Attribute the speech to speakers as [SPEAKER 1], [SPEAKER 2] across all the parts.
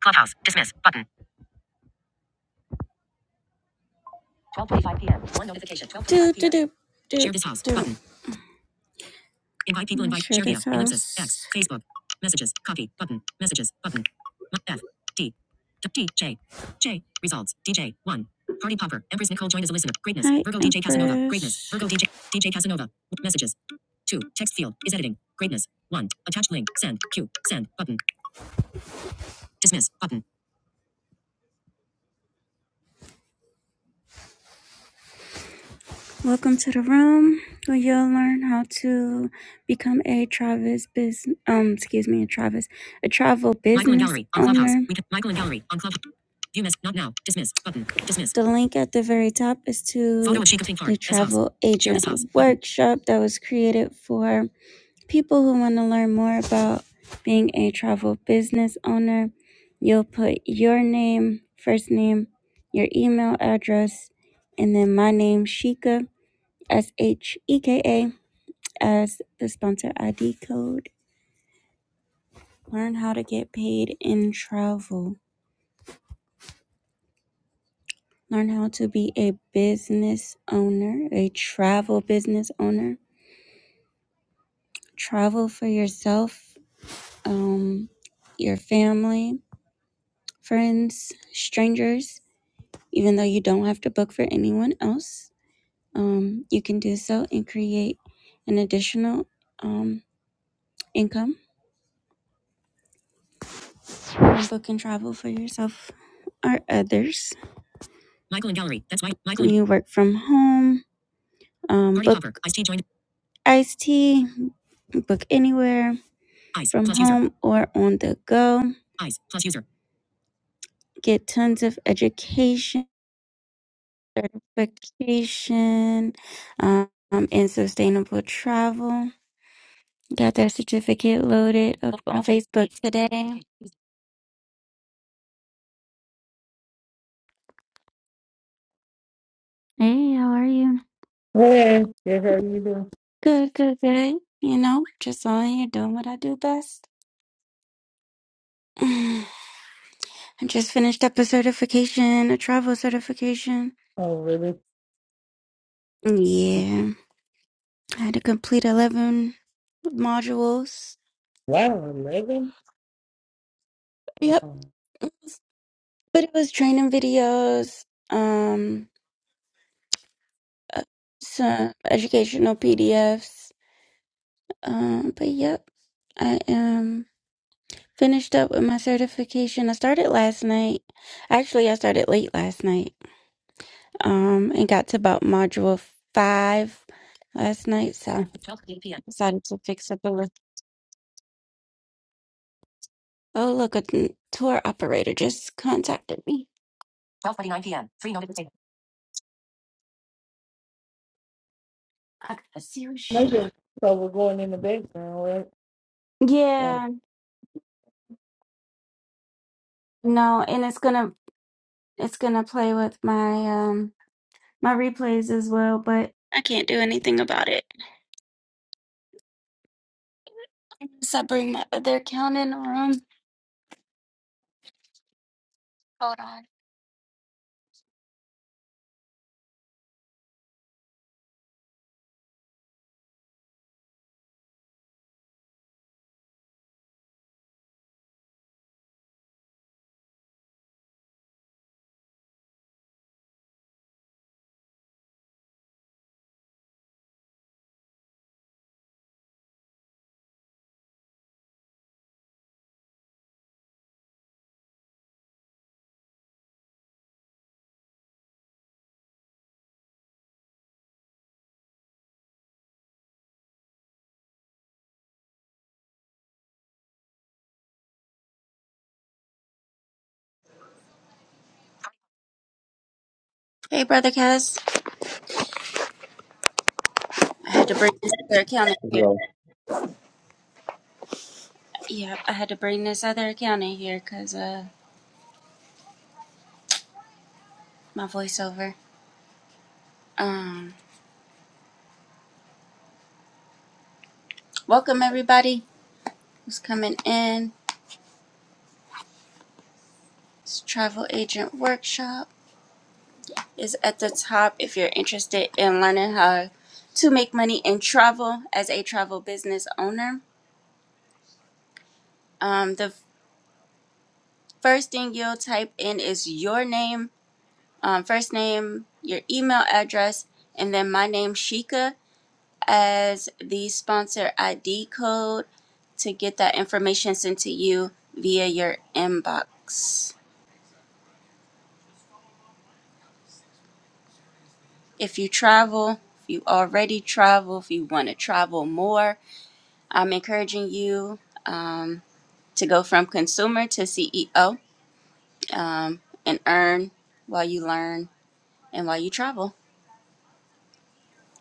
[SPEAKER 1] Clubhouse. Dismiss. Button. 12.25 p.m. One notification. 12.25 p.m. do Share this house. Button. Invite people. Let Invite. share via. this Ellipsis. X. Facebook. Messages. Copy. Button. Messages. Button. F D D J J Results. DJ. 1. Party Popper. Empress Nicole joined as a listener. Greatness. Hi, Virgo DJ Casanova. Greatness. Virgo D J D J Casanova. Messages. 2. Text field. Is editing. Greatness. 1. Attach link. Send. Q. Send. Button. Dismiss. Button. Welcome to the room where you'll learn how to become a Travis business. Um, excuse me, a Travis, a travel business Michael and Gallery on Clubhouse. owner. We can- Michael and Gallery on Clubhouse. View miss Not now. Dismiss button. Dismiss. The link at the very top is to Photo of Chica Pink Farm. the This house. travel house. Share agent this house. workshop that was created for people who want to learn more about being a travel business owner. You'll put your name, first name, your email address, and then my name, Shika S H E K A as the sponsor ID code. Learn how to get paid in travel. Learn how to be a business owner, a travel business owner. Travel for yourself, um, your family, friends, strangers, even though you don't have to book for anyone else. Um, you can do so and create an additional um, income from booking travel for yourself or others. Michael in gallery. That's why Michael. You work from home. Um, book hopper. Ice tea joined. iced tea. Book anywhere Ice from plus user. home user. or on the go. Ice plus user. Get tons of education, certification, um, and sustainable travel. Got that certificate loaded up on Facebook today. Hey, how are you?
[SPEAKER 2] Hey, yeah, how you doing?
[SPEAKER 1] Good, good, good. You know, just on here doing what I do best. I just finished up a certification, a travel certification.
[SPEAKER 2] Oh, really?
[SPEAKER 1] Yeah, I had to complete 11 modules.
[SPEAKER 2] Wow, 11?
[SPEAKER 1] Yep,
[SPEAKER 2] Wow.
[SPEAKER 1] but it was training videos, um, uh, some educational PDFs. Um, but yep, I am finished up with my certification. I started last night. Actually, I started late last night. Um, and got to about module five last night, so I decided to fix up a little. Oh, look, a n- tour operator just contacted me. 12:49 p.m. Three notifications. I got a serious. sh-
[SPEAKER 2] Okay. So we're going in the background, right? Oh.
[SPEAKER 1] Yeah, no, and it's gonna it's gonna play with my um my replays as well, but I can't do anything about it. Unless I bring my other account in the room. Hold on.
[SPEAKER 3] Hey, Brother Cuz. I had to bring this other account in here.
[SPEAKER 4] Yo.
[SPEAKER 3] Yep, I had to bring this other account in here because uh, my voiceover. Um, welcome everybody who's coming in. This travel agent workshop is at the top if you're interested in learning how to make money in travel as a travel business owner. Um, the first thing you'll type in is your name, um, first name, your email address, and then my name, Shika as the sponsor ID code to get that information sent to you via your inbox. If you travel, if you already travel, if you want to travel more, I'm encouraging you um, to go from consumer to CEO um, and earn while you learn and while you travel.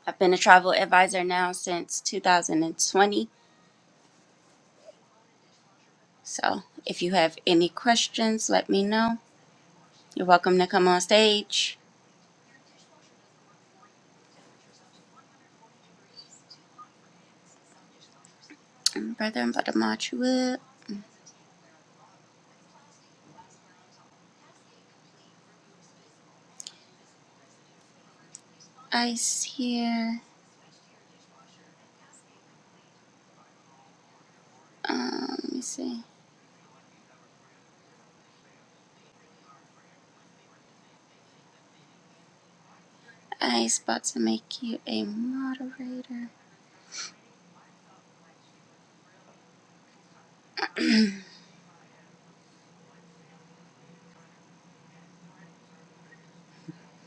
[SPEAKER 3] I've been a travel advisor now since 2020. So if you have any questions, let me know. You're welcome to come on stage Um, brother and blood of Machua. Ice here. Um, let me see. Ice about to make you a moderator.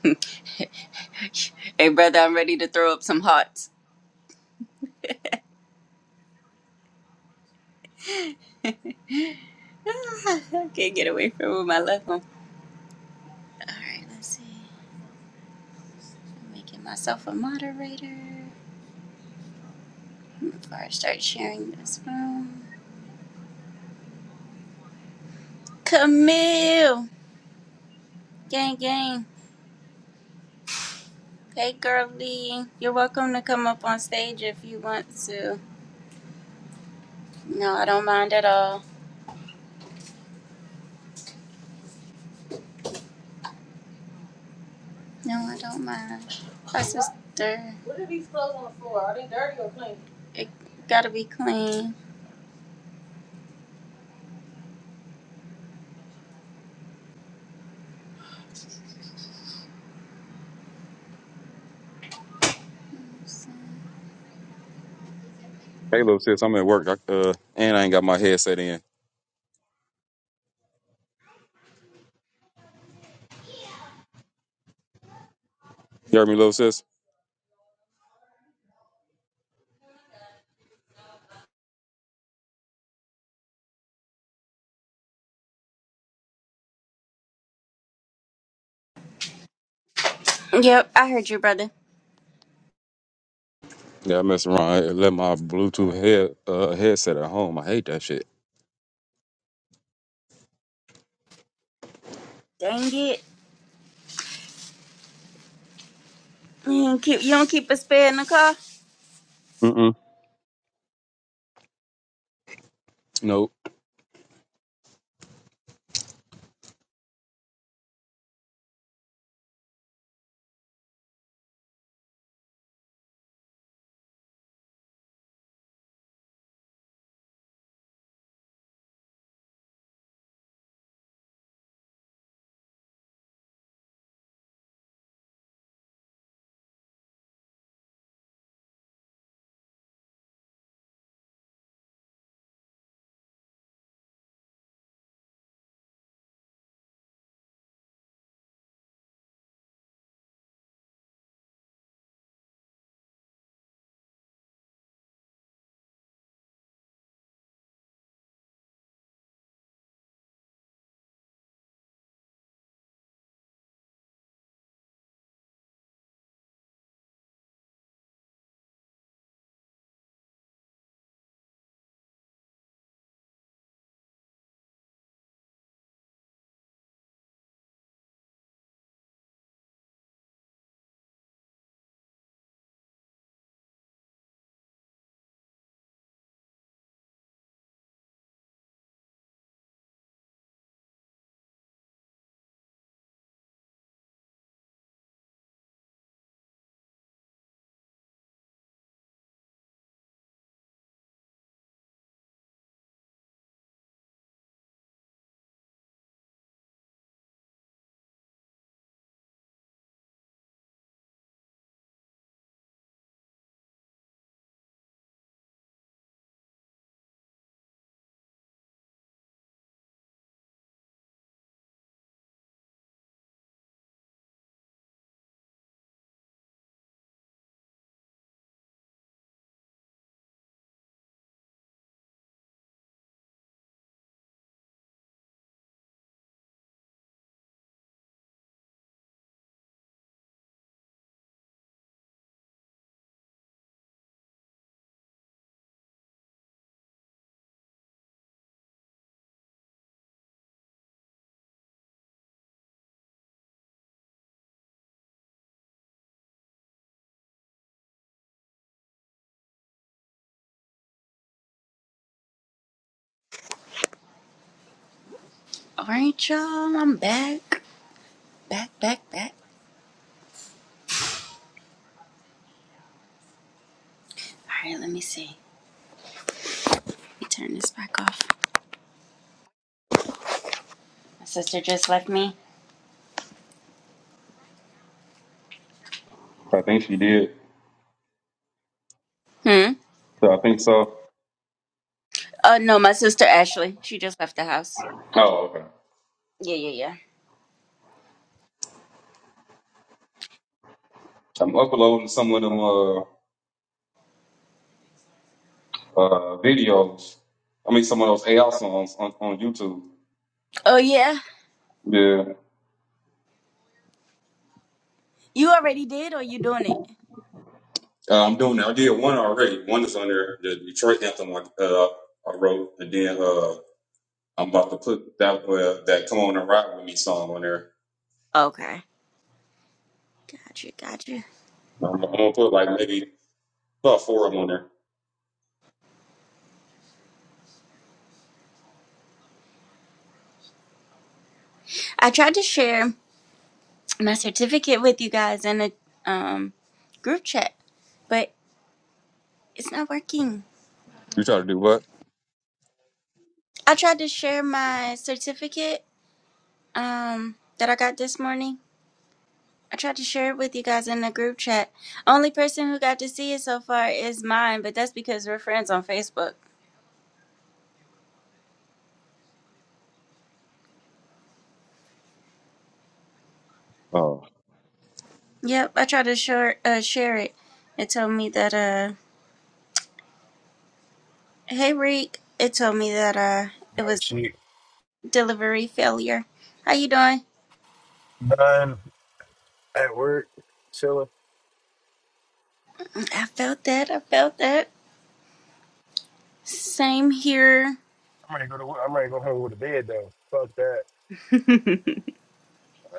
[SPEAKER 3] hey, brother, I'm ready to throw up some hearts. Ah, I can't get away from where my left one. All right, let's see. I'm making myself a moderator before I start sharing this room. Camille, gang, gang. Hey, girlie, you're welcome to come up on stage if you want to. No, I don't mind at all. No, I don't mind. My sister What are these clothes on the floor? Are they dirty or clean? it gotta be clean.
[SPEAKER 4] Hey, little sis, I'm at work, I, uh, and I ain't got my headset in. You heard me, little sis?
[SPEAKER 3] Yep, I heard you, brother.
[SPEAKER 4] Yeah, I mess around. I left my Bluetooth head uh, headset at home. I hate that shit.
[SPEAKER 3] Dang it. You don't keep, you don't keep a spare in the car?
[SPEAKER 4] Mm-mm. Nope.
[SPEAKER 3] All right, y'all. I'm back. Back, back, back. All right, let me see. Let me turn this back off. My sister just left me.
[SPEAKER 4] I think she did.
[SPEAKER 3] Hmm?
[SPEAKER 4] So I think so.
[SPEAKER 3] Uh, no, my sister Ashley. She just left the house.
[SPEAKER 4] Oh, okay.
[SPEAKER 3] Yeah, yeah, yeah.
[SPEAKER 4] I'm uploading some of them uh, uh, videos. I mean, some of those AI songs on, on YouTube.
[SPEAKER 3] Oh, yeah?
[SPEAKER 4] Yeah,
[SPEAKER 3] You already did or you doing it?
[SPEAKER 4] uh, I'm doing that. I did one already. One is on there, the Detroit anthem I, uh, I wrote, and then uh, I'm about to put that uh, that "Come On and Ride with Me" song on there.
[SPEAKER 3] Okay. Gotcha, gotcha.
[SPEAKER 4] I'm, I'm gonna put like maybe about four of them on there.
[SPEAKER 3] I tried to share. my certificate with you guys in a um, group chat, but it's not working.
[SPEAKER 4] You try to do what?
[SPEAKER 3] I tried to share my certificate um, that I got this morning. I tried to share it with you guys in the group chat. Only person who got to see it so far is mine, but that's because we're friends on Facebook.
[SPEAKER 4] Oh.
[SPEAKER 3] Yep, I tried to share uh, share it. It told me that uh, hey Reek. It told me that uh, it
[SPEAKER 5] No
[SPEAKER 3] was
[SPEAKER 5] shit.
[SPEAKER 3] delivery failure. How you doing?
[SPEAKER 5] None at work. Chilling.
[SPEAKER 3] I felt that. I felt that. Same here.
[SPEAKER 5] I'm ready to go to work. I'm ready to go home with a bed though. Fuck that.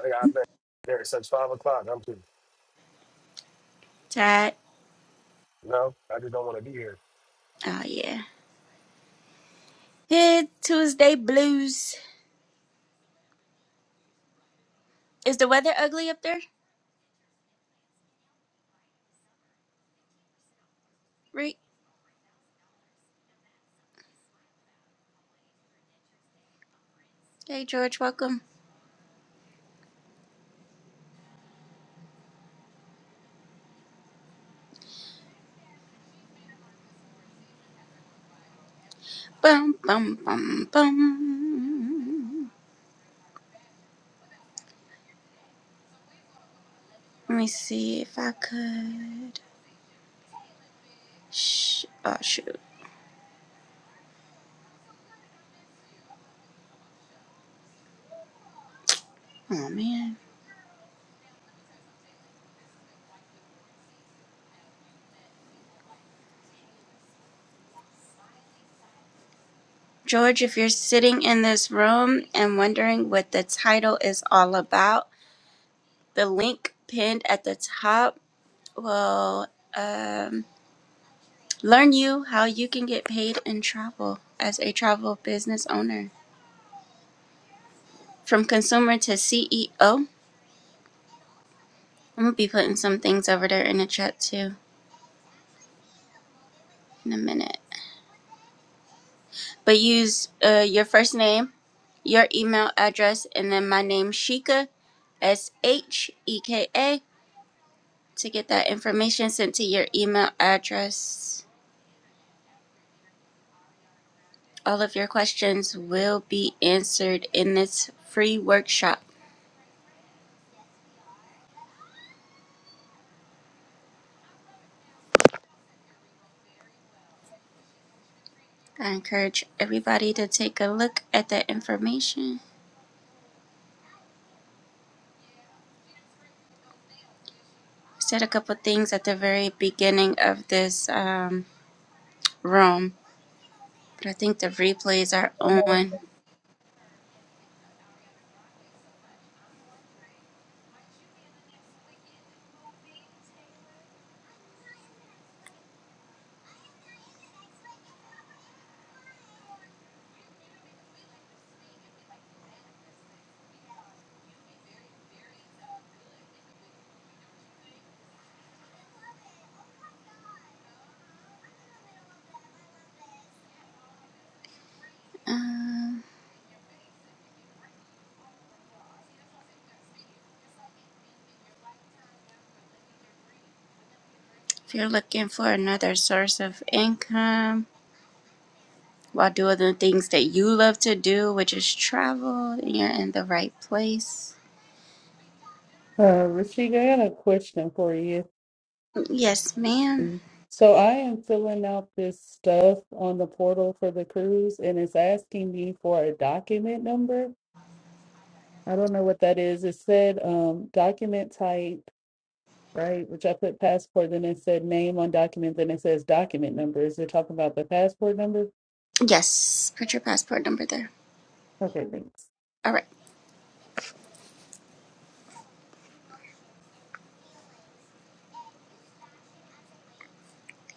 [SPEAKER 5] I got there at such five o'clock. I'm just
[SPEAKER 3] Tired.
[SPEAKER 5] no. I just don't want to be here.
[SPEAKER 3] Oh yeah. Hey, Tuesday blues. Is the weather ugly up there, Rick? Hey, George, welcome. Bum bum bum bum. Let me see if I could. Shh. Oh shoot. Oh man. George, if you're sitting in this room and wondering what the title is all about, the link pinned at the top will um, learn you how you can get paid in travel as a travel business owner. From consumer to CEO. I'm gonna be putting some things over there in the chat too in a minute. But use uh, your first name, your email address, and then my name Shika S H E K A to get that information sent to your email address. All of your questions will be answered in this free workshop. I encourage everybody to take a look at that information. I said a couple things at the very beginning of this um, room But I think the replays are on. Um, if you're looking for another source of income while doing the things that you love to do, which is travel, then you're in the right place.
[SPEAKER 2] Uh, Rashida, I got a question for you.
[SPEAKER 3] Yes, ma'am.
[SPEAKER 2] So I am filling out this stuff on the portal for the cruise, and it's asking me for a document number. I don't know what that is. It said um, document type, right? Which I put passport, then it said name on document, then it says document number. Is it talking about the passport number?
[SPEAKER 3] Yes, put your passport number there.
[SPEAKER 2] Okay, thanks.
[SPEAKER 3] All right.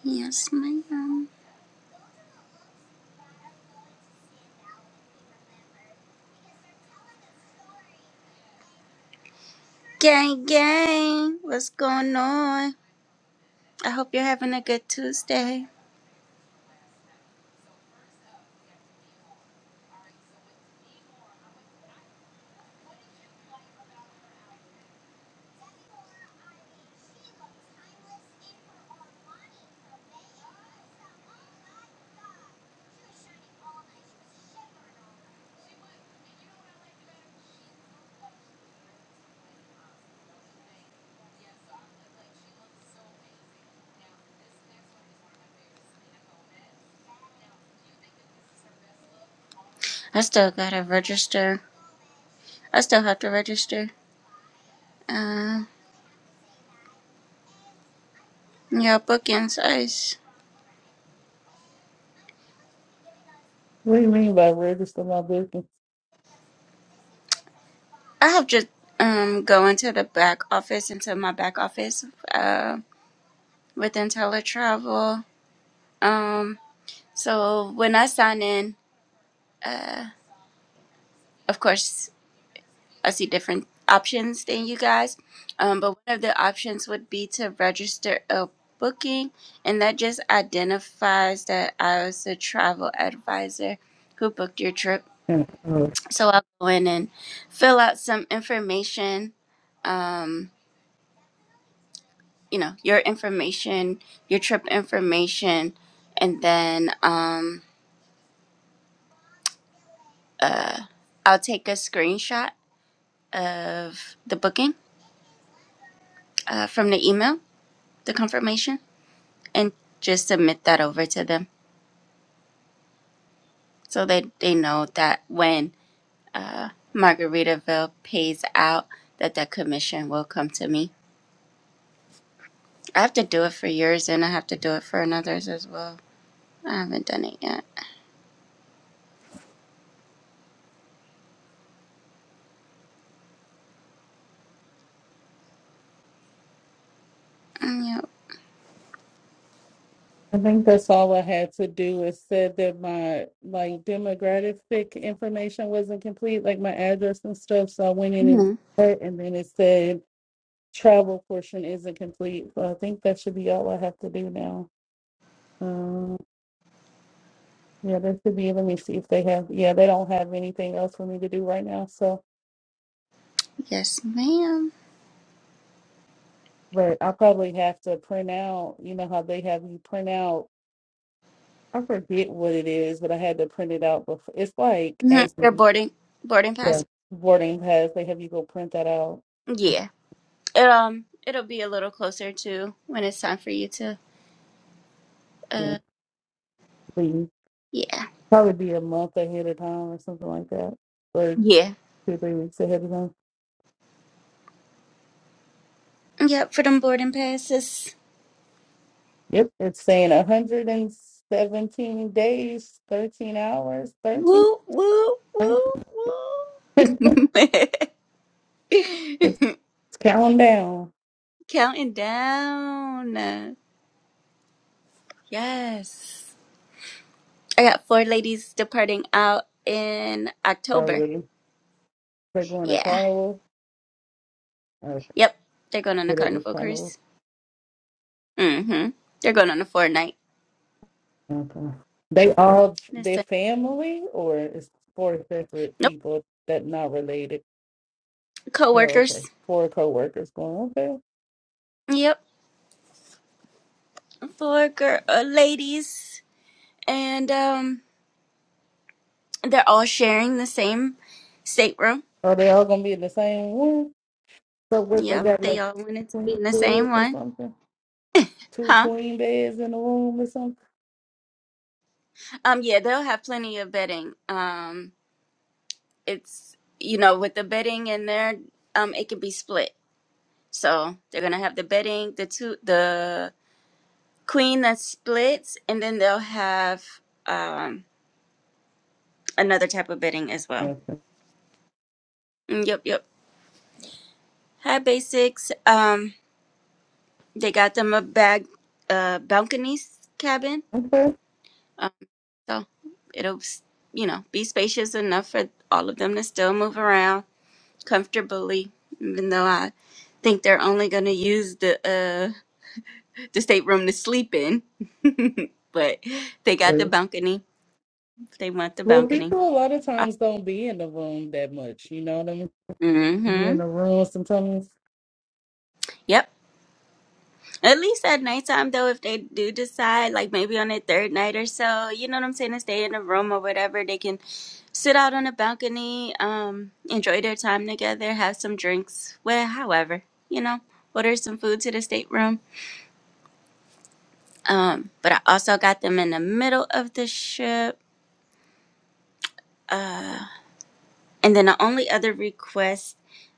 [SPEAKER 3] Yes, ma'am. Gang, gang, what's going on? I hope you're having a good Tuesday. I still gotta register. I still have to register. Um, yeah, bookings, ice.
[SPEAKER 2] What do you mean by register my business?
[SPEAKER 3] I have just um going to the back office into my back office uh with IntelliTravel. Um so when I sign in, uh of course I see different options than you guys. Um but one of the options would be to register a booking and that just identifies that I was a travel advisor who booked your trip.
[SPEAKER 2] Yeah, uh,
[SPEAKER 3] So I'll go in and fill out some information. Um you know your information your trip information and then um uh i'll take a screenshot of the booking uh, from the email the confirmation and just submit that over to them so that they know that when uh margaritaville pays out that that commission will come to me i have to do it for yours and i have to do it for another's as well i haven't done it yet Mm,
[SPEAKER 2] I think that's all I had to do It said that my like demographic information wasn't complete, like my address and stuff. So I went
[SPEAKER 3] yeah.
[SPEAKER 2] in and
[SPEAKER 3] Mhm.
[SPEAKER 2] checked, and then it said travel portion isn't complete. So I think that should be all I have to do now. Um, yeah, that should be. Let me see if they have. Yeah, they don't have anything else for me to do right now. So,
[SPEAKER 3] yes madam
[SPEAKER 2] but I probably have to print out. You know how they have you print out I forget what it is, but I had to print it out before. It's like
[SPEAKER 3] mm-hmm. you
[SPEAKER 2] asking
[SPEAKER 3] boarding boarding pass.
[SPEAKER 2] yeah, boarding pass. They have you go print that out. and,
[SPEAKER 3] Yeah. It, um, it'll be a little closer to when it's time for you to.
[SPEAKER 2] you
[SPEAKER 3] Uh,
[SPEAKER 2] know, leave.
[SPEAKER 3] yeah.
[SPEAKER 2] Probably be a month ahead of time or something like that, or two
[SPEAKER 3] Yeah.
[SPEAKER 2] three weeks ahead of time.
[SPEAKER 3] Yep. For them boarding passes.
[SPEAKER 2] Yep, it's saying 117 days, 13 hours, 13.
[SPEAKER 3] Woo woo
[SPEAKER 2] right?
[SPEAKER 3] woo woo.
[SPEAKER 2] it's counting down.
[SPEAKER 3] Counting down. Yes. I got four ladies departing out in
[SPEAKER 2] Oh,
[SPEAKER 3] October.
[SPEAKER 2] really? They're going to
[SPEAKER 3] Yeah.
[SPEAKER 2] carnival. I
[SPEAKER 3] Yep. They're going on a
[SPEAKER 2] forget it was
[SPEAKER 3] carnival
[SPEAKER 2] carnival
[SPEAKER 3] cruise. Mm-hmm. They're going on a four night.
[SPEAKER 2] Okay. They all their
[SPEAKER 3] Listen.
[SPEAKER 2] family or it's four separate
[SPEAKER 3] Nope.
[SPEAKER 2] people that not related? Oh,
[SPEAKER 3] Coworkers.
[SPEAKER 2] okay. Four coworkers going, okay.
[SPEAKER 3] Yep. four girl, uh, ladies, and um, they're all sharing the same stateroom.
[SPEAKER 2] Are they all gonna be in the same room? So what they
[SPEAKER 3] Yep,
[SPEAKER 2] got
[SPEAKER 3] they
[SPEAKER 2] like
[SPEAKER 3] all wanted to be
[SPEAKER 2] queen
[SPEAKER 3] in the
[SPEAKER 2] beds
[SPEAKER 3] same
[SPEAKER 2] or
[SPEAKER 3] one,
[SPEAKER 2] something? Two
[SPEAKER 3] huh?
[SPEAKER 2] queen beds in the room or something?
[SPEAKER 3] Um, yeah, they'll have plenty of bedding. Um, it's you know with the bedding in there, um, it can be split. So they're gonna have the bedding, the two, the queen that splits, and then they'll have um another type of bedding as well.
[SPEAKER 2] Okay.
[SPEAKER 3] Mm, Yep, yep. Hi, basics. Um, They got them a bag, uh, balconies cabin.
[SPEAKER 2] Okay.
[SPEAKER 3] Um, so it'll, you know, be spacious enough for all of them to still move around comfortably. Even though I think they're only going to use the uh, the stateroom to sleep in, but they got the
[SPEAKER 2] So-
[SPEAKER 3] balcony. If They want the
[SPEAKER 2] Well,
[SPEAKER 3] balcony.
[SPEAKER 2] people a lot of
[SPEAKER 3] Uh,
[SPEAKER 2] times don't be in the room that much, you know what I mean? Be
[SPEAKER 3] mm-hmm.
[SPEAKER 2] in the room sometimes.
[SPEAKER 3] Yep. At least at nighttime, though, if they do decide, like maybe on their third night or so, you know what I'm saying, to stay in a room or whatever, they can sit out on a balcony, um, enjoy their time together, have some drinks, well, however, you know, order some food to the stateroom. Um, but I also got them in the middle of the ship. Uh, And then the only other request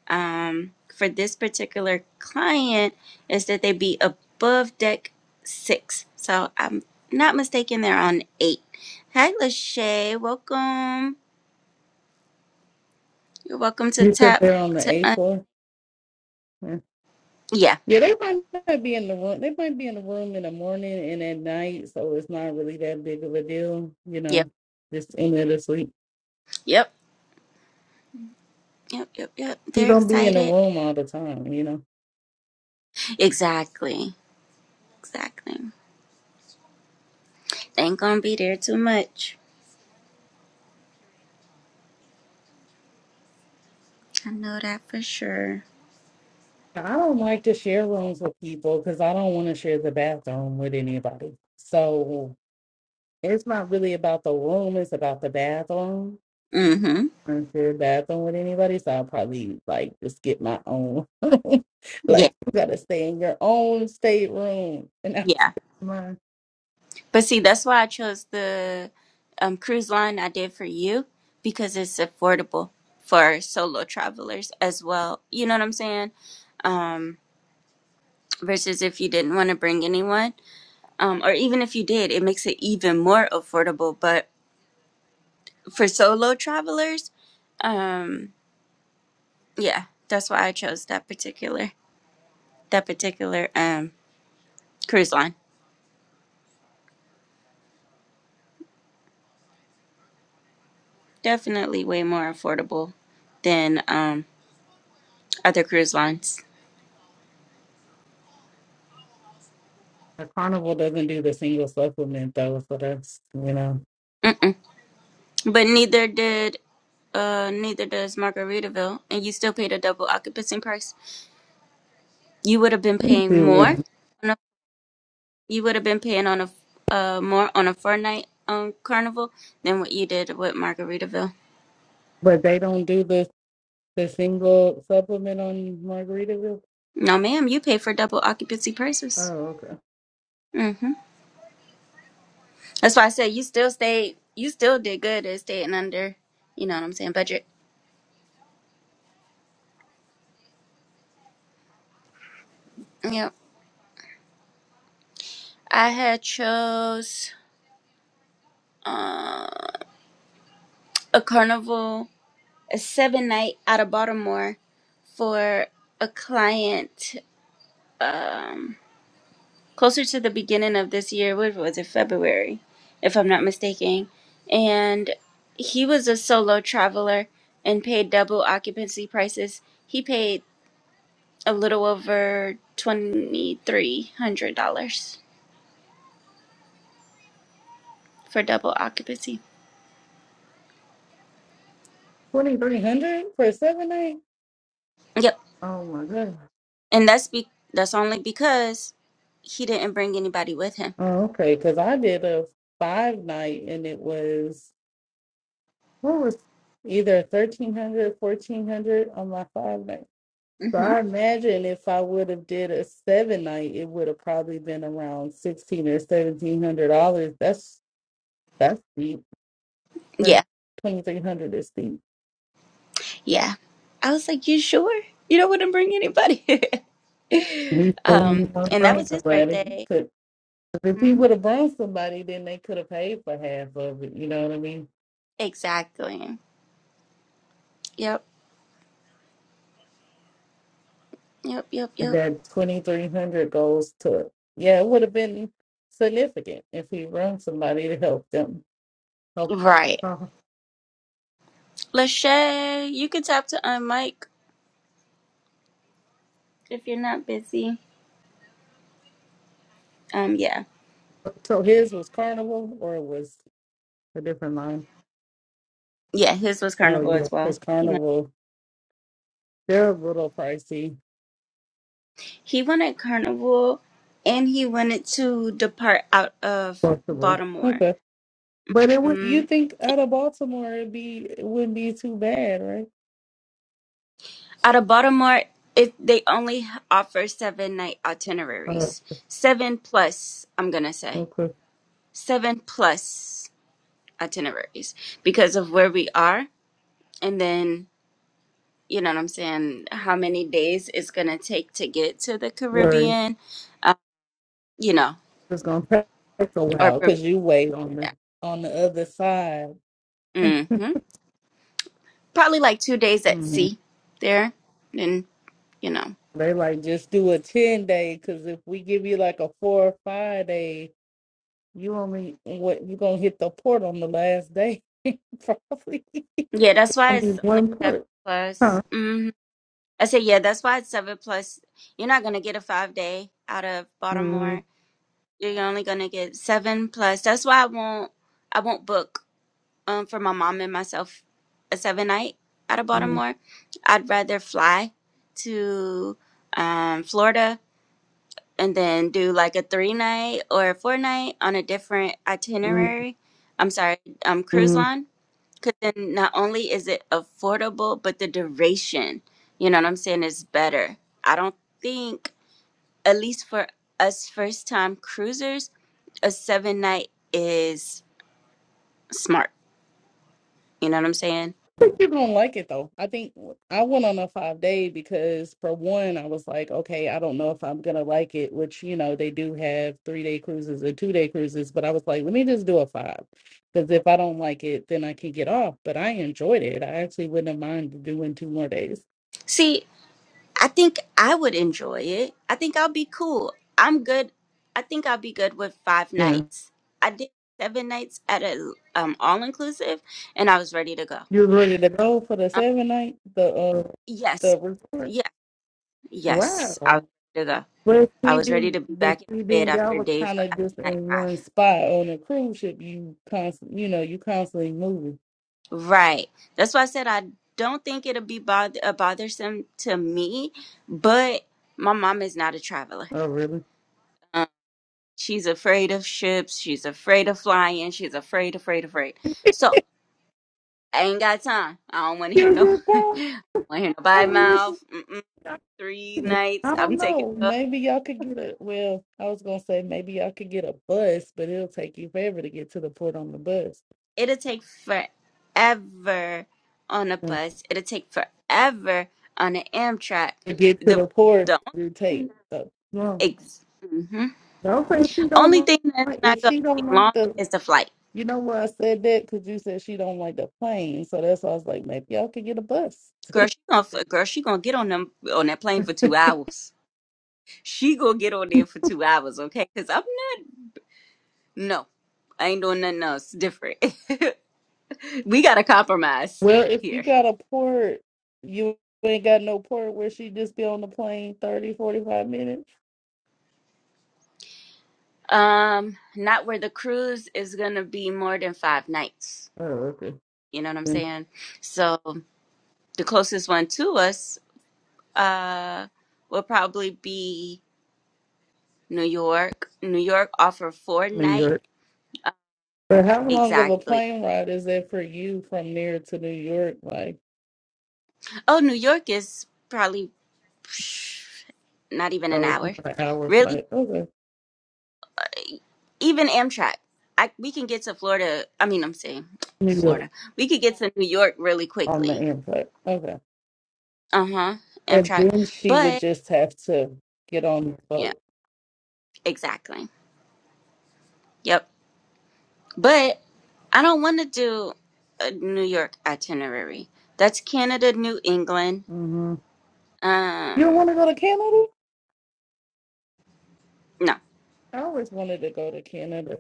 [SPEAKER 3] um, for this particular client is that they be above deck six. So I'm not mistaken, they're on eight. Hi, Lachey. Welcome. You're welcome to
[SPEAKER 2] You said
[SPEAKER 3] tap
[SPEAKER 2] they're on the
[SPEAKER 3] to.
[SPEAKER 2] eighth
[SPEAKER 3] Un-
[SPEAKER 2] floor. Yeah.
[SPEAKER 3] yeah.
[SPEAKER 2] Yeah, they might not be in the room. They might be in the room in the morning and at night, so it's not really that big of a deal, you
[SPEAKER 3] Yep.
[SPEAKER 2] know. Just in there to sleep.
[SPEAKER 3] Yep. Yep. Yep. Yep.
[SPEAKER 2] You
[SPEAKER 3] They're
[SPEAKER 2] don't be in the
[SPEAKER 3] excited.
[SPEAKER 2] room all the time, you know.
[SPEAKER 3] Exactly. Exactly. ain't gonna be there too much. I know that for sure.
[SPEAKER 2] I don't like to share rooms with people because I don't want to share the bathroom with anybody. So it's not really about the room; it's about the bathroom.
[SPEAKER 3] Mm-hmm.
[SPEAKER 2] I don't share the bathroom with anybody, so I'll probably like just get my own.
[SPEAKER 3] Yeah.
[SPEAKER 2] like you gotta stay in your own stateroom, and
[SPEAKER 3] Yeah.
[SPEAKER 2] that's mine.
[SPEAKER 3] But see, that's why I chose the um, cruise line I did for you because it's affordable for solo travelers as well. You know what I'm saying? Um, versus if you didn't want to bring anyone, um, or even if you did, it makes it even more affordable. But for solo travelers, um, yeah, that's why I chose that particular that particular um, cruise line. Definitely way more affordable than um, other cruise lines.
[SPEAKER 2] The carnival doesn't do the single supplement though, so that's you know,
[SPEAKER 3] Mm-mm. But neither did uh neither does Margaritaville, and you still paid a double occupancy price. You would have been paying
[SPEAKER 2] two
[SPEAKER 3] more.
[SPEAKER 2] one.
[SPEAKER 3] on a- You would have been paying on a uh more on a four night um carnival than what you did with Margaritaville.
[SPEAKER 2] But they don't do the the single supplement on Margaritaville.
[SPEAKER 3] No, ma'am, you pay for double occupancy
[SPEAKER 2] Oh,
[SPEAKER 3] prices.
[SPEAKER 2] okay.
[SPEAKER 3] hmm That's why I said you still stayed. You still did good at staying under. You know what I'm saying? Budget. Yep. I had chose uh, a carnival a seven night out of Baltimore for a client um, closer to the beginning of this year. What was it, February, if I'm not mistaken? And he was a solo traveler and paid double occupancy prices. He paid a little over twenty three hundred dollars for double occupancy.
[SPEAKER 2] Twenty three hundred for a seven night.
[SPEAKER 3] Yep,
[SPEAKER 2] Oh my god.
[SPEAKER 3] and that's be that's only because he didn't bring anybody with him.
[SPEAKER 2] Oh, okay. Because I did a five night and it was what was either 1300, 1400 on my five night. So
[SPEAKER 3] hmm
[SPEAKER 2] I imagine if I would have did a seven night, it would have probably been around sixteen or seventeen hundred dollars. That's that's deep. her
[SPEAKER 3] Yeah.
[SPEAKER 2] twenty-three hundred is the
[SPEAKER 3] Yeah. I was like, you sure? You don't want to bring anybody?
[SPEAKER 2] least thing you
[SPEAKER 3] um,
[SPEAKER 2] want to
[SPEAKER 3] and that
[SPEAKER 2] bring
[SPEAKER 3] was his
[SPEAKER 2] somebody.
[SPEAKER 3] birthday.
[SPEAKER 2] Could, if he
[SPEAKER 3] Hmm?
[SPEAKER 2] would have brought somebody, then they could have paid for half of it, you know what I mean?
[SPEAKER 3] Exactly. Yep. Yep. Yep.
[SPEAKER 2] And
[SPEAKER 3] Yep.
[SPEAKER 2] that twenty-three hundred goes to, yeah, it would have been significant if he brought somebody to help them. Help.
[SPEAKER 3] Right.
[SPEAKER 2] uh,
[SPEAKER 3] Lachey, you could tap to um, Mike if you're not busy. Um, yeah.
[SPEAKER 2] So his was Carnival or it was a different line?
[SPEAKER 3] Yeah, his was
[SPEAKER 2] Oh,
[SPEAKER 3] carnival
[SPEAKER 2] yeah,
[SPEAKER 3] as well.
[SPEAKER 2] because
[SPEAKER 3] He went,
[SPEAKER 2] Carnival, they're a little pricey.
[SPEAKER 3] he wanted carnival and he wanted to depart out of
[SPEAKER 2] Baltimore.
[SPEAKER 3] Baltimore.
[SPEAKER 2] Okay. But it would,
[SPEAKER 3] Mm-hmm.
[SPEAKER 2] you think out of Baltimore, it'd be, it wouldn't be too bad, right?
[SPEAKER 3] Out of Baltimore, it they only offer seven night
[SPEAKER 2] Oh,
[SPEAKER 3] itineraries. Seven plus, I'm gonna say.
[SPEAKER 2] okay.
[SPEAKER 3] Seven plus itineraries because of where we are and then you know what I'm saying, how many days it's gonna take to get to the
[SPEAKER 2] Right.
[SPEAKER 3] Caribbean. Uh, you know,
[SPEAKER 2] It's gonna take a
[SPEAKER 3] or
[SPEAKER 2] while because you wait on the on the other side.
[SPEAKER 3] mm-hmm. probably like two days at
[SPEAKER 2] hmm
[SPEAKER 3] sea there. and you know.
[SPEAKER 2] They like just do a ten day because if we give you like a four or five day, you only what you gonna hit the port on the last day probably.
[SPEAKER 3] Yeah, that's why
[SPEAKER 2] Only
[SPEAKER 3] it's only
[SPEAKER 2] one
[SPEAKER 3] seven
[SPEAKER 2] port,
[SPEAKER 3] plus.
[SPEAKER 2] huh?
[SPEAKER 3] mm-hmm. I said, yeah, that's why it's seven plus. You're not gonna get a five day out of Baltimore. You're only gonna get seven plus. That's why I won't. I won't book um for my mom and myself a seven night out of
[SPEAKER 2] Mm-hmm.
[SPEAKER 3] Baltimore. I'd rather fly to um Florida and then do like a three night or a four night on a different itinerary. I'm sorry, um cruise line because then not only is it affordable, but the duration, you know what I'm saying, is better. I don't think, at least for us first time cruisers, a seven night is smart. You know what I'm saying?
[SPEAKER 2] You're gonna like it though. I think I went on a five day because for one, I was like, okay, I don't know if I'm gonna like it, which you know they do have three day cruises and two day cruises, but I was like, let me just do a five because if I don't like it, then I can get off. But I enjoyed it. I actually wouldn't have mind doing two more days.
[SPEAKER 3] See, I think I would enjoy it. I think I'll be cool. I'm good. I think I'll be good with five
[SPEAKER 2] Yeah,
[SPEAKER 3] nights. I did seven nights at a um, all inclusive, and I was ready to go.
[SPEAKER 2] you're ready to go for the
[SPEAKER 3] Um,
[SPEAKER 2] seven night, the uh,
[SPEAKER 3] yes,
[SPEAKER 2] the report.
[SPEAKER 3] yeah, yes, I was
[SPEAKER 2] Wow.
[SPEAKER 3] ready to go.
[SPEAKER 2] But
[SPEAKER 3] I
[SPEAKER 2] see,
[SPEAKER 3] was ready
[SPEAKER 2] then,
[SPEAKER 3] to be
[SPEAKER 2] but
[SPEAKER 3] back in
[SPEAKER 2] see,
[SPEAKER 3] bed
[SPEAKER 2] then y'all
[SPEAKER 3] after
[SPEAKER 2] was
[SPEAKER 3] day f-
[SPEAKER 2] kind of
[SPEAKER 3] after
[SPEAKER 2] just
[SPEAKER 3] night
[SPEAKER 2] in
[SPEAKER 3] five.
[SPEAKER 2] one spot on a cruise ship. You constant, you know, you constantly moving.
[SPEAKER 3] Right. That's why I said I don't think it'll be bother- uh, bothersome to me, but my mom is not a traveler.
[SPEAKER 2] Oh, really?
[SPEAKER 3] Um, she's afraid of ships. She's afraid of flying. She's afraid, afraid, afraid. So I ain't got time. I don't want to hear
[SPEAKER 2] You
[SPEAKER 3] no.
[SPEAKER 2] good,
[SPEAKER 3] want
[SPEAKER 2] Paul?
[SPEAKER 3] to hear
[SPEAKER 2] I
[SPEAKER 3] nobody
[SPEAKER 2] mean, listen,
[SPEAKER 3] mouth. Mm-mm, three nights.
[SPEAKER 2] I
[SPEAKER 3] I'm
[SPEAKER 2] don't
[SPEAKER 3] taking.
[SPEAKER 2] know. Maybe y'all could get a. Well, I was gonna say maybe y'all could get a bus, but it'll take you forever to get to the port on the bus.
[SPEAKER 3] it'll take forever on a
[SPEAKER 2] Mm.
[SPEAKER 3] bus. It'll take forever on an Amtrak.
[SPEAKER 2] To get to
[SPEAKER 3] The
[SPEAKER 2] the port,
[SPEAKER 3] the
[SPEAKER 2] you take. So, no,
[SPEAKER 3] ex- mhm.
[SPEAKER 2] don't say she
[SPEAKER 3] only
[SPEAKER 2] don't
[SPEAKER 3] thing that's
[SPEAKER 2] like.
[SPEAKER 3] not
[SPEAKER 2] If
[SPEAKER 3] gonna
[SPEAKER 2] she don't
[SPEAKER 3] take long
[SPEAKER 2] like the
[SPEAKER 3] is the flight.
[SPEAKER 2] You know why I said that? Because you said she don't like the plane. So that's why I was like, maybe y'all could get a bus.
[SPEAKER 3] Girl, she gonna f- girl, she gonna get on them on that plane for two hours. She gonna get on there for two hours, okay? Cause I'm not. No, I ain't doing nothing else different. we gotta compromise
[SPEAKER 2] Well, if you
[SPEAKER 3] here.
[SPEAKER 2] got a port, you ain't got no port where she just be on the plane thirty forty five minutes.
[SPEAKER 3] Um, not where the cruise is gonna be more than five nights
[SPEAKER 2] Oh, okay.
[SPEAKER 3] You know what I'm
[SPEAKER 2] In
[SPEAKER 3] saying? So the closest one to us uh would probably be New York. New York offer four
[SPEAKER 2] New
[SPEAKER 3] night
[SPEAKER 2] York. But how long of a
[SPEAKER 3] exactly.
[SPEAKER 2] plane ride is that for you from there to New York? Like,
[SPEAKER 3] Oh, New York is probably psh, not even an
[SPEAKER 2] oh, it's
[SPEAKER 3] hour.
[SPEAKER 2] not an hour
[SPEAKER 3] Really?
[SPEAKER 2] flight. Okay.
[SPEAKER 3] Even Amtrak. I we can get to Florida. I mean, I'm saying
[SPEAKER 2] New York
[SPEAKER 3] Florida. We could get to New York really
[SPEAKER 2] on the
[SPEAKER 3] quickly.
[SPEAKER 2] airport. Okay.
[SPEAKER 3] Uh-huh.
[SPEAKER 2] And
[SPEAKER 3] Amtrak.
[SPEAKER 2] then she would
[SPEAKER 3] But
[SPEAKER 2] just have to get on the
[SPEAKER 3] yeah,
[SPEAKER 2] boat.
[SPEAKER 3] exactly. Yep. but. I don't want to do a New York itinerary. That's Canada, New England.
[SPEAKER 2] hmm You don't
[SPEAKER 3] Um,
[SPEAKER 2] want to go to Canada?
[SPEAKER 3] no,
[SPEAKER 2] I always wanted to go to Canada.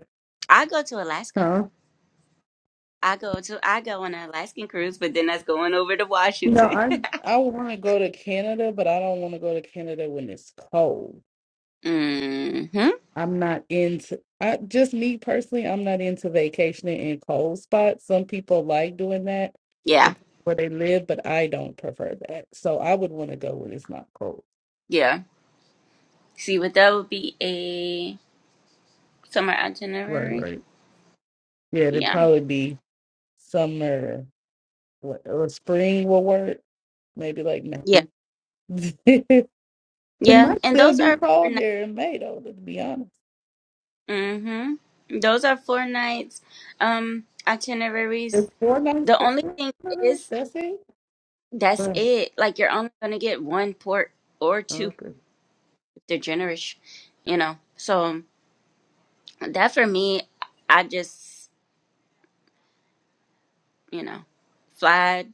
[SPEAKER 3] I go to Alaska.
[SPEAKER 2] Huh?
[SPEAKER 3] I go to I go on an Alaskan cruise, but then that's going over to
[SPEAKER 2] No,
[SPEAKER 3] Washington.
[SPEAKER 2] I I want to go to Canada, but I don't want to go to Canada when it's cold.
[SPEAKER 3] mm-hmm.
[SPEAKER 2] I'm not into I just me personally, I'm not into vacationing in cold spots. Some people like doing that
[SPEAKER 3] Yeah,
[SPEAKER 2] dep- where they live, but I don't prefer that. So I would want to go when it's not cold.
[SPEAKER 3] yeah. See, but that would be a summer
[SPEAKER 2] Right,
[SPEAKER 3] itinerary.
[SPEAKER 2] right. Yeah, it'd
[SPEAKER 3] Yeah,
[SPEAKER 2] probably be summer what, or spring will work. Maybe like
[SPEAKER 3] yeah,
[SPEAKER 2] May. It
[SPEAKER 3] yeah.
[SPEAKER 2] might
[SPEAKER 3] And
[SPEAKER 2] still
[SPEAKER 3] those
[SPEAKER 2] be
[SPEAKER 3] are four
[SPEAKER 2] cold
[SPEAKER 3] nights.
[SPEAKER 2] there in May though, to be honest.
[SPEAKER 3] Mm-hmm. Those are four nights. Um, itineraries.
[SPEAKER 2] It's four nights
[SPEAKER 3] The
[SPEAKER 2] per
[SPEAKER 3] only thing
[SPEAKER 2] quarter.
[SPEAKER 3] is
[SPEAKER 2] That's it.
[SPEAKER 3] That's
[SPEAKER 2] Oh,
[SPEAKER 3] it. Like you're only gonna get one port or two
[SPEAKER 2] okay.
[SPEAKER 3] if they're generous, you know. So that for me, I just you know fly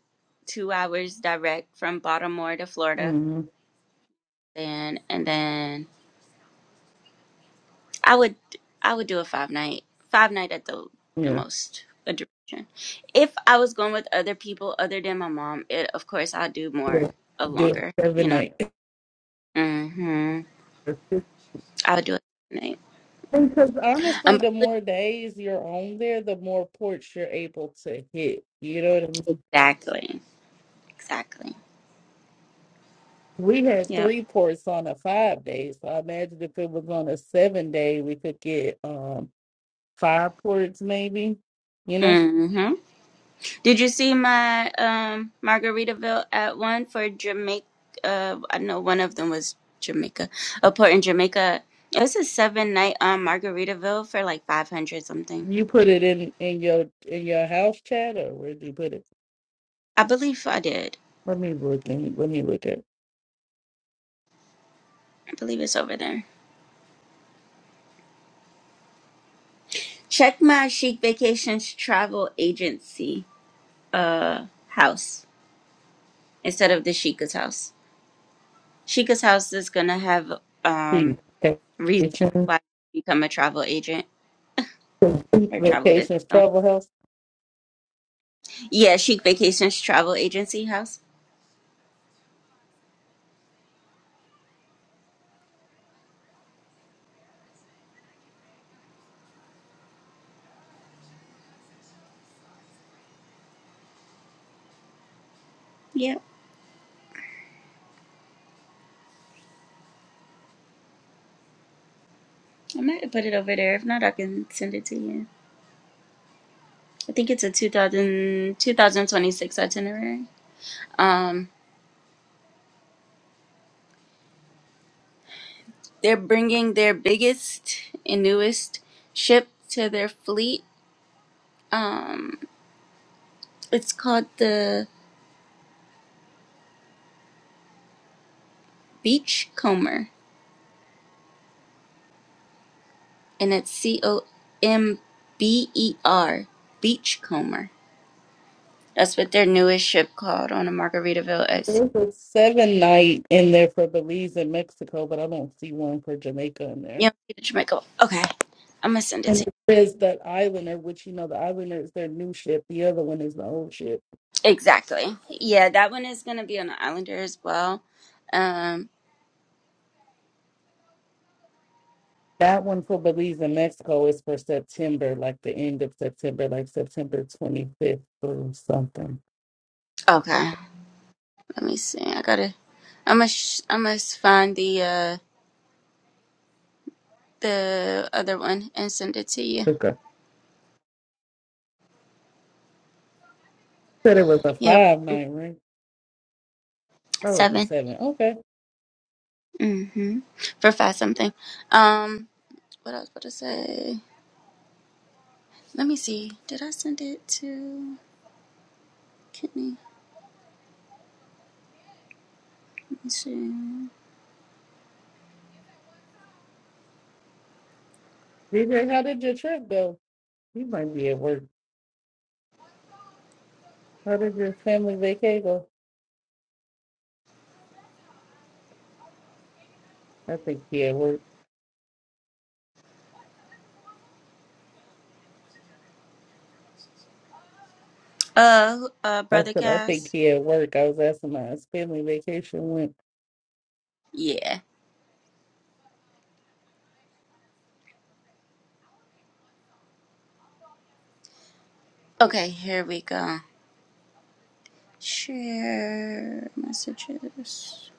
[SPEAKER 3] two hours direct from Baltimore to Florida,
[SPEAKER 2] hmm
[SPEAKER 3] and and then I would I would do a five night five night at the the
[SPEAKER 2] Yeah.
[SPEAKER 3] most a duration. If I was going with other people other than my mom, it of course I'd do more
[SPEAKER 2] yeah.
[SPEAKER 3] a
[SPEAKER 2] Do it
[SPEAKER 3] longer,
[SPEAKER 2] every
[SPEAKER 3] you know.
[SPEAKER 2] night.
[SPEAKER 3] hmm I would do a night.
[SPEAKER 2] Because honestly,
[SPEAKER 3] I'm
[SPEAKER 2] the
[SPEAKER 3] probably
[SPEAKER 2] more days you're on there, the more ports you're able to hit. You know what I mean?
[SPEAKER 3] exactly. Exactly.
[SPEAKER 2] We had
[SPEAKER 3] Yep.
[SPEAKER 2] three ports on a five day, so I imagine if it was on a seven day, we could get um five ports maybe. You know,
[SPEAKER 3] hmm Did you see my um Margaritaville at one for Jamaica? Uh, I know one of them was Jamaica, a port in Jamaica. It was a seven night um Margaritaville for like five hundred something.
[SPEAKER 2] you put it in in your in your house chat or where do you put it?
[SPEAKER 3] I believe I did.
[SPEAKER 2] Let me look. Let let me look at.
[SPEAKER 3] I believe it's over there. Check my Chic Vacations travel agency uh house instead of the Chica's house. Chica's house is gonna have um reasons
[SPEAKER 2] vacations,
[SPEAKER 3] why you become a travel agent
[SPEAKER 2] complete
[SPEAKER 3] or travel business
[SPEAKER 2] vacations,
[SPEAKER 3] owner.
[SPEAKER 2] travel health.
[SPEAKER 3] Yeah, Chic Vacations Travel Agency House. Yeah, I might put it over there. If not, I can send it to you. I think it's a 2000 2026 itinerary. Um, they're bringing their biggest and newest ship to their fleet. Um, it's called the Beachcomber, and it's C O M B E R Beachcomber. That's what their newest ship called on a Margaritaville at sea.
[SPEAKER 2] There's a seven night in there for Belize and Mexico, but I don't see one for Jamaica in there.
[SPEAKER 3] Yeah, Jamaica. Okay, I'm gonna send it
[SPEAKER 2] And
[SPEAKER 3] to you.
[SPEAKER 2] it says that Islander, which you know, the Islander is their new ship. The other one is the old ship.
[SPEAKER 3] Exactly. Yeah, that one is gonna be on the Islander as well. Um.
[SPEAKER 2] That one for Belize and Mexico is for September, like the end of September, like September 25th or something.
[SPEAKER 3] Okay. Let me see. I gotta. I must. I must find the uh the other one and send it to you.
[SPEAKER 2] Okay. Said it was a
[SPEAKER 3] Yep.
[SPEAKER 2] five night, right? That was a
[SPEAKER 3] Seven.
[SPEAKER 2] seven. Okay.
[SPEAKER 3] Mm-hmm. For five something. Um. What I was about to say. Let me see. Did I send it to Kidney? Let me see.
[SPEAKER 2] DJ, how did your trip go? You might be at work. How did your family vacation? I think he at work.
[SPEAKER 3] Uh. who- Uh.
[SPEAKER 2] I
[SPEAKER 3] Brother
[SPEAKER 2] said, I think
[SPEAKER 3] Cass.
[SPEAKER 2] he at work. I was asking how his family vacation went.
[SPEAKER 3] Yeah. Okay. Here we go. Share messages.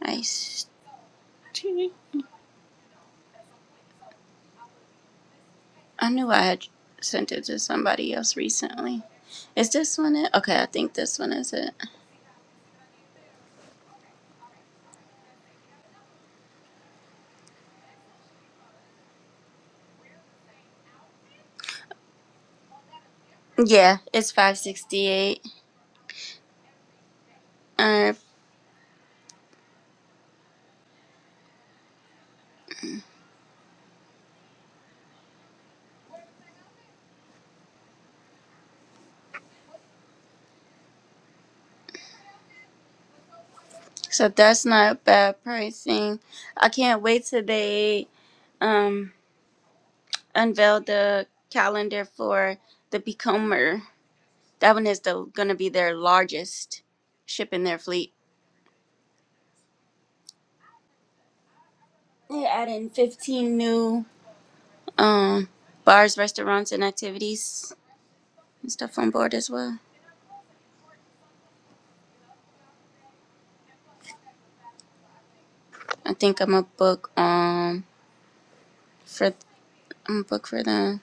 [SPEAKER 3] Nice. I knew I had sent it to somebody else recently. Is this one it? Okay, I think this one is it. Yeah, it's five sixty eight. Alright. So that's not bad pricing. I can't wait till they um unveil the calendar for the Becomer. That one is the gonna be their largest ship in their fleet. They're adding fifteen new um bars, restaurants and activities and stuff on board as well. I think I'm a book um for I'm a book for the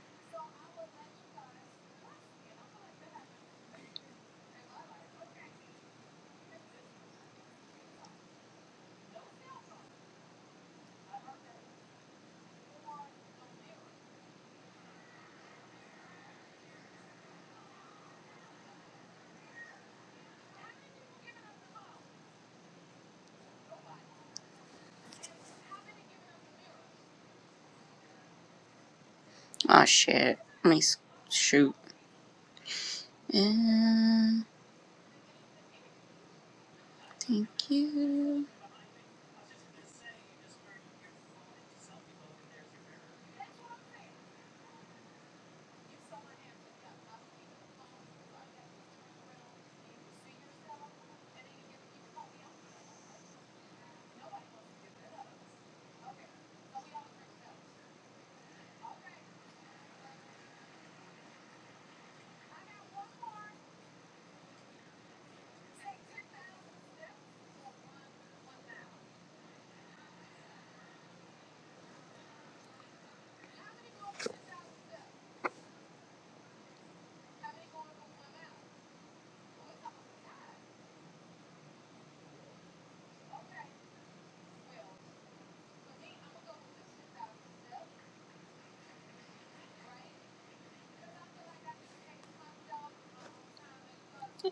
[SPEAKER 3] oh shit. Let me s- shoot. And thank you.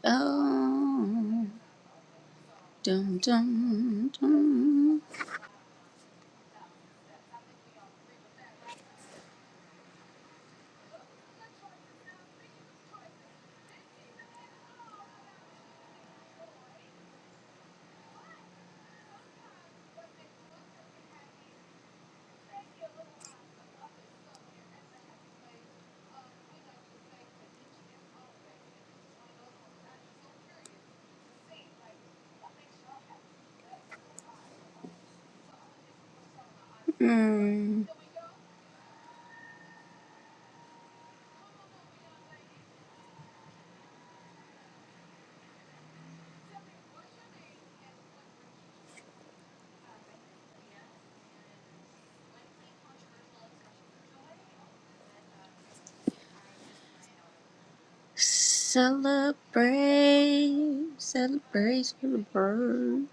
[SPEAKER 3] Oh dum dum dum. Mm. Celebrate, celebrate, celebrate.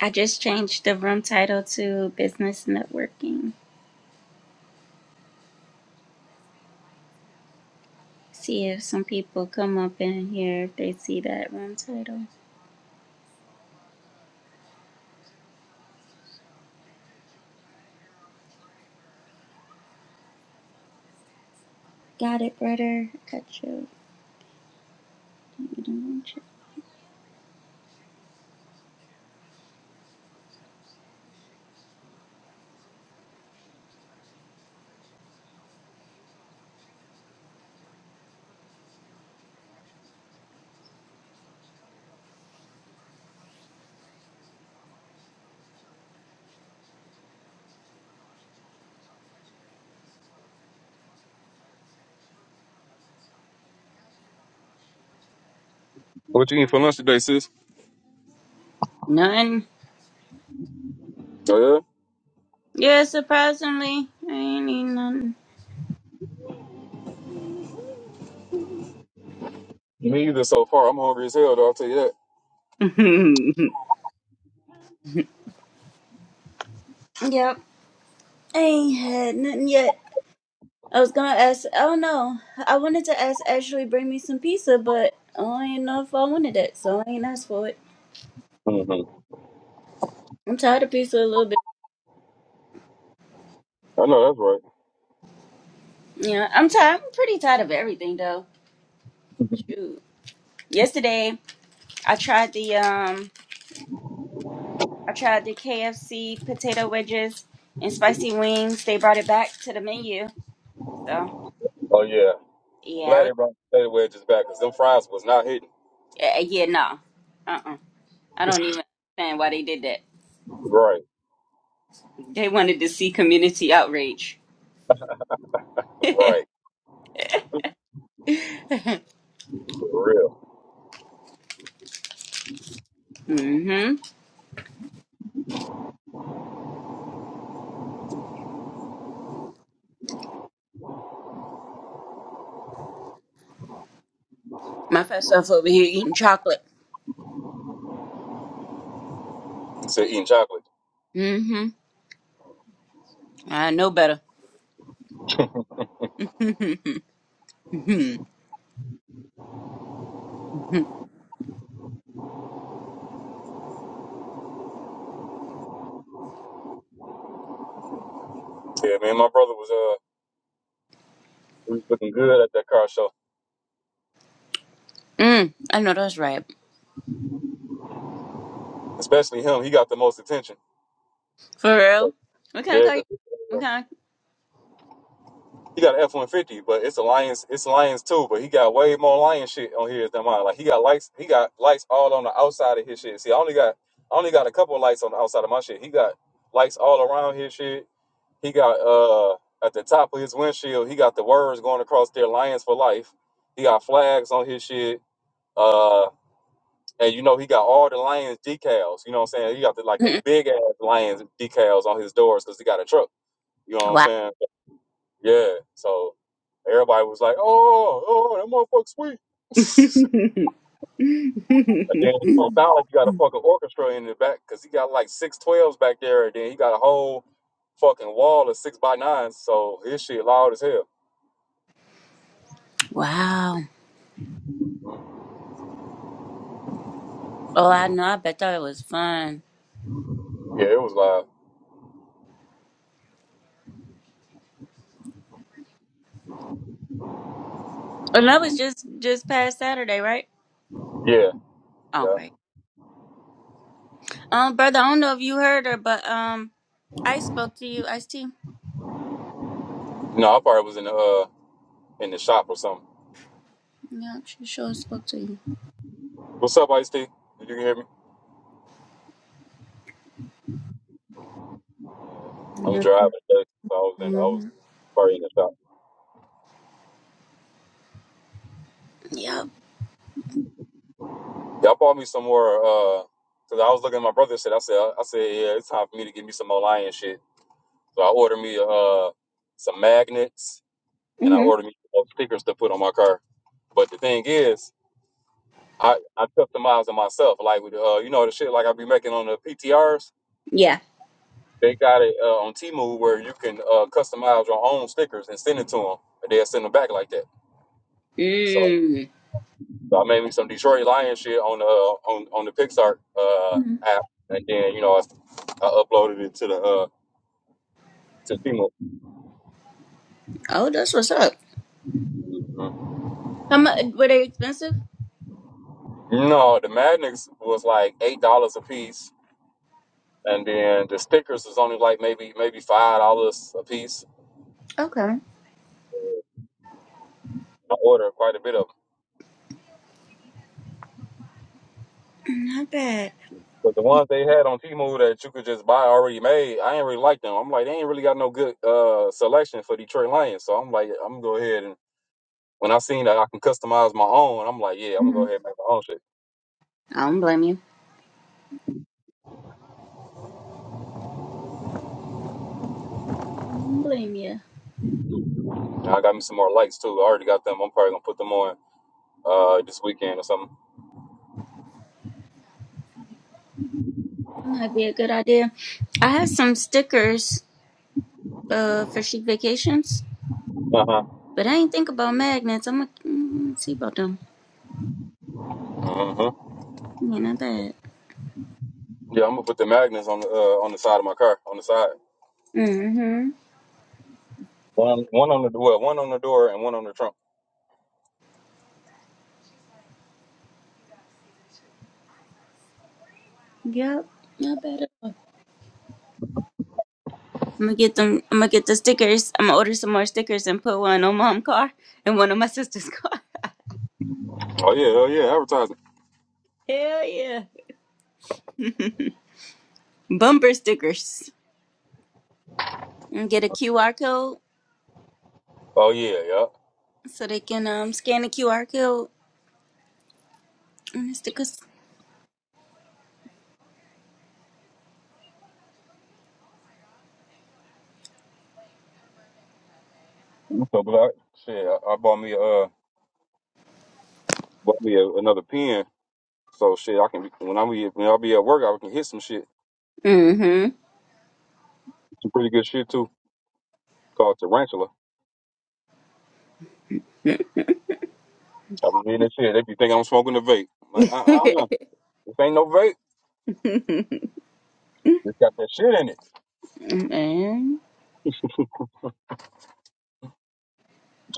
[SPEAKER 3] I just changed the room title to business networking. See if some people come up in here if they see that room title. Got it, brother. Got you.
[SPEAKER 4] What you eating for lunch today, sis?
[SPEAKER 3] None.
[SPEAKER 4] Oh,
[SPEAKER 3] Yeah, surprisingly, I ain't eat nothing.
[SPEAKER 4] yeah? Me either so far. I'm hungry as hell, though. I'll tell you that.
[SPEAKER 3] yep, I ain't had nothing yet. I was gonna ask. I don't know. I wanted to ask Ashley bring me some pizza, but I don't even know if I wanted it, so I ain't asked for it.
[SPEAKER 4] Mm-hmm.
[SPEAKER 3] I'm tired of pizza a little bit.
[SPEAKER 4] I know that's
[SPEAKER 3] Yeah, I'm tired. I'm pretty tired of everything though.
[SPEAKER 4] right.
[SPEAKER 3] Shoot. Yesterday, I tried the um, I tried the KFC potato wedges and spicy wings. They brought it back to the menu, so.
[SPEAKER 4] Oh yeah, I'm glad
[SPEAKER 3] Yeah,
[SPEAKER 4] they brought the potato wedges back because them fries was not hitting.
[SPEAKER 3] Yeah, eh, yeah, no. Uh-uh. I don't even understand why they did that.
[SPEAKER 4] Right.
[SPEAKER 3] They wanted to see community outrage. mm-hmm.
[SPEAKER 4] Right, for real.
[SPEAKER 3] My fat self over here eating chocolate.
[SPEAKER 4] He Said eating chocolate.
[SPEAKER 3] Mm-hmm. I know better. mm-hmm.
[SPEAKER 4] Yeah, man, my brother was uh, he was looking good at that car show,
[SPEAKER 3] mm, I know that's right.
[SPEAKER 4] especially him. He got the most attention.
[SPEAKER 3] For
[SPEAKER 4] So,
[SPEAKER 3] real? What kind of
[SPEAKER 4] yeah,
[SPEAKER 3] car? you?
[SPEAKER 4] 'cause,
[SPEAKER 3] What kind?
[SPEAKER 4] He got an F one fifty, but it's a Lions. It's Lions too, but he got way more lion shit on here than mine. Like he got lights. He got lights all on the outside of his shit. See, I only got I only got a couple of lights on the outside of my shit. He got lights all around his shit. He got uh at the top of his windshield. He got the words going across there, Lions for life. He got flags on his shit. Uh, and you know he got all the Lions decals. You know what I'm saying? He got the like the
[SPEAKER 3] I...
[SPEAKER 4] big ass Lions decals on his doors because he got a truck. You know what I'm
[SPEAKER 3] wow.
[SPEAKER 4] saying? Yeah. So everybody was like, "Oh, oh, that motherfucker sweet." but then you know, sound like you got a fucking orchestra in the back because he got like six twelves back there, and then he got a whole fucking wall of six by nines. So his shit loud as hell.
[SPEAKER 3] wow. Oh, I know. I bet that was fun.
[SPEAKER 4] Yeah, it was loud.
[SPEAKER 3] And that was just just past Saturday, right?
[SPEAKER 4] Yeah,
[SPEAKER 3] Oh,
[SPEAKER 4] yeah.
[SPEAKER 3] great. Um, brother, I don't know if you heard her, but um, I spoke to you, Ice T.
[SPEAKER 4] No, I probably was in the uh in the shop or something.
[SPEAKER 3] Yeah, she sure spoke to you.
[SPEAKER 4] What's up, Ice T? Did you hear me?
[SPEAKER 3] I
[SPEAKER 4] I'm
[SPEAKER 3] know
[SPEAKER 4] driving.
[SPEAKER 3] she.
[SPEAKER 4] So I was in. I was
[SPEAKER 3] hmm
[SPEAKER 4] probably in the shop.
[SPEAKER 3] Yep.
[SPEAKER 4] Y'all bought me some more. Uh, Cause I was looking at my brother. Said I said I said yeah, it's time for me to get me some more lion shit. So I ordered me uh some magnets and I
[SPEAKER 3] hmm
[SPEAKER 4] ordered me some stickers to put on my car. But the thing is, I I customized it myself. Like with uh you know the shit like I be making on the PTRs.
[SPEAKER 3] Yeah.
[SPEAKER 4] They got it uh, on Temu where you can uh, customize your own stickers and send it to them, and they'll send them back like that. So,
[SPEAKER 3] Mm.
[SPEAKER 4] so I made me some Detroit Lion shit on the uh, on on the Pixar uh, app, and then you know I, I uploaded it to the uh, to Temu.
[SPEAKER 3] Oh, that's what's up.
[SPEAKER 4] Mhm.
[SPEAKER 3] How much were they expensive?
[SPEAKER 4] No, the magnets was like eight dollars a piece, and then the stickers is only like maybe maybe five dollars a piece.
[SPEAKER 3] Okay.
[SPEAKER 4] I ordered quite a bit of them.
[SPEAKER 3] Not bad.
[SPEAKER 4] But the ones they had on Temu that you could just buy already made, I ain't really like them. I'm like, they ain't really got no good uh selection for Detroit Lions. So I'm like, I'm gonna go ahead and when I seen that I can customize my own, I'm like, yeah, I'm gonna go
[SPEAKER 3] hmm
[SPEAKER 4] ahead and make my own shit.
[SPEAKER 3] I don't blame you. I don't blame you.
[SPEAKER 4] And I got me some more lights too. I already got them. I'm probably gonna put them on uh this weekend or something.
[SPEAKER 3] That might be a good idea. I have some stickers uh for chic vacations,
[SPEAKER 4] Uh-huh.
[SPEAKER 3] but I ain't think about magnets. I'm gonna mm, see about them.
[SPEAKER 4] Uh huh. Uh-huh.
[SPEAKER 3] Yeah, not bad.
[SPEAKER 4] Yeah, I'm gonna put the magnets on the uh, on the side of my car, on the side.
[SPEAKER 3] Mm-hmm.
[SPEAKER 4] One one on the well, one on the door and one on the trunk.
[SPEAKER 3] Yep. Not bad I'm gonna get them. I'm gonna get the stickers. I'm gonna order some more stickers and put one on mom's car and one on my sister's car.
[SPEAKER 4] Oh yeah, oh yeah, advertising.
[SPEAKER 3] Hell yeah! Bumper stickers. And get a QR code
[SPEAKER 4] Oh yeah, yeah.
[SPEAKER 3] so they can um scan the QR code and the stickers.
[SPEAKER 4] I'm so glad. Shit, I, I bought me a uh, bought me a, another pen. So shit, I can when I be when I be at work, I can hit some shit. Some pretty good shit too. Called tarantula. I be hitting that shit. They be thinking I'm smoking a vape. I'm like, uh, uh,
[SPEAKER 3] Mm-hmm.
[SPEAKER 4] this ain't no vape. It's got that shit in it.
[SPEAKER 3] Man.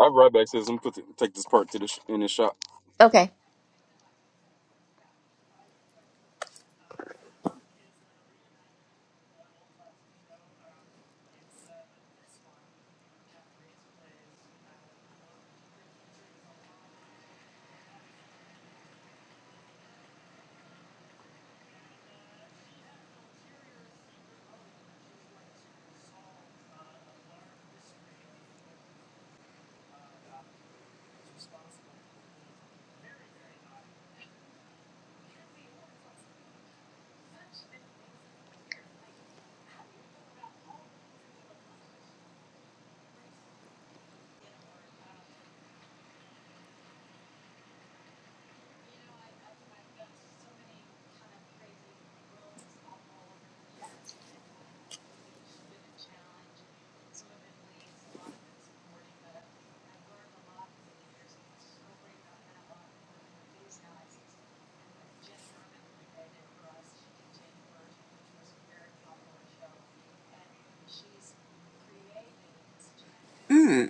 [SPEAKER 4] I be right back. Says I'm put the, take this part to the sh- in the shop.
[SPEAKER 3] Okay. know, I've got so many kind of crazy worlds all all over the place, and it's been a challenge. Some of it leads a lot of supporting, but I've learned a lot over the years. Don't bring up kind of a lot more of these guys. Just having to get involved. Mm.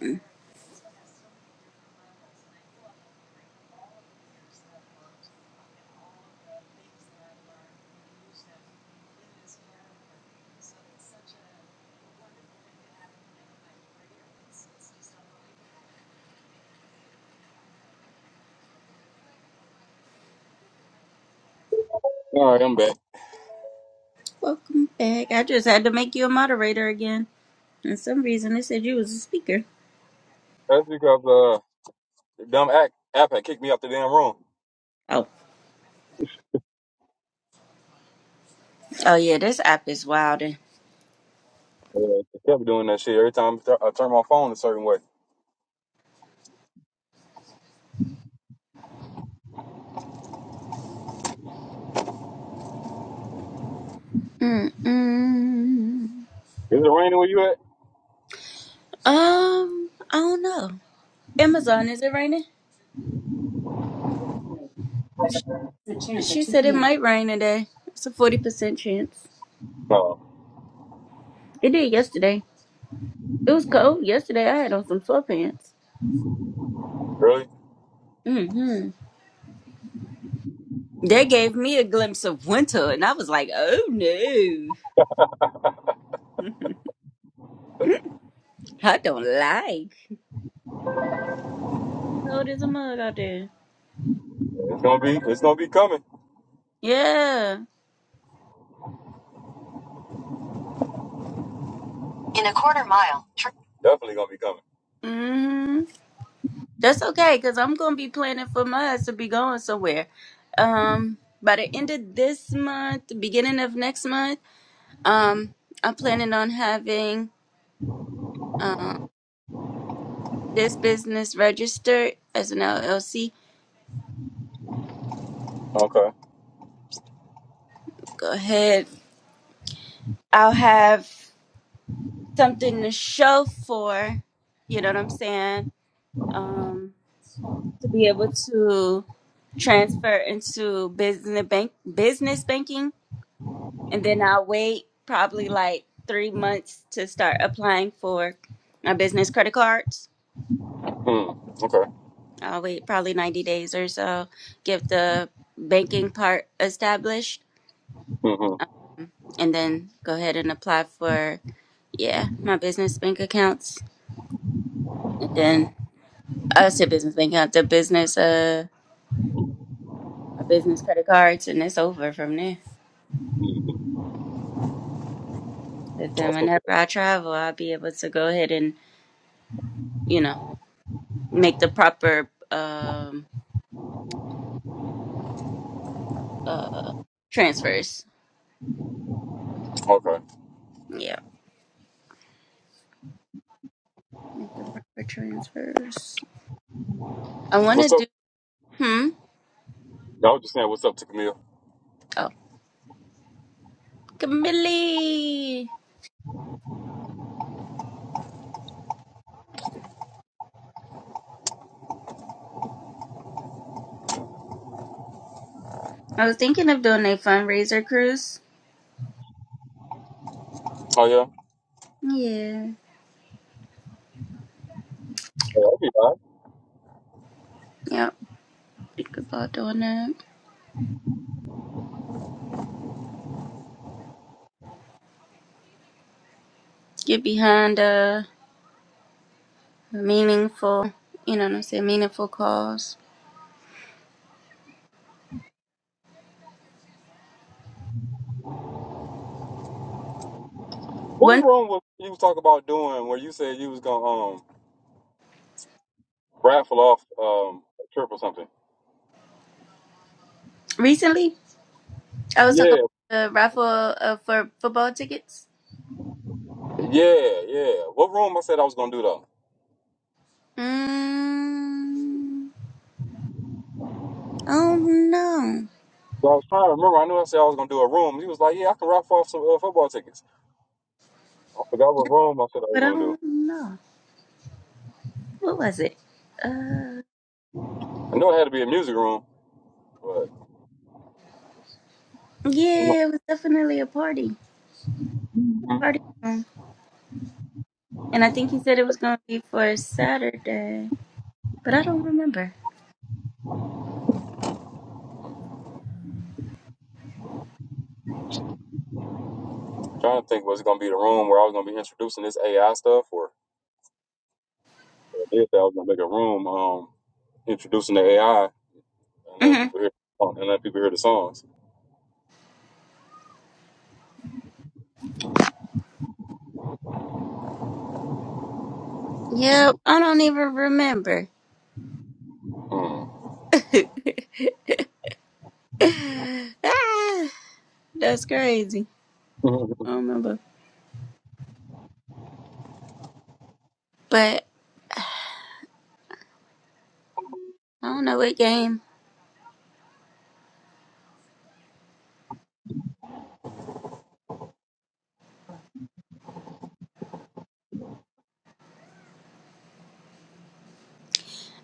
[SPEAKER 3] So
[SPEAKER 4] All right, I'm back.
[SPEAKER 3] Welcome back. I just had to make you a moderator again. For some reason, it said you was a speaker.
[SPEAKER 4] That's because uh, the dumb act app had kicked me out the damn room.
[SPEAKER 3] Oh, oh yeah, this app is wild.
[SPEAKER 4] Yeah, they kept doing that shit every time I turn my phone a certain way. Is
[SPEAKER 3] Mm-mm. Um,
[SPEAKER 4] it raining where you at?
[SPEAKER 3] I don't know. Amazon, is it raining? There's a chance. She said it might rain today. It's a forty percent chance.
[SPEAKER 4] No,
[SPEAKER 3] It did yesterday. It was cold yesterday. I had on some sweatpants.
[SPEAKER 4] really?
[SPEAKER 3] Mm-hmm. They gave me a glimpse of winter, and I was like, "Oh no, I don't like." Cold as a mug out there.
[SPEAKER 4] It's gonna be. It's gonna be coming.
[SPEAKER 3] Yeah.
[SPEAKER 4] In a quarter mile. tr- Definitely gonna be coming.
[SPEAKER 3] Mm-hmm. That's okay, cause I'm gonna be planning for my ass to be going somewhere. Um, by the end of this month, beginning of next month, um, I'm planning on having um, this business registered as an LLC.
[SPEAKER 4] Okay.
[SPEAKER 3] Go ahead. I'll have something to show for, you know what I'm saying? Um, to be able to transfer into business bank business banking, and then I'll wait probably like three months to start applying for my business credit cards.
[SPEAKER 4] Hmm. Okay.
[SPEAKER 3] I'll wait probably 90 days or so, get the banking part established
[SPEAKER 4] Mm-hmm.
[SPEAKER 3] um, and then go ahead and apply for yeah my business bank accounts, and then I said business bank account, the business uh my business credit cards, and it's over from there.
[SPEAKER 4] Mm-hmm.
[SPEAKER 3] But then
[SPEAKER 4] That's what's
[SPEAKER 3] whenever
[SPEAKER 4] up.
[SPEAKER 3] I travel, I'll be able to go ahead and you know make the proper um uh transfers.
[SPEAKER 4] Okay.
[SPEAKER 3] Yeah, make the proper transfers. I want to
[SPEAKER 4] What's up?
[SPEAKER 3] do hmm
[SPEAKER 4] I was just saying, what's up to Camille?
[SPEAKER 3] oh Camille. I was thinking of doing a fundraiser cruise.
[SPEAKER 4] Oh yeah.
[SPEAKER 3] Yeah.
[SPEAKER 4] Yeah, I'll be all right.
[SPEAKER 3] Yep. Speak about doing that. Get behind a meaningful, you know what I'm saying, meaningful cause.
[SPEAKER 4] What
[SPEAKER 3] One
[SPEAKER 4] room was you was talking about doing where you said you was gonna um raffle off um a trip or something?
[SPEAKER 3] recently, I was talking
[SPEAKER 4] Yeah.
[SPEAKER 3] about the raffle uh, for football tickets.
[SPEAKER 4] Yeah. Yeah. What room? I said I was gonna do though.
[SPEAKER 3] Mm, I don't know.
[SPEAKER 4] So I was trying to remember. I knew I said I was gonna do a room. He was like, "Yeah, I can raffle off some uh, football tickets." I forgot what
[SPEAKER 3] Yeah,
[SPEAKER 4] room I said I was
[SPEAKER 3] but I
[SPEAKER 4] gonna do.
[SPEAKER 3] don't know. What was it? Uh,
[SPEAKER 4] I know it had to be a music room, but I don't
[SPEAKER 3] yeah,
[SPEAKER 4] know.
[SPEAKER 3] it was definitely a party. Party. room. And I think he said it was going to be for Saturday, but I don't remember.
[SPEAKER 4] trying to think was going to be the room where I was going to be introducing this AI stuff, or if I did that, I was going to make a room um introducing the AI and letting
[SPEAKER 3] hmm
[SPEAKER 4] people hear and letting people hear the songs.
[SPEAKER 3] Yeah, I don't even remember.
[SPEAKER 4] Hmm.
[SPEAKER 3] ah, that's crazy.
[SPEAKER 4] you
[SPEAKER 3] I don't remember. But I don't know what game.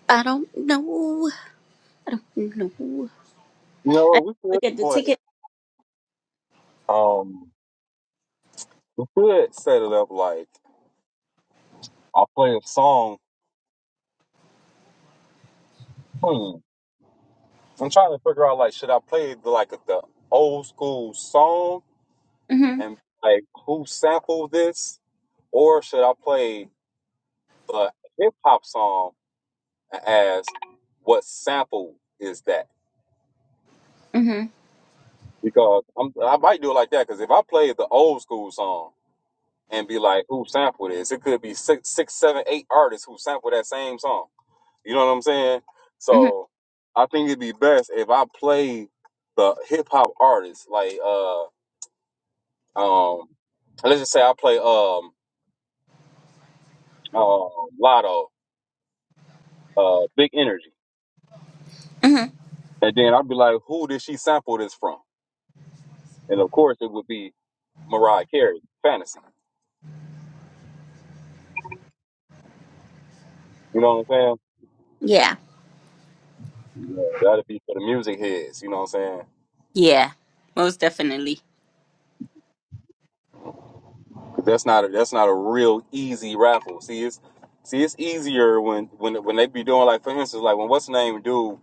[SPEAKER 3] I don't know. No. I need to
[SPEAKER 4] know what? We could
[SPEAKER 3] look at the
[SPEAKER 4] play.
[SPEAKER 3] ticket.
[SPEAKER 4] Um, we could set it up like I'll play a song. Hmm. I'm trying to figure out like should I play the, like the old school song
[SPEAKER 3] Mhm.
[SPEAKER 4] and like who sampled this, or should I play the hip hop song and ask what sample is that?
[SPEAKER 3] Mhm.
[SPEAKER 4] because I'm, I might do it like that. Because if I play the old school song and be like, "Who sampled this?" It could be six, six, seven, eight artists who sampled that same song. You know what I'm saying?
[SPEAKER 3] Mhm.
[SPEAKER 4] So I think it'd be best if I play the hip hop artists, like uh, um, let's just say I play um, uh, Lotto, uh, Big Energy,
[SPEAKER 3] Mhm.
[SPEAKER 4] and then I'd be like, "Who did she sample this from?" And of course, it would be Mariah Carey, Fantasy. You know what I'm
[SPEAKER 3] Yeah.
[SPEAKER 4] saying? Yeah, that'd be for the music heads. You know what I'm saying?
[SPEAKER 3] Yeah. Most definitely.
[SPEAKER 4] That's not a, that's not a real easy raffle. See, it's see, it's easier when when when they be doing like for instance, like when what's the name do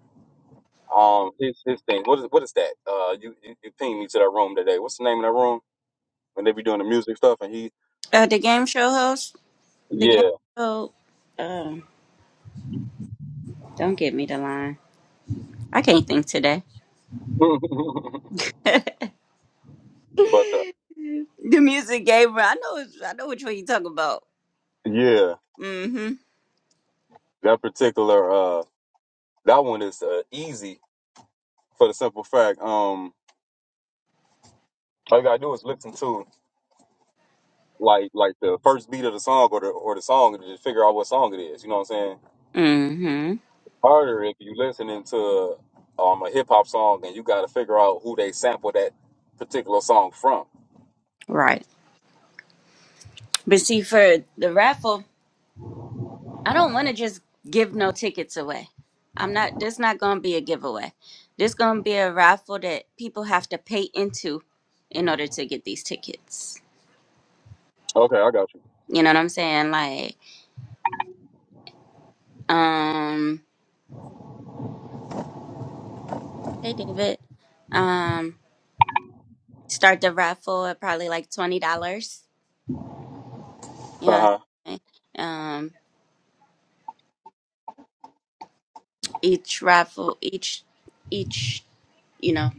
[SPEAKER 4] um his his thing. What is what is that? Uh, you you, you pinged me to that room today. What's the name of that room when they be doing the music stuff? And he
[SPEAKER 3] Uh, the game show host. The game
[SPEAKER 4] yeah,
[SPEAKER 3] show. Um, don't give me the line. I can't think today.
[SPEAKER 4] but uh,
[SPEAKER 3] the music gamer. I know. it's- I know which one you talking about.
[SPEAKER 4] yeah,
[SPEAKER 3] Mhm.
[SPEAKER 4] that particular uh that one is uh, easy for the simple fact um all you gotta do is listen to like like the first beat of the song or the or the song and just figure out what song it is. You know what I'm saying?
[SPEAKER 3] Mhm.
[SPEAKER 4] harder if you listening to um a hip hop song and you got to figure out who they sample that particular song from.
[SPEAKER 3] Right. But see, for the raffle. I don't want to just give no tickets away. I'm not. This not gonna be a giveaway. This gonna be a raffle that people have to pay into in order to get these tickets.
[SPEAKER 4] Okay, I got you.
[SPEAKER 3] You know what I'm saying? Like, um, hey David, um, start the raffle at probably like twenty dollars. You know, what
[SPEAKER 4] Uh huh.
[SPEAKER 3] I'm saying? um, each raffle, each, each. You know.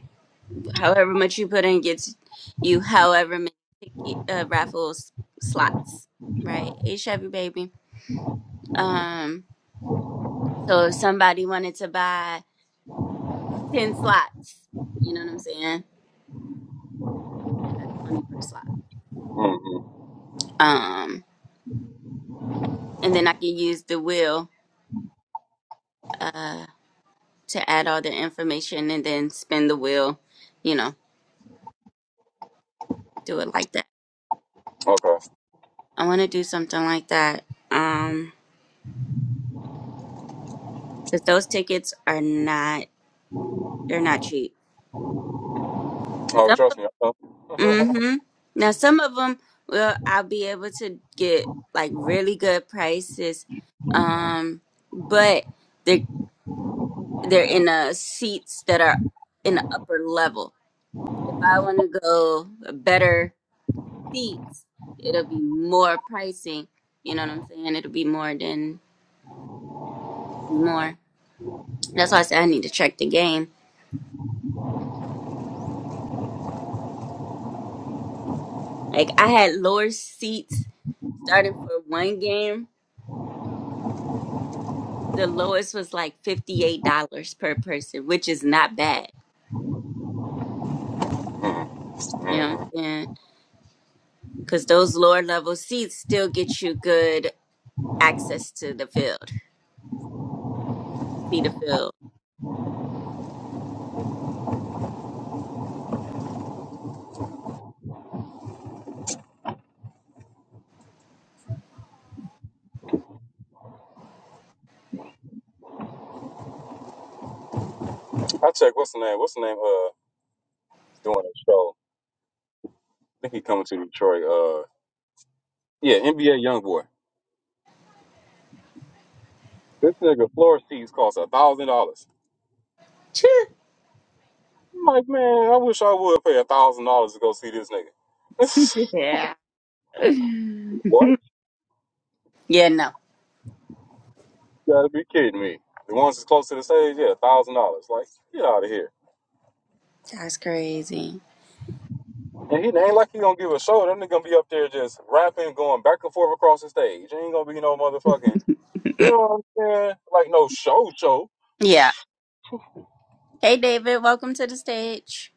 [SPEAKER 3] However much you put in gets you however many ticket- uh, raffles slots, right? Hey Chevy baby. Um, so if somebody wanted to buy ten slots, you know what I'm saying? That's twenty per slot.
[SPEAKER 4] hmm
[SPEAKER 3] Um, and then I can use the wheel uh to add all the information and then spin the wheel. You know, do it like that.
[SPEAKER 4] Okay.
[SPEAKER 3] I want to do something like that. Um, because those tickets are not they're not cheap.
[SPEAKER 4] Oh, trust me. I
[SPEAKER 3] Mm-hmm. Now some of them will I'll be able to get like really good prices, um, but they're they're in uh seats that are in the upper level. If I want to go better seats, it'll be more pricing. You know what I'm saying? It'll be more than more. That's why I said I need to check the game. Like I had lower seats starting for one game the lowest was like $58 per person, which is not bad. You know
[SPEAKER 4] mm-hmm.
[SPEAKER 3] what I'm saying? Because those lower level seats still get you good access to the field, to see the field.
[SPEAKER 4] I check. What's the name? What's the name? Uh, is doing a show. I think he coming to Detroit. Uh, yeah, NBA YoungBoy. This nigga floor seats cost a thousand dollars. I'm like, man, I wish I would pay a thousand dollars to go see this nigga.
[SPEAKER 3] yeah.
[SPEAKER 4] what?
[SPEAKER 3] yeah, no.
[SPEAKER 4] You gotta be kidding me. The ones that's close to the stage, yeah, thousand dollars. Like, get out of here.
[SPEAKER 3] That's crazy.
[SPEAKER 4] And he ain't like he gonna give a show. That nigga gonna be up there just rapping, going back and forth across the stage. Ain't gonna be no motherfucking, you know what I'm saying? Like no show show.
[SPEAKER 3] Yeah. Hey, David, welcome to the stage.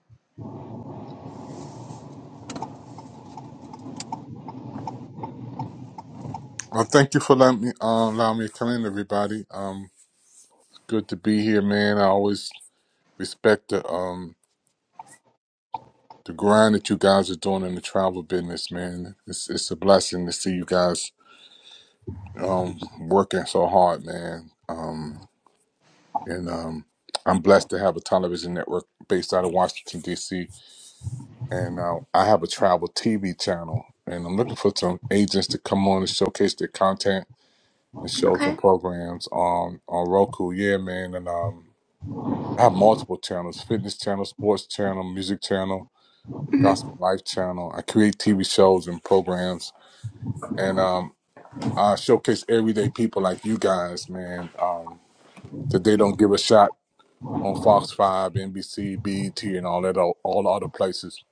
[SPEAKER 6] Well, thank you for letting me uh, allow me to come in, everybody. Um, good to be here, man. I always respect the um the grind that you guys are doing in the travel business, man. It's it's a blessing to see you guys um working so hard, man. Um, and um, I'm blessed to have a television network based out of Washington D.C. and uh, I have a travel TV channel, and I'm looking for some agents to come on and showcase their content and shows
[SPEAKER 3] Okay.
[SPEAKER 6] and programs on on Roku. Yeah, man, and um. I have multiple channels: fitness channel, sports channel, music channel,
[SPEAKER 3] hmm
[SPEAKER 6] gospel life channel. I create TV shows and programs, and um, I showcase everyday people like you guys, man, um, that they don't give a shot on Fox Five, NBC, BET, and all that, all, all the other places.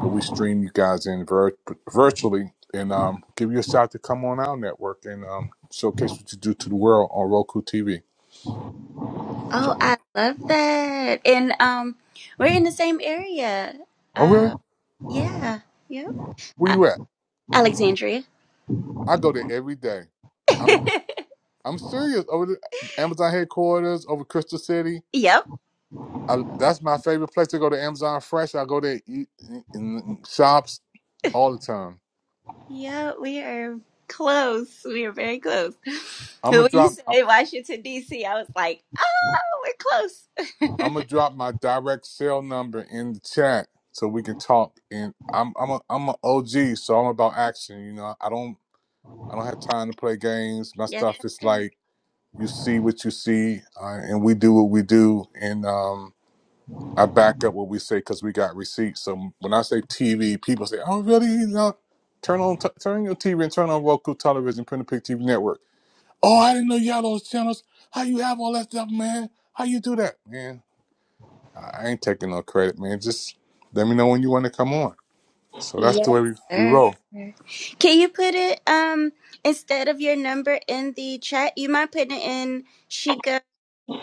[SPEAKER 6] But we stream you guys in vir- virtually and um, give you a shot to come on our network and um, showcase what you do to the world on Roku TV.
[SPEAKER 3] Oh,
[SPEAKER 6] So,
[SPEAKER 3] I love that. And um, we're in the same area.
[SPEAKER 6] oh, really?
[SPEAKER 3] Uh, yeah. Yep.
[SPEAKER 6] Where
[SPEAKER 3] Uh,
[SPEAKER 6] you at?
[SPEAKER 3] Alexandria.
[SPEAKER 6] I go there every day. I'm serious. Over the Amazon headquarters, over Crystal City.
[SPEAKER 3] yep.
[SPEAKER 6] I, that's my favorite place to go to Amazon Fresh. I go there, eat in, shops all the time.
[SPEAKER 3] Yeah, we are close. We are very close.
[SPEAKER 6] I'm gonna
[SPEAKER 3] When you
[SPEAKER 6] drop. I'm,
[SPEAKER 3] say Washington D.C., I was like, oh, we're close.
[SPEAKER 6] I'm gonna drop my direct sale number in the chat so we can talk. And I'm I'm a I'm an OG, so I'm about action. You know, I don't I don't have time to play games. My
[SPEAKER 3] yes,
[SPEAKER 6] stuff is
[SPEAKER 3] sir.
[SPEAKER 6] like you see what you see, uh, and we do what we do. And um, I back up what we say because we got receipts. So when I say TV, people say, "Oh, really? You know, turn on t- turn your TV and turn on Roku television, Print a Pick TV network." Oh, I didn't know you had those channels. How you have all that stuff, man? How you do that, man? I I ain't taking no credit, man. Just let me know when you want to come on. So that's the
[SPEAKER 3] Yes,
[SPEAKER 6] way we, we
[SPEAKER 3] sir.
[SPEAKER 6] roll.
[SPEAKER 3] Can you put it um instead of your number in the chat? You mind putting it in Sheikah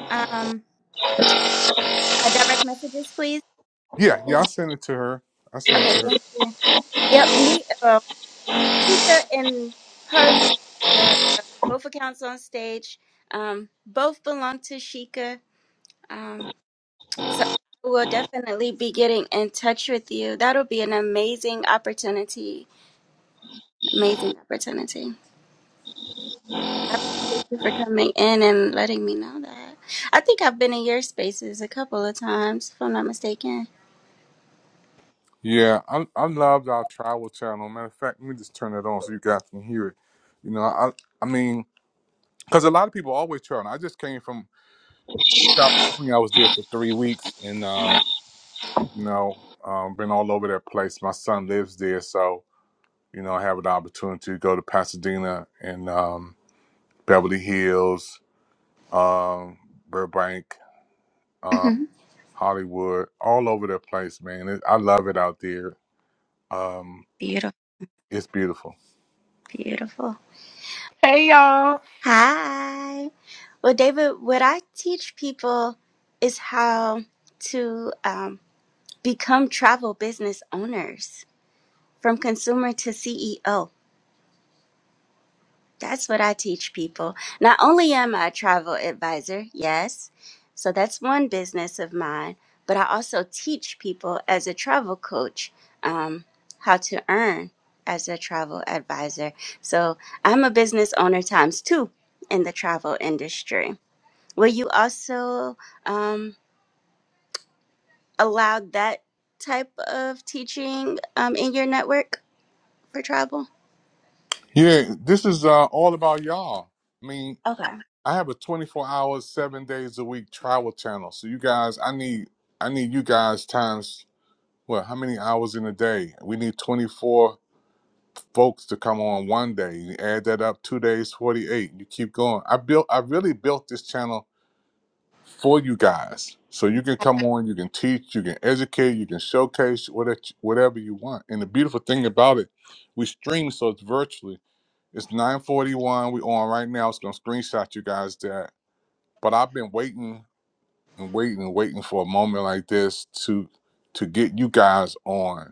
[SPEAKER 3] um uh, direct messages, please?
[SPEAKER 6] Yeah, yeah. I sent it to her. I sent it
[SPEAKER 3] Okay,
[SPEAKER 6] to her.
[SPEAKER 3] thank you. Yep, me. Uh, Sheikah and her the uh, both accounts on stage. Um, both belong to Sheikah. Um, So I will definitely be getting in touch with you. That'll be an amazing opportunity. Amazing opportunity. I appreciate you for coming in and letting me know that. I think I've been in your spaces a couple of times, if I'm not mistaken.
[SPEAKER 6] Yeah, I I loved our travel channel. Matter of fact, let me just turn it on so you guys can hear it. You know, I I mean, because a lot of people always travel. I just came from California. I was there for three weeks, and uh, you know, um, been all over that place. My son lives there, so you know, I have an opportunity to go to Pasadena and um, Beverly Hills, um, Burbank, uh,
[SPEAKER 3] Mhm.
[SPEAKER 6] Hollywood, all over that place, man. It, I love it out there. Um,
[SPEAKER 3] beautiful,
[SPEAKER 6] it's beautiful.
[SPEAKER 3] beautiful.
[SPEAKER 7] Hey y'all.
[SPEAKER 3] Hi. Well, David, what I teach people is how to um, become travel business owners from consumer to CEO. That's what I teach people. Not only am I a travel advisor, yes, so that's one business of mine, but I also teach people as a travel coach um, how to earn as a travel advisor. So I'm a business owner times two in the travel industry. Will you also um, allow that type of teaching um, in your network for travel?
[SPEAKER 6] Yeah, this is uh, all about y'all. I mean,
[SPEAKER 3] Okay.
[SPEAKER 6] I have a twenty-four hours, seven days a week travel channel, so you guys, I need I need you guys times Well, how many hours in a day? We need 24 folks to come on one day. You add that up, two days, 48. You keep going. I built, I really built this channel for you guys. So you can come on, you can teach, you can educate, you can showcase whatever, whatever you want. And the beautiful thing about it, we stream so it's virtually. It's 941. we on right now. It's gonna screenshot you guys that. But I've been waiting and waiting and waiting for a moment like this to to get you guys on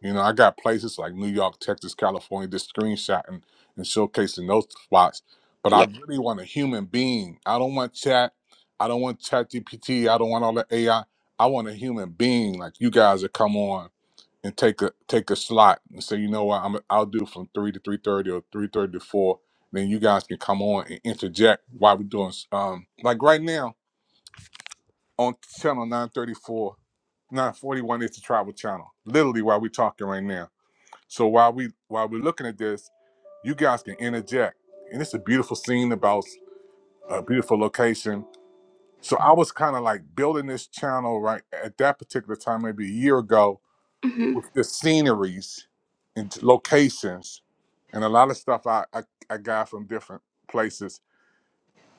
[SPEAKER 6] You know, I got places like New York, Texas, California, just screenshotting and showcasing those spots. But I
[SPEAKER 3] Yeah.
[SPEAKER 6] really want a human being. I don't want chat. I don't want chat GPT. I don't want all the AI. I I want a human being like you guys that come on and take a take a slot and say, you know what, I'm I'll do from three to three thirty or three thirty to four. Then you guys can come on and interject while we're doing s- um like right now on channel nine thirty four, nine forty one is the travel channel. Literally while we're talking right now so while we while we're looking at this, you guys can interject, and it's a beautiful scene about a beautiful location. So I was kind of like building this channel right at that particular time, maybe a year ago,
[SPEAKER 3] hmm
[SPEAKER 6] with the sceneries and locations, and a lot of stuff I I, I got from different places.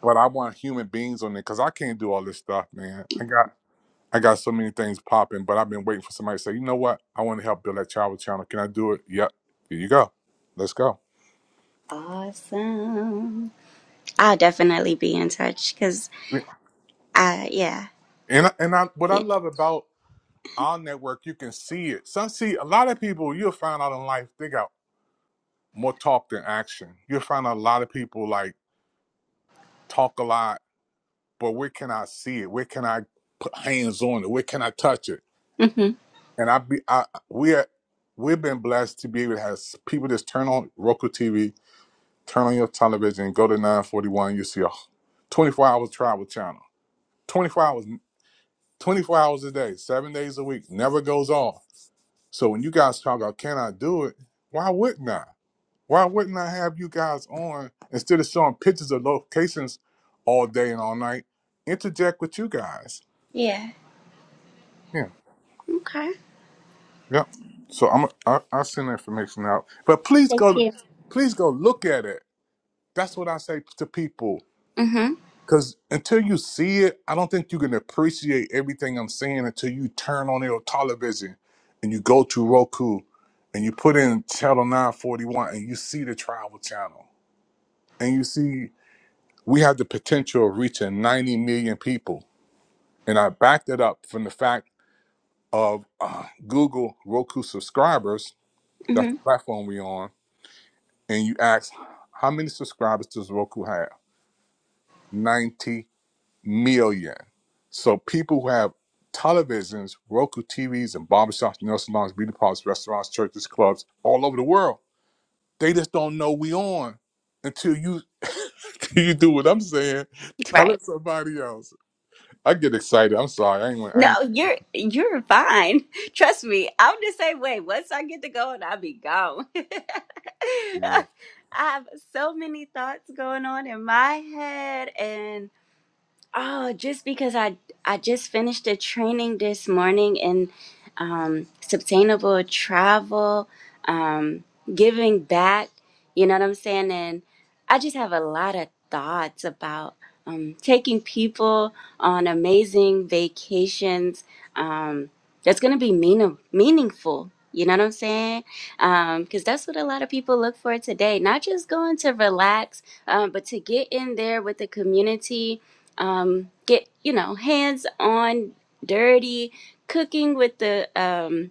[SPEAKER 6] But I want human beings on it because I can't do all this stuff, man. I got I got so many things popping, but I've been waiting for somebody to say, you know what? I want to help build that travel channel. Can I do it? Yep. Here you go. Let's go.
[SPEAKER 3] Awesome. I'll definitely be in touch because, uh, yeah,
[SPEAKER 6] And and I what I
[SPEAKER 3] yeah,
[SPEAKER 6] love about our network, you can see it. Some see a lot of people you'll find out in life they got more talk than action. You'll find out a lot of people like talk a lot, but where can I see it? Where can I put hands on it? Where can I touch it?
[SPEAKER 3] mm-hmm.
[SPEAKER 6] And I be I we are we've been blessed to be able to have s- people just turn on Roku TV, turn on your television, go to 941, you see a 24 hour travel channel. 24 hours 24 hours a day, seven days a week, never goes off So when you guys talk about can I do it, why wouldn't I? Why wouldn't I have you guys on instead of showing pictures of locations all day and all night? Interject with you guys.
[SPEAKER 3] yeah,
[SPEAKER 6] Yeah,
[SPEAKER 3] okay,
[SPEAKER 6] yep. So I'm I, I'll send the information out, but please go please go look at it. That's what I say to people.
[SPEAKER 3] mm-hmm,
[SPEAKER 6] Cause until you see it, I don't think you can appreciate everything I'm saying until you turn on your television and you go to Roku and you put in channel 941 and you see the tribal channel. And you see we have the potential of reaching 90 million people. And I backed it up from the fact of uh, Google Roku subscribers, that's
[SPEAKER 3] mm-hmm.
[SPEAKER 6] the platform we on, and you ask how many subscribers does Roku have? 90 million. So people who have televisions, Roku TVs, and barbershops, nail salons, beauty parlors, restaurants, churches, clubs, all over the world. They just don't know we on until you until you do what I'm saying. Tell
[SPEAKER 3] Right.
[SPEAKER 6] it somebody else. I get excited. I'm sorry. I ain't. wanna- I
[SPEAKER 3] No,
[SPEAKER 6] ain't.
[SPEAKER 3] you're you're fine. Trust me, I'm the same way. Once I get to going, I'll be gone. I
[SPEAKER 6] Yeah.
[SPEAKER 3] have so many thoughts going on in my head, and. Oh, just because I I just finished a training this morning in um, sustainable travel, um, giving back. You know what I'm saying? And I just have a lot of thoughts about um, taking people on amazing vacations. Um, that's going to be mean- meaningful. You know what I'm saying? Because that's what a lot of people look for today. Not just going to relax, um, but to get in there with the community um, get you know hands on dirty cooking with the um,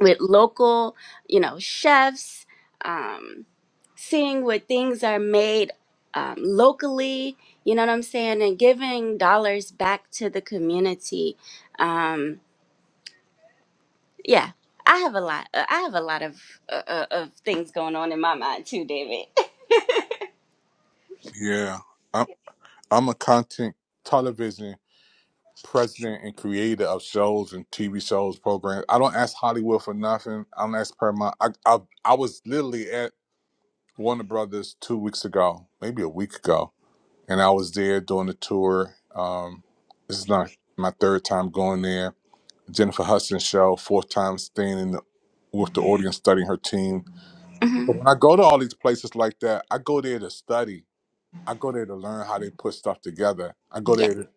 [SPEAKER 3] with local you know chefs um, seeing what things are made um, locally you know what i'm saying and giving dollars back to the community um, yeah i have a lot uh, i have a lot of uh, uh, of things going on in my mind too david
[SPEAKER 6] Yeah. I'm. I'm a content television president and creator of shows and TV shows programs. I don't ask Hollywood for nothing. I don't ask Paramount. I I, I was literally at Warner Brothers two weeks ago, maybe a week ago, and I was there doing the tour. Um, this is not my third time going there. Jennifer Hudson show, fourth time staying in the, with the audience, studying her team.
[SPEAKER 3] hmm
[SPEAKER 6] But when I go to all these places like that, I go there to study. I go there to learn how they put stuff together. I go
[SPEAKER 3] yeah
[SPEAKER 6] there. To,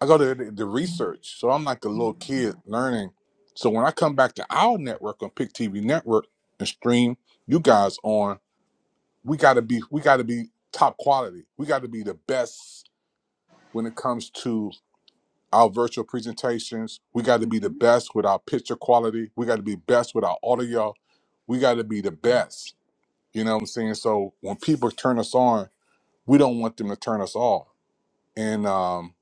[SPEAKER 6] I go there to, to research. So I'm like a little kid learning. So when I come back to our network on Pick TV Network and stream you guys on we gotta be we gotta be top quality. We gotta be the best when it comes to our virtual presentations. We gotta be the best with our picture quality. We gotta be best with our audio. We gotta be the best. You know what I'm saying? So when people turn us on, we don't want them to turn us off. And um,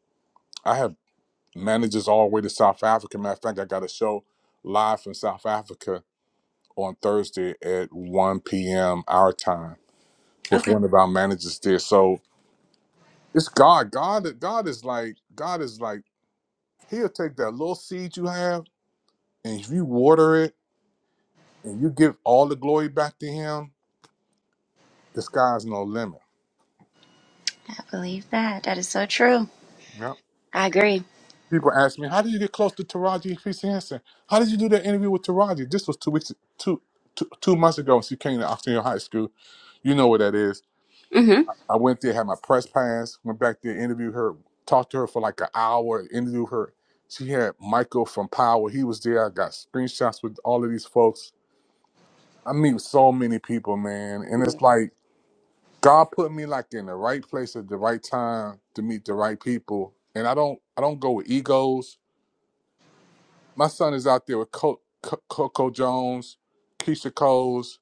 [SPEAKER 6] I have managers all the way to South Africa. Matter of fact, I got a show live from South Africa on Thursday at 1 p.m. our time with
[SPEAKER 3] Okay.
[SPEAKER 6] one of our managers there. So It's God. God. God is like God is like He'll take that little seed you have, and if you water it and you give all the glory back to Him, the sky's no limit.
[SPEAKER 3] I believe that. That is so true.
[SPEAKER 6] Yep.
[SPEAKER 3] I agree.
[SPEAKER 6] People ask me, "How did you get close to Taraji P. C Henson? How did you do that interview with Taraji?" This was two weeks, two, two, two months ago. She came to Oxnard High School. You know where that is.
[SPEAKER 3] hmm
[SPEAKER 6] I went there, had my press pass, went back there, interviewed her, talked to her for like an hour, interviewed her. She had Michael from Power. He was there. I got screenshots with all of these folks I meet so many people, man, and
[SPEAKER 3] yeah
[SPEAKER 6] it's like God put me like in the right place at the right time to meet the right people. And I don't, I don't go with egos. My son is out there with Co- Co- Coco Jones, Keisha Coles.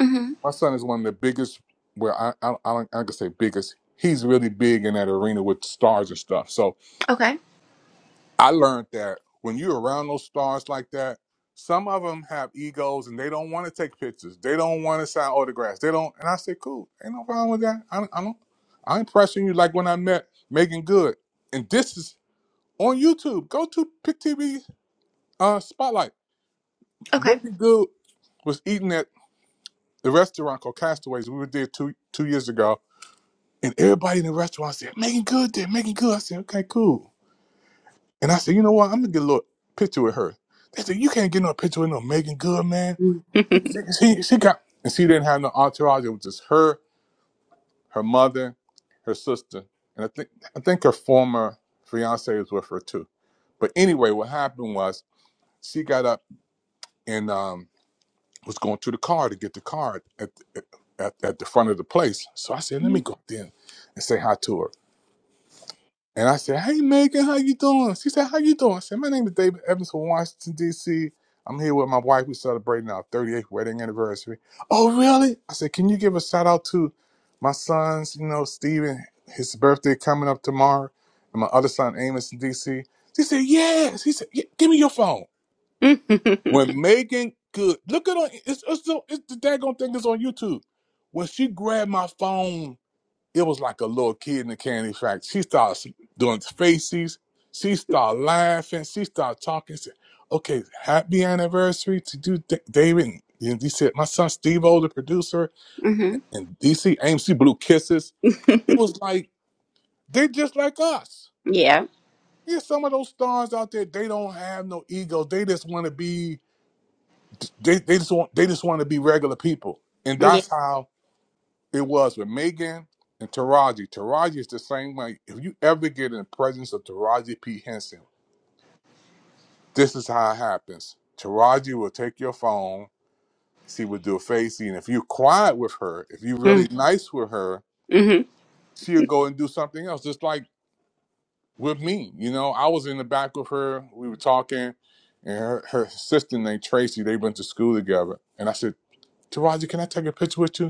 [SPEAKER 3] hmm
[SPEAKER 6] My son is one of the biggest. Well, I, I, I don't, I can say biggest. He's really big in that arena with stars and stuff. So.
[SPEAKER 3] Okay.
[SPEAKER 6] I learned that when you're around those stars like that, some of them have egos and they don't want to take pictures. They don't want to sign autographs. They don't. And I said, cool, ain't no problem with that. I don't. I don't I'm pressing you like when I met Megan Good, and this is on YouTube. Go to Pick TV uh, Spotlight.
[SPEAKER 3] Okay.
[SPEAKER 6] Megan Good was eating at the restaurant called Castaways. We were there two two years ago, and everybody in the restaurant said, "Megan Good did Megan Good." I said, "Okay, cool." And I said, you know what? I'm gonna get a little picture with her. They said, you can't get no picture with no Megan Good, man.
[SPEAKER 3] Mhm.
[SPEAKER 6] She, she she got, and she didn't have no entourage. It was just her, her mother, her sister, and I think I think her former fiance was with her too. But anyway, what happened was she got up and um, was going to the car to get the card at, at at the front of the place. So I said, let me go up there and say hi to her. And I said, "Hey Megan, how you doing?" She said, "How you doing?" I said, "My name is David Evans from Washington D.C. I'm here with my wife. We're celebrating our 38th wedding anniversary." Oh, really? I said, "Can you give a shout out to my sons? You know, Steven, his birthday coming up tomorrow, and my other son Amos in D.C." She said, "Yes." He said, yeah, "Give me your phone." When Megan good, look at on it's, it's, it's the daggone thing is on YouTube. When she grabbed my phone it was like a little kid in the candy factory. She started doing faces. She started laughing. She started talking. She Said, okay, happy anniversary to you, Da- David. And he said, my son Steve O, the producer,
[SPEAKER 3] mm-hmm.
[SPEAKER 6] and DC AMC Blue Kisses. It was like, they just like us.
[SPEAKER 3] Yeah.
[SPEAKER 6] There's some of those stars out there, they don't have no ego. They just want to be, they, they just want, they just want to be regular people. And
[SPEAKER 3] Yeah.
[SPEAKER 6] that's how It was with Megan and Taraji. Taraji is the same way. If you ever get in the presence of Taraji P. Henson, this is how it happens. Taraji will take your phone. She will do a facey. And if you're quiet with her, if you're really nice with her,
[SPEAKER 3] Mm-hmm.
[SPEAKER 6] she'll go and do something else. Just like with me. You know, I was in the back with her. We were talking. And her, her sister named Tracy, they went to school together. And I said, Taraji, can I take a picture with you?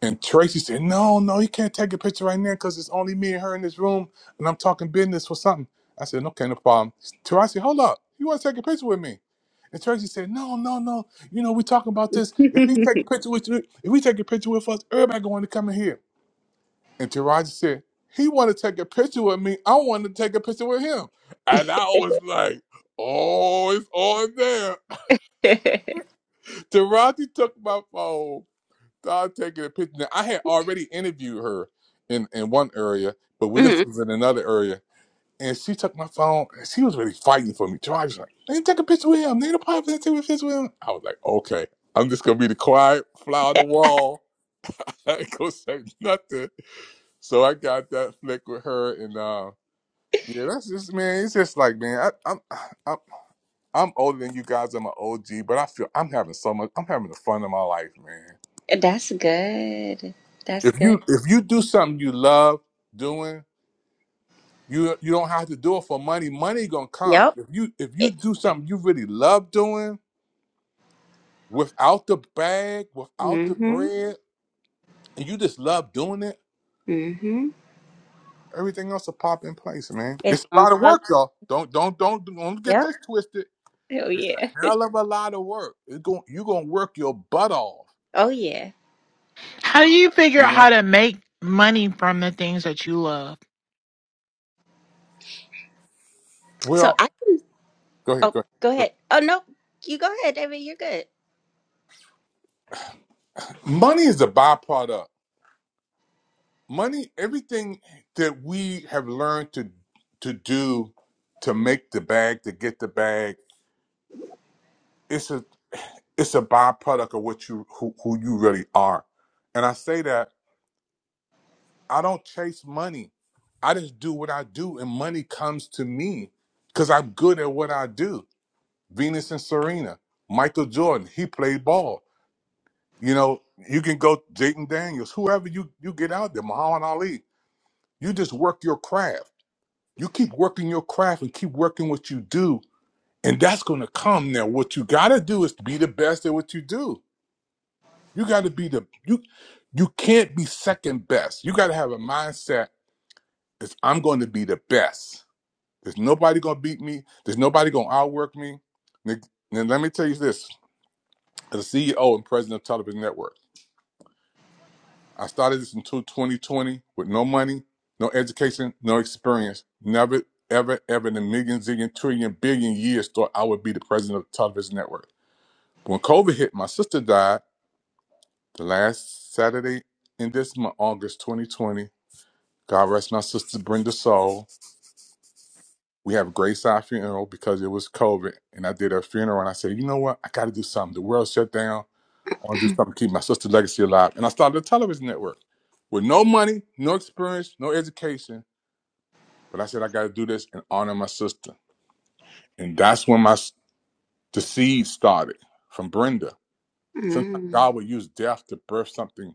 [SPEAKER 6] And Tracy said, No, no, you can't take a picture right now because it's only me and her in this room and I'm talking business for something. I said, Okay, no problem. Tracy, said, hold up. You want to take a picture with me? And Tracy said, No, no, no. You know, we talking about this. If we take a picture with you, if we take a picture with us, everybody going to come in here. And Taraji said, He want to take a picture with me. I want to take a picture with him. And I was like, Oh, it's on there. Taraji took my phone stop taking a picture. Now, I had already interviewed her in, in one area, but with
[SPEAKER 3] hmm
[SPEAKER 6] this was in another area. And she took my phone and she was really fighting for me. So I was like, "Nigga, take a picture with him. Nigga, the pop and take a picture with him. I was like, okay, I'm just going to be the quiet fly on the wall. I ain't going to say nothing. So I got that flick with her. And uh, yeah, that's just, man, it's just like, man, I, I'm, I'm, I'm older than you guys. I'm an OG, but I feel I'm having so much, I'm having the fun of my life, man.
[SPEAKER 3] That's good. That's
[SPEAKER 6] If you
[SPEAKER 3] good.
[SPEAKER 6] if you do something you love doing, you you don't have to do it for money. Money gonna come.
[SPEAKER 3] Yep.
[SPEAKER 6] If you if you do
[SPEAKER 3] Exactly.
[SPEAKER 6] something you really love doing without the bag, without the
[SPEAKER 3] Mm-hmm.
[SPEAKER 6] bread, and you just love doing it,
[SPEAKER 3] Mm-hmm.
[SPEAKER 6] everything else will pop in place, man.
[SPEAKER 3] It's
[SPEAKER 6] It's a
[SPEAKER 3] gonna
[SPEAKER 6] lot of
[SPEAKER 3] fall.
[SPEAKER 6] work, y'all. Don't don't don't don't get
[SPEAKER 3] Yep.
[SPEAKER 6] this twisted.
[SPEAKER 3] Oh
[SPEAKER 6] It's
[SPEAKER 3] yeah.
[SPEAKER 6] a hell of a lot of work. It's going you gonna work your butt off,
[SPEAKER 3] Oh yeah.
[SPEAKER 7] How do you figure
[SPEAKER 6] you
[SPEAKER 7] out how
[SPEAKER 6] know?
[SPEAKER 7] to make money from the things that you love?
[SPEAKER 3] So
[SPEAKER 6] Well
[SPEAKER 3] I
[SPEAKER 6] go ahead,
[SPEAKER 3] oh
[SPEAKER 6] go
[SPEAKER 3] go
[SPEAKER 6] ahead.
[SPEAKER 3] ahead. Oh no. You go ahead, David, you're good.
[SPEAKER 6] Money is a byproduct. money everything that we have learned to to do to make the bag to get the bag it's a it's a byproduct of what you who, who you really are and i say that i don't chase money i just do what i do and money comes to me because i'm good at what i do venus and serena michael jordan he played ball you know you can go Jaden daniels whoever you you get out there muhammad ali you just work your craft You keep working your craft and keep working what you do, and that's going to come. Now, what you got to do is be the best at what you do. You got to be the you. You can't be second best. You got to have a mindset: is I'm going to be the best. There's nobody going to beat me. There's nobody going to outwork me. Now, let me tell you this: as a CEO and president of Television Network. I started this in 2020 with no money, no education, no experience. Never, ever, ever in a million, zillion, trillion, billion years thought I would be the president of the television network. When COVID hit, my sister died the last Saturday in this month, August 2020. God rest my sister Brenda's soul. We have Grace Eye funeral because it was COVID. And I did her funeral and I said, you know what? I got to do something. The world shut down. I want to do something to keep my sister's legacy alive. And I started a television network with no money, no experience, no education But I said, I got to do this and honor my sister. And that's when my s- the seed started from Brenda. Sometimes
[SPEAKER 3] Mm.
[SPEAKER 6] God will use death to birth something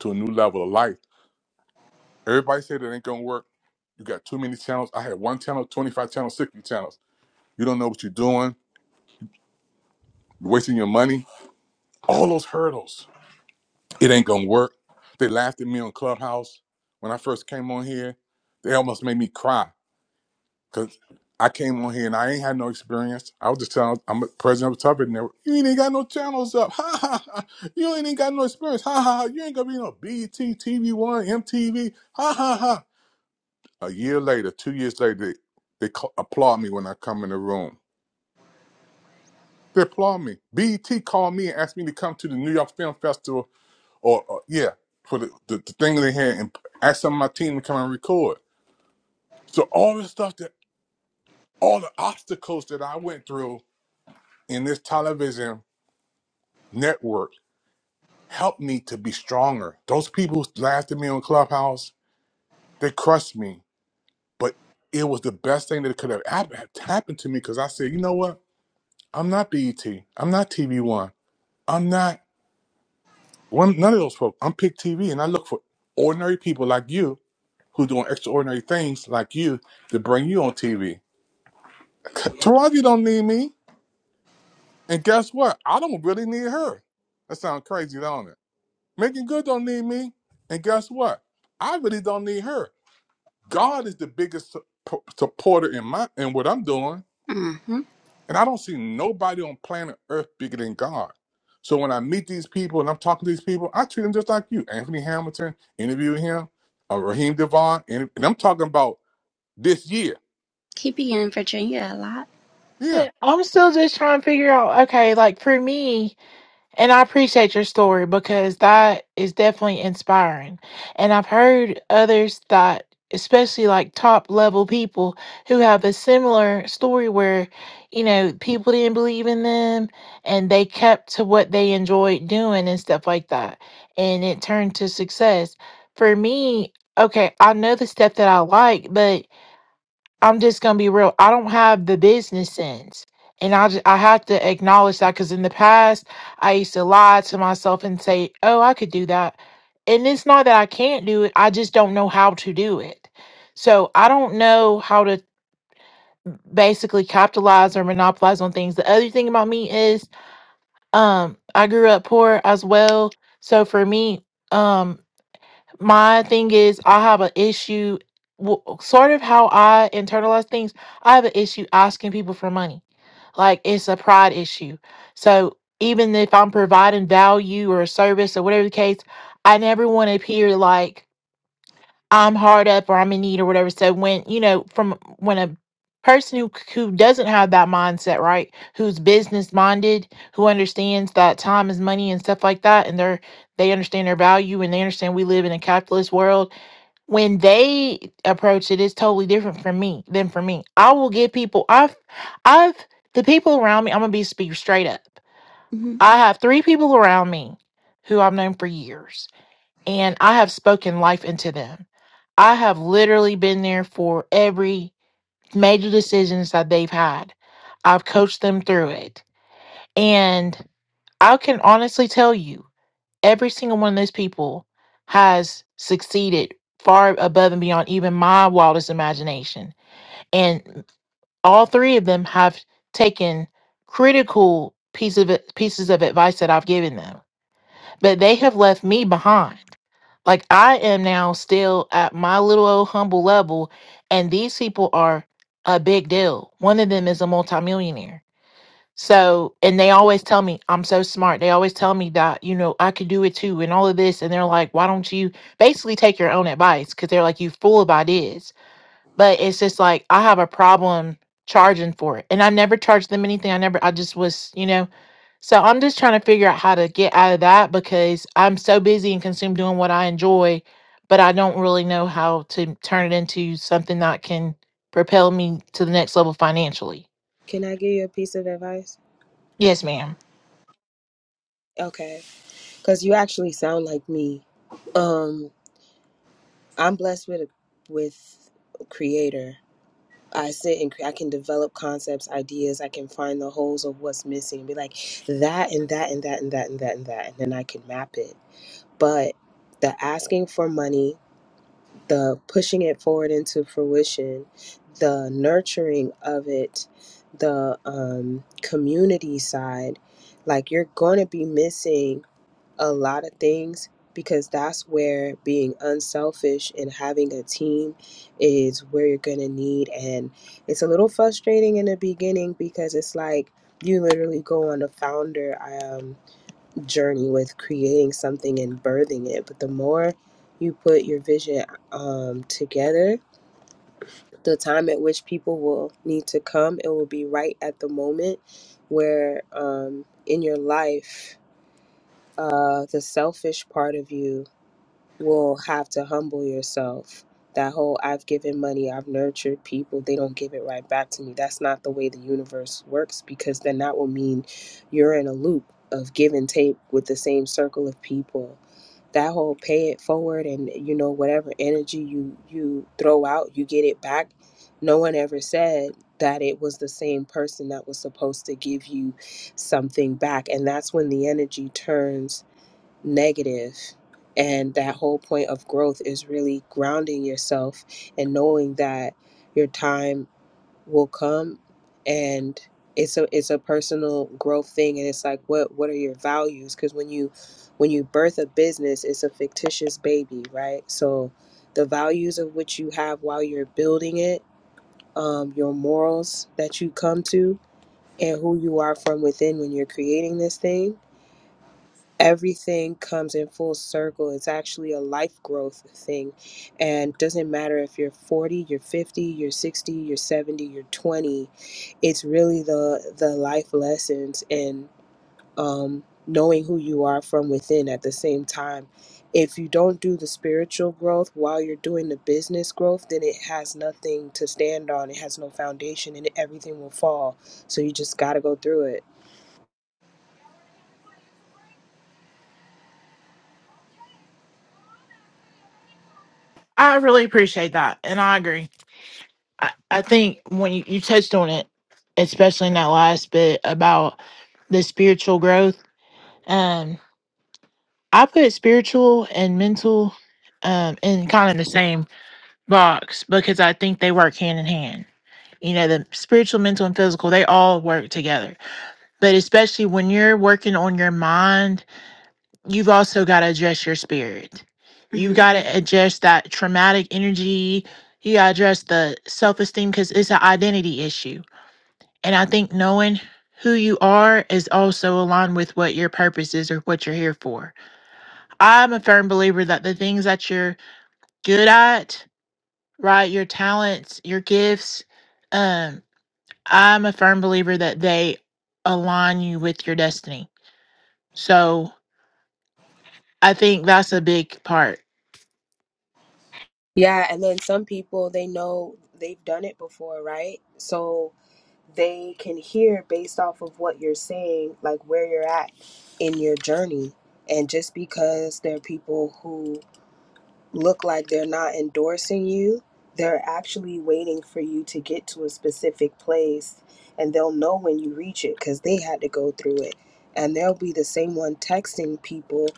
[SPEAKER 6] to a new level of life. Everybody said it ain't going to work. You got too many channels. I had one channel, 25 channels, 60 channels. You don't know what you're doing. You're wasting your money. All those hurdles. It ain't going to work. They laughed at me on Clubhouse when I first came on here. They almost made me cry. Cause I came on here and I ain't had no experience. I was just telling I'm the president of Tubbard and they were, you ain't even got no channels up. Ha ha ha. You ain't even got no experience. Ha ha ha. You ain't gonna be no BET, TV One, MTV. Ha ha ha. A year later, two years later, they, they call, applaud me when I come in the room. They applaud me. BET called me and asked me to come to the New York Film Festival or, or yeah, for the, the, the thing they had and asked some of my team to come and record. So all the stuff that all the obstacles that I went through in this television network helped me to be stronger. Those people who laughed at me on Clubhouse, they crushed me. But it was the best thing that could have hap- happened to me because I said, you know what? I'm not BET. I'm not TV One. I'm not one, none of those folks. I'm Pick TV and I look for ordinary people like you who doing extraordinary things like you to bring you on TV. Taraji don't need me. And guess what? I don't really need her. That sounds crazy, don't it? Making good don't need me. And guess what? I really don't need her. God is the biggest su- po- supporter in my in what I'm doing.
[SPEAKER 3] Mm-hmm.
[SPEAKER 6] And I don't see nobody on planet Earth bigger than God. So when I meet these people and I'm talking to these people, I treat them just like you. Anthony Hamilton, interview him, uh, Raheem Devon, and, and I'm talking about this year.
[SPEAKER 3] He be in Virginia a lot.
[SPEAKER 6] Yeah.
[SPEAKER 7] I'm still just trying to figure out, okay, like for me, And I appreciate your story because that is definitely inspiring. And I've heard others that, especially like top level people who have a similar story where, you know, people didn't believe in them and they kept to what they enjoyed doing and stuff like that. And it turned to success. For me, okay, I know the stuff that I like, but I'm just gonna be real. I don't have the business sense, and I ju- I have to acknowledge that because in the past I used to lie to myself and say, "Oh, I could do that," and it's not that I can't do it. I just don't know how to do it. So I don't know how to basically capitalize or monopolize on things. The other thing about me is, um, I grew up poor as well. So for me, um my thing is i have an issue w- sort of how i internalize things i have an issue asking people for money like it's a pride issue so even if i'm providing value or a service or whatever the case i never want to appear like i'm hard up or i'm in need or whatever so when you know from when a person who who doesn't have that mindset right who's business minded who understands that time is money and stuff like that and they're they understand their value and they understand we live in a capitalist world when they approach it it's totally different for me than for me i will give people i've i've the people around me i'm gonna be speak straight up
[SPEAKER 3] Mm-hmm.
[SPEAKER 7] i have three people around me who i've known for years and i have spoken life into them i have literally been there for every major decisions that they've had i've coached them through it and i can honestly tell you every single one of those people has succeeded far above and beyond even my wildest imagination. And all three of them have taken critical piece of pieces of advice that I've given them, but they have left me behind. Like I am now still at my little old humble level, and these people are a big deal. One of them is a multimillionaire so, and they always tell me I'm so smart. They always tell me that, you know, I could do it too and all of this. And they're like, why don't you basically take your own advice? Because they're like, you fool about this. But it's just like, I have a problem charging for it. And I never charged them anything. I never, I just was, you know, so I'm just trying to figure out how to get out of that because I'm so busy and consumed doing what I enjoy, but I don't really know how to turn it into something that can propel me to the next level financially.
[SPEAKER 8] Can I give you a piece of advice?
[SPEAKER 7] Yes, ma'am.
[SPEAKER 8] Okay, because you actually sound like me. Um, I'm blessed with a with a creator. I sit and cre- I can develop concepts, ideas. I can find the holes of what's missing. Be like that and that and that and that and that and that, and then I can map it. But the asking for money, the pushing it forward into fruition, the nurturing of it, the um, community side, like you're going to be missing a lot of things because that's where being unselfish and having a team is where you're going to need and it's a little frustrating in the beginning because it's like you literally go on a founder um, journey with creating something and birthing it but the more you put your vision um, together the time at which people will need to come it will be right at the moment where um, in your life uh, the selfish part of you will have to humble yourself. That whole I've given money, I've nurtured people, they don't give it right back to me. That's not the way the universe works because then that will mean you're in a loop of give and take with the same circle of people. That whole pay it forward and you know whatever energy you you throw out, you get it back. No one ever said that it was the same person that was supposed to give you something back and that's when the energy turns negative. And that whole point of growth is really grounding yourself and knowing that your time will come and it's a it's a personal growth thing and it's like what what are your values because when you when you birth a business it's a fictitious baby right so the values of which you have while you're building it um, your morals that you come to and who you are from within when you're creating this thing everything comes in full circle. It's actually a life growth thing. And doesn't matter if you're 40, you're 50, you're 60, you're 70, you're 20. It's really the the life lessons and um knowing who you are from within at the same time. If you don't do the spiritual growth while you're doing the business growth, then it has nothing to stand on. It has no foundation and everything will fall. So you just got to go through it.
[SPEAKER 7] I really appreciate that, and I agree. I, I think when you, you touched on it, especially in that last bit about the spiritual growth, um, I put spiritual and mental um, in kind of the same box because I think they work hand in hand. You know, the spiritual, mental, and physical, they all work together. But especially when you're working on your mind you've also got to address your spirit. You
[SPEAKER 3] Mm-hmm.
[SPEAKER 7] got to address that traumatic energy. You got to address the self esteem because it's an identity issue. And I think knowing who you are is also aligned with what your purpose is or what you're here for. I'm a firm believer that the things that you're good at, right, your talents, your gifts, um, I'm a firm believer that they align you with your destiny. So I think that's a big part
[SPEAKER 8] Yeah, and then some people they know they've done it before, right? So they can hear based off of what you're saying, like where you're at in your journey. And just because there are people who look like they're not endorsing you, they're actually waiting for you to get to a specific place and they'll know when you reach it because they had to go through it. And they'll be the same one texting people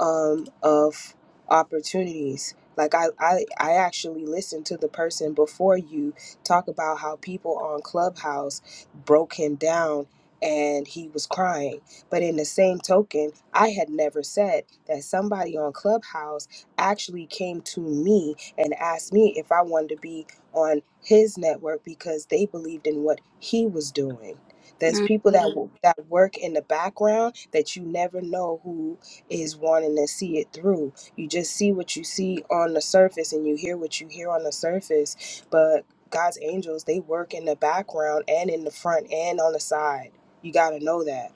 [SPEAKER 8] um, of opportunities. Like I, I, I actually listened to the person before you talk about how people on Clubhouse broke him down and he was crying. But in the same token, I had never said that somebody on Clubhouse actually came to me and asked me if I wanted to be on his network because they believed in what he was doing. There's people that
[SPEAKER 3] Mm-hmm.
[SPEAKER 8] w- that work in the background that you never know who is wanting to see it through. You just see what you see on the surface and you hear what you hear on the surface, but God's angels, they work in the background and in the front and on the side. You got to know that.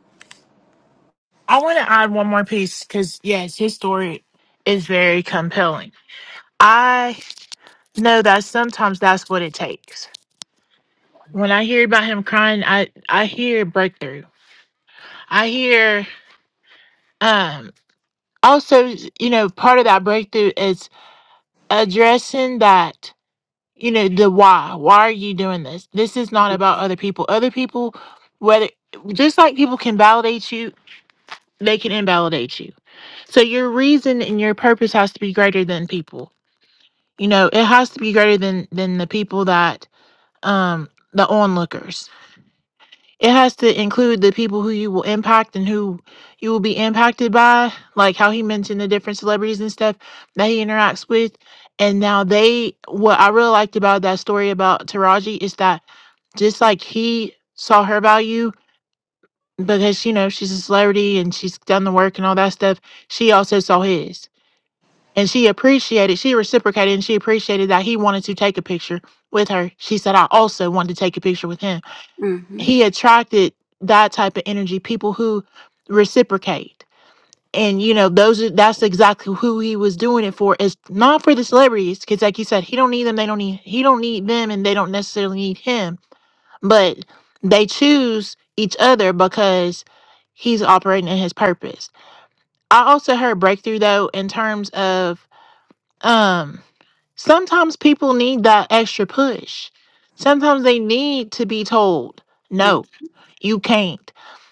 [SPEAKER 7] I want to add one more piece because, yes, his story is very compelling. I know that sometimes that's what it takes. When I hear about him crying, I, I hear breakthrough. I hear, um, also, you know, part of that breakthrough is addressing that, you know, the why. Why are you doing this? This is not about other people. Other people, whether just like people can validate you, they can invalidate you. So your reason and your purpose has to be greater than people you know it has to be greater than than the people that um the onlookers it has to include the people who you will impact and who you will be impacted by like how he mentioned the different celebrities and stuff that he interacts with and now they what i really liked about that story about taraji is that just like he saw her value because you know she's a celebrity and she's done the work and all that stuff she also saw his and she appreciated, she reciprocated, and she appreciated that he wanted to take a picture with her. She said, I also wanted to take a picture with him.
[SPEAKER 3] Mm-hmm.
[SPEAKER 7] He attracted that type of energy, people who reciprocate. And you know, those are that's exactly who he was doing it for. It's not for the celebrities, because like you said, he don't need them, they don't need he don't need them and they don't necessarily need him. But they choose each other because he's operating in his purpose. I also heard breakthrough though in terms of um. Sometimes people need that extra push. Sometimes they need to be told, no, you can't,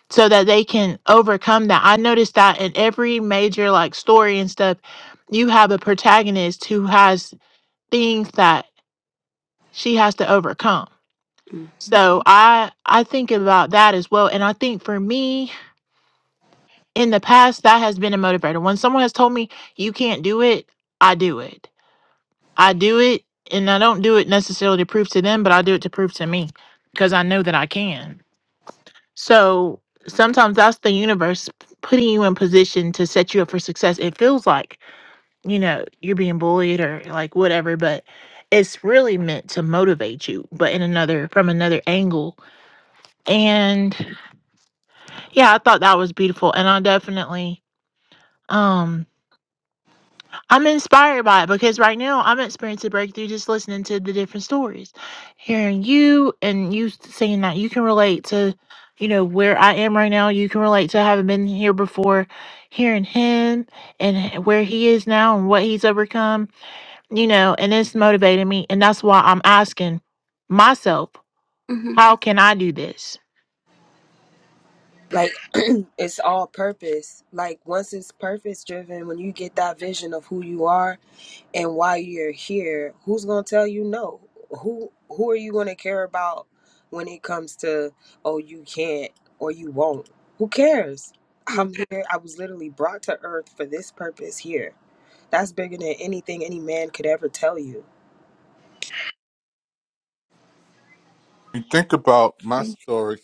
[SPEAKER 7] so that they can overcome that. I noticed that in every major like story and stuff, you have a protagonist who has things that she has to overcome.
[SPEAKER 3] Mm-hmm.
[SPEAKER 7] So I I think about that as well. And I think for me in the past that has been a motivator. When someone has told me you can't do it, I do it I do it and I don't do it necessarily to prove to them, but I do it to prove to me because I know that I can. So sometimes that's the universe p- putting you in position to set you up for success. It feels like, you know, you're being bullied or like whatever, but it's really meant to motivate you, but in another from another angle. And yeah, I thought that was beautiful. And I definitely um I'm inspired by it because right now I'm experiencing breakthrough just listening to the different stories, hearing you and you saying that you can relate to, you know, where I am right now. You can relate to having been here before, hearing him and h- where he is now and what he's overcome, you know, and it's motivating me. And that's why I'm asking myself,
[SPEAKER 3] Mm-hmm.
[SPEAKER 7] how can I do this?
[SPEAKER 8] Like it's all purpose. Like once it's purpose driven, when you get that vision of who you are, and while you're here who's going to tell you no who who are you going to care about when it comes to oh you can't or you won't who cares i'm here i was literally brought to earth for this purpose here that's bigger than anything any man could ever tell you
[SPEAKER 6] You think about my story.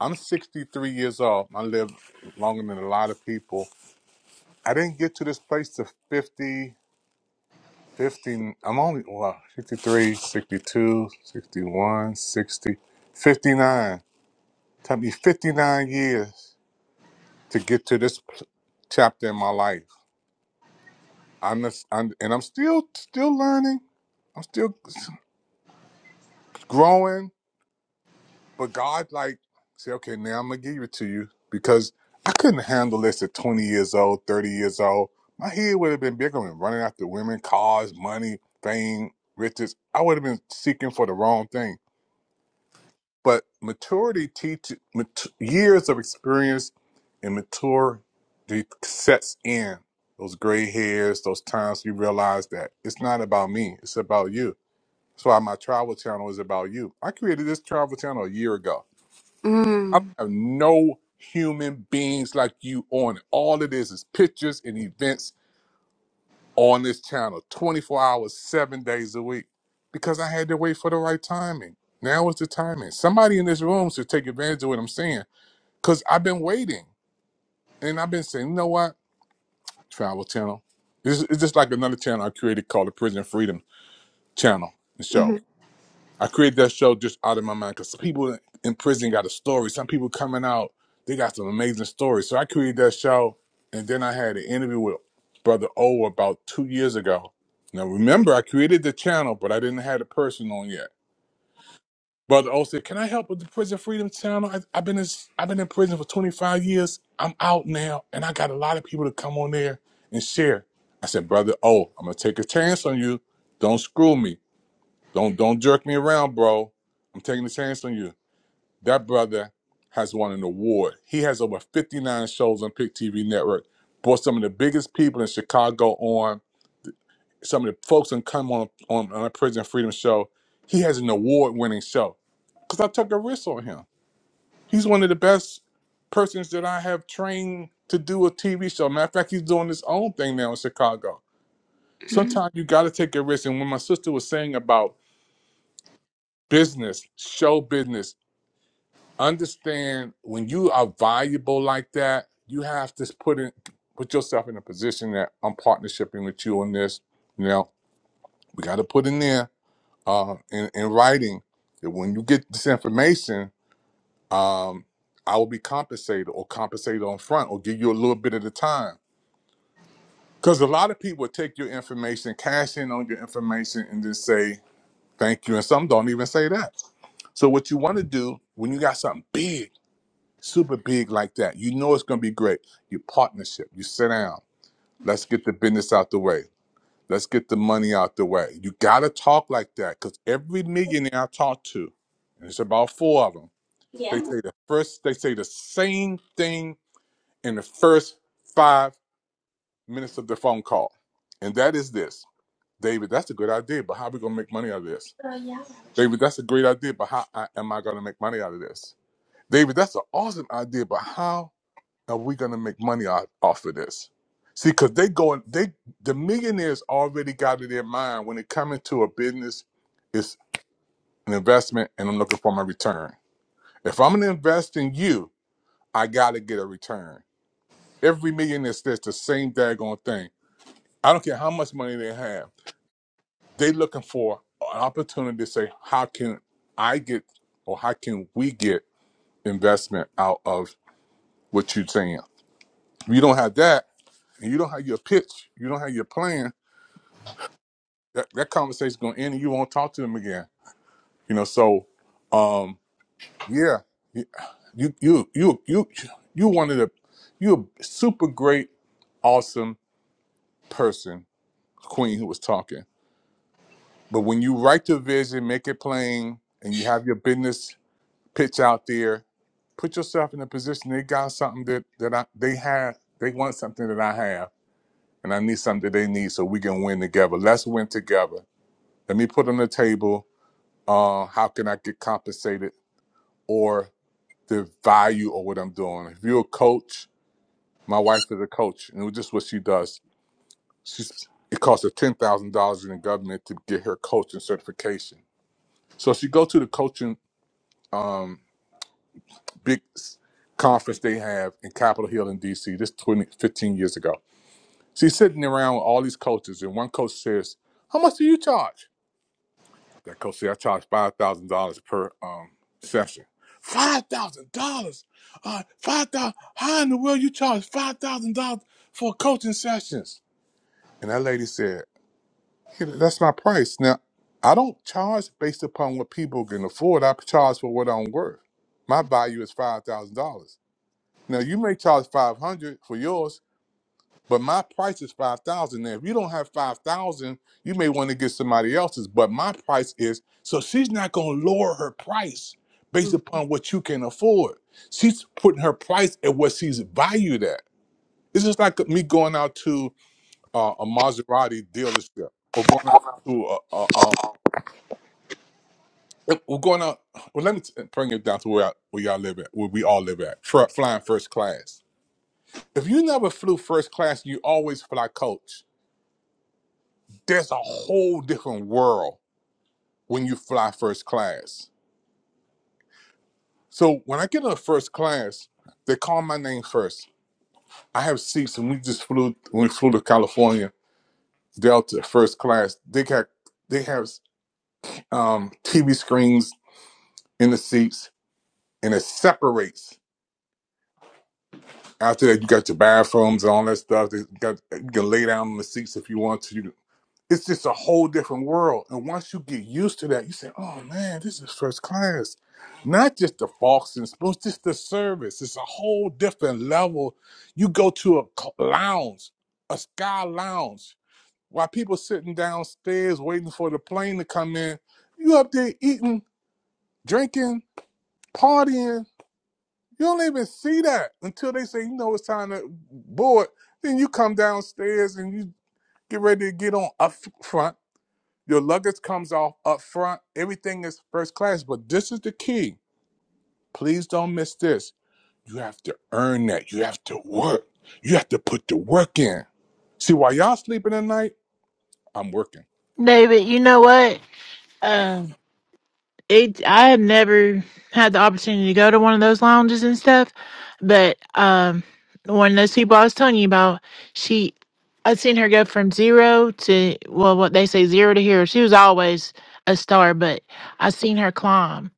[SPEAKER 6] I'm 63 years old. I lived longer than a lot of people. I didn't get to this place to 50. 50, I'm only, wow, 53, 62, 61, 60, 59. Took me 59 years to get to this chapter in my life. I'm, just, I'm and I'm still, still learning. I'm still growing. But God, like, say, okay, now I'm gonna give it to you because I couldn't handle this at 20 years old, 30 years old. My head would have been bigger than running after women, cars, money, fame, riches. I would have been seeking for the wrong things. But maturity teaches mat- years of experience and maturity sets in those gray hairs, those times you realize that it's not about me, it's about you. That's why my travel channel is about you. I created this travel channel a year ago. I don't
[SPEAKER 3] Mm-hmm.
[SPEAKER 6] have no human beings like you on it. All it is is pictures and events on this channel 24 hours, seven days a week because I had to wait for the right timing. Now is the timing. Somebody in this room should take advantage of what I'm saying because I've been waiting and I've been saying, you know what? Travel channel. This is- It's just like another channel I created called the Prison Freedom Channel the Show. I created that show just out of my mind because people in prison got a story. Some people coming out, they got some amazing stories. So I created that show, and then I had an interview with Brother O about two years ago. Now remember, I created the channel, but I didn't have the person on yet. Brother O said, "Can I help with the Prison Freedom Channel? I, I've been in, I've been in prison for 25 years. I'm out now, and I got a lot of people to come on there and share." I said, "Brother O, I'm gonna take a chance on you. Don't screw me." Don't don't jerk me around, bro. I'm taking a chance on you. That brother has won an award. He has over 59 shows on Pick TV Network. Brought some of the biggest people in Chicago on. Some of the folks that come on on, on a Prison Freedom show. He has an award-winning show. Cause I took a risk on him. He's one of the best persons that I have trained to do a TV show. Matter of fact, he's doing his own thing now in Chicago.
[SPEAKER 3] Mhm.
[SPEAKER 6] Sometimes you got to take a risk. And when my sister was saying about business, show business, understand when you are valuable like that, you have to put in put yourself in a position that I'm partnershiping with you on this. You know, we got to put in there uh, in in writing that when you get this information, um, I will be compensated or compensated on front or give you a little bit at a time. Because a lot of people take your information, cash in on your information, and then say thank you, and some don't even say that. So what you want to do when you got something big super big like that. You know it's going to be great. Your partnership, you sit down. Let's get the business out the way. Let's get the money out the way. You got to talk like that because every millionaire I talk to, and it's about four of them, they say the first, they say the same thing in the first five minutes of the phone call. And that is this David, that's a good idea, but how are we going to make money out of this? David, that's a great idea, but how I- am I going to make money out of this? David, that's an awesome idea, but how? are we going to make money off, off of this? See, because they go and they the millionaires already got in their mind when it come into a business, it's an investment, and I'm looking for my return. If I'm going to invest in you, I got to get a return. Every millionaire says the same daggone thing. I don't care how much money they have. They looking for an opportunity to say, how can I get or how can we get investment out of what you're saying? If you don't have that, and you don't have your pitch, you don't have your plan, that, that conversation's gonna end and you won't talk to them again. You know, so um yeah. You you you you you you one of the you a super great, awesome person, Queen who was talking. But when you write the vision, make it plain, and you have your business pitch out there, put yourself in a position they got something that, that I they have they want something that I have. And I need something that they need so we can win together. Let's win together. Let me put on the table uh, how can I get compensated or the value of what I'm doing. If you're a coach, my wife is a coach, and it's just what she does. She's, it costs her ten thousand dollars in the government to get her coaching certification. So she go to the coaching um, big s- conference they have in Capitol Hill in D.C. This 20 15 years ago. She's sitting around with all these coaches, and one coach says, "How much do you charge?" That coach said I charge five thousand dollars per um session. Five thousand dollars? Uh five thousand how in the world you charge five thousand dollars for coaching sessions? And that lady said, yeah, that's my price. Now I don't charge based upon what people can afford. I charge for what I'm worth. My value is five thousand dollars. Now you may charge five hundred for yours, but my price is five thousand. Now, if you don't have five thousand, you may want to get somebody else's. But my price is so she's not going to lower her price based upon what you can afford. She's putting her price at what she's valued at. It's just like me going out to uh, a Maserati dealership or going out to a, a, a if we're going out. Well, let me t- bring it down to where I, where y'all live at, where we all live at, fr- flying first class. If you never flew first class, you always fly coach there's a whole different world when you fly first class. So when I get in the first class, they call my name first. I have seats, and we just flew when we flew to California Delta first class. They got they have um, TV screens in the seats, and it separates. After that, you got your bathrooms and all that stuff. They got you can lay down in the seats if you want to. You it's just a whole different world. And once you get used to that, you say, oh man, this is first class. Not just the forks and spoons, just the service. It's a whole different level. You go to a cl- lounge, a sky lounge, while people sitting downstairs waiting for the plane to come in. You up there eating, drinking, partying. You don't even see that until they say, you know, it's time to board. Then you come downstairs and you get ready to get on up front your luggage comes off up front. Everything is first class. But this is the key. Please don't miss this. You have to earn that. You have to work. You have to put the work in. See, while y'all sleeping at night, I'm working.
[SPEAKER 7] David, you know what? it I have never had the opportunity to go to one of those lounges and stuff, but um one of those people I was telling you about, she I've seen her go from zero to well what they say zero to hero. She was always a star, but I seen her climb.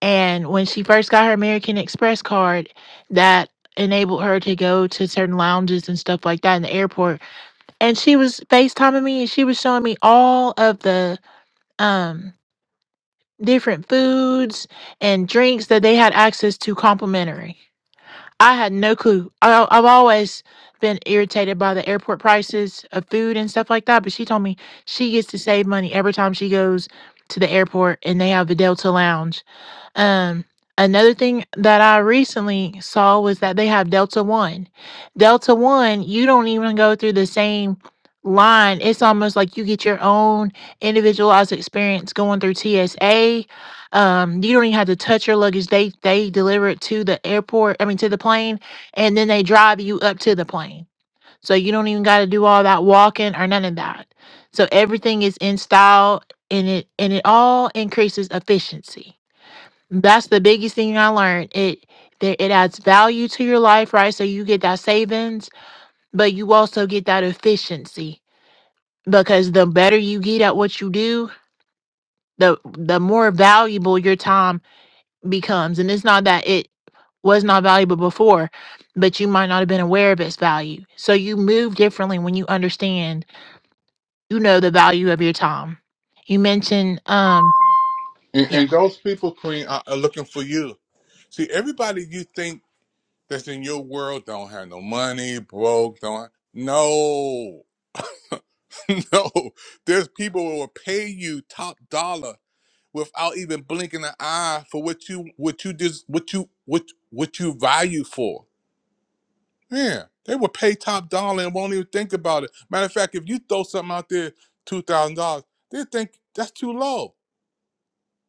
[SPEAKER 7] And when she first got her American Express card, that enabled her to go to certain lounges and stuff like that in the airport. And she was FaceTiming me and she was showing me all of the um different foods and drinks that they had access to complimentary. I had no clue. I, I've always been irritated by the airport prices of food and stuff like that, but she told me she gets to save money every time she goes to the airport and they have the Delta Lounge um, another thing that I recently saw was that they have Delta One. Delta One, you don't even go through the same line. It's almost like you get your own individualized experience going through TSA. Um, you don't even have to touch your luggage. They they deliver it to the airport, I mean to the plane, and then they drive you up to the plane. So you don't even gotta do all that walking or none of that. So everything is in style and it and it all increases efficiency. That's the biggest thing I learned. It that it adds value to your life, right? So you get that savings, but you also get that efficiency because the better you get at what you do, the the more valuable your time becomes. And it's not that it was not valuable before, but you might not have been aware of its value. So you move differently when you understand you know the value of your time. You mentioned um
[SPEAKER 6] And,
[SPEAKER 7] yeah.
[SPEAKER 6] and those people, Queen, are, are looking for you. See, everybody you think that's in your world don't have no money, broke, don't. No, no. There's people who will pay you top dollar without even blinking an eye for what you what you just what you what what you value for. Man, they will pay top dollar and won't even think about it. Matter of fact, if you throw something out there two thousand dollars, they think that's too low.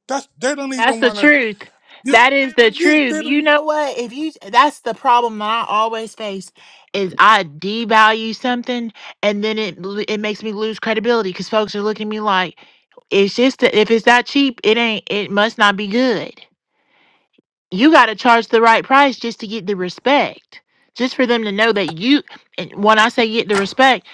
[SPEAKER 6] That's they don't
[SPEAKER 7] That's
[SPEAKER 6] even
[SPEAKER 7] the
[SPEAKER 6] want to.
[SPEAKER 7] truth.
[SPEAKER 6] You
[SPEAKER 7] That is the
[SPEAKER 6] they,
[SPEAKER 7] truth.
[SPEAKER 6] they
[SPEAKER 7] You
[SPEAKER 6] don't.
[SPEAKER 7] know what? If you that's the problem that I always face is I devalue something and then it lo- it makes me lose credibility cuz folks are looking at me like it's just that if it's that cheap, it ain't it must not be good. You got to charge the right price just to get the respect. Just for them to know that you and when I say get the respect,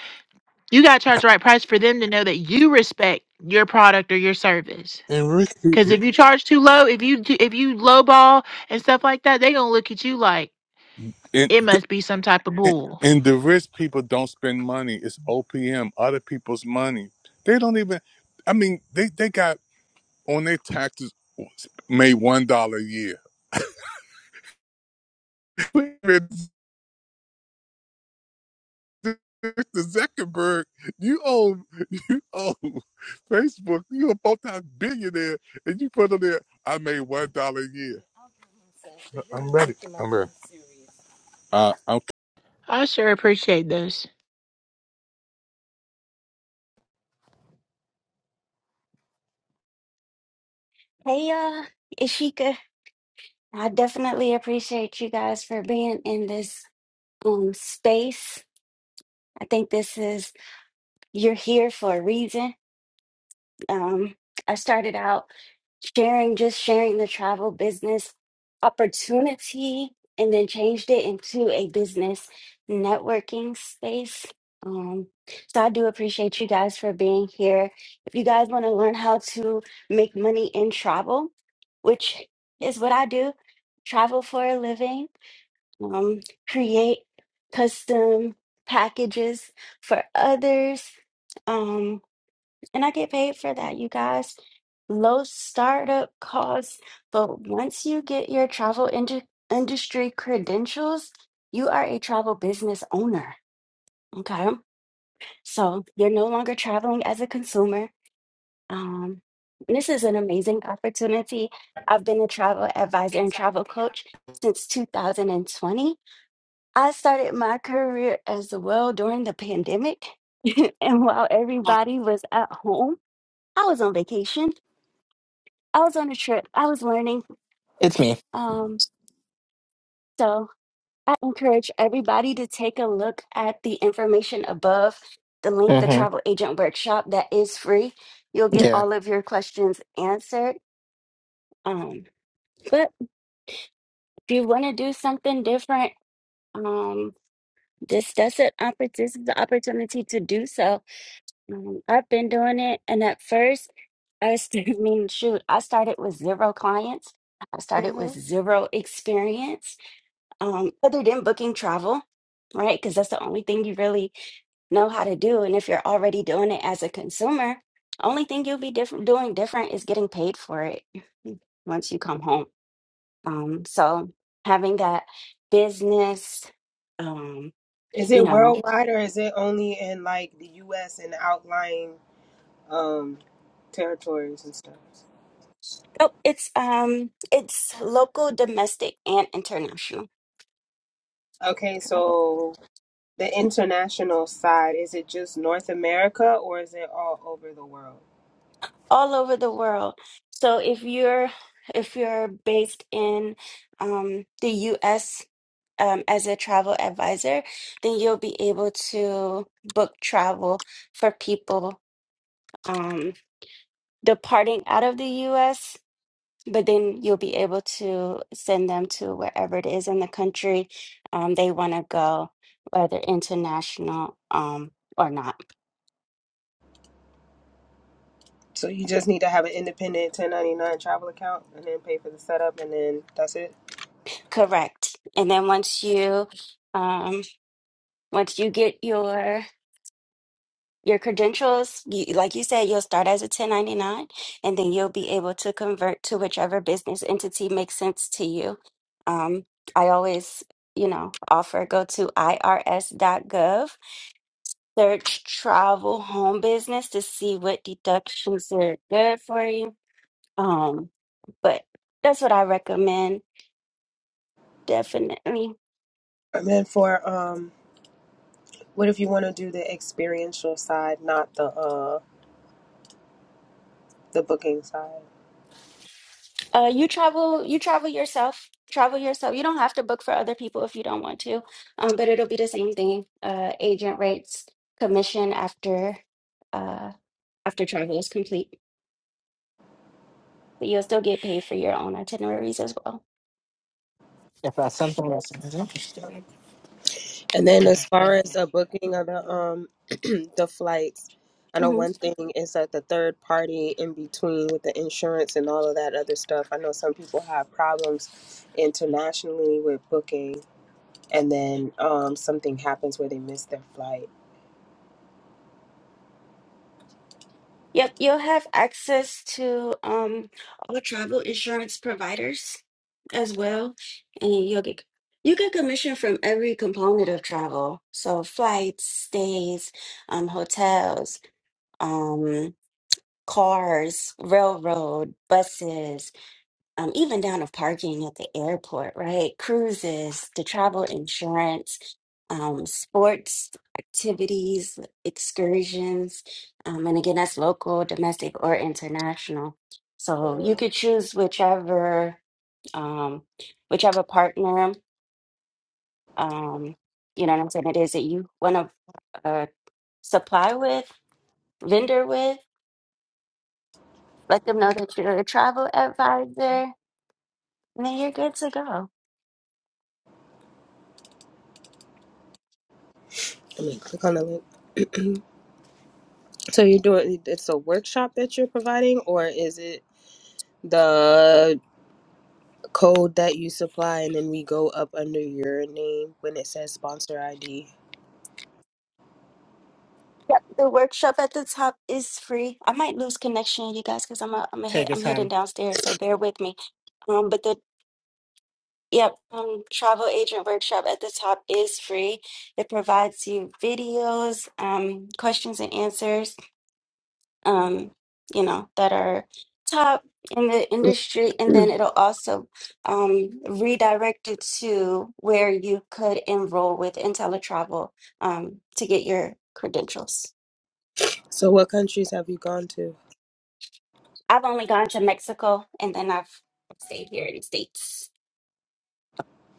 [SPEAKER 7] you got to charge the right price for them to know that you respect your product or your service.
[SPEAKER 6] And rich
[SPEAKER 7] Because
[SPEAKER 6] people
[SPEAKER 7] if you charge too low, if you do, if you lowball and stuff like that, they gonna look at you like
[SPEAKER 6] and,
[SPEAKER 7] it must be some type of
[SPEAKER 6] and
[SPEAKER 7] bull.
[SPEAKER 6] and the rich people don't spend money. It's OPM, other people's money. They don't even. I mean, they they got on their taxes made one dollar a year. Mr. Zuckerberg, you own you own Facebook. You a multi-billionaire, and you put on there, I made one dollar a year. I'm ready. I'm ready. Uh, I'm
[SPEAKER 7] I sure appreciate this.
[SPEAKER 1] Hey, uh, Ishika, I definitely appreciate you guys for being in this um space. I think this is you're here for a reason. Um, I started out sharing, just sharing the travel business opportunity, and then changed it into a business networking space. Um, so I do appreciate you guys for being here. If you guys want to learn how to make money in travel, which is what I do, travel for a living, um, create custom packages for others. Um, and I get paid for that, you guys. Low startup costs, but once you get your travel indu- industry credentials, you are a travel business owner. Okay. So you're no longer traveling as a consumer. Um, this is an amazing opportunity. I've been a travel advisor and travel coach since 2020. I started my career as well during the pandemic. and while everybody was at home, I was on vacation I was on a trip. I was learning.
[SPEAKER 9] It's me.
[SPEAKER 1] Um, so I encourage everybody to take a look at the information above the link, the
[SPEAKER 9] hmm
[SPEAKER 1] travel agent workshop that is free. You'll get
[SPEAKER 9] Yeah.
[SPEAKER 1] all of your questions answered. Um, but if you want to do something different, um, this does it. oppor- This is the opportunity to do so. Um, I've been doing it, and at first, I was, I mean, shoot, I started with zero clients. I started with
[SPEAKER 9] Mm-hmm.
[SPEAKER 1] zero experience um, other than booking travel, right? Because that's the only thing you really know how to do. And if you're already doing it as a consumer, only thing you'll be different doing different is getting paid for it once you come home. Um, so having that business, um,
[SPEAKER 8] Is
[SPEAKER 1] you
[SPEAKER 8] it
[SPEAKER 1] know,
[SPEAKER 8] worldwide or is it only in like the US and outlying um territories and stuff?
[SPEAKER 1] oh, it's um, it's local, domestic, and international.
[SPEAKER 8] Okay, so the international side, is it just North America or is it all over the world?
[SPEAKER 1] all over the world. So if you're if you're based in um, the U.S. Um, as a travel advisor, then you'll be able to book travel for people um, departing out of the U.S. But then you'll be able to send them to wherever it is in the country um, they want to go, whether international um, or not.
[SPEAKER 8] So you just need to have an independent 1099 travel account and then pay for the setup and then that's it.
[SPEAKER 1] Correct. And then once you um, once you get your Your credentials, you, like you said, you'll start as a 1099 and then you'll be able to convert to whichever business entity makes sense to you. Um, I always, you know, offer go to irs. dot gov, search travel home business to see what deductions are good for you. Um, but that's what I recommend, definitely.
[SPEAKER 8] And then for um what if you want to do the experiential side, not the uh the booking side.
[SPEAKER 1] Uh, you travel, you travel yourself. Travel yourself. You don't have to book for other people if you don't want to. Um, but it'll be the same thing. Uh, agent rates commission after uh after travel is complete. But you'll still get paid for your own itineraries as well.
[SPEAKER 9] If I send something else,
[SPEAKER 8] And then as far as the booking of the um the flights, I know
[SPEAKER 1] hmm
[SPEAKER 8] one thing is that the third party in between with the insurance and all of that other stuff. I know some people have problems internationally with booking and then um something happens where they miss their flight.
[SPEAKER 1] Yep, you'll have access to um all travel insurance providers as well, and you'll get you get commission from every component of travel. So flights, stays, um, hotels, um cars, railroad, buses, um, even down to parking at the airport, right? Cruises, the travel insurance, um, sports activities, excursions. Um, and again, that's local, domestic, or international. So you could choose whichever um, whichever partner um, you know what I'm saying it is that you want to uh, supply with, vendor with, let them know that you're a travel advisor No, you're good to go.
[SPEAKER 8] I mean, click on the link. So you're doing it's a workshop that you're providing, or is it the code that you supply and then we go up under your name when it says sponsor ID?
[SPEAKER 1] Yep, the workshop at the top is free. I might lose connection, you guys, because I'm a, I'm a
[SPEAKER 9] take
[SPEAKER 1] hit,
[SPEAKER 9] your
[SPEAKER 1] I'm heading
[SPEAKER 9] time.
[SPEAKER 1] downstairs, so bear with me. Um, but the yep, um, travel agent workshop at the top is free. It provides you videos, um, questions and answers, um, you know, that are top in the industry, and then it'll also um, redirect you to where you could enroll with IntelliTravel um, to get your credentials.
[SPEAKER 8] So what countries have you gone to?
[SPEAKER 1] I've only gone to Mexico and then I've stayed here in the States.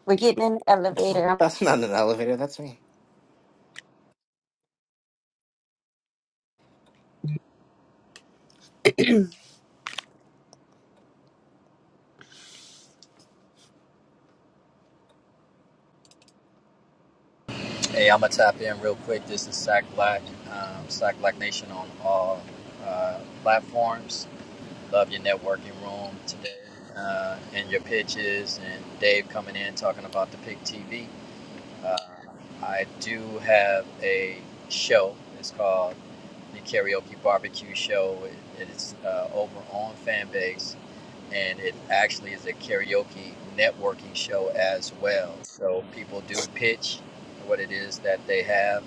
[SPEAKER 1] We're getting in the elevator.
[SPEAKER 9] That's not an elevator. That's me.
[SPEAKER 10] Hey, I'm gonna tap in real quick. This is Sack Black, um, Sack Black Nation on all uh, platforms. Love your networking room today uh, and your pitches, and Dave coming in talking about the Pick TV. Uh, I do have a show. It's called the Karaoke Barbecue Show. It, it is uh, over on Fanbase, and it actually is a karaoke networking show as well. So people do pitch what it is that they have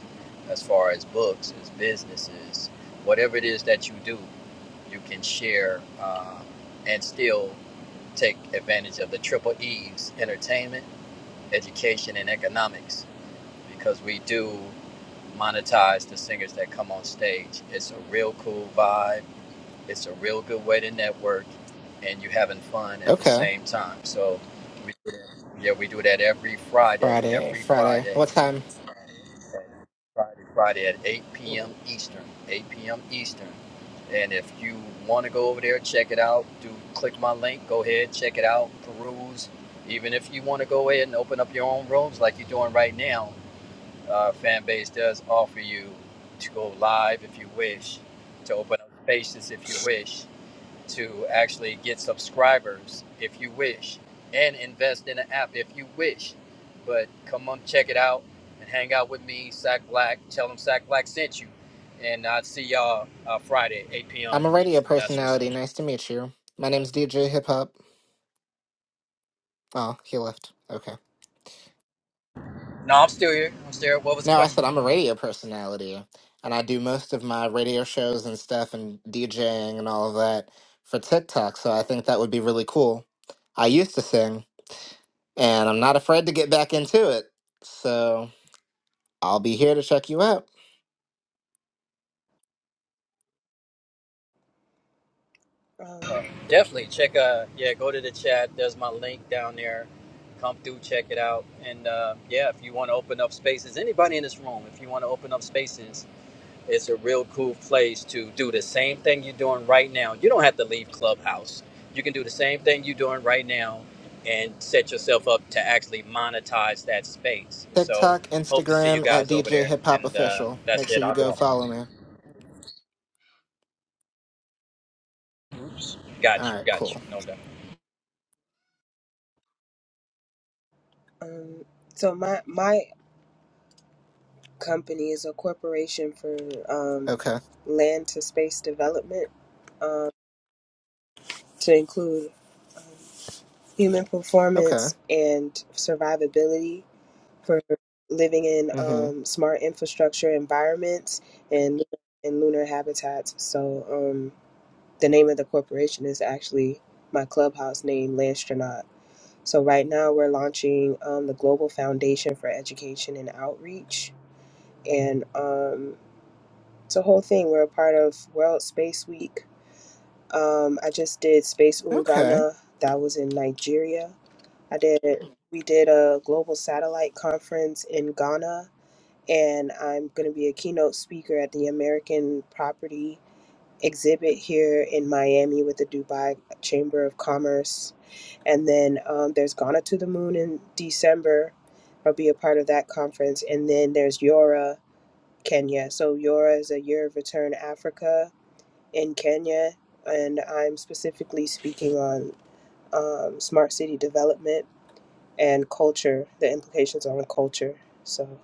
[SPEAKER 10] as far as books, as businesses, whatever it is that you do, you can share um, and still take advantage of the triple E's entertainment, education, and economics because we do monetize the singers that come on stage. It's a real cool vibe. It's a real good way to network, and you're having fun at the
[SPEAKER 9] Okay.
[SPEAKER 10] same time. So, we do that. yeah, we do that every Friday.
[SPEAKER 9] Friday.
[SPEAKER 10] Every
[SPEAKER 9] Friday.
[SPEAKER 10] Friday,
[SPEAKER 9] What time?
[SPEAKER 10] Friday, Friday at 8 p.m. Eastern. 8 p.m. Eastern. And if you want to go over there, check it out. Do click my link. Go ahead, check it out, peruse. Even if you want to go ahead and open up your own rooms like you're doing right now, uh, fan base does offer you to go live if you wish, to open up spaces if you wish, to actually get subscribers if you wish, and invest in an app if you wish. But come on, check it out and hang out with me, Sack Black. Tell them Sack Black sent you. And I'll see y'all uh, Friday, 8 p.m.
[SPEAKER 9] I'm a radio
[SPEAKER 10] Eastern. That's what's up.
[SPEAKER 9] personality. Nice to meet you. My name's DJ Hip Hop. Oh, he left. Okay.
[SPEAKER 10] No, I'm still here. I'm still here. What was the
[SPEAKER 9] No, I
[SPEAKER 10] question?
[SPEAKER 9] said I'm a radio personality, and I do most of my radio shows and stuff and DJing and all of that for TikTok. So I think that would be really cool. I used to sing, and I'm not afraid to get back into it. So. I'll be here to check you out.
[SPEAKER 8] Um,
[SPEAKER 10] Definitely check. Uh, yeah, go to the chat. There's my link down there. Come through, check it out. And uh, yeah, if you want to open up spaces, anybody in this room, if you want to open up spaces, it's a real cool place to do the same thing you're doing right now. You don't have to leave Clubhouse. You can do the same thing you're doing right now and set yourself up to actually monetize that space. So
[SPEAKER 9] TikTok,
[SPEAKER 10] hope to see you
[SPEAKER 9] Instagram at
[SPEAKER 10] guys over
[SPEAKER 9] DJ
[SPEAKER 10] there.
[SPEAKER 9] Hip Hop
[SPEAKER 10] And uh,
[SPEAKER 9] Official. Make
[SPEAKER 10] that's
[SPEAKER 9] sure
[SPEAKER 10] it.
[SPEAKER 9] you
[SPEAKER 10] I'll go
[SPEAKER 9] go
[SPEAKER 10] off
[SPEAKER 9] follow
[SPEAKER 10] my.
[SPEAKER 9] me.
[SPEAKER 10] Oops. Got
[SPEAKER 9] All
[SPEAKER 10] you.
[SPEAKER 9] right,
[SPEAKER 10] Got you.
[SPEAKER 9] cool.
[SPEAKER 10] No doubt.
[SPEAKER 8] um, so my my company is a corporation for um,
[SPEAKER 9] Okay.
[SPEAKER 8] land to space development um, to include human
[SPEAKER 9] Okay.
[SPEAKER 8] performance and survivability for living in
[SPEAKER 9] Mm-hmm.
[SPEAKER 8] um, smart infrastructure environments and and lunar habitats. So um, the name of the corporation is actually my clubhouse name, Landstronaut. So right now we're launching um, the Global Foundation for Education and Outreach, and um, it's a whole thing. We're a part of World Space Week. Um, I just did Space
[SPEAKER 9] Okay.
[SPEAKER 8] Ungana. That was in Nigeria. I did. We did a global satellite conference in Ghana and I'm going to be a keynote speaker at the American Property exhibit here in Miami with the Dubai Chamber of Commerce. And then um, there's Ghana to the Moon in December. I'll be a part of that conference. And then there's Yora, Kenya. So Yora is a year of return Africa in Kenya. And I'm specifically speaking on um, smart city development and culture, the implications on culture. So,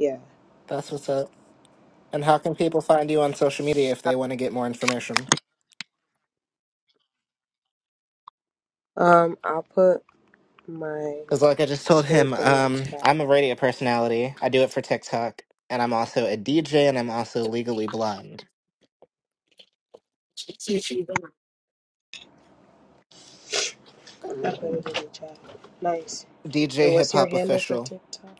[SPEAKER 8] yeah.
[SPEAKER 9] That's what's up. And how can people find you on social media if they want to get more information?
[SPEAKER 8] Um, I'll put my
[SPEAKER 9] Because, like I just told
[SPEAKER 8] link
[SPEAKER 9] him,
[SPEAKER 8] in the
[SPEAKER 9] um,
[SPEAKER 8] chat.
[SPEAKER 9] I'm a radio personality. I do it for TikTok, and I'm also a DJ, and I'm also legally blind.
[SPEAKER 8] I put it in the chat. Nice. And
[SPEAKER 9] DJ Hip
[SPEAKER 8] what's your
[SPEAKER 9] Hop
[SPEAKER 8] handle for
[SPEAKER 9] Official.
[SPEAKER 8] TikTok?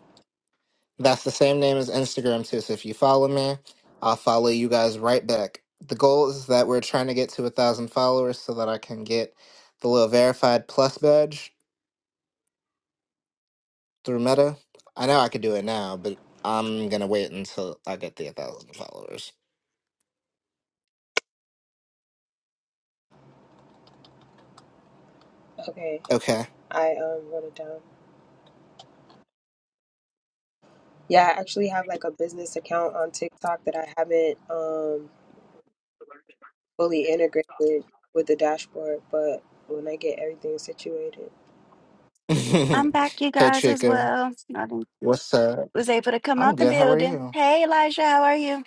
[SPEAKER 9] That's the same name as Instagram, too. So if you follow me, I'll follow you guys right back. The goal is that we're trying to get to a thousand followers so that I can get the little verified plus badge through Meta. I know I could do it now, but I'm gonna wait until I get the a thousand followers.
[SPEAKER 8] Okay,
[SPEAKER 9] Okay.
[SPEAKER 8] I um wrote it down. Yeah, I actually have like a business account on TikTok that I haven't um fully integrated with the dashboard, but when I get everything situated.
[SPEAKER 1] I'm back, you
[SPEAKER 9] hey,
[SPEAKER 1] guys, as
[SPEAKER 9] Chica.
[SPEAKER 1] well. I didn't-
[SPEAKER 9] What's up?
[SPEAKER 1] was able to come
[SPEAKER 9] I'm
[SPEAKER 1] out the
[SPEAKER 9] good. How are
[SPEAKER 1] building.
[SPEAKER 9] you?
[SPEAKER 1] Hey, Elijah, how are you?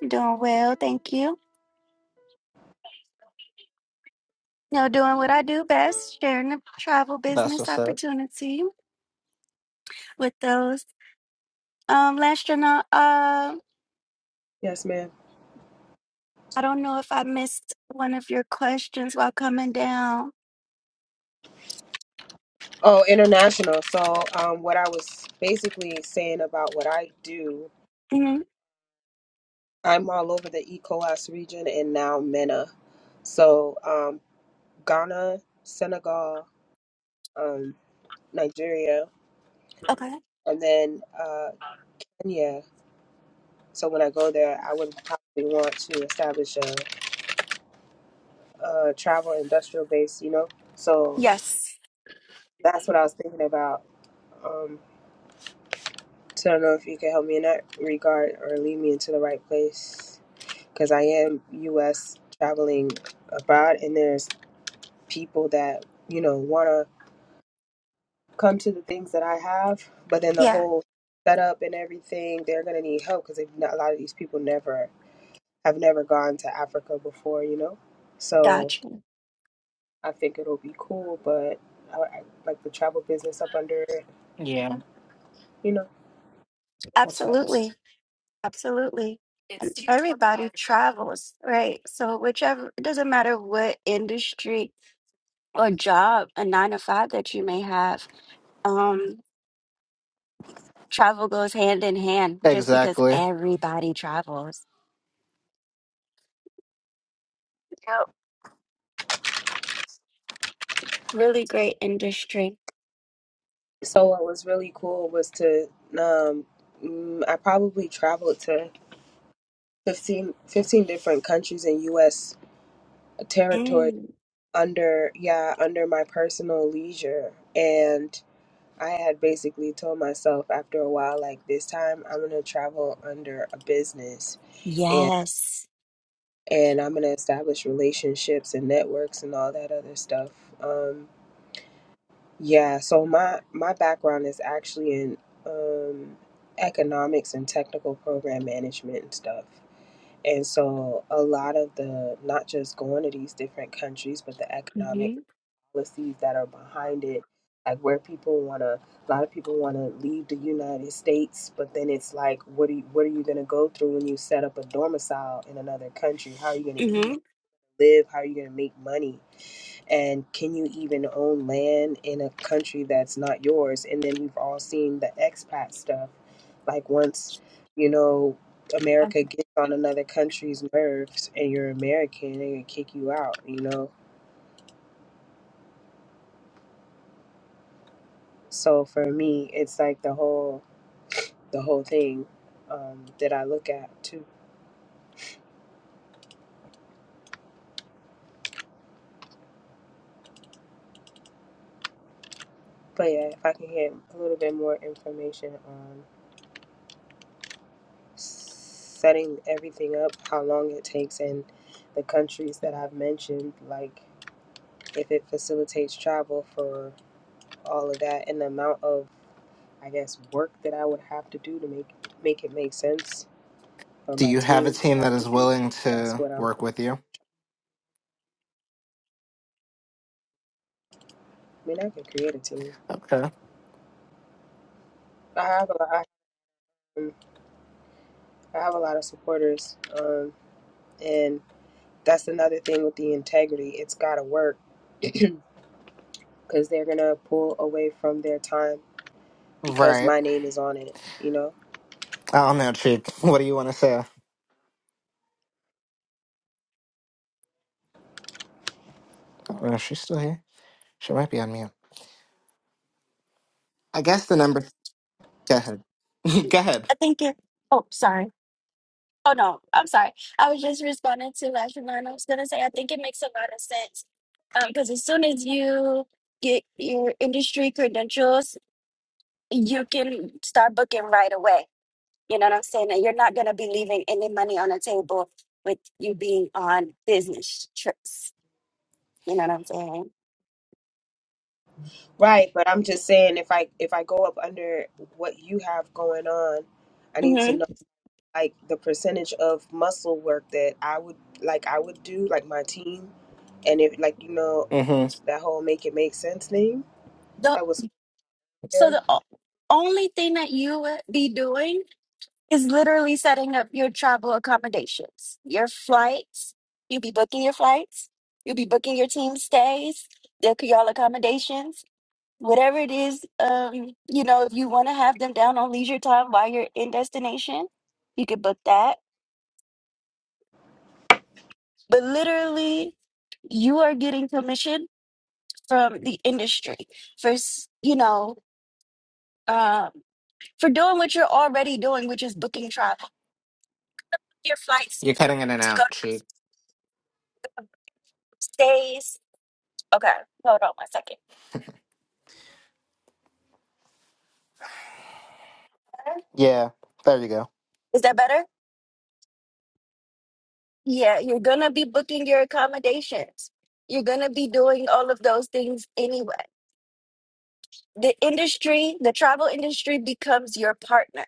[SPEAKER 1] I'm doing well, thank you. You know, doing what I do best, sharing the travel
[SPEAKER 9] That's
[SPEAKER 1] business
[SPEAKER 9] what's up.
[SPEAKER 1] opportunity with those. Um, Landstronaut, uh,
[SPEAKER 8] Yes, ma'am.
[SPEAKER 1] I don't know if I missed one of your questions while coming down.
[SPEAKER 8] Oh, international. So, um, what I was basically saying about what I do,
[SPEAKER 1] hmm
[SPEAKER 8] I'm all over the ECOWAS region and now MENA. So, um, Ghana, Senegal, um, Nigeria,
[SPEAKER 1] Okay.
[SPEAKER 8] and then uh, Kenya. So when I go there, I would probably want to establish a, a travel industrial base, you know? So
[SPEAKER 1] Yes.
[SPEAKER 8] that's what I was thinking about. Um, so I don't know if you can help me in that regard or lead me into the right place because I am U.S. traveling abroad, and there's people that, you know, want to come to the things that I have, but then the
[SPEAKER 1] Yeah.
[SPEAKER 8] whole setup and everything, they're going to need help because a lot of these people never I've never gone to Africa before, you know? So
[SPEAKER 1] Gotcha.
[SPEAKER 8] I think it'll be cool, but I, I like the travel business up under it, you know?
[SPEAKER 1] Absolutely. Absolutely. And Everybody travels, right? So whichever, it doesn't matter what industry or job, a nine to five that you may have, um, travel goes hand in hand just because
[SPEAKER 9] Exactly.
[SPEAKER 1] everybody travels. Yep. Really great industry.
[SPEAKER 8] So what was really cool was to, um, mm, I probably traveled to 15 15 different countries in U.S. territory
[SPEAKER 1] Mm.
[SPEAKER 8] under, yeah, under my personal leisure. And I had basically told myself after a while, like, this time I'm going to travel under a business
[SPEAKER 1] Yes.
[SPEAKER 8] and I'm gonna establish relationships and networks and all that other stuff. Um, yeah, so my my background is actually in um, economics and technical program management and stuff. And so a lot of the not just going to these different countries, but the economic
[SPEAKER 1] hmm
[SPEAKER 8] policies that are behind it, like where people wanna, a lot of people wanna leave the United States, but then it's like, what are you, what are you gonna go through when you set up a domicile in another country? How are you gonna eat?
[SPEAKER 1] hmm
[SPEAKER 8] live, how are you going to make money, and can you even own land in a country that's not yours? And then we've all seen the expat stuff. Like once, you know, America gets on another country's nerves and you're American, they're going to kick you out, you know? So for me, it's like the whole the whole thing um, that I look at too. But yeah, if I can get a little bit more information on. setting everything up, how long it takes, and the countries that I've mentioned, like if it facilitates travel for all of that, and the amount of, I guess, work that I would have to do to make make it make sense, or
[SPEAKER 9] Do
[SPEAKER 8] my
[SPEAKER 9] you have a
[SPEAKER 8] team would
[SPEAKER 9] team that
[SPEAKER 8] have to
[SPEAKER 9] is
[SPEAKER 8] do.
[SPEAKER 9] willing
[SPEAKER 8] That's
[SPEAKER 9] to
[SPEAKER 8] what I'm.
[SPEAKER 9] work with you?
[SPEAKER 8] I mean, I can create a team.
[SPEAKER 9] Okay.
[SPEAKER 8] I have a lot. I have a lot of supporters, um, and that's another thing with the integrity. It's got to work because they're gonna pull away from their time because
[SPEAKER 9] Right.
[SPEAKER 8] my name is on it. You know,
[SPEAKER 9] I don't know, Cheek. What do you want to say? Oh, is she still here? She might be on mute. I guess the number. Go ahead. go ahead.
[SPEAKER 1] I think it, oh, sorry. Oh no, I'm sorry. I was just responding to last line. I was gonna say I think it makes a lot of sense. Um, because as soon as you get your industry credentials, you can start booking right away. You know what I'm saying? And you're not gonna be leaving any money on the table with you being on business trips. You know what I'm saying?
[SPEAKER 8] Right, but I'm just saying if I if I go up under what you have going on, I need to
[SPEAKER 1] hmm
[SPEAKER 8] know like the percentage of muscle work that I would like I would do like my team, and if like you know
[SPEAKER 9] Mm-hmm.
[SPEAKER 8] that whole make it make sense thing
[SPEAKER 1] The
[SPEAKER 8] that was
[SPEAKER 1] so
[SPEAKER 8] there.
[SPEAKER 1] the o- only thing that you would be doing is literally setting up your travel accommodations, your flights. You'll be booking your flights. You'll be booking your team stays, the y'all accommodations, whatever it is. Um, you know, if you want to have them down on leisure time while you're in destination, you could book that. But literally, you are getting permission from the industry for s- you know um, for doing what you're already doing, which is booking travel, your flights
[SPEAKER 9] You're cutting in and
[SPEAKER 1] to go
[SPEAKER 9] out, Cheek.
[SPEAKER 1] stays. Okay, hold on one second.
[SPEAKER 9] Yeah. There you go.
[SPEAKER 1] Is that better? Yeah, you're going to be booking your accommodations. You're going to be doing all of those things anyway. The industry, the travel industry becomes your partner.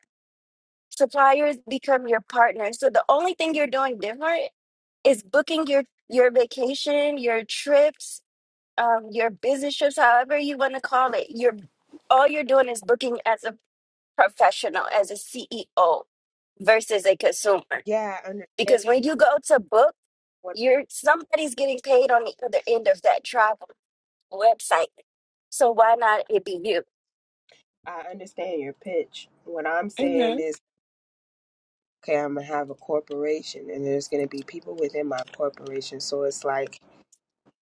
[SPEAKER 1] Suppliers become your partner. So the only thing you're doing different is booking your your vacation, your trips, um, your business trips, however you want to call it. You're all you're doing is booking as a professional, as a CEO versus a consumer.
[SPEAKER 8] Yeah, I understand
[SPEAKER 1] Because when you go to book
[SPEAKER 8] what
[SPEAKER 1] you're somebody's getting paid on the other end of that travel website. So why not it be you?
[SPEAKER 8] I understand your pitch. What I'm saying
[SPEAKER 1] Mm-hmm.
[SPEAKER 8] is okay. I'm gonna have a corporation, and there's gonna be people within my corporation, so it's like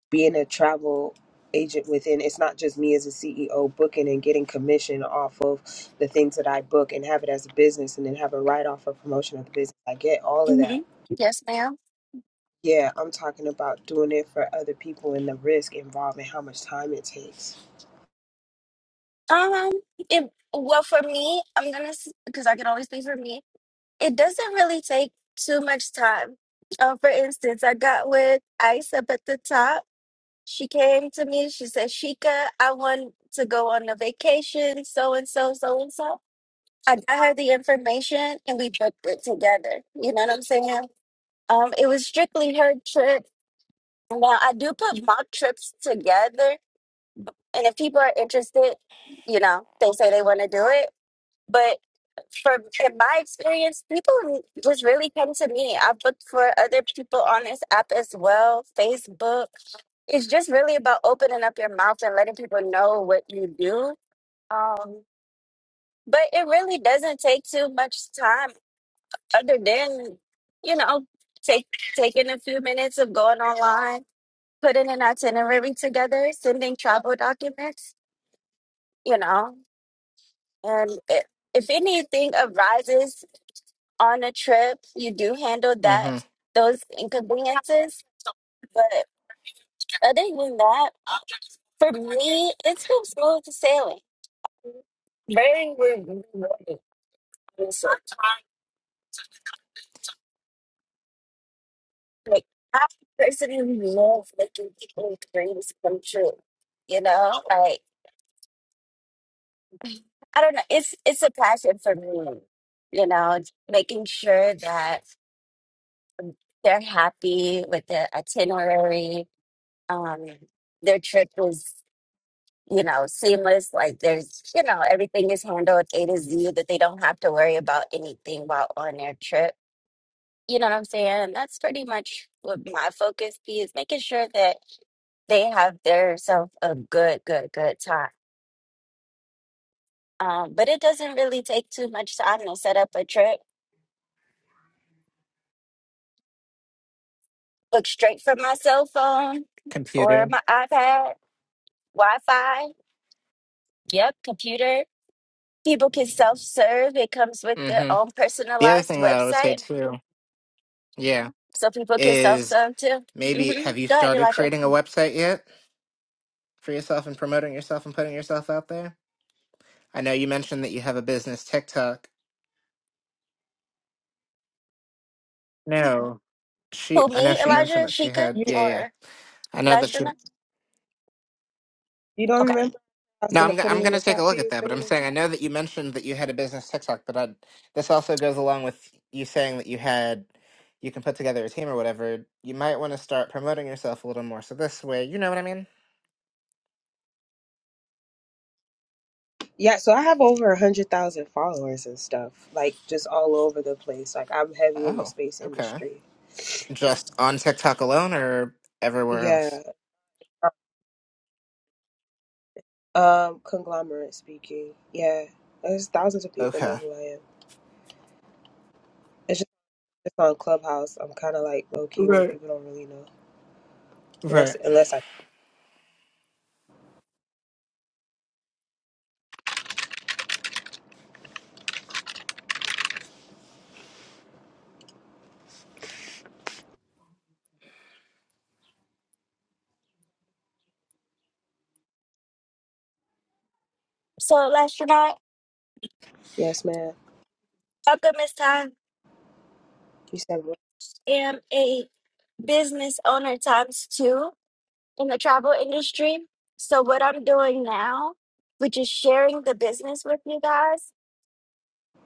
[SPEAKER 8] being a travel agent within it's not just me as a CEO booking and getting commission off of the things that I book and have it as a business and then have a write off for promotion of the business. I get all of
[SPEAKER 1] Mm-hmm.
[SPEAKER 8] that.
[SPEAKER 1] Yes, ma'am.
[SPEAKER 8] Yeah, I'm talking about doing it for other people and the risk involved and how much time it takes.
[SPEAKER 1] Um, it, well, for me, I'm gonna because I can always speak for me. It doesn't really take too much time. Um, for instance, I got with Ice up at the top. She came to me. She said, "Shika, I want to go on a vacation. So and so, so and so." I got her the information, and we booked it together. You know what I'm saying? Um, it was strictly her trip. Now I do put mock trips together, and if people are interested, you know, they say they want to do it. But from in my experience, people just really come to me. I've looked for other people on this app as well, Facebook. It's just really about opening up your mouth and letting people know what you do. Um, but it really doesn't take too much time, other than you know, take taking a few minutes of going online putting an itinerary together, sending travel documents, you know, and i if anything arises on a trip, you do handle that,
[SPEAKER 9] Mm-hmm.
[SPEAKER 1] those inconveniences. But other than that, for me, it's been smooth sailing. Very rewarding, honestly. Like, I personally love making people's dreams come true, you know, like. I don't know. It's it's a passion for me, you know, making sure that they're happy with the itinerary. Um, their trip was, you know, seamless. Like there's, you know, everything is handled A to Z. That they don't have to worry about anything while on their trip. You know what I'm saying? And that's pretty much what my focus be is making sure that they have their self a good, good, good time. Um, but it doesn't really take too much time to set up a trip Look straight from my cell phone or
[SPEAKER 9] Computer.
[SPEAKER 1] my iPad, Wi Fi, yep, computer. People can self serve. It comes with their
[SPEAKER 9] Mm-hmm.
[SPEAKER 1] own
[SPEAKER 9] The other
[SPEAKER 1] personalized
[SPEAKER 9] thing that I would say
[SPEAKER 1] website.
[SPEAKER 9] too, yeah,
[SPEAKER 1] So people can self
[SPEAKER 9] is
[SPEAKER 1] serve too.
[SPEAKER 9] maybe
[SPEAKER 1] hmm
[SPEAKER 9] have you
[SPEAKER 1] Go ahead,
[SPEAKER 9] started
[SPEAKER 1] Elijah.
[SPEAKER 9] creating a website yet for yourself and promoting yourself and putting yourself out there? I know you mentioned that you have a business TikTok. No, she.
[SPEAKER 1] Who,
[SPEAKER 9] I know
[SPEAKER 1] me,
[SPEAKER 9] she
[SPEAKER 8] You,
[SPEAKER 9] mentioned
[SPEAKER 1] Elijah,
[SPEAKER 9] that she
[SPEAKER 1] Sheikah,
[SPEAKER 9] had.
[SPEAKER 8] you,
[SPEAKER 9] Yeah, yeah.
[SPEAKER 1] or
[SPEAKER 9] I know that she.
[SPEAKER 1] Lastronaut?
[SPEAKER 8] you don't
[SPEAKER 1] Okay.
[SPEAKER 8] remember? I was
[SPEAKER 9] No,
[SPEAKER 8] gonna
[SPEAKER 9] I'm. go-
[SPEAKER 8] put it
[SPEAKER 9] I'm
[SPEAKER 8] in
[SPEAKER 9] gonna
[SPEAKER 8] the
[SPEAKER 9] take a
[SPEAKER 8] chat for
[SPEAKER 9] look
[SPEAKER 8] you.
[SPEAKER 9] at
[SPEAKER 8] It's
[SPEAKER 9] that. But
[SPEAKER 8] been in
[SPEAKER 9] I'm
[SPEAKER 8] the
[SPEAKER 9] saying I
[SPEAKER 8] chat.
[SPEAKER 9] know that you mentioned that you had a business TikTok. But I, this also goes along with you saying that you had. You can put together a team or whatever. You might want to start promoting yourself a little more. So this way, you know what I mean.
[SPEAKER 8] Yeah, so I have over a hundred thousand followers and stuff, like just all over the place. Like I'm heavy in the
[SPEAKER 9] Oh,
[SPEAKER 8] space
[SPEAKER 9] okay.
[SPEAKER 8] industry.
[SPEAKER 9] Just on TikTok alone, or everywhere else.
[SPEAKER 8] Yeah, Um, conglomerate speaking. Yeah, there's thousands of people know
[SPEAKER 9] Okay.
[SPEAKER 8] who I am. It's just it's on Clubhouse. I'm kind of like low key where
[SPEAKER 9] Right.
[SPEAKER 8] people don't really know unless
[SPEAKER 9] Right.
[SPEAKER 8] unless I.
[SPEAKER 1] So, Lastronaut,
[SPEAKER 8] Yes, ma'am.
[SPEAKER 1] Alchemist I
[SPEAKER 8] You said what?
[SPEAKER 1] am a business owner times two in the travel industry. So, what I'm doing now, which is sharing the business with you guys.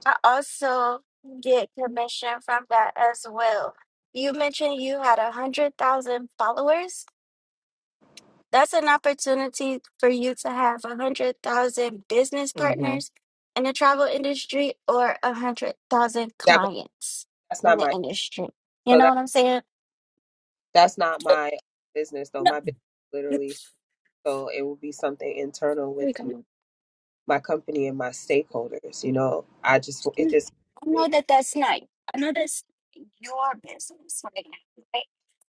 [SPEAKER 1] I also get commission from that as well. You mentioned you had a hundred thousand followers. That's an opportunity for you to have a hundred thousand business
[SPEAKER 9] hmm
[SPEAKER 1] partners in the travel industry or a hundred thousand
[SPEAKER 8] yeah, but
[SPEAKER 1] clients
[SPEAKER 8] that's
[SPEAKER 1] in
[SPEAKER 8] not
[SPEAKER 1] the
[SPEAKER 8] my.
[SPEAKER 1] industry. You
[SPEAKER 8] So
[SPEAKER 1] know
[SPEAKER 8] that
[SPEAKER 1] what I'm saying?
[SPEAKER 8] that's not my business though.
[SPEAKER 1] No,
[SPEAKER 8] My business
[SPEAKER 1] here
[SPEAKER 8] literally. So it will be something internal with
[SPEAKER 1] we
[SPEAKER 8] my,
[SPEAKER 1] can-
[SPEAKER 8] my company and my stakeholders. You know, I just it
[SPEAKER 1] I
[SPEAKER 8] just.
[SPEAKER 1] know that that's not. I know that's your business right now, right?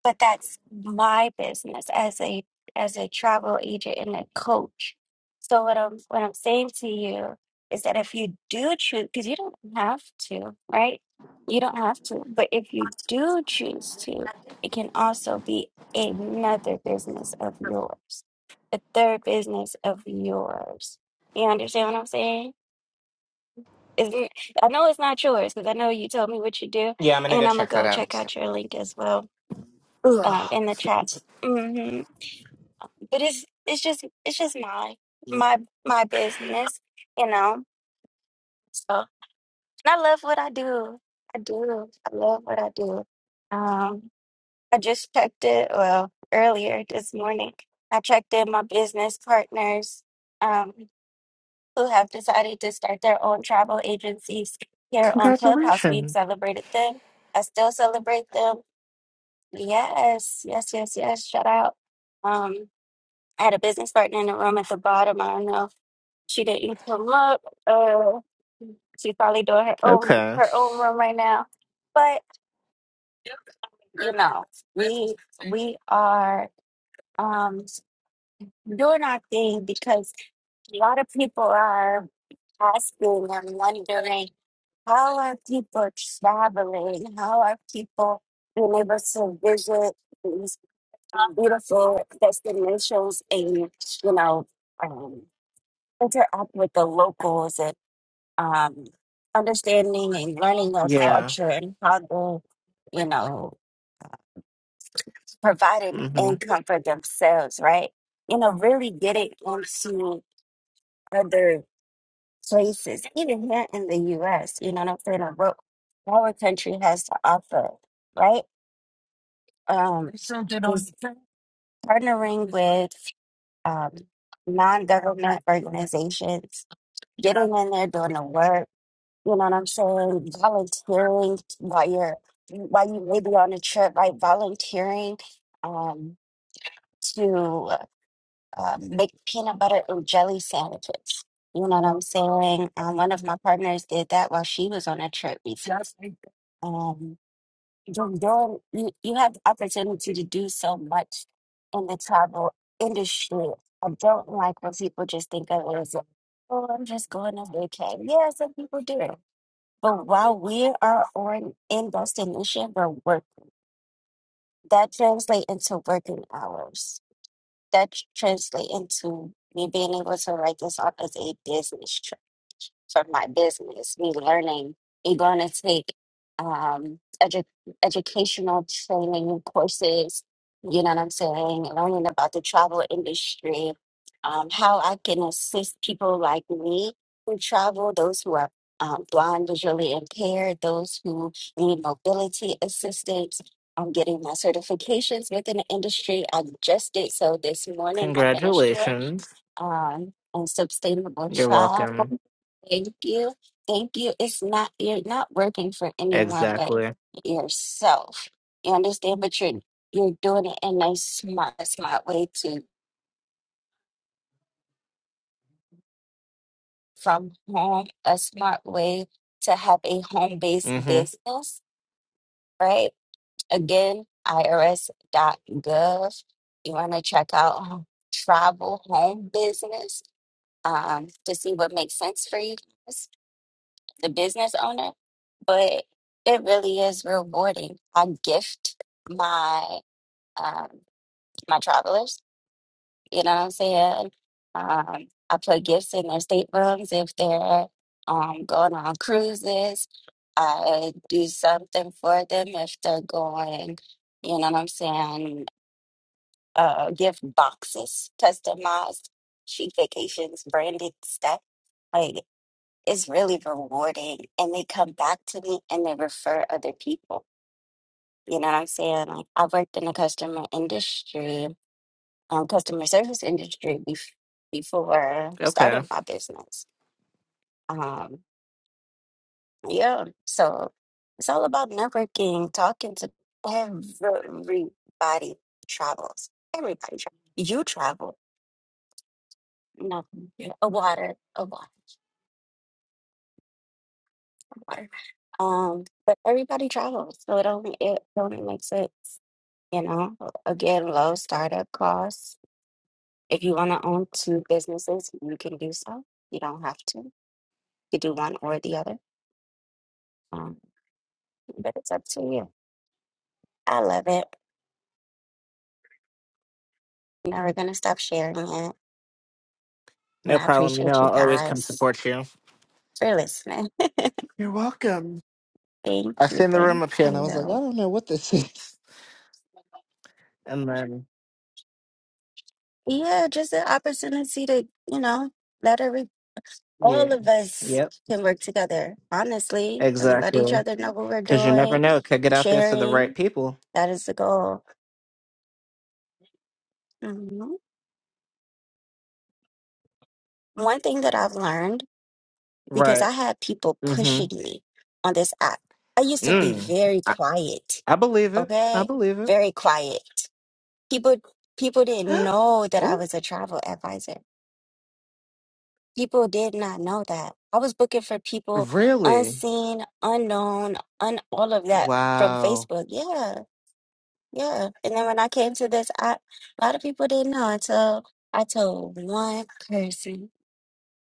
[SPEAKER 1] But that's my business as a as a travel agent and a coach. So what I'm what I'm saying to you is that if you do choose, because you don't have to, right? You don't have to, but if you do choose to, it can also be another business of yours, a third business of yours. You understand what I'm saying? Isn't I know it's not yours because I know you told me what you do,
[SPEAKER 9] Yeah, I'm gonna go
[SPEAKER 1] and I'm gonna
[SPEAKER 9] check that
[SPEAKER 1] go
[SPEAKER 9] out.
[SPEAKER 1] check out your link as well um,
[SPEAKER 9] Ugh.
[SPEAKER 1] in the chat. hmm But it's it's just it's just my my my business, you know. So and I love what I do. I do. I love what I do. Um, I just checked it. Well, earlier this morning, I checked in my business partners. Um, who have decided to start their own travel agencies here on Clubhouse. We've
[SPEAKER 9] Congratulations.
[SPEAKER 1] celebrated them. I still celebrate them. Yes, yes, yes, yes. Shout out. Um, I had a business partner in the room at the bottom. I don't know. She didn't come up. Uh, she's probably doing her own
[SPEAKER 9] Okay.
[SPEAKER 1] her own room right now. But you know, we we are um doing our thing because a lot of people are asking and wondering How are people traveling? How are people being able to visit these beautiful destinations and, you know, um, interact with the locals and um, understanding and learning their
[SPEAKER 9] Yeah.
[SPEAKER 1] culture and how they, you know, provide
[SPEAKER 9] hmm
[SPEAKER 1] income for themselves, right? You know, really getting into other places, even here in the US, you know what I'm saying? Of What our country has to offer, right? um, is partnering with um, non-government organizations, getting in there, doing the work. You know what I'm saying? Volunteering while you're while you may be on a trip, like Volunteering um, to uh, make peanut butter and jelly sandwiches. You know what I'm saying? Um, one of my partners did that while she was on a trip before. you're, doing- you, you have the opportunity to do so much in the travel industry. I don't like when people just think of it as, oh, I'm just going on vacation. Yeah, some people do it. But while we are on in destination, we're work that translate into working hours. That tr- translate into me being able to write this up as a business for my business. We learning, we going to take um, edu- educational training courses. You know what I'm saying? Learning about the travel industry, um, how I can assist people like me who travel, those who are um, blind, visually impaired, those who need mobility assistance. I'm getting my certifications within the industry. I just did so this morning. I finished one
[SPEAKER 9] Congratulations.
[SPEAKER 1] um, on sustainable
[SPEAKER 9] You're
[SPEAKER 1] travel.
[SPEAKER 9] welcome.
[SPEAKER 1] Thank you. Thank you. It's not, you're not working for anyone but
[SPEAKER 9] Exactly.
[SPEAKER 1] yourself. You understand? But you're, you're doing it in a smart, a smart way to from home, a smart way to have a home based
[SPEAKER 9] hmm
[SPEAKER 1] business, right? Again, irs.gov. You want to check out um, travel home business um, to see what makes sense for you. the business owner, but it really is rewarding. I gift my um, my travelers. You know what I'm saying? Um, I put gifts in their staterooms if they're um, going on cruises. I do something for them if they're going. You know what I'm saying? Uh, gift boxes, customized chic vacations, branded stuff. like is really rewarding and they come back to me and they refer other people you know what i'm saying like i worked in the customer industry um, customer service industry bef- before
[SPEAKER 9] Okay.
[SPEAKER 1] starting my business um, yeah so it's all about networking talking to everybody travels everybody travels. you travel no yeah. a water a water water um but everybody travels so it only it only makes sense You know, again, low startup costs. If you want to own two businesses, you can do so. You don't have to. You could do one or the other. Um, but it's up to you. I love it. Never gonna stop sharing it. And
[SPEAKER 9] No
[SPEAKER 1] I
[SPEAKER 9] problem. You know,
[SPEAKER 1] appreciate you
[SPEAKER 9] I'll always come
[SPEAKER 1] guys
[SPEAKER 9] support you.
[SPEAKER 1] for listening.
[SPEAKER 9] You're welcome.
[SPEAKER 1] Thank
[SPEAKER 9] I
[SPEAKER 1] you.
[SPEAKER 9] seen the
[SPEAKER 1] Thank
[SPEAKER 9] room up here and I was like, I
[SPEAKER 1] you.
[SPEAKER 9] don't know what this is. And then,
[SPEAKER 1] Yeah, just an opportunity to, you know, let every all
[SPEAKER 9] yeah.
[SPEAKER 1] of us
[SPEAKER 9] Yep.
[SPEAKER 1] can work together, honestly, and let each
[SPEAKER 9] Exactly.
[SPEAKER 1] other know what we're
[SPEAKER 9] Because you never
[SPEAKER 1] doing,
[SPEAKER 9] know. It could get out there to the right
[SPEAKER 1] sharing.
[SPEAKER 9] people.
[SPEAKER 1] That is the goal. Mhm. One thing that I've learned, because
[SPEAKER 9] Right.
[SPEAKER 1] I had people
[SPEAKER 9] Mm-hmm.
[SPEAKER 1] pushing me on this app, I used to be
[SPEAKER 9] Mm.
[SPEAKER 1] very
[SPEAKER 9] I,
[SPEAKER 1] quiet,
[SPEAKER 9] I believe it. I
[SPEAKER 1] okay?
[SPEAKER 9] believe it.
[SPEAKER 1] Very quiet. People people didn't know that I
[SPEAKER 9] oh,
[SPEAKER 1] was a travel advisor. People did not know that. I was booking for people
[SPEAKER 9] really?
[SPEAKER 1] unseen, unknown, un all of that from
[SPEAKER 9] Wow.
[SPEAKER 1] Facebook. Yeah, yeah. And then when I came to this app, a lot of people didn't know until I told one person.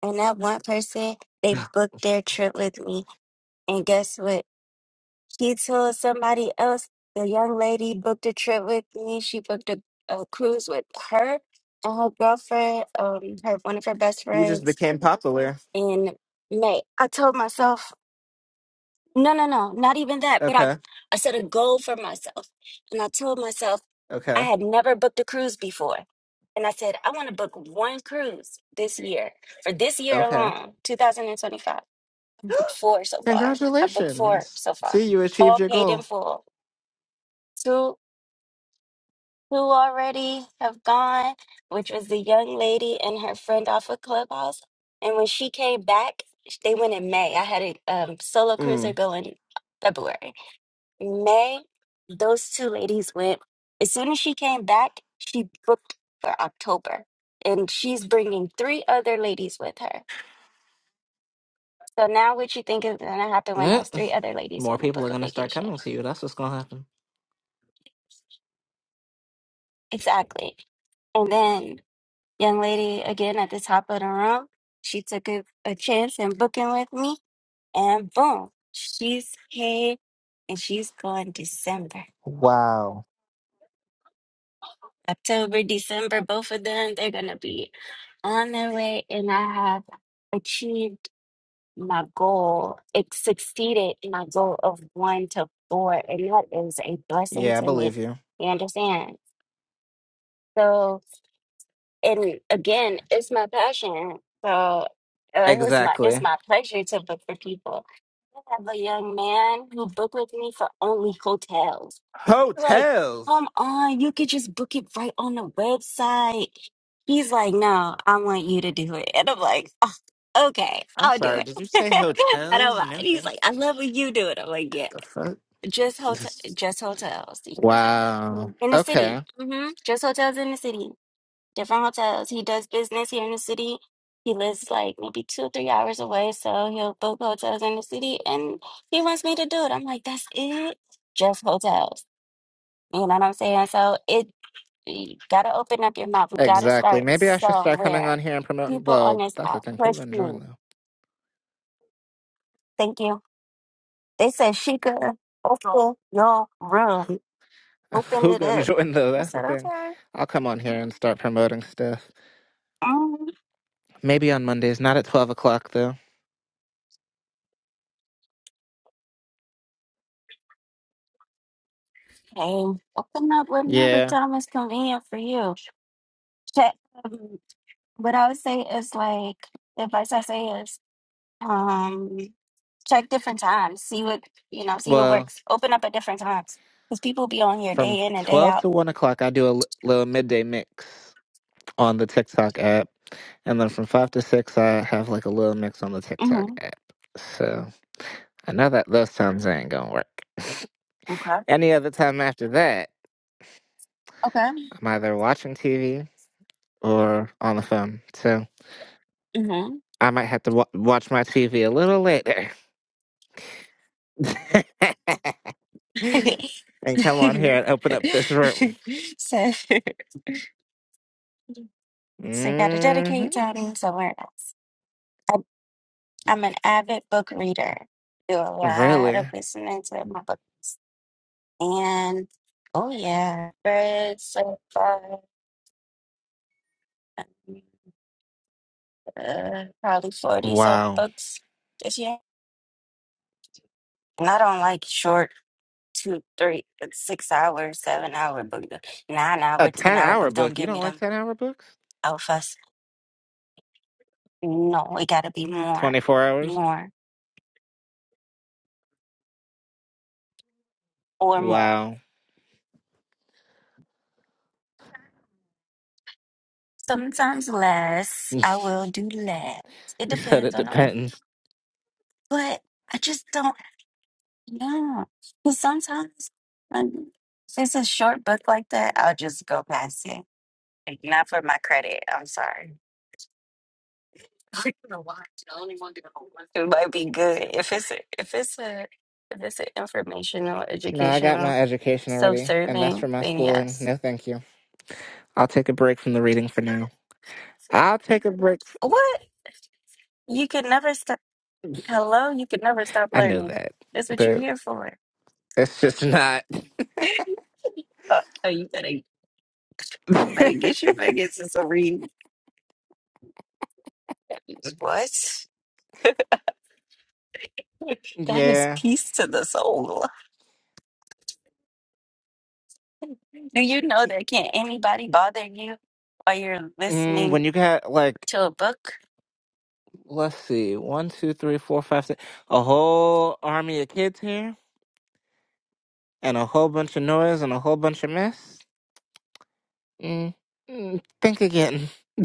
[SPEAKER 1] And that one person, they booked their trip with me. And guess what? She told somebody else, the young lady booked a trip with me. She booked a, a cruise with her and her girlfriend, um, her one of her best
[SPEAKER 9] You just
[SPEAKER 1] friends
[SPEAKER 9] became popular.
[SPEAKER 1] in May. I told myself, no, no, no, not even that. But I,
[SPEAKER 9] Okay.
[SPEAKER 1] I set a goal for myself. And I told myself, I
[SPEAKER 9] Okay.
[SPEAKER 1] had never booked a cruise before. And I said, I want to book one cruise this year for this year
[SPEAKER 9] Okay.
[SPEAKER 1] alone, 2025. four so far. I booked four
[SPEAKER 9] Congratulations.
[SPEAKER 1] so far,
[SPEAKER 9] See, you achieved
[SPEAKER 1] all
[SPEAKER 9] your
[SPEAKER 1] paid in
[SPEAKER 9] goal.
[SPEAKER 1] full. Two, two already have gone, which was the young lady and her friend off of Clubhouse. And when she came back, they went in May. I had a um, solo cruiser
[SPEAKER 9] Mm.
[SPEAKER 1] go in February. May, those two ladies went. As soon as she came back, she booked for October. And she's bringing three other ladies with her. So now, what you think is going to happen when those
[SPEAKER 9] Mm.
[SPEAKER 1] three other ladies
[SPEAKER 9] More
[SPEAKER 1] want to
[SPEAKER 9] people are
[SPEAKER 1] book a
[SPEAKER 9] going to start
[SPEAKER 1] vacation?
[SPEAKER 9] coming to you. That's what's going to happen.
[SPEAKER 1] Exactly. And then young lady again at the top of the room, she took a, a chance in booking with me and boom, she's paid and she's going December.
[SPEAKER 9] Wow.
[SPEAKER 1] October, December, both of them, they're gonna be on their way and I have achieved my goal. It succeeded my goal of one to four and that is a blessing
[SPEAKER 9] Yeah, I
[SPEAKER 1] to me.
[SPEAKER 9] believe you.
[SPEAKER 1] You understand? So. and again, it's my passion. So uh, it was my it's
[SPEAKER 9] Exactly.
[SPEAKER 1] my pleasure to book for people. I have a young man who booked with me for only hotels. Like,
[SPEAKER 9] Hotels.
[SPEAKER 1] come on, you could just book it right on the website. He's like, no, I want you to do it, and I'm like, oh, okay,
[SPEAKER 9] I'm
[SPEAKER 1] I'll do
[SPEAKER 9] sorry. Did you
[SPEAKER 1] it.
[SPEAKER 9] say
[SPEAKER 1] I don't
[SPEAKER 9] hotels?
[SPEAKER 1] mind.
[SPEAKER 9] No,
[SPEAKER 1] He's
[SPEAKER 9] thank
[SPEAKER 1] like, I love when you do it. I'm like, yeah,
[SPEAKER 9] The fuck?
[SPEAKER 1] just hotel, just hotels
[SPEAKER 9] wow.
[SPEAKER 1] in the city.
[SPEAKER 9] Okay.
[SPEAKER 1] hmm Just hotels in the city different hotels. He does business here in the city. He lives like maybe two or three hours away, so he'll book hotels in the city, and he wants me to do it. I'm like, that's it, just hotels. You know what I'm saying? So it you gotta open up your mouth. You gotta
[SPEAKER 9] Exactly.
[SPEAKER 1] start
[SPEAKER 9] Maybe I should start coming
[SPEAKER 1] somewhere.
[SPEAKER 9] on here and promoting.
[SPEAKER 1] People on
[SPEAKER 9] Well,
[SPEAKER 1] this
[SPEAKER 9] that's the
[SPEAKER 1] app
[SPEAKER 9] thing. Who
[SPEAKER 1] push
[SPEAKER 9] gonna
[SPEAKER 1] me.
[SPEAKER 9] join though?
[SPEAKER 1] Thank you. They said she could open your room.
[SPEAKER 9] Who?
[SPEAKER 1] Open
[SPEAKER 9] Who
[SPEAKER 1] it
[SPEAKER 9] gonna
[SPEAKER 1] up.
[SPEAKER 9] join though?
[SPEAKER 1] I
[SPEAKER 9] That's the
[SPEAKER 1] said,
[SPEAKER 9] thing.
[SPEAKER 1] okay.
[SPEAKER 9] I'll come on here and start promoting stuff.
[SPEAKER 1] Okay.
[SPEAKER 9] Maybe on Mondays, not at twelve o'clock though.
[SPEAKER 1] Open up whenever
[SPEAKER 9] Yeah.
[SPEAKER 1] time is convenient for you. Check. um, What I would say is like the advice I say is um check different times. See what you know, see what
[SPEAKER 9] Well,
[SPEAKER 1] works. Open up at different times. Because people be on here
[SPEAKER 9] from
[SPEAKER 1] day in and day
[SPEAKER 9] twelve
[SPEAKER 1] out.
[SPEAKER 9] to one o'clock, I do a l- little midday mix on the TikTok app, and then from five to six, I have like a little mix on the TikTok
[SPEAKER 1] hmm
[SPEAKER 9] app. So I know that those times ain't gonna work.
[SPEAKER 1] Okay.
[SPEAKER 9] Any other time after that,
[SPEAKER 1] Okay.
[SPEAKER 9] I'm either watching TV or on the phone. So.
[SPEAKER 1] hmm
[SPEAKER 9] I might have to wa watch my TV a little later and come on here and open up this room.
[SPEAKER 1] so so gotta
[SPEAKER 9] hmm
[SPEAKER 1] dedicate time somewhere else. I'm, I'm an avid book reader. Do a lot
[SPEAKER 9] Really?
[SPEAKER 1] of listening to my book and oh yeah. Read so far. uh, probably 40 something
[SPEAKER 9] Wow.
[SPEAKER 1] bucks this year. And I don't like short two, three, six hour, seven hour book, nine
[SPEAKER 9] A
[SPEAKER 1] hour, 10
[SPEAKER 9] 10
[SPEAKER 1] hour
[SPEAKER 9] hour
[SPEAKER 1] book.
[SPEAKER 9] book?
[SPEAKER 1] Don't
[SPEAKER 9] You
[SPEAKER 1] give me
[SPEAKER 9] don't like
[SPEAKER 1] them
[SPEAKER 9] 10 hour books?
[SPEAKER 1] alphas. No, it gotta be more,
[SPEAKER 9] 24 hours?
[SPEAKER 1] more, or more.
[SPEAKER 9] Wow.
[SPEAKER 1] Sometimes less.
[SPEAKER 9] you
[SPEAKER 1] I will do less. It
[SPEAKER 9] said
[SPEAKER 1] depends
[SPEAKER 9] it
[SPEAKER 1] on the, author.
[SPEAKER 9] depends.
[SPEAKER 1] but I just don't, yeah. Because sometimes when it's a short book like that, I'll just go past it. Like, Not for my credit. I'm sorry. I don't know why. It's the only one that I don't like. It might be good if it's a, if it's a if it's an informational,
[SPEAKER 9] No, I got
[SPEAKER 1] educational,
[SPEAKER 9] my education already, and that's
[SPEAKER 1] self-serving.
[SPEAKER 9] for my
[SPEAKER 1] Then
[SPEAKER 9] schooling.
[SPEAKER 1] yes.
[SPEAKER 9] No, thank you. I'll take a break from the reading for now. I'll take a break.
[SPEAKER 1] What you could never stop.
[SPEAKER 9] f-
[SPEAKER 1] Hello, you could never stop
[SPEAKER 9] I know
[SPEAKER 1] learning.
[SPEAKER 9] that,
[SPEAKER 1] That's what you're
[SPEAKER 9] but
[SPEAKER 1] here for.
[SPEAKER 9] it's just not.
[SPEAKER 1] oh, oh, you better you better get your buckets and some read. What? That is
[SPEAKER 9] yeah.
[SPEAKER 1] peace to the soul. Do you know that can't anybody bother you while you're
[SPEAKER 9] Mm, when
[SPEAKER 1] listening
[SPEAKER 9] you got like,
[SPEAKER 1] to a book?
[SPEAKER 9] let's see, one, two, three, four, five, six, a whole army of kids here, and a whole bunch of noise and a whole bunch of mess. Mm, mm, think again.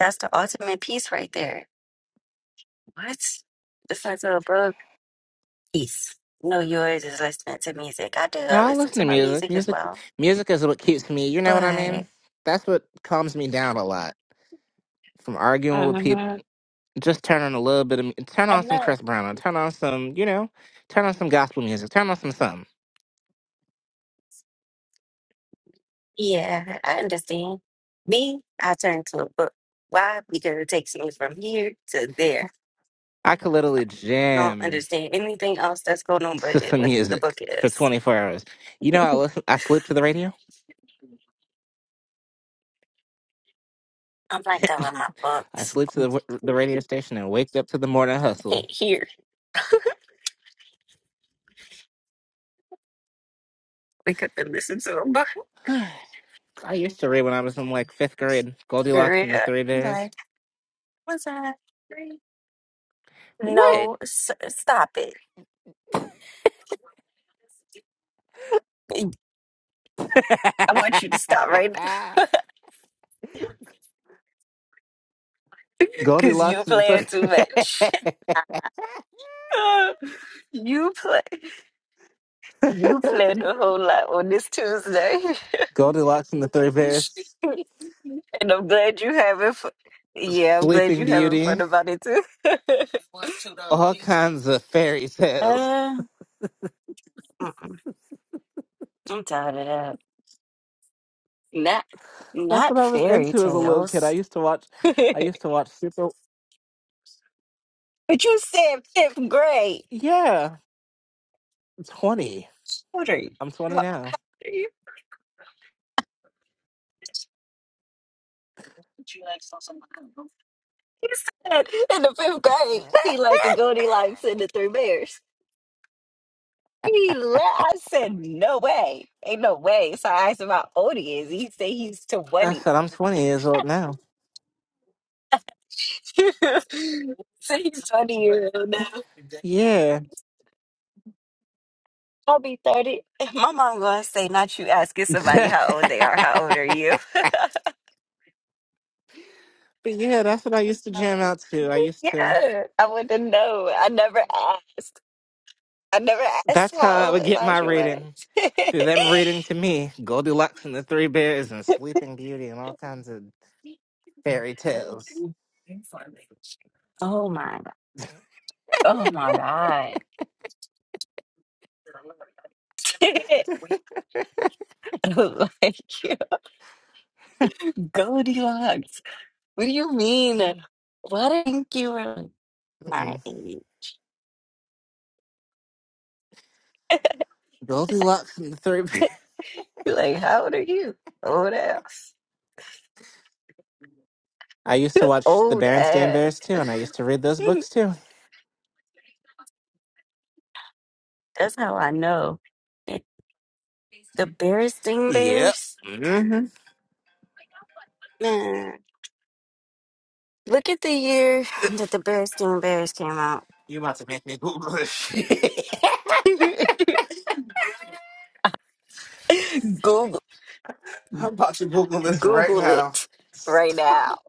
[SPEAKER 1] That's the ultimate peace right there. What? The fuck's up, bro? Peace. No, yours is listening to music. I do
[SPEAKER 9] No,
[SPEAKER 1] uh,
[SPEAKER 9] I
[SPEAKER 1] listen
[SPEAKER 9] listen
[SPEAKER 1] to
[SPEAKER 9] to
[SPEAKER 1] my
[SPEAKER 9] music.
[SPEAKER 1] music as
[SPEAKER 9] Music,
[SPEAKER 1] well,
[SPEAKER 9] music is what keeps me. You know what I
[SPEAKER 1] but
[SPEAKER 9] mean? That's what calms me down a lot from arguing with people.
[SPEAKER 1] uh
[SPEAKER 9] Just turn on a little bit of, mu- turn
[SPEAKER 1] I
[SPEAKER 9] on some
[SPEAKER 1] know.
[SPEAKER 9] Chris Brown, or turn on some, you know, turn on some gospel music, turn on some something.
[SPEAKER 1] Yeah, I understand. Me, I turn to a book. Why? Because it takes me from here to there.
[SPEAKER 9] I could literally
[SPEAKER 1] I don't
[SPEAKER 9] jam.
[SPEAKER 1] understand anything else that's going on,
[SPEAKER 9] to
[SPEAKER 1] but it,
[SPEAKER 9] some
[SPEAKER 1] what the book
[SPEAKER 9] music for
[SPEAKER 1] is.
[SPEAKER 9] 24 hours. You know, I listen, I sleep to the radio.
[SPEAKER 1] I'm like that with my
[SPEAKER 9] I
[SPEAKER 1] books.
[SPEAKER 9] sleep to
[SPEAKER 1] I
[SPEAKER 9] the w- the radio station and wake up to the morning hustle.
[SPEAKER 1] can't hear. Wake up and listen to a book.
[SPEAKER 9] I used to read when I was in like fifth grade. Goldilocks and the
[SPEAKER 1] Yeah.
[SPEAKER 9] Three Bears.
[SPEAKER 1] Like, what's that?
[SPEAKER 9] What?
[SPEAKER 1] No, s- stop it. I want you to stop right now because you
[SPEAKER 9] Goldilocks and
[SPEAKER 1] playing too
[SPEAKER 9] the
[SPEAKER 1] much.
[SPEAKER 9] Three.
[SPEAKER 1] you play, you played a whole lot on this Tuesday,
[SPEAKER 9] Goldilocks and the Three Bears.
[SPEAKER 1] and I'm glad you having fun. Yeah, I'm glad
[SPEAKER 9] Sleeping
[SPEAKER 1] you having
[SPEAKER 9] Beauty.
[SPEAKER 1] fun about it too. uh,
[SPEAKER 9] All kinds of fairy tales.
[SPEAKER 1] mm-mm, I'm tired of that. Not,
[SPEAKER 9] That's what
[SPEAKER 1] not
[SPEAKER 9] I was
[SPEAKER 1] fairy
[SPEAKER 9] into as a little kid. I
[SPEAKER 1] tales.
[SPEAKER 9] used to watch.
[SPEAKER 1] but
[SPEAKER 9] I used to watch Super.
[SPEAKER 1] you said fifth grade.
[SPEAKER 9] Yeah. I'm 20. I'm 20 now.
[SPEAKER 1] He said in the fifth grade, he liked the Goldilocks and the Three Bears. He la I said, no way. Ain't no way. So I asked him how old he is. He said he's
[SPEAKER 9] I
[SPEAKER 1] 20.
[SPEAKER 9] said I'm 20 years old now.
[SPEAKER 1] so he's 20 year old now.
[SPEAKER 9] Yeah.
[SPEAKER 1] I'll be 30. My mom gonna say, not you asking somebody
[SPEAKER 9] but
[SPEAKER 1] how old they are. How old are you?
[SPEAKER 9] yeah, that's what I used to jam out to. I used to.
[SPEAKER 1] yeah, I want to know. I never asked. I never asked
[SPEAKER 9] That's
[SPEAKER 1] how
[SPEAKER 9] how I would
[SPEAKER 1] old
[SPEAKER 9] get my
[SPEAKER 1] Elijah
[SPEAKER 9] reading.
[SPEAKER 1] was.
[SPEAKER 9] Through them reading to me, Goldilocks and the Three Bears and Sleeping Beauty and all kinds of fairy tales.
[SPEAKER 1] oh my, oh my God. like Goldilocks. What do you mean? Why do not you were my
[SPEAKER 9] Mm-mm.
[SPEAKER 1] age?
[SPEAKER 9] Goldilocks and the Three Bears.
[SPEAKER 1] Like, how old are you? Old ass.
[SPEAKER 9] I used to watch the
[SPEAKER 1] Old
[SPEAKER 9] Berenstain Bears
[SPEAKER 1] ass.
[SPEAKER 9] too, and I used to read those books too.
[SPEAKER 1] That's how I know. The Beristain
[SPEAKER 9] Yep.
[SPEAKER 1] Bears?
[SPEAKER 9] hmm
[SPEAKER 1] Man. Look at the year that the Beristain Bears came out.
[SPEAKER 9] You about to make me Google this shit.
[SPEAKER 1] Google
[SPEAKER 9] I'm about to Google this right
[SPEAKER 1] Google
[SPEAKER 9] now.
[SPEAKER 1] it right now.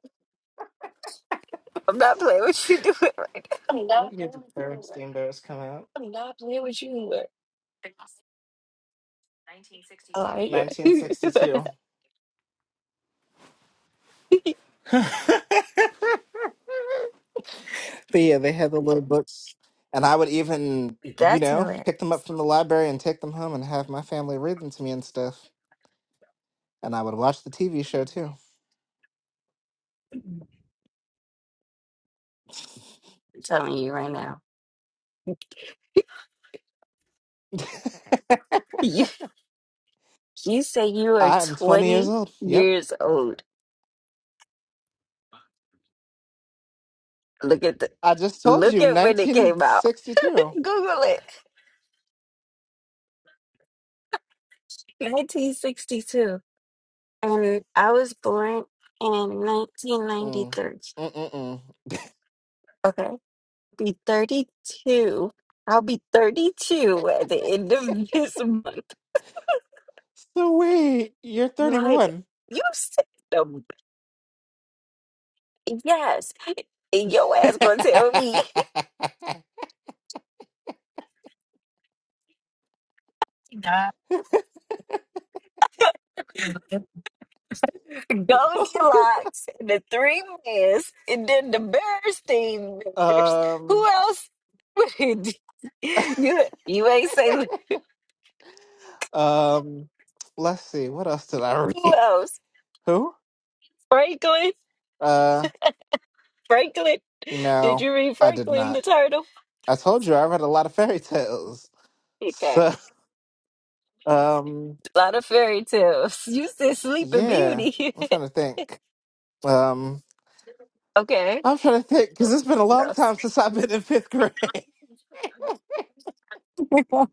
[SPEAKER 1] I'm not playing with you doing right now.
[SPEAKER 9] Let me get the Barrett Steamboats come out.
[SPEAKER 1] I'm not playing with you. Elijah.
[SPEAKER 9] 1962. but yeah, they had the little books, and I would even, you
[SPEAKER 1] That's all
[SPEAKER 9] know,
[SPEAKER 1] right.
[SPEAKER 9] pick them up from the library and take them home and have my family read them to me and stuff. And I would watch the TV show too.
[SPEAKER 1] I'm telling you right now. You, you say you are
[SPEAKER 9] I'm 20 years
[SPEAKER 1] 20
[SPEAKER 9] old. Yep,
[SPEAKER 1] years old. Look at the
[SPEAKER 9] I just told
[SPEAKER 1] look
[SPEAKER 9] you,
[SPEAKER 1] at when it came out.
[SPEAKER 9] 1962.
[SPEAKER 1] Google it. 1962. And I was born in
[SPEAKER 9] Mm.
[SPEAKER 1] 1993.
[SPEAKER 9] Mm-mm-mm.
[SPEAKER 1] Okay. Be 32. I'll be 32 at the end of this month.
[SPEAKER 9] Sweet, you're
[SPEAKER 1] Like
[SPEAKER 9] 31.
[SPEAKER 1] you said the yes. And Your ass gonna tell me. Goldilocks, the three bears, and then the Berenstein Bears. Who
[SPEAKER 9] um,
[SPEAKER 1] else? you you ain't say
[SPEAKER 9] um, let's see. What else did I
[SPEAKER 1] who
[SPEAKER 9] read?
[SPEAKER 1] else?
[SPEAKER 9] Who?
[SPEAKER 1] Franklin.
[SPEAKER 9] Uh,
[SPEAKER 1] Franklin. Did
[SPEAKER 9] no,
[SPEAKER 1] you read
[SPEAKER 9] I did
[SPEAKER 1] Franklin
[SPEAKER 9] not.
[SPEAKER 1] the Turtle?
[SPEAKER 9] I told you I read a lot of fairy tales.
[SPEAKER 1] Okay.
[SPEAKER 9] So, um,
[SPEAKER 1] A lot of fairy tales. You said Sleeping
[SPEAKER 9] yeah,
[SPEAKER 1] Beauty.
[SPEAKER 9] I'm trying to think. Um,
[SPEAKER 1] okay.
[SPEAKER 9] I'm trying to think because it's been a
[SPEAKER 1] What
[SPEAKER 9] long time
[SPEAKER 1] else?
[SPEAKER 9] since I've been in fifth grade.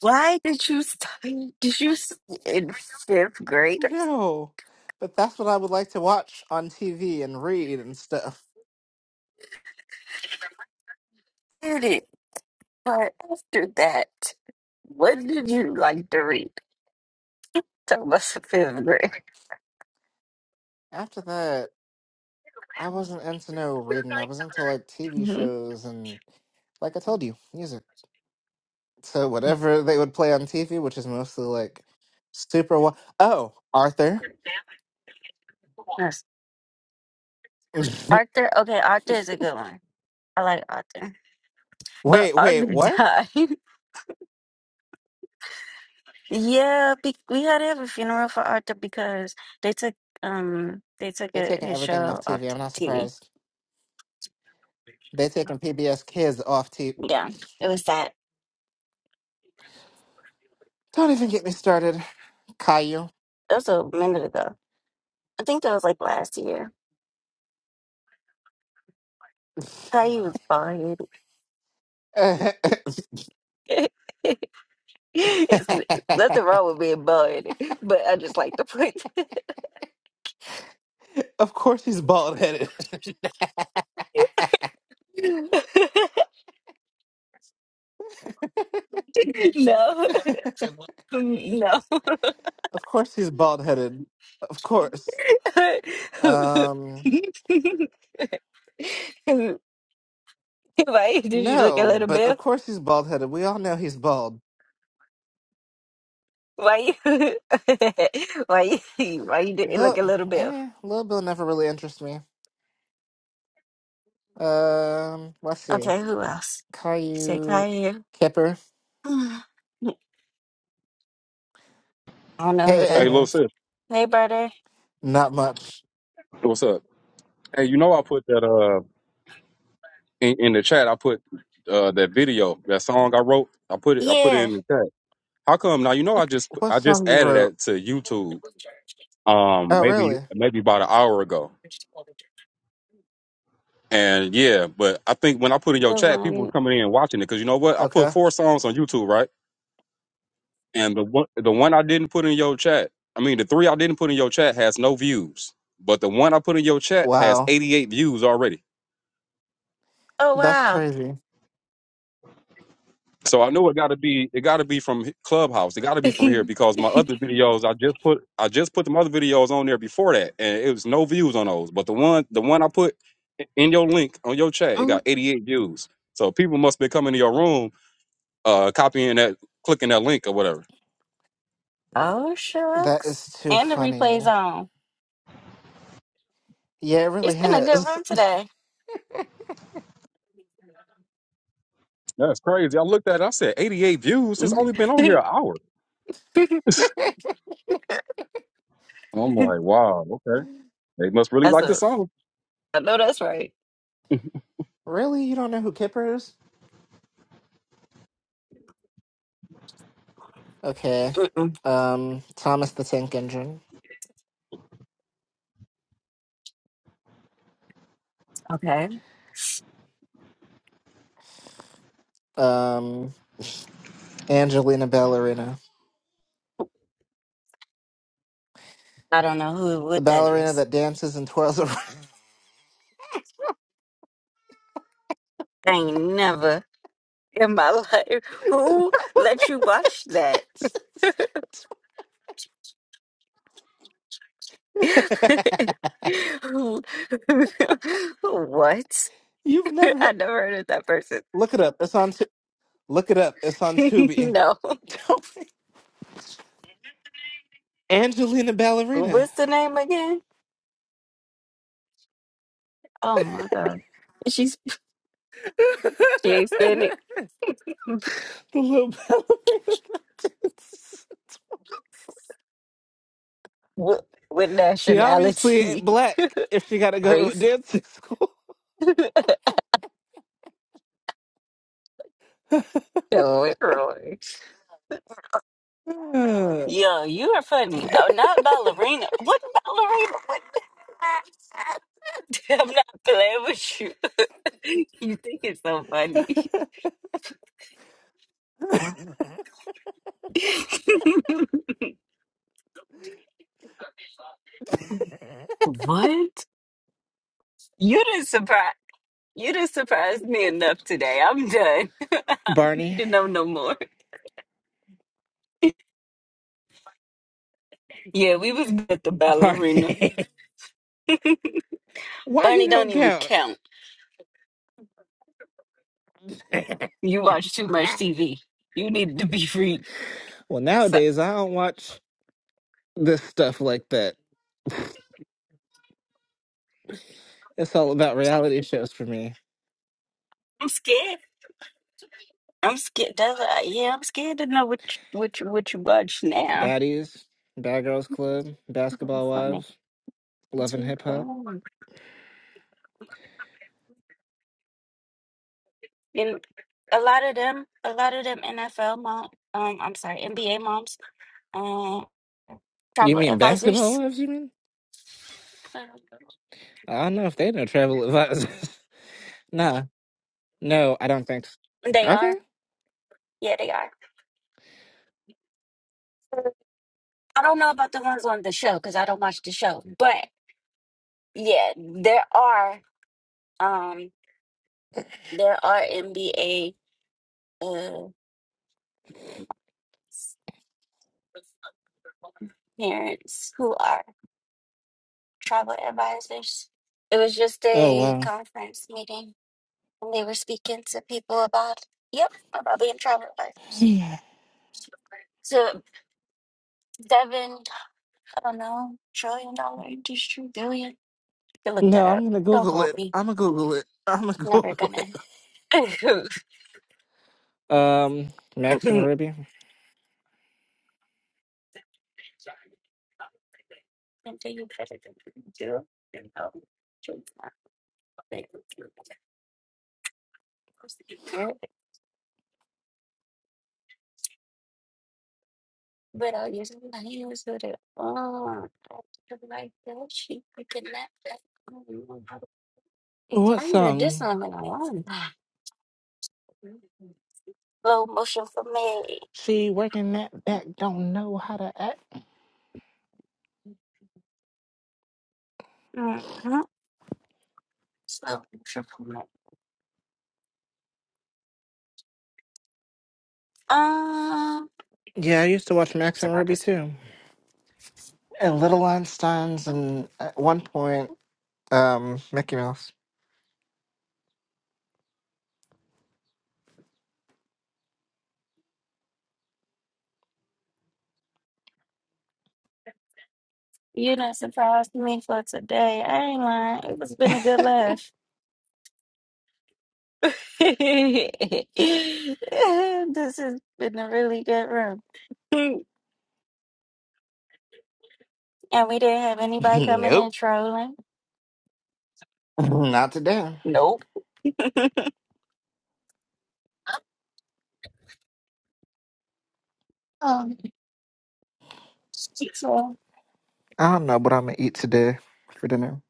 [SPEAKER 1] Why did you study? Did you s- in fifth grade? I
[SPEAKER 9] No, but that's what I would like to watch on TV and read and stuff.
[SPEAKER 1] did it, but after that, what did you like to read? Talk about the fifth grade.
[SPEAKER 9] After that, I wasn't into no reading. I was into like TV
[SPEAKER 1] hmm
[SPEAKER 9] shows and, like I told you, music. So whatever they would play on TV, which is mostly like super. Wa- oh, Arthur.
[SPEAKER 1] Yes. Arthur. Okay, Arthur is a good one. I like Arthur. But
[SPEAKER 9] wait,
[SPEAKER 1] Arthur
[SPEAKER 9] wait, what?
[SPEAKER 1] died. yeah, be- we had to have a funeral for Arthur because they took um they took
[SPEAKER 9] They're
[SPEAKER 1] it,
[SPEAKER 9] taking
[SPEAKER 1] his
[SPEAKER 9] everything off
[SPEAKER 1] show off
[SPEAKER 9] TV. I'm
[SPEAKER 1] t-
[SPEAKER 9] not
[SPEAKER 1] TV.
[SPEAKER 9] surprised. They're taking PBS Kids off TV.
[SPEAKER 1] Yeah, it was sad.
[SPEAKER 9] Don't even get me started, Caillou.
[SPEAKER 1] That was a minute ago. I think that was like last year. How he was bald it's nothing wrong with being bald but I just like to point.
[SPEAKER 9] of course he's bald headed.
[SPEAKER 1] no, no.
[SPEAKER 9] of course he's bald headed. Of course.
[SPEAKER 1] why
[SPEAKER 9] Um
[SPEAKER 1] did you look a
[SPEAKER 9] no,
[SPEAKER 1] little
[SPEAKER 9] but of
[SPEAKER 1] bit?
[SPEAKER 9] course he's bald headed. We all know he's bald.
[SPEAKER 1] Why you why you why you didn't look a
[SPEAKER 9] Lil
[SPEAKER 1] little bit?
[SPEAKER 9] eh, Lil Bill never really interests me. Um let's see.
[SPEAKER 1] Okay, who else? Say
[SPEAKER 9] Caillou
[SPEAKER 1] Kaya.
[SPEAKER 9] Kipper.
[SPEAKER 1] I don't know who
[SPEAKER 4] Hey,
[SPEAKER 1] that
[SPEAKER 9] Hey,
[SPEAKER 4] little
[SPEAKER 1] is.
[SPEAKER 4] sis,
[SPEAKER 1] Hey brother.
[SPEAKER 9] not much.
[SPEAKER 4] what's up? Hey, you know I put that uh in, in the chat. I put uh that video, that song I wrote. I put it. I put it
[SPEAKER 1] Yeah.
[SPEAKER 4] in the chat. How come? Now you know I just
[SPEAKER 9] What
[SPEAKER 4] I just
[SPEAKER 9] song you
[SPEAKER 4] added
[SPEAKER 9] wrote?
[SPEAKER 4] that to YouTube. Um,
[SPEAKER 9] Oh
[SPEAKER 4] maybe
[SPEAKER 9] really?
[SPEAKER 4] maybe about an hour ago. And yeah, but I think when I put in your
[SPEAKER 1] The
[SPEAKER 4] chat, people was
[SPEAKER 1] one. Oh
[SPEAKER 4] coming in and watching it because you know what? I put
[SPEAKER 9] Okay.
[SPEAKER 4] four songs on YouTube, right? And the one, the one I didn't put in your chat, I mean, the three I didn't put in your chat has no views, but the one I put in your chat has
[SPEAKER 9] Wow.
[SPEAKER 4] 88 views already.
[SPEAKER 9] That's
[SPEAKER 1] wow.
[SPEAKER 9] crazy.
[SPEAKER 4] So I know it got to be, it got to be from h- Clubhouse. It got to be from here because my other videos, I just put, I just put the other videos on there before that, and it was no views on those. But the one, the one I put in your link on your chat, it got 88 views. So people must be coming to your room uh, copying that, clicking that link or whatever.
[SPEAKER 1] Oh
[SPEAKER 9] That is
[SPEAKER 1] shucks.
[SPEAKER 9] too
[SPEAKER 1] And the replay's
[SPEAKER 9] funny.
[SPEAKER 1] on.
[SPEAKER 9] Yeah, it really
[SPEAKER 1] It's been a good
[SPEAKER 9] has.
[SPEAKER 1] run today.
[SPEAKER 4] That's crazy. I looked at it. I said, 88 views. It's only been on here an hour. I'm like, wow, okay. They must really
[SPEAKER 1] that's
[SPEAKER 4] like the
[SPEAKER 1] a
[SPEAKER 4] song.
[SPEAKER 1] I know that's right.
[SPEAKER 9] really? You don't know who Kipper is? Okay.
[SPEAKER 1] Mm-mm.
[SPEAKER 9] Um, Thomas the Tank Engine.
[SPEAKER 1] Okay.
[SPEAKER 9] Um, Angelina Ballerina.
[SPEAKER 1] I don't know who
[SPEAKER 9] The
[SPEAKER 1] what that
[SPEAKER 9] ballerina
[SPEAKER 1] is.
[SPEAKER 9] that dances and twirls around.
[SPEAKER 1] I ain't never in my life.
[SPEAKER 9] The
[SPEAKER 1] Who let you
[SPEAKER 9] ballerina
[SPEAKER 1] watch
[SPEAKER 9] that
[SPEAKER 1] that?
[SPEAKER 9] dances.
[SPEAKER 1] Who- what?
[SPEAKER 9] You've never heard...
[SPEAKER 1] I never heard of that person.
[SPEAKER 9] Look it up. It's on... Tu- Look it up. It's on Tubi.
[SPEAKER 1] no.
[SPEAKER 9] Angelina Ballerina.
[SPEAKER 1] What's the name again? Oh my god. She's she Hispanic.
[SPEAKER 9] The little ballerina. bitches.
[SPEAKER 1] What what
[SPEAKER 9] she obviously ain't
[SPEAKER 1] nationality?
[SPEAKER 9] black if she got to go to a
[SPEAKER 1] Race?
[SPEAKER 9] dancing school.
[SPEAKER 1] Literally. Yo, you're funny. Oh, not ballerina. What ballerina? I'm not playing with you. You think it's so funny. What? You didn't surprise you didn't surprise me enough today. I'm done. I don't need
[SPEAKER 9] Barney,
[SPEAKER 1] to know no more. Yeah, we was at the ballerina.
[SPEAKER 9] Barney, why he
[SPEAKER 1] Bunny don't
[SPEAKER 9] don't
[SPEAKER 1] even
[SPEAKER 9] count?
[SPEAKER 1] count. You watch too much TV. You need to be free.
[SPEAKER 9] well,
[SPEAKER 1] So
[SPEAKER 9] nowadays I don't watch this stuff like that. It's all about reality shows for me.
[SPEAKER 1] I'm scared. I'm scared. That's, uh, yeah, I'm scared to know what you, what you, what you watch now.
[SPEAKER 9] Baddies, Bad Girls Club,
[SPEAKER 1] That's
[SPEAKER 9] Basketball
[SPEAKER 1] Funny.
[SPEAKER 9] Wives,
[SPEAKER 1] That's
[SPEAKER 9] Love and
[SPEAKER 1] what's
[SPEAKER 9] Hip Hop.
[SPEAKER 1] going on. a lot of them, a lot of them NFL mom, um, I'm sorry, NBA moms, um,
[SPEAKER 9] You
[SPEAKER 1] travel
[SPEAKER 9] mean Basketball
[SPEAKER 1] advisors.
[SPEAKER 9] Wives? You mean? I don't know if they know travel advisors. Nah, No, I don't think. s-
[SPEAKER 1] They
[SPEAKER 9] Are
[SPEAKER 1] are,
[SPEAKER 9] there?
[SPEAKER 1] yeah, they are. I don't know about the ones on the show because I don't watch the show, but yeah, there are, um, there are NBA uh parents who are travel advisors. It was just
[SPEAKER 9] Oh
[SPEAKER 1] a
[SPEAKER 9] wow.
[SPEAKER 1] conference meeting, and they were speaking to people about, yep, about being travel advisors.
[SPEAKER 9] Yeah.
[SPEAKER 1] So Devin. I don't know, trillion dollar industry, billion. You can look that
[SPEAKER 9] No, I'm
[SPEAKER 1] up.
[SPEAKER 9] gonna
[SPEAKER 1] Don't
[SPEAKER 9] Google
[SPEAKER 1] quote
[SPEAKER 9] it.
[SPEAKER 1] me.
[SPEAKER 9] I'm gonna Google it. I'm gonna
[SPEAKER 1] Never
[SPEAKER 9] Google
[SPEAKER 1] gonna.
[SPEAKER 9] it.
[SPEAKER 1] know.
[SPEAKER 9] Um, Max and Ruby.
[SPEAKER 1] And do you better than you do. You know, Truth not big. Good. but I using my hands with it. Oh, like that. She picking that. that.
[SPEAKER 9] What
[SPEAKER 1] I heard this
[SPEAKER 9] song?
[SPEAKER 1] one when I on. Slow motion for me.
[SPEAKER 9] She working that back. Don't know how to act.
[SPEAKER 1] Mm-hmm. Um,
[SPEAKER 9] Yeah, I used to watch Max
[SPEAKER 1] it's
[SPEAKER 9] and
[SPEAKER 1] about
[SPEAKER 9] Ruby
[SPEAKER 1] this.
[SPEAKER 9] too, and Little Einsteins, and at one point, um, Mickey Mouse.
[SPEAKER 1] You done surprised me for today. I ain't lying. It's been a good laugh. This has been a really good room. And we didn't have anybody coming in
[SPEAKER 9] nope,
[SPEAKER 1] trolling.
[SPEAKER 9] not today.
[SPEAKER 1] Nope. Um, so
[SPEAKER 9] I don't know what I'm gonna eat today for dinner.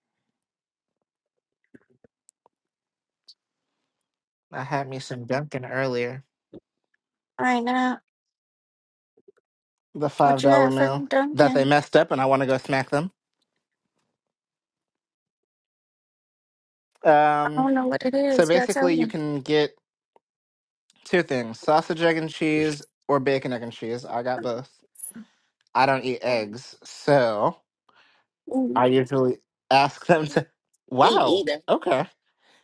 [SPEAKER 9] I had me some Dunkin' earlier.
[SPEAKER 1] right now,
[SPEAKER 9] the five
[SPEAKER 1] what you
[SPEAKER 9] dollar
[SPEAKER 1] have for me,
[SPEAKER 9] meal that they
[SPEAKER 1] Duncan?
[SPEAKER 9] messed up, and I want to go smack them.
[SPEAKER 1] I
[SPEAKER 9] Um,
[SPEAKER 1] don't know what it
[SPEAKER 9] so
[SPEAKER 1] is. You gotta tell
[SPEAKER 9] basically, you
[SPEAKER 1] me.
[SPEAKER 9] can get two things: sausage, egg, and cheese, or bacon, egg, and cheese. I got both. I don't eat eggs, so
[SPEAKER 1] Mm,
[SPEAKER 9] I usually ask them to.
[SPEAKER 1] eat.
[SPEAKER 9] Wow. Okay.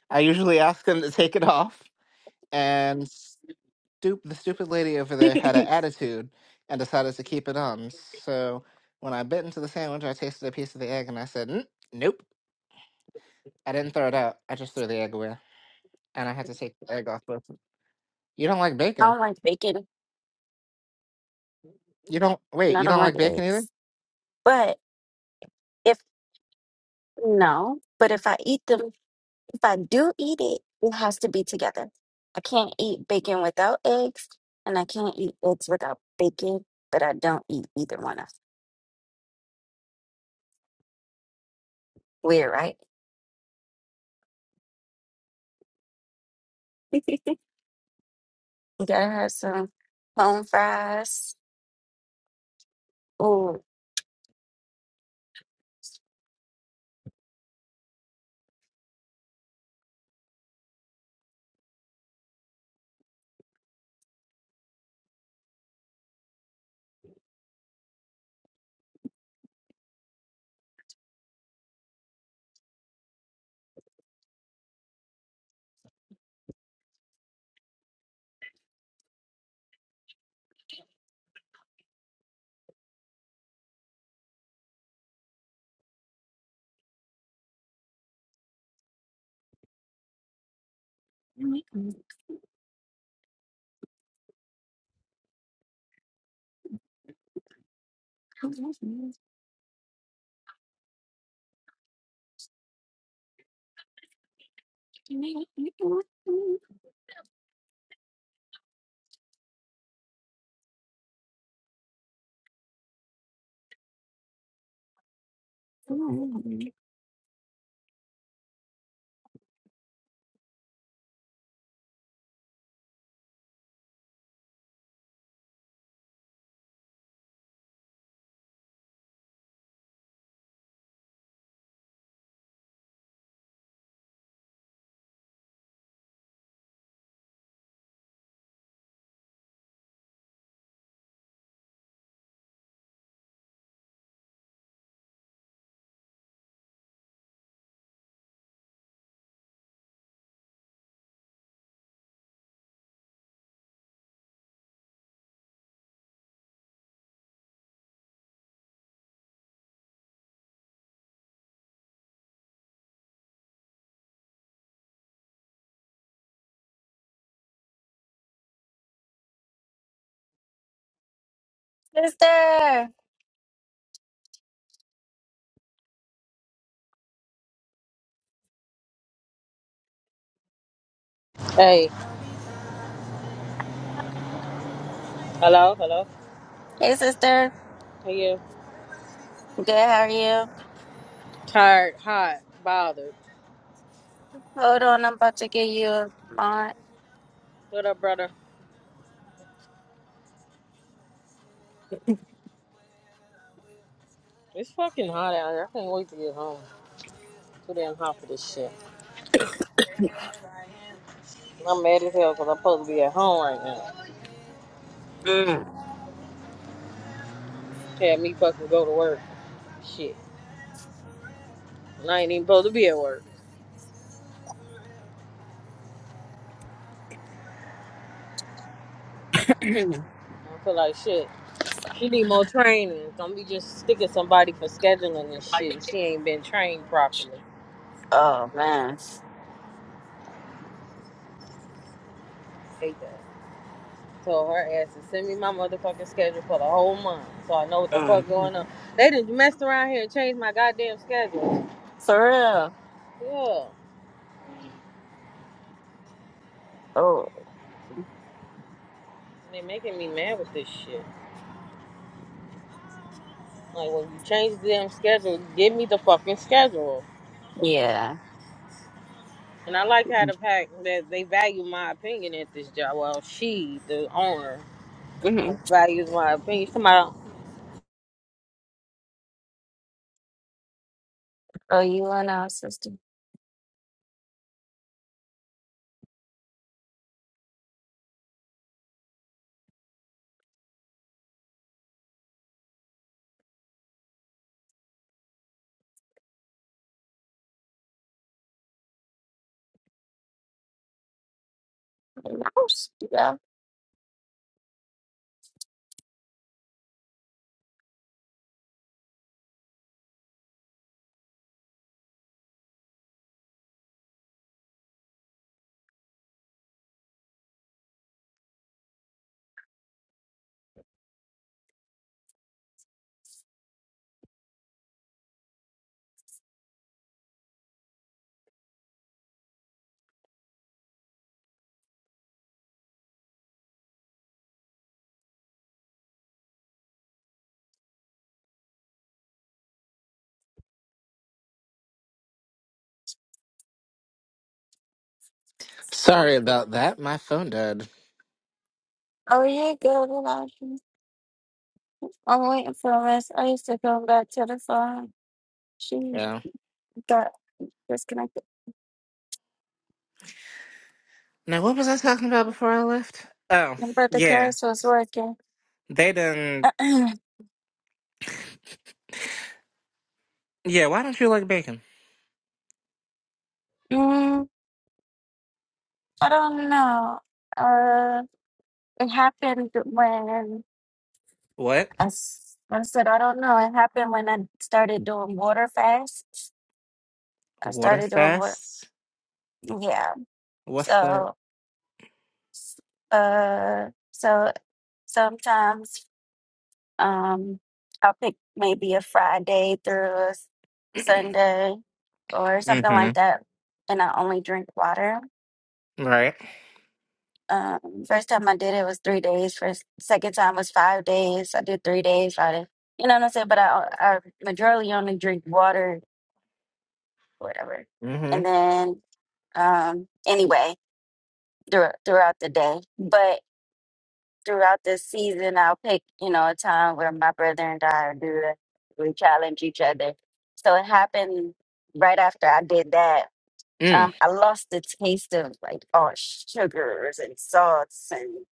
[SPEAKER 9] I usually ask them to take it off, and stoop the stupid lady over there had an attitude and decided to keep it on. So when I bit into the sandwich, I tasted a piece of the egg, and I said, "Mm, "Nope." I didn't throw it out. I just threw the egg away. and I had to take the egg off both. of- You don't like
[SPEAKER 1] I
[SPEAKER 9] bacon.
[SPEAKER 1] don't like bacon
[SPEAKER 9] You don't
[SPEAKER 1] and
[SPEAKER 9] wait.
[SPEAKER 1] I
[SPEAKER 9] You
[SPEAKER 1] don't
[SPEAKER 9] don't like
[SPEAKER 1] like
[SPEAKER 9] bacon either.
[SPEAKER 1] eggs. But if no, but if I eat them. If I do eat it, it has to be together. I can't eat bacon without eggs, and I can't eat eggs without bacon, but I don't eat either one of them. Weird, right? You gotta have some home fries. Ooh. Sister!
[SPEAKER 11] Hey, hello, hello.
[SPEAKER 1] Hey, sister.
[SPEAKER 11] How you?
[SPEAKER 1] Good, how are you?
[SPEAKER 11] Tired, hot, bothered.
[SPEAKER 1] Hold on, I'm about to give you a mod.
[SPEAKER 11] What up, brother? It's fucking hot out here. I can't wait to get home. Too damn hot for this shit. I'm mad as hell because I'm supposed to be at home right now.
[SPEAKER 1] Mm.
[SPEAKER 11] Had me fucking go to work. Shit. And I ain't even supposed to be at work. I feel like shit. She need more training. Don't be just sticking somebody for scheduling and shit. She ain't been trained properly.
[SPEAKER 1] Oh, man.
[SPEAKER 11] Hate that. Told her ass to send me my motherfucking schedule for the whole month so I know what the fuck going on.
[SPEAKER 1] Mm.
[SPEAKER 11] They done messed around here and changed my goddamn schedule.
[SPEAKER 1] For real.
[SPEAKER 11] Yeah.
[SPEAKER 1] Oh,
[SPEAKER 11] They making me mad with this shit. Like when you change the damn schedule, give me the fucking schedule.
[SPEAKER 1] yeah.
[SPEAKER 11] And I like how the fact that they value my opinion at this job. Well, she, the owner,
[SPEAKER 1] hmm
[SPEAKER 11] values my opinion. Somebody,
[SPEAKER 1] Oh, you and our sister. Oops.
[SPEAKER 9] Sorry about that. My phone died.
[SPEAKER 1] Oh, yeah, good. Relaxing. I'm waiting for Miss Ice to come back to the phone. She
[SPEAKER 9] Yeah.
[SPEAKER 1] got disconnected.
[SPEAKER 9] Now what was I talking about before I left? Oh
[SPEAKER 1] But the
[SPEAKER 9] yeah,
[SPEAKER 1] cast was working.
[SPEAKER 9] they done.
[SPEAKER 1] mm,
[SPEAKER 9] Yeah. Why don't you like bacon?
[SPEAKER 1] I don't know. Uh, it happened when
[SPEAKER 9] What?
[SPEAKER 1] I, s- I said, I don't know. It happened when I started doing water fasts. I
[SPEAKER 9] Water
[SPEAKER 1] started doing water.
[SPEAKER 9] fasts?
[SPEAKER 1] Yeah.
[SPEAKER 9] What's that?
[SPEAKER 1] So, uh, so sometimes. Um, I'll pick maybe a Friday through a s- Sunday or something like
[SPEAKER 9] mm-hmm.
[SPEAKER 1] that, and I only drink water.
[SPEAKER 9] Right.
[SPEAKER 1] Um, first time I did it was three days. First, second time was five days. I did three days, Friday. You know what I'm saying? But I, I majority only drink water, whatever.
[SPEAKER 9] Mm-hmm.
[SPEAKER 1] And then, um, anyway, through, throughout the day. but. throughout this season, I'll pick, you know, a time where my brother and I do that. We challenge each other. So it happened right after I did that.
[SPEAKER 9] Mm.
[SPEAKER 1] Um, I lost the taste of like all sugars and salts and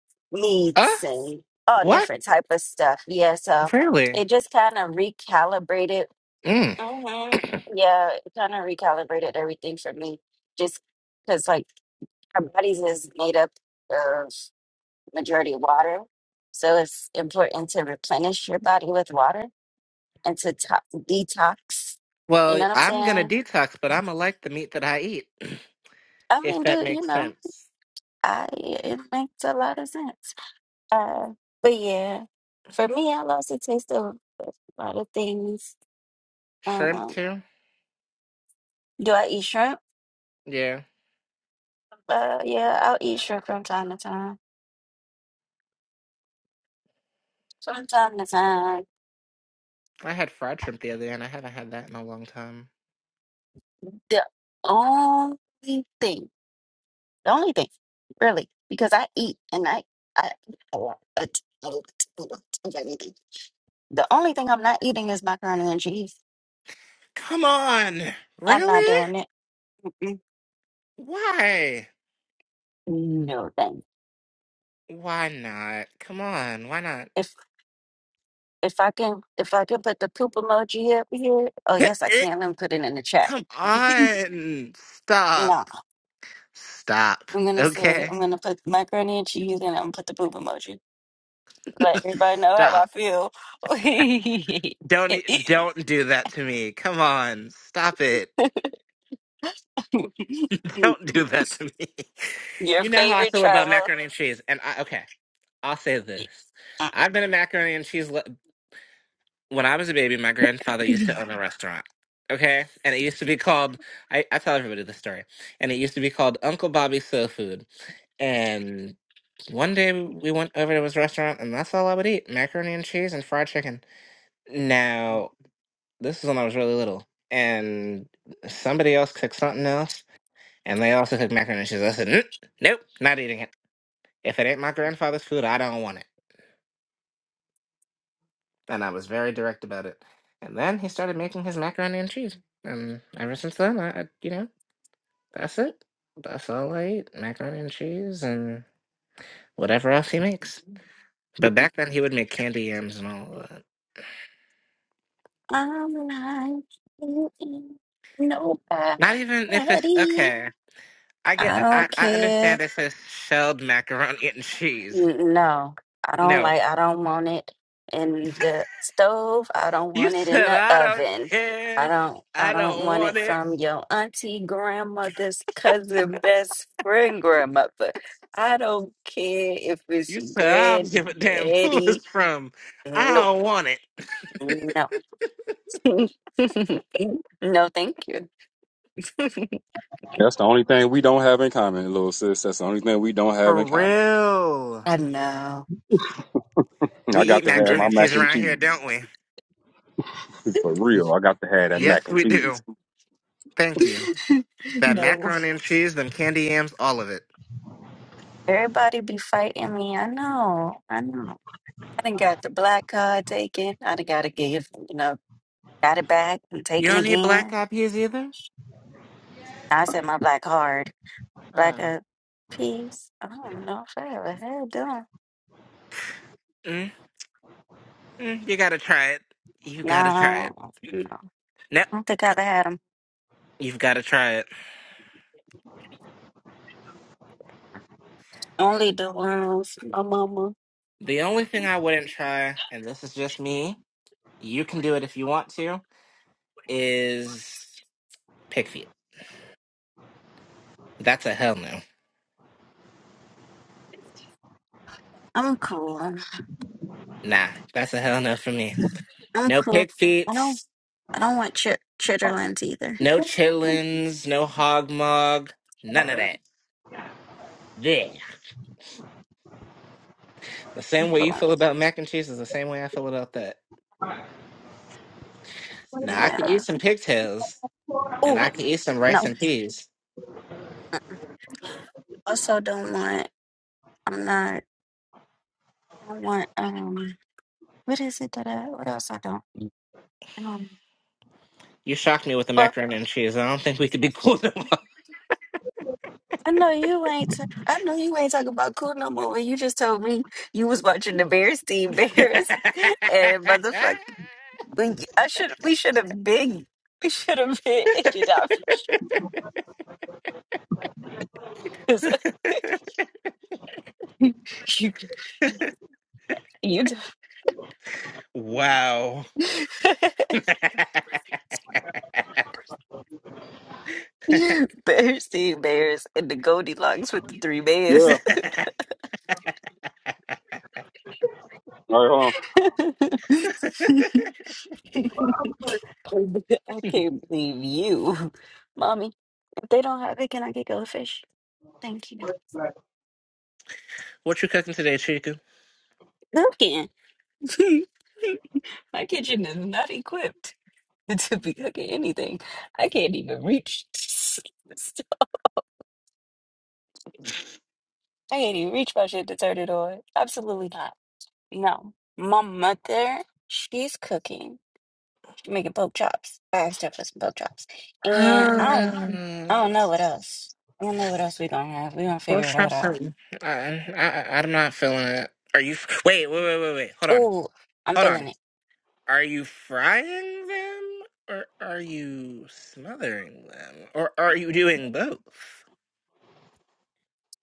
[SPEAKER 9] Uh.
[SPEAKER 1] meats and all
[SPEAKER 9] What?
[SPEAKER 1] different type of stuff. Yeah, so
[SPEAKER 9] Really?
[SPEAKER 1] it just kind of recalibrated.
[SPEAKER 9] Mm.
[SPEAKER 1] hmm Yeah, it kind of recalibrated everything for me. Just because like our bodies is made up majority water. So it's important to replenish your body with water and to, to- detox. You
[SPEAKER 9] Well,
[SPEAKER 1] know what I'm
[SPEAKER 9] I'm gonna
[SPEAKER 1] saying?
[SPEAKER 9] detox, but I'm gonna like the meat that I eat,
[SPEAKER 1] I
[SPEAKER 9] if
[SPEAKER 1] mean,
[SPEAKER 9] that
[SPEAKER 1] dude, you
[SPEAKER 9] makes
[SPEAKER 1] know,
[SPEAKER 9] sense.
[SPEAKER 1] I it makes a lot of sense. Uh, but yeah, for me, I lost a taste of a lot of things.
[SPEAKER 9] Shrimp
[SPEAKER 1] Um,
[SPEAKER 9] too?
[SPEAKER 1] do I eat shrimp?
[SPEAKER 9] Yeah.
[SPEAKER 1] Uh, yeah, I'll eat shrimp from time to time. From time to time.
[SPEAKER 9] I had fried shrimp the other day, and I haven't had that in a long time.
[SPEAKER 1] The only thing. The only thing, really, because I eat and I, I eat a lot, a t- a lot, a lot of everything. The only thing I'm not eating is macaroni and cheese.
[SPEAKER 9] Come on!
[SPEAKER 1] I'm not
[SPEAKER 9] Really?
[SPEAKER 1] doing it. Mm-mm.
[SPEAKER 9] Why?
[SPEAKER 1] No thing.
[SPEAKER 9] Why not? Come on, why not?
[SPEAKER 1] If if I can if I can put the poop emoji up here, oh yes I can. Let me put it in the chat.
[SPEAKER 9] Come on!
[SPEAKER 1] no,
[SPEAKER 9] Stop. Stop.
[SPEAKER 1] I'm gonna say
[SPEAKER 9] Okay?
[SPEAKER 1] I'm gonna put macaroni and cheese and I'm gonna put the poop emoji. Let everybody know how I
[SPEAKER 9] Stop.
[SPEAKER 1] feel.
[SPEAKER 9] Don't e- don't do that to me. Come on. Stop it. Don't do that to me.
[SPEAKER 1] Your
[SPEAKER 9] You know how I
[SPEAKER 1] favorite
[SPEAKER 9] feel about
[SPEAKER 1] travel.
[SPEAKER 9] macaroni and cheese. And I, okay, I'll say this. I've been a macaroni and cheese. lo- When I was a baby, my grandfather used to own a restaurant. Okay. And it used to be called, I, I tell everybody this story. And it used to be called Uncle Bobby's Soul Food. And one day we went over to his restaurant, and that's all I would eat macaroni and cheese and fried chicken. Now, this is when I was really little. And somebody else cooked something else and they also cook macaroni and cheese. I said, "Mm, nope, not eating it. If it ain't my grandfather's food, I don't want it. And I was very direct about it. And then he started making his macaroni and cheese. And ever since then, I, I you know, that's it. That's all I eat macaroni and cheese and whatever else he makes. But back then, he would make candy yams and all of that.
[SPEAKER 1] I'm like you ain't nobody.
[SPEAKER 9] Not even if it's okay. I
[SPEAKER 1] I
[SPEAKER 9] get, I,
[SPEAKER 1] don't
[SPEAKER 9] I
[SPEAKER 1] care.
[SPEAKER 9] understand it says shelled macaroni and cheese.
[SPEAKER 1] N- No, I don't
[SPEAKER 9] No.
[SPEAKER 1] like. I don't want it in the stove. I don't
[SPEAKER 9] You
[SPEAKER 1] want it in
[SPEAKER 9] said,
[SPEAKER 1] the
[SPEAKER 9] I don't
[SPEAKER 1] oven. I
[SPEAKER 9] care.
[SPEAKER 1] don't. I
[SPEAKER 9] I
[SPEAKER 1] don't
[SPEAKER 9] don't
[SPEAKER 1] want
[SPEAKER 9] want
[SPEAKER 1] it
[SPEAKER 9] it.
[SPEAKER 1] from your auntie, grandmother's cousin, best friend, grandmother. I don't care if it's
[SPEAKER 9] You said I don't give a damn who it's
[SPEAKER 1] granddaddy.
[SPEAKER 9] from. I
[SPEAKER 1] Nope.
[SPEAKER 9] don't want it.
[SPEAKER 1] No. no, thank you.
[SPEAKER 4] That's the only thing we don't have in common, little sis. That's the only thing we don't have
[SPEAKER 9] For
[SPEAKER 4] in common.
[SPEAKER 9] real.
[SPEAKER 1] I know.
[SPEAKER 4] I
[SPEAKER 9] We
[SPEAKER 4] got
[SPEAKER 9] eat
[SPEAKER 4] to
[SPEAKER 1] I'm
[SPEAKER 4] have
[SPEAKER 1] just
[SPEAKER 9] macaroni
[SPEAKER 4] my
[SPEAKER 9] and
[SPEAKER 4] mac
[SPEAKER 9] cheese
[SPEAKER 4] and
[SPEAKER 9] around here,
[SPEAKER 4] cheese.
[SPEAKER 9] don't we?
[SPEAKER 4] For real. I got to have that
[SPEAKER 9] Yes,
[SPEAKER 4] mac and
[SPEAKER 9] we do.
[SPEAKER 4] cheese.
[SPEAKER 9] Thank you. That
[SPEAKER 1] no.
[SPEAKER 9] macaroni and cheese, them candy yams, all of it.
[SPEAKER 1] Everybody be fighting me. I know. I know. I done got the black card taken. I done got to give. You know, got it back and
[SPEAKER 9] You
[SPEAKER 1] taken
[SPEAKER 9] don't need black
[SPEAKER 1] again.
[SPEAKER 9] eyed peas either?
[SPEAKER 1] I said my black card, black
[SPEAKER 9] Oh.
[SPEAKER 1] card piece. I don't know if I ever had them.
[SPEAKER 9] Mm, mm, you gotta try it. You
[SPEAKER 1] No,
[SPEAKER 9] gotta
[SPEAKER 1] I
[SPEAKER 9] try it.
[SPEAKER 1] don't, no,
[SPEAKER 9] No,
[SPEAKER 1] I don't think I
[SPEAKER 9] c-
[SPEAKER 1] ever had them.
[SPEAKER 9] you've gotta try it.
[SPEAKER 1] Only the ones from my mama.
[SPEAKER 9] The only thing I wouldn't try, and this is just me, you can do it if you want to, is pig feet. That's a hell no. Nah, that's a hell no for me. No pig feet, no chillins, no hog mog, none of that. Yeah. The same way you feel about mac and cheese is the same way I feel about that. Now I could eat
[SPEAKER 1] Yeah.
[SPEAKER 9] some pigtails and
[SPEAKER 1] Oh
[SPEAKER 9] I could eat some rice
[SPEAKER 1] no.
[SPEAKER 9] and peas.
[SPEAKER 1] Also, don't want. I'm not. I don't want. Um. What is it that I? What else I don't?
[SPEAKER 9] You shocked me with the
[SPEAKER 1] Um.
[SPEAKER 9] macaroni and cheese. I don't think we could be cool no more.
[SPEAKER 1] I know you ain't. T- I know you ain't talking about cool no more. When you just told me you was watching the Bears team Bears, and motherfucker, we I should we should have been we should have been issued out for sure. you you
[SPEAKER 9] wow.
[SPEAKER 1] you- Bears team Bears and the Goldilocks with the three
[SPEAKER 4] Yeah. All
[SPEAKER 1] bears.
[SPEAKER 4] right, hold on.
[SPEAKER 1] I can't believe you, mommy. If they don't have it, can I get goldfish? Thank you.
[SPEAKER 9] what you cooking today, Chica?
[SPEAKER 1] cooking. My kitchen is not equipped to be cooking anything. I can't even reach. I can't even reach my shit to turn it on. Absolutely not. No. My mother, she's cooking. She's making pork chops. I asked her for some pork chops. And I don't I
[SPEAKER 9] Um,
[SPEAKER 1] don't know what else. I don't know what else we gonna have. we gonna
[SPEAKER 9] Or
[SPEAKER 1] figure
[SPEAKER 9] stop
[SPEAKER 1] that out.
[SPEAKER 9] something. I, I, I- am not feeling it. Are you? Wait, wait, wait, wait, wait. Hold on.
[SPEAKER 1] Ooh, I'm
[SPEAKER 9] Hold on.
[SPEAKER 1] feeling it.
[SPEAKER 9] Are you frying them? Or are you smothering them? Or are you doing both?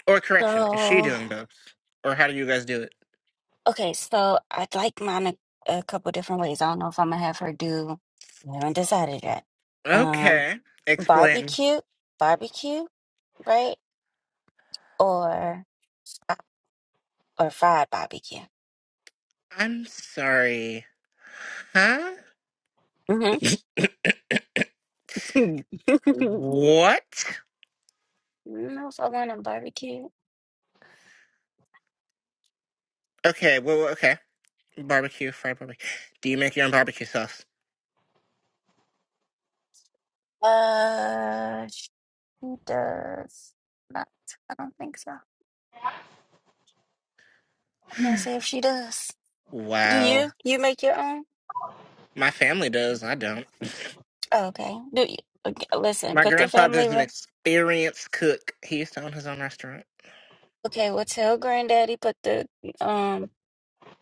[SPEAKER 9] Or correction, is she
[SPEAKER 1] So
[SPEAKER 9] doing both? Or how do you guys do it?
[SPEAKER 1] Okay, so I'd like mine a, a couple different ways. I don't know if I'm gonna have her do. I haven't decided yet. Um,
[SPEAKER 9] Okay. Explain.
[SPEAKER 1] barbecue, barbecue, right? Or or fried barbecue.
[SPEAKER 9] I'm sorry. Huh?
[SPEAKER 1] Mm-hmm.
[SPEAKER 9] What?
[SPEAKER 1] no, if I want a barbecue.
[SPEAKER 9] Okay, well, well, okay. Barbecue, fried barbecue. Do you make your own barbecue sauce?
[SPEAKER 1] Uh, she does not. I don't think so. I can't say if she does. Do
[SPEAKER 9] Wow.
[SPEAKER 1] you? You make your own?
[SPEAKER 9] My family does. I don't.
[SPEAKER 1] Oh, okay. Do you? Okay, listen,
[SPEAKER 9] My
[SPEAKER 1] put the
[SPEAKER 9] grandfather's an
[SPEAKER 1] family.
[SPEAKER 9] experienced cook. He used to own his own restaurant.
[SPEAKER 1] Okay, well, tell Granddaddy put the um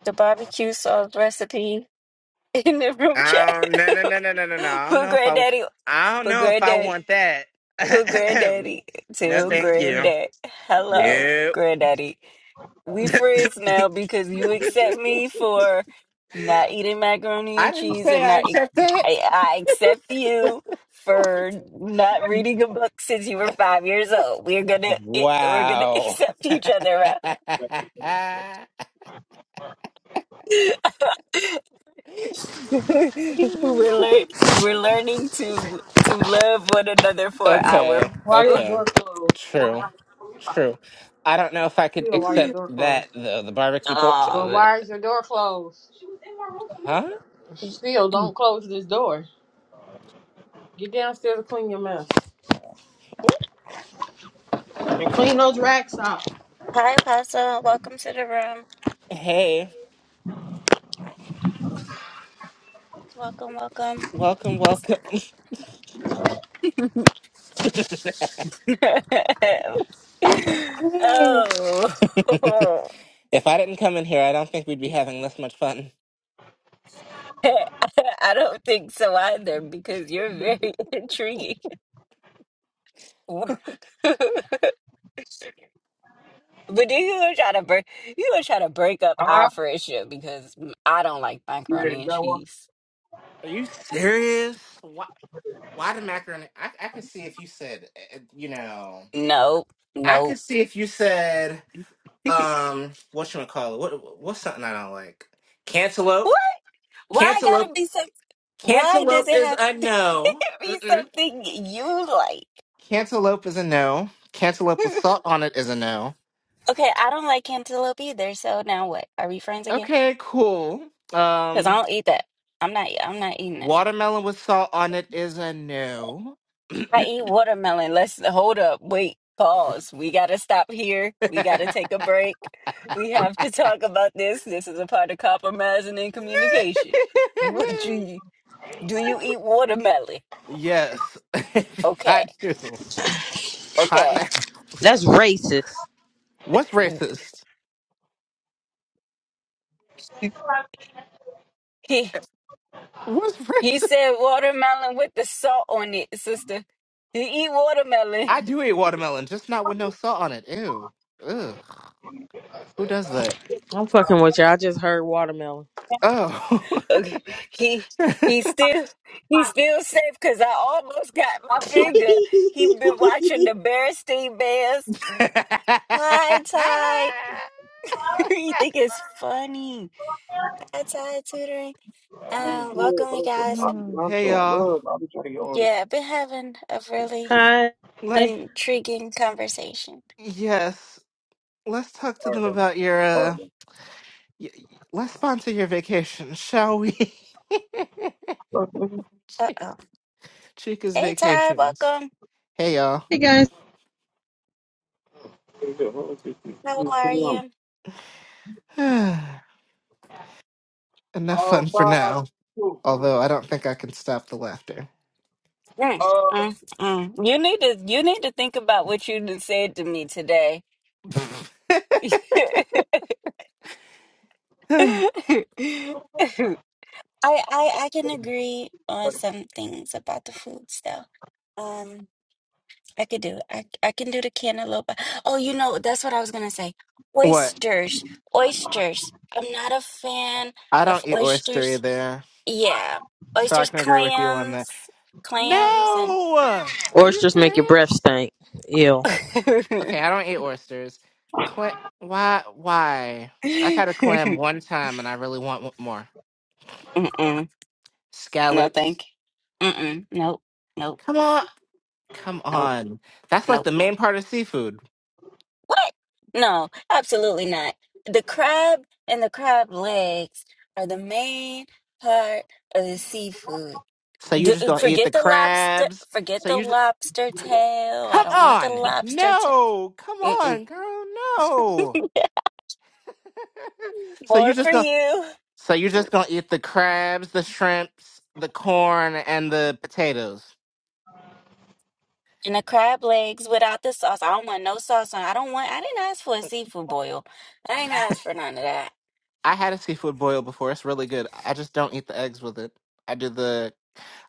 [SPEAKER 1] the barbecue sauce recipe in the room chat.
[SPEAKER 9] I don't no no no no no no no. I don't
[SPEAKER 1] put
[SPEAKER 9] know if I
[SPEAKER 1] Granddaddy,
[SPEAKER 9] I don't
[SPEAKER 1] put
[SPEAKER 9] know if I
[SPEAKER 1] Granddaddy,
[SPEAKER 9] want that.
[SPEAKER 1] put Granddaddy.
[SPEAKER 9] no,
[SPEAKER 1] Tell
[SPEAKER 9] thank you.
[SPEAKER 1] Granddad, hello,
[SPEAKER 9] Nope.
[SPEAKER 1] Granddaddy. We friends now because you accept me for not eating macaroni
[SPEAKER 9] I
[SPEAKER 1] and
[SPEAKER 9] didn't
[SPEAKER 1] cheese,
[SPEAKER 9] say
[SPEAKER 1] and
[SPEAKER 9] I
[SPEAKER 1] not e-"
[SPEAKER 9] accept
[SPEAKER 1] I,
[SPEAKER 9] it.
[SPEAKER 1] I accept you for not reading a book since you were five years old. We're gonna eh, we're gonna
[SPEAKER 9] Wow.
[SPEAKER 1] accept each other. right? we're lear- we're learning to to love one another for
[SPEAKER 9] okay,
[SPEAKER 1] our
[SPEAKER 11] why your
[SPEAKER 9] okay.
[SPEAKER 11] door closed?
[SPEAKER 9] True, true. I don't know if I could
[SPEAKER 11] Still, why your
[SPEAKER 9] accept
[SPEAKER 11] door
[SPEAKER 9] that
[SPEAKER 11] closed?
[SPEAKER 9] though. The barbecue pork. chop-
[SPEAKER 11] Well,
[SPEAKER 1] um
[SPEAKER 11] why is your door closed? She was in my room two minutes
[SPEAKER 9] Huh?
[SPEAKER 11] ago. Still, don't close this door. Get downstairs and clean your mess.
[SPEAKER 9] Ooh,
[SPEAKER 11] And clean those racks out.
[SPEAKER 1] Hi, Apostle. Welcome to the room.
[SPEAKER 9] hey.
[SPEAKER 1] Welcome, welcome.
[SPEAKER 9] Welcome, welcome. if
[SPEAKER 1] oh
[SPEAKER 9] I didn't come in here, I don't think we'd be having this much fun.
[SPEAKER 1] I don't think so either because you're very intriguing. But then you gonna try to break you gonna try to break up our friendship because I don't like macaroni and cheese.
[SPEAKER 9] Are you serious? Why the macaroni? I, I could see if you said, uh, you know,
[SPEAKER 1] Nope,
[SPEAKER 9] I could
[SPEAKER 1] nope.
[SPEAKER 9] see if you said, um, what you call it? What what's something I don't like? Cantaloupe.
[SPEAKER 1] What? Why it
[SPEAKER 9] Cantaloupe.
[SPEAKER 1] gotta be so? Why does
[SPEAKER 9] Cantaloupe
[SPEAKER 1] it
[SPEAKER 9] is
[SPEAKER 1] have
[SPEAKER 9] a
[SPEAKER 1] to
[SPEAKER 9] no.
[SPEAKER 1] be
[SPEAKER 9] Mm-mm.
[SPEAKER 1] something you like?
[SPEAKER 9] Cantaloupe is a no. Cantaloupe with salt on it is a no.
[SPEAKER 1] okay, I don't like cantaloupe either. So now what? Are we friends again?
[SPEAKER 9] Okay, cool.
[SPEAKER 1] Because I
[SPEAKER 9] Um,
[SPEAKER 1] don't eat that. I'm not. I'm not eating that.
[SPEAKER 9] watermelon with salt on it is a no.
[SPEAKER 1] I eat watermelon. Let's hold up. Wait, pause. We got to stop here. We got to take a break. We have to talk about this. This is a part of compromising in communication. What do you do? You eat watermelon?
[SPEAKER 9] yes,
[SPEAKER 1] Okay,
[SPEAKER 9] I do. Hot now.
[SPEAKER 1] okay.
[SPEAKER 11] That's racist.
[SPEAKER 9] What's racist?
[SPEAKER 1] He
[SPEAKER 9] What's
[SPEAKER 1] he
[SPEAKER 9] racist?
[SPEAKER 1] said watermelon with the salt on it, sister. You eat watermelon.
[SPEAKER 9] I do eat watermelon, just not with no salt on it. Ew. Ugh. Who does that?
[SPEAKER 11] I'm fucking with you. I just heard watermelon.
[SPEAKER 9] Oh.
[SPEAKER 1] Okay. He he still he's still safe because I almost got my finger. He been watching the Berenstein Bears Hi, Ty. you think it's funny? Hi, Ty. Tutoring.
[SPEAKER 4] I mean,
[SPEAKER 1] Um,
[SPEAKER 4] yeah,
[SPEAKER 1] welcome, you
[SPEAKER 4] bro, bro,
[SPEAKER 1] guys.
[SPEAKER 4] I'm, I'm
[SPEAKER 9] hey
[SPEAKER 4] trying,
[SPEAKER 9] y'all.
[SPEAKER 4] bro. I'm trying to get all this
[SPEAKER 1] Yeah, I've been having a really
[SPEAKER 11] Hi.
[SPEAKER 9] Let
[SPEAKER 1] intriguing conversation.
[SPEAKER 9] yes. Let's talk to them
[SPEAKER 4] goddamn
[SPEAKER 9] about your
[SPEAKER 4] hard.
[SPEAKER 9] uh. Y- y- let's sponsor your vacation, shall we?
[SPEAKER 1] Uh oh.
[SPEAKER 9] Chica's
[SPEAKER 1] Hey, Ty.
[SPEAKER 9] vacations.
[SPEAKER 1] Welcome.
[SPEAKER 9] Hey y'all.
[SPEAKER 12] Hey guys.
[SPEAKER 1] How are you?
[SPEAKER 9] Enough
[SPEAKER 4] Oh,
[SPEAKER 9] fun for
[SPEAKER 4] five,
[SPEAKER 9] now.
[SPEAKER 4] two.
[SPEAKER 9] Although I don't think I can stop the laughter.
[SPEAKER 1] Mm, mm, mm. You need to you need to think about what you done said to me today. I I I can agree on some things about the food stuff. Um, I could do it. I, I can do the cantaloupe. Oh, you know, that's what I was gonna say.
[SPEAKER 9] what?
[SPEAKER 1] Oysters, oysters. I'm not a fan
[SPEAKER 9] I
[SPEAKER 1] of
[SPEAKER 9] don't eat oyster
[SPEAKER 1] oysters.
[SPEAKER 9] either.
[SPEAKER 1] Yeah,
[SPEAKER 9] So I
[SPEAKER 1] oysters,
[SPEAKER 9] can agree with you on that.
[SPEAKER 1] clams, clams, and
[SPEAKER 9] No! Are you
[SPEAKER 11] Oysters make your breath
[SPEAKER 9] serious?
[SPEAKER 11] stink. Ew.
[SPEAKER 9] Okay, I don't eat oysters. Clam why why? I've had a clam one time and I really want one more.
[SPEAKER 1] Mm-mm. No,
[SPEAKER 9] Scallops.
[SPEAKER 1] thank you. Mm-mm. Nope, nope,
[SPEAKER 9] Come on. Come
[SPEAKER 1] nope,
[SPEAKER 9] on. That's like
[SPEAKER 1] nope.
[SPEAKER 9] the main part of seafood.
[SPEAKER 1] What? No, absolutely not. The crab and the crab legs are the main part of the seafood.
[SPEAKER 9] So you're
[SPEAKER 1] D
[SPEAKER 9] just gonna eat the
[SPEAKER 1] forget the lobster.
[SPEAKER 9] crabs?
[SPEAKER 1] Forget
[SPEAKER 9] So
[SPEAKER 1] the
[SPEAKER 9] you just
[SPEAKER 1] lobster tail. I
[SPEAKER 9] come
[SPEAKER 1] don't want the
[SPEAKER 9] on,
[SPEAKER 1] lobster tail.
[SPEAKER 9] no, come
[SPEAKER 1] Mm-mm.
[SPEAKER 9] on, girl, no. So you're
[SPEAKER 1] More
[SPEAKER 9] just
[SPEAKER 1] for
[SPEAKER 9] gonna
[SPEAKER 1] you.
[SPEAKER 9] so you're just gonna eat the crabs, the shrimps, the corn, and the potatoes.
[SPEAKER 1] And the crab legs without the sauce. I don't want no sauce on. I don't want. I didn't ask for a seafood boil. I ain't asked for none of that.
[SPEAKER 9] I had a seafood boil before. It's really good. I just don't eat the eggs with it. I did the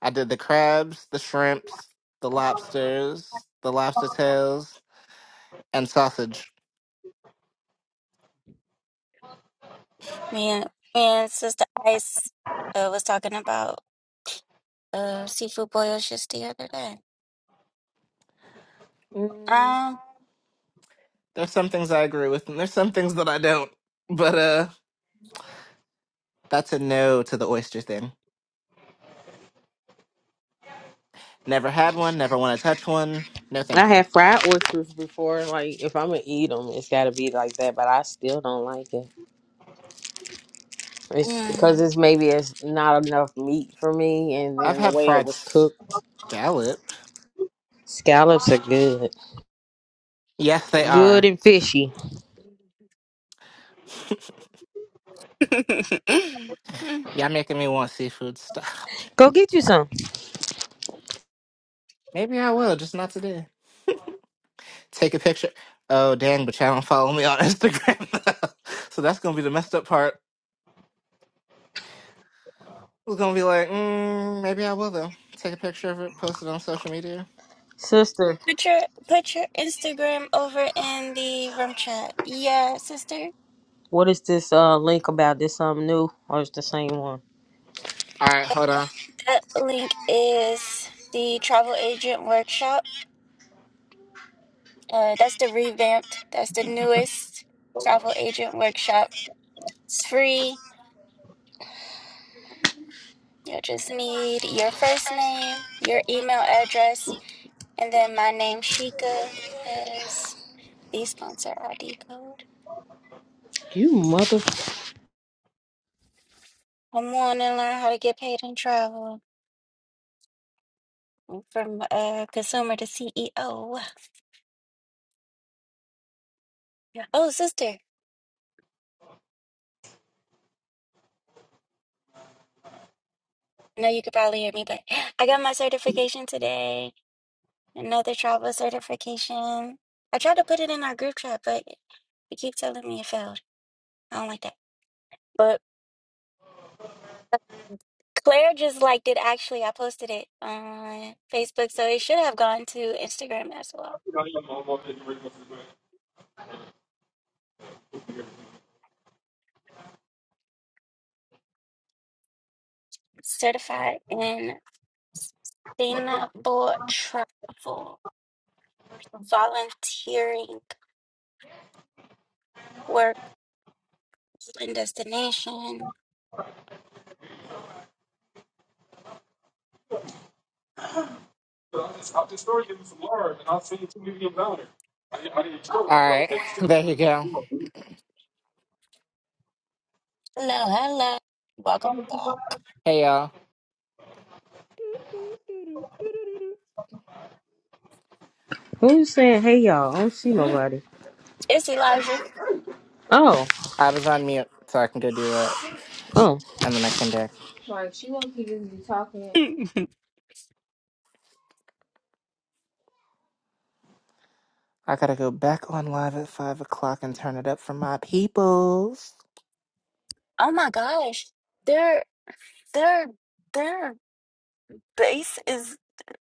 [SPEAKER 9] I did the crabs, the shrimps, the lobsters, the lobster tails, and sausage.
[SPEAKER 1] Man, man, Sister Ice uh, was talking about uh seafood boil just the other day.
[SPEAKER 9] Mm.
[SPEAKER 1] Um.
[SPEAKER 9] There's some things I agree with, and there's some things that I don't. But uh. That's a no to the oyster thing. Never had one, never want to touch one. No,
[SPEAKER 11] I
[SPEAKER 9] thank you.
[SPEAKER 11] had fried oysters before. Like, if I'm gonna eat them, it's gotta be like that. But I still don't like it. It's because
[SPEAKER 1] mm.
[SPEAKER 11] it's maybe it's not enough meat for me, and
[SPEAKER 9] I've
[SPEAKER 11] then the
[SPEAKER 9] had
[SPEAKER 11] way it
[SPEAKER 9] fried
[SPEAKER 11] was cooked.
[SPEAKER 9] scallop.
[SPEAKER 11] Scallops are good,
[SPEAKER 9] Yes, they
[SPEAKER 11] good
[SPEAKER 9] are.
[SPEAKER 11] and fishy.
[SPEAKER 1] Mm.
[SPEAKER 9] Y'all making me want seafood. Stop.
[SPEAKER 11] Go get you some,
[SPEAKER 9] Maybe I will, just not today. Take a picture. Oh, dang, but y'all don't follow me on Instagram. so that's going to be the messed up part. It's going to be like, mm, maybe I will, though. Take a picture of it, post it on social media.
[SPEAKER 11] sister.
[SPEAKER 1] Put your put your Instagram over in the room chat. Yeah, sister.
[SPEAKER 11] What is this uh link about? This something new or is the same one?
[SPEAKER 9] All right, hold on.
[SPEAKER 1] That link is the travel agent workshop. Uh, that's the revamped, that's the newest travel agent workshop. It's free. You'll just need your first name, your email address, and then my name, Shika, as the sponsor ID code.
[SPEAKER 11] You mother
[SPEAKER 1] I'm wanting to learn how to get paid in travel from uh, consumer to CEO. Yeah. Oh, sister, I know you could probably hear me, but I got my certification today. Another travel certification. I tried to put it in our group chat, but it keep telling me it failed. I don't like that. But Claire just liked it actually. I posted it on Facebook, so it should have gone to Instagram as well. Certified in sustainable travel, volunteering work and destination.
[SPEAKER 4] So I just, I just started giving some lard, and I've seen two people get I, didn't- I didn't tell
[SPEAKER 9] All
[SPEAKER 4] you though.
[SPEAKER 9] right,
[SPEAKER 4] They was
[SPEAKER 9] there you go.
[SPEAKER 4] two.
[SPEAKER 9] Hey, y'all.
[SPEAKER 11] who's saying hey y'all? I don't see nobody.
[SPEAKER 1] It's Elijah.
[SPEAKER 11] Oh,
[SPEAKER 9] I was on mute, so I can go do that.
[SPEAKER 11] oh.
[SPEAKER 9] And then I came back.
[SPEAKER 11] Like she won't keep just be talking.
[SPEAKER 1] oh
[SPEAKER 9] I gotta go back on live at five o'clock and turn it up for my peoples.
[SPEAKER 1] my gosh. They're they're they're base is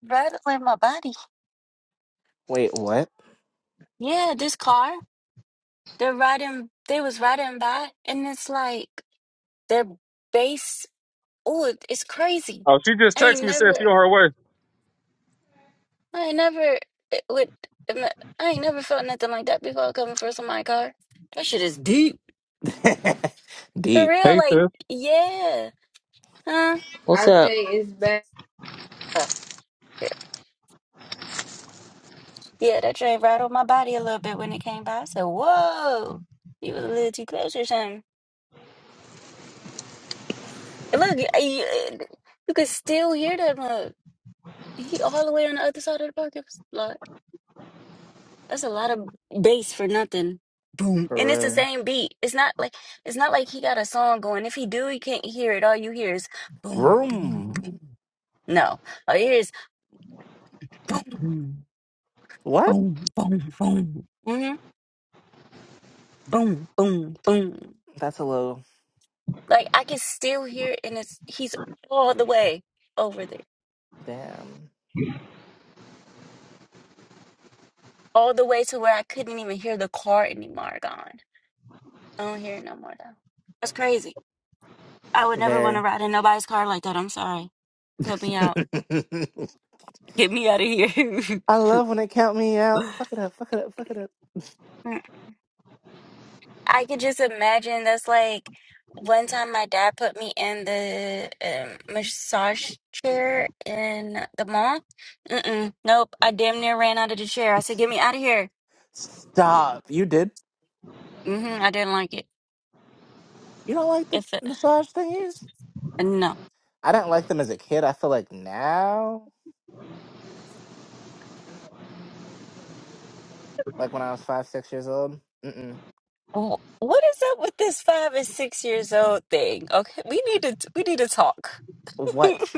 [SPEAKER 1] rattling my body.
[SPEAKER 9] Wait, what?
[SPEAKER 1] Yeah, this car, they're riding, they was riding by, and it's like their base. Oh, it's crazy.
[SPEAKER 4] Oh, she just
[SPEAKER 1] I
[SPEAKER 4] texted
[SPEAKER 1] ain't
[SPEAKER 4] me said she
[SPEAKER 1] never,
[SPEAKER 4] on her way.
[SPEAKER 1] I ain't never it would. I ain't never felt nothing like that before coming from somebody's car. That shit is deep. For
[SPEAKER 9] Deep.
[SPEAKER 1] real,
[SPEAKER 4] Hey
[SPEAKER 1] like,
[SPEAKER 4] sis,
[SPEAKER 1] yeah. Huh?
[SPEAKER 11] What's I up? Say it's bad.
[SPEAKER 1] Oh, yeah. Yeah, that train rattled my body a little bit when it came by. I said, whoa, you was a little too close or something. Look, you, you could still hear that mug. He all the way on the other side of the parking lot. That's a lot of bass for nothing. Boom.
[SPEAKER 9] For
[SPEAKER 1] And it's the
[SPEAKER 9] real.
[SPEAKER 1] same beat. It's not like it's not like he got a song going. If he do, you can't hear it. All you hear is boom, boom,
[SPEAKER 9] Room.
[SPEAKER 1] boom. No. All you hear is boom,
[SPEAKER 9] What?
[SPEAKER 1] boom, mhm, boom, boom, boom.
[SPEAKER 9] That's a little
[SPEAKER 1] Like I can still hear it and it's he's all the way over there.
[SPEAKER 9] damn.
[SPEAKER 1] All the way to where I couldn't even hear the car anymore gone. I don't hear it no more though. That's crazy. I would never want to
[SPEAKER 9] Very.
[SPEAKER 1] ride in nobody's car like that. I'm sorry. Help me out. Get me out of here.
[SPEAKER 9] I love when they count me out. Fuck it up, fuck it up, fuck it up.
[SPEAKER 1] Mm, I could just imagine that's like one time my dad put me in the um, massage chair in the mall. Mm-mm, nope, I damn near ran out of the chair. I said, "Get me out of here."
[SPEAKER 9] Stop. You did?
[SPEAKER 1] Mm-hmm, I didn't like it.
[SPEAKER 9] You don't like the
[SPEAKER 1] If it,
[SPEAKER 9] massage thingies?
[SPEAKER 1] no,
[SPEAKER 9] I didn't like them as a kid. I feel like now, like when I was five, six years old. Mm-mm.
[SPEAKER 1] Wh- what is up with this five and six years old thing? Okay, we need to we need to talk. we
[SPEAKER 9] What?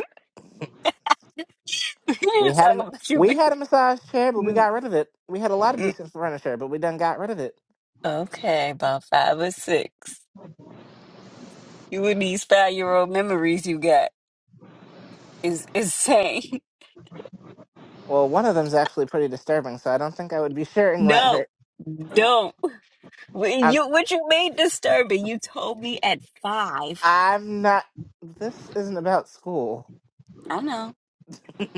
[SPEAKER 9] We
[SPEAKER 1] need to
[SPEAKER 9] had
[SPEAKER 1] talk
[SPEAKER 9] a we
[SPEAKER 1] about
[SPEAKER 9] had a massage chair, but we
[SPEAKER 1] you.
[SPEAKER 9] got rid of it. We had a lot of decent furniture, but we done got rid of it.
[SPEAKER 1] Okay, about five or six. You with these five year old memories you got is insane.
[SPEAKER 9] Well, one of them's actually pretty disturbing, so I don't think I would be sharing that.
[SPEAKER 1] No,
[SPEAKER 9] vi-
[SPEAKER 1] don't. What
[SPEAKER 9] I'm
[SPEAKER 1] You what you made disturbing? You told me at five.
[SPEAKER 9] I'm not. This isn't about school.
[SPEAKER 1] I know,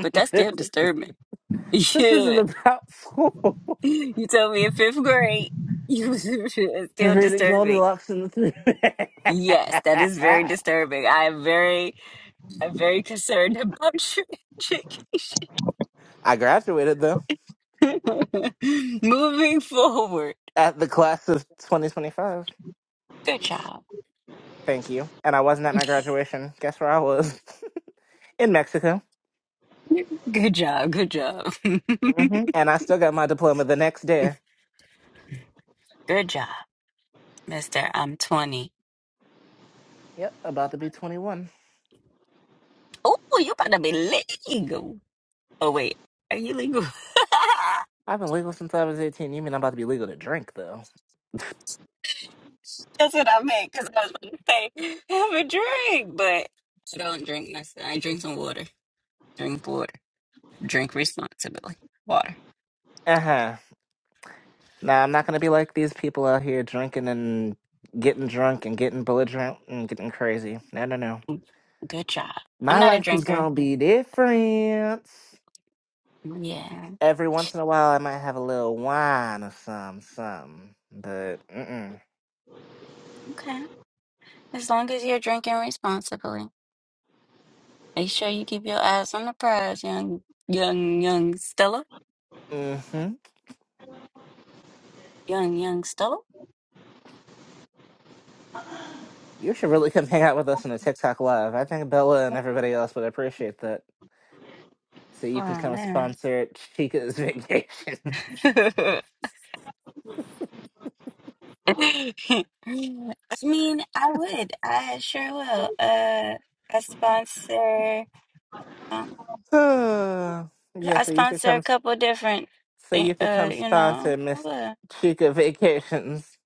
[SPEAKER 1] but that's still
[SPEAKER 9] this
[SPEAKER 1] disturbing.
[SPEAKER 9] isn't
[SPEAKER 1] Yeah,
[SPEAKER 9] about school.
[SPEAKER 1] you told me in fifth grade. You it's still
[SPEAKER 9] Reading
[SPEAKER 1] disturbing.
[SPEAKER 9] Goldilocks and the
[SPEAKER 1] Yes,
[SPEAKER 9] Three.
[SPEAKER 1] that is very disturbing. I am very, I'm very concerned about your education.
[SPEAKER 9] I graduated though
[SPEAKER 1] Moving forward.
[SPEAKER 9] at the class of 2025.
[SPEAKER 1] Good job.
[SPEAKER 9] Thank you. And I wasn't at my graduation. Guess where I was? In Mexico.
[SPEAKER 1] Good job. Good job.
[SPEAKER 9] hmm And I still got my diploma the next day.
[SPEAKER 1] good job, Mister. I'm 20.
[SPEAKER 9] Yep, about to be 21.
[SPEAKER 1] Oh, you about to be legal. Oh wait, are you legal?
[SPEAKER 9] I've been legal since I was 18. You mean I'm about to be legal to drink, though?
[SPEAKER 1] That's what I meant because I was about to say have a drink, but I don't drink myself. I drink some water. Drink water. Drink responsibly. Water.
[SPEAKER 9] Uh huh. Now, I'm not going to be like these people out here drinking and getting drunk and getting belligerent and getting crazy. No, no, no.
[SPEAKER 1] Good job. I'm
[SPEAKER 9] My
[SPEAKER 1] not a
[SPEAKER 9] life is going
[SPEAKER 1] drinker.
[SPEAKER 9] to be different.
[SPEAKER 1] Yeah.
[SPEAKER 9] Every once in a while, I might have a little wine or some, some. But, mm
[SPEAKER 1] Okay. As long as you're drinking responsibly, make sure you keep your eyes on the prize, young, young, young Stella.
[SPEAKER 9] mm. hmm.
[SPEAKER 1] Young, young Stella.
[SPEAKER 9] You should really come hang out with us in a TikTok live. I think Bella and everybody else would appreciate that. so you can
[SPEAKER 1] Oh
[SPEAKER 9] come
[SPEAKER 1] man.
[SPEAKER 9] sponsor Chica's vacation.
[SPEAKER 1] I mean, I would. I sure will. Uh, I sponsor. Um,
[SPEAKER 9] Uh, yeah,
[SPEAKER 1] I
[SPEAKER 9] so you could
[SPEAKER 1] sponsor
[SPEAKER 9] come.
[SPEAKER 1] a couple different
[SPEAKER 9] So
[SPEAKER 1] thing.
[SPEAKER 9] you could
[SPEAKER 1] Uh,
[SPEAKER 9] come
[SPEAKER 1] you know,
[SPEAKER 9] sponsor
[SPEAKER 1] I
[SPEAKER 9] Miss
[SPEAKER 1] would.
[SPEAKER 9] Chica Vacations.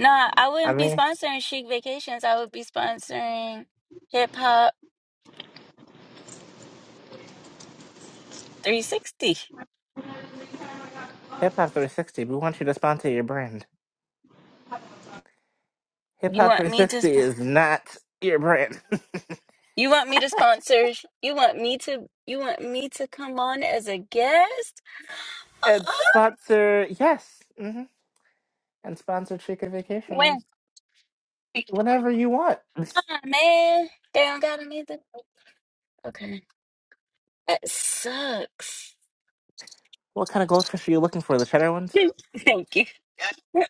[SPEAKER 1] No, I
[SPEAKER 9] I
[SPEAKER 1] wouldn't be
[SPEAKER 9] mean,
[SPEAKER 1] sponsoring Chic Vacations. I would be sponsoring Hip Hop 360.
[SPEAKER 9] Hip Hop 360. We want you to sponsor your brand. Hip
[SPEAKER 1] You
[SPEAKER 9] Hop
[SPEAKER 1] want me to?
[SPEAKER 9] 360
[SPEAKER 1] sp-
[SPEAKER 9] is not your brand.
[SPEAKER 1] You want me to sponsor? You want me to? You want me to come on as a guest?
[SPEAKER 9] and sponsor, yes, hmm and sponsor Chica
[SPEAKER 1] When?
[SPEAKER 9] Vacations whenever you want.
[SPEAKER 1] Huh, man, they don't got me. to. Okay. That sucks.
[SPEAKER 9] What kind of goldfish are you looking for? The cheddar ones.
[SPEAKER 1] Thank you.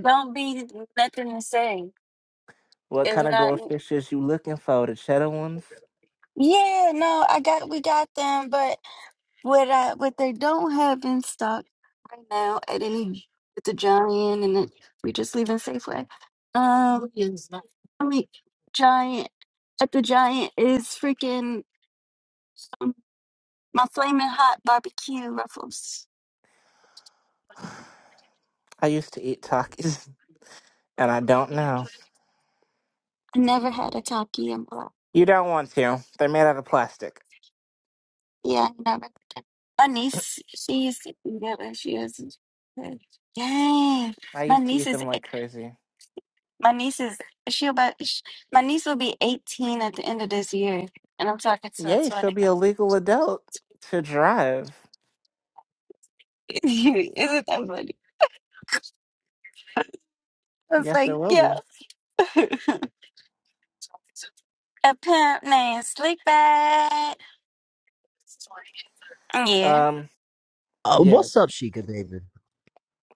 [SPEAKER 1] Don't be nothing to say.
[SPEAKER 9] What
[SPEAKER 1] It's
[SPEAKER 9] kind of
[SPEAKER 1] not.
[SPEAKER 9] goldfish is you looking for? The cheddar ones.
[SPEAKER 1] Yeah, no, I got we got them, but what I what they don't have in stock right now at any at the Giant and it, we just leaving Safeway. Um, I mean Giant at the Giant is freaking um, my flaming hot barbecue ruffles.
[SPEAKER 9] I used to eat Takis, and I don't know.
[SPEAKER 1] I never had a taki in my life.
[SPEAKER 9] You don't want to. They're made out of plastic.
[SPEAKER 1] Yeah, I know. but the- My niece, she's yeah, but she is. Yeah,
[SPEAKER 9] I
[SPEAKER 1] my
[SPEAKER 9] used to
[SPEAKER 1] niece
[SPEAKER 9] eat
[SPEAKER 1] is.
[SPEAKER 9] them like crazy.
[SPEAKER 1] My niece is. She'll about. sh my niece will be eighteen at the end of this year, and I'm talking to her
[SPEAKER 9] Yay, she'll
[SPEAKER 1] twenty.
[SPEAKER 9] be a legal adult to drive.
[SPEAKER 1] Isn't that funny? I was
[SPEAKER 9] Yes, I
[SPEAKER 1] like,
[SPEAKER 9] will
[SPEAKER 1] yeah.
[SPEAKER 9] be.
[SPEAKER 1] A pimp named Slickback. Yeah.
[SPEAKER 9] Um,
[SPEAKER 13] Uh, what's
[SPEAKER 9] yes.
[SPEAKER 13] up, Sheikah David?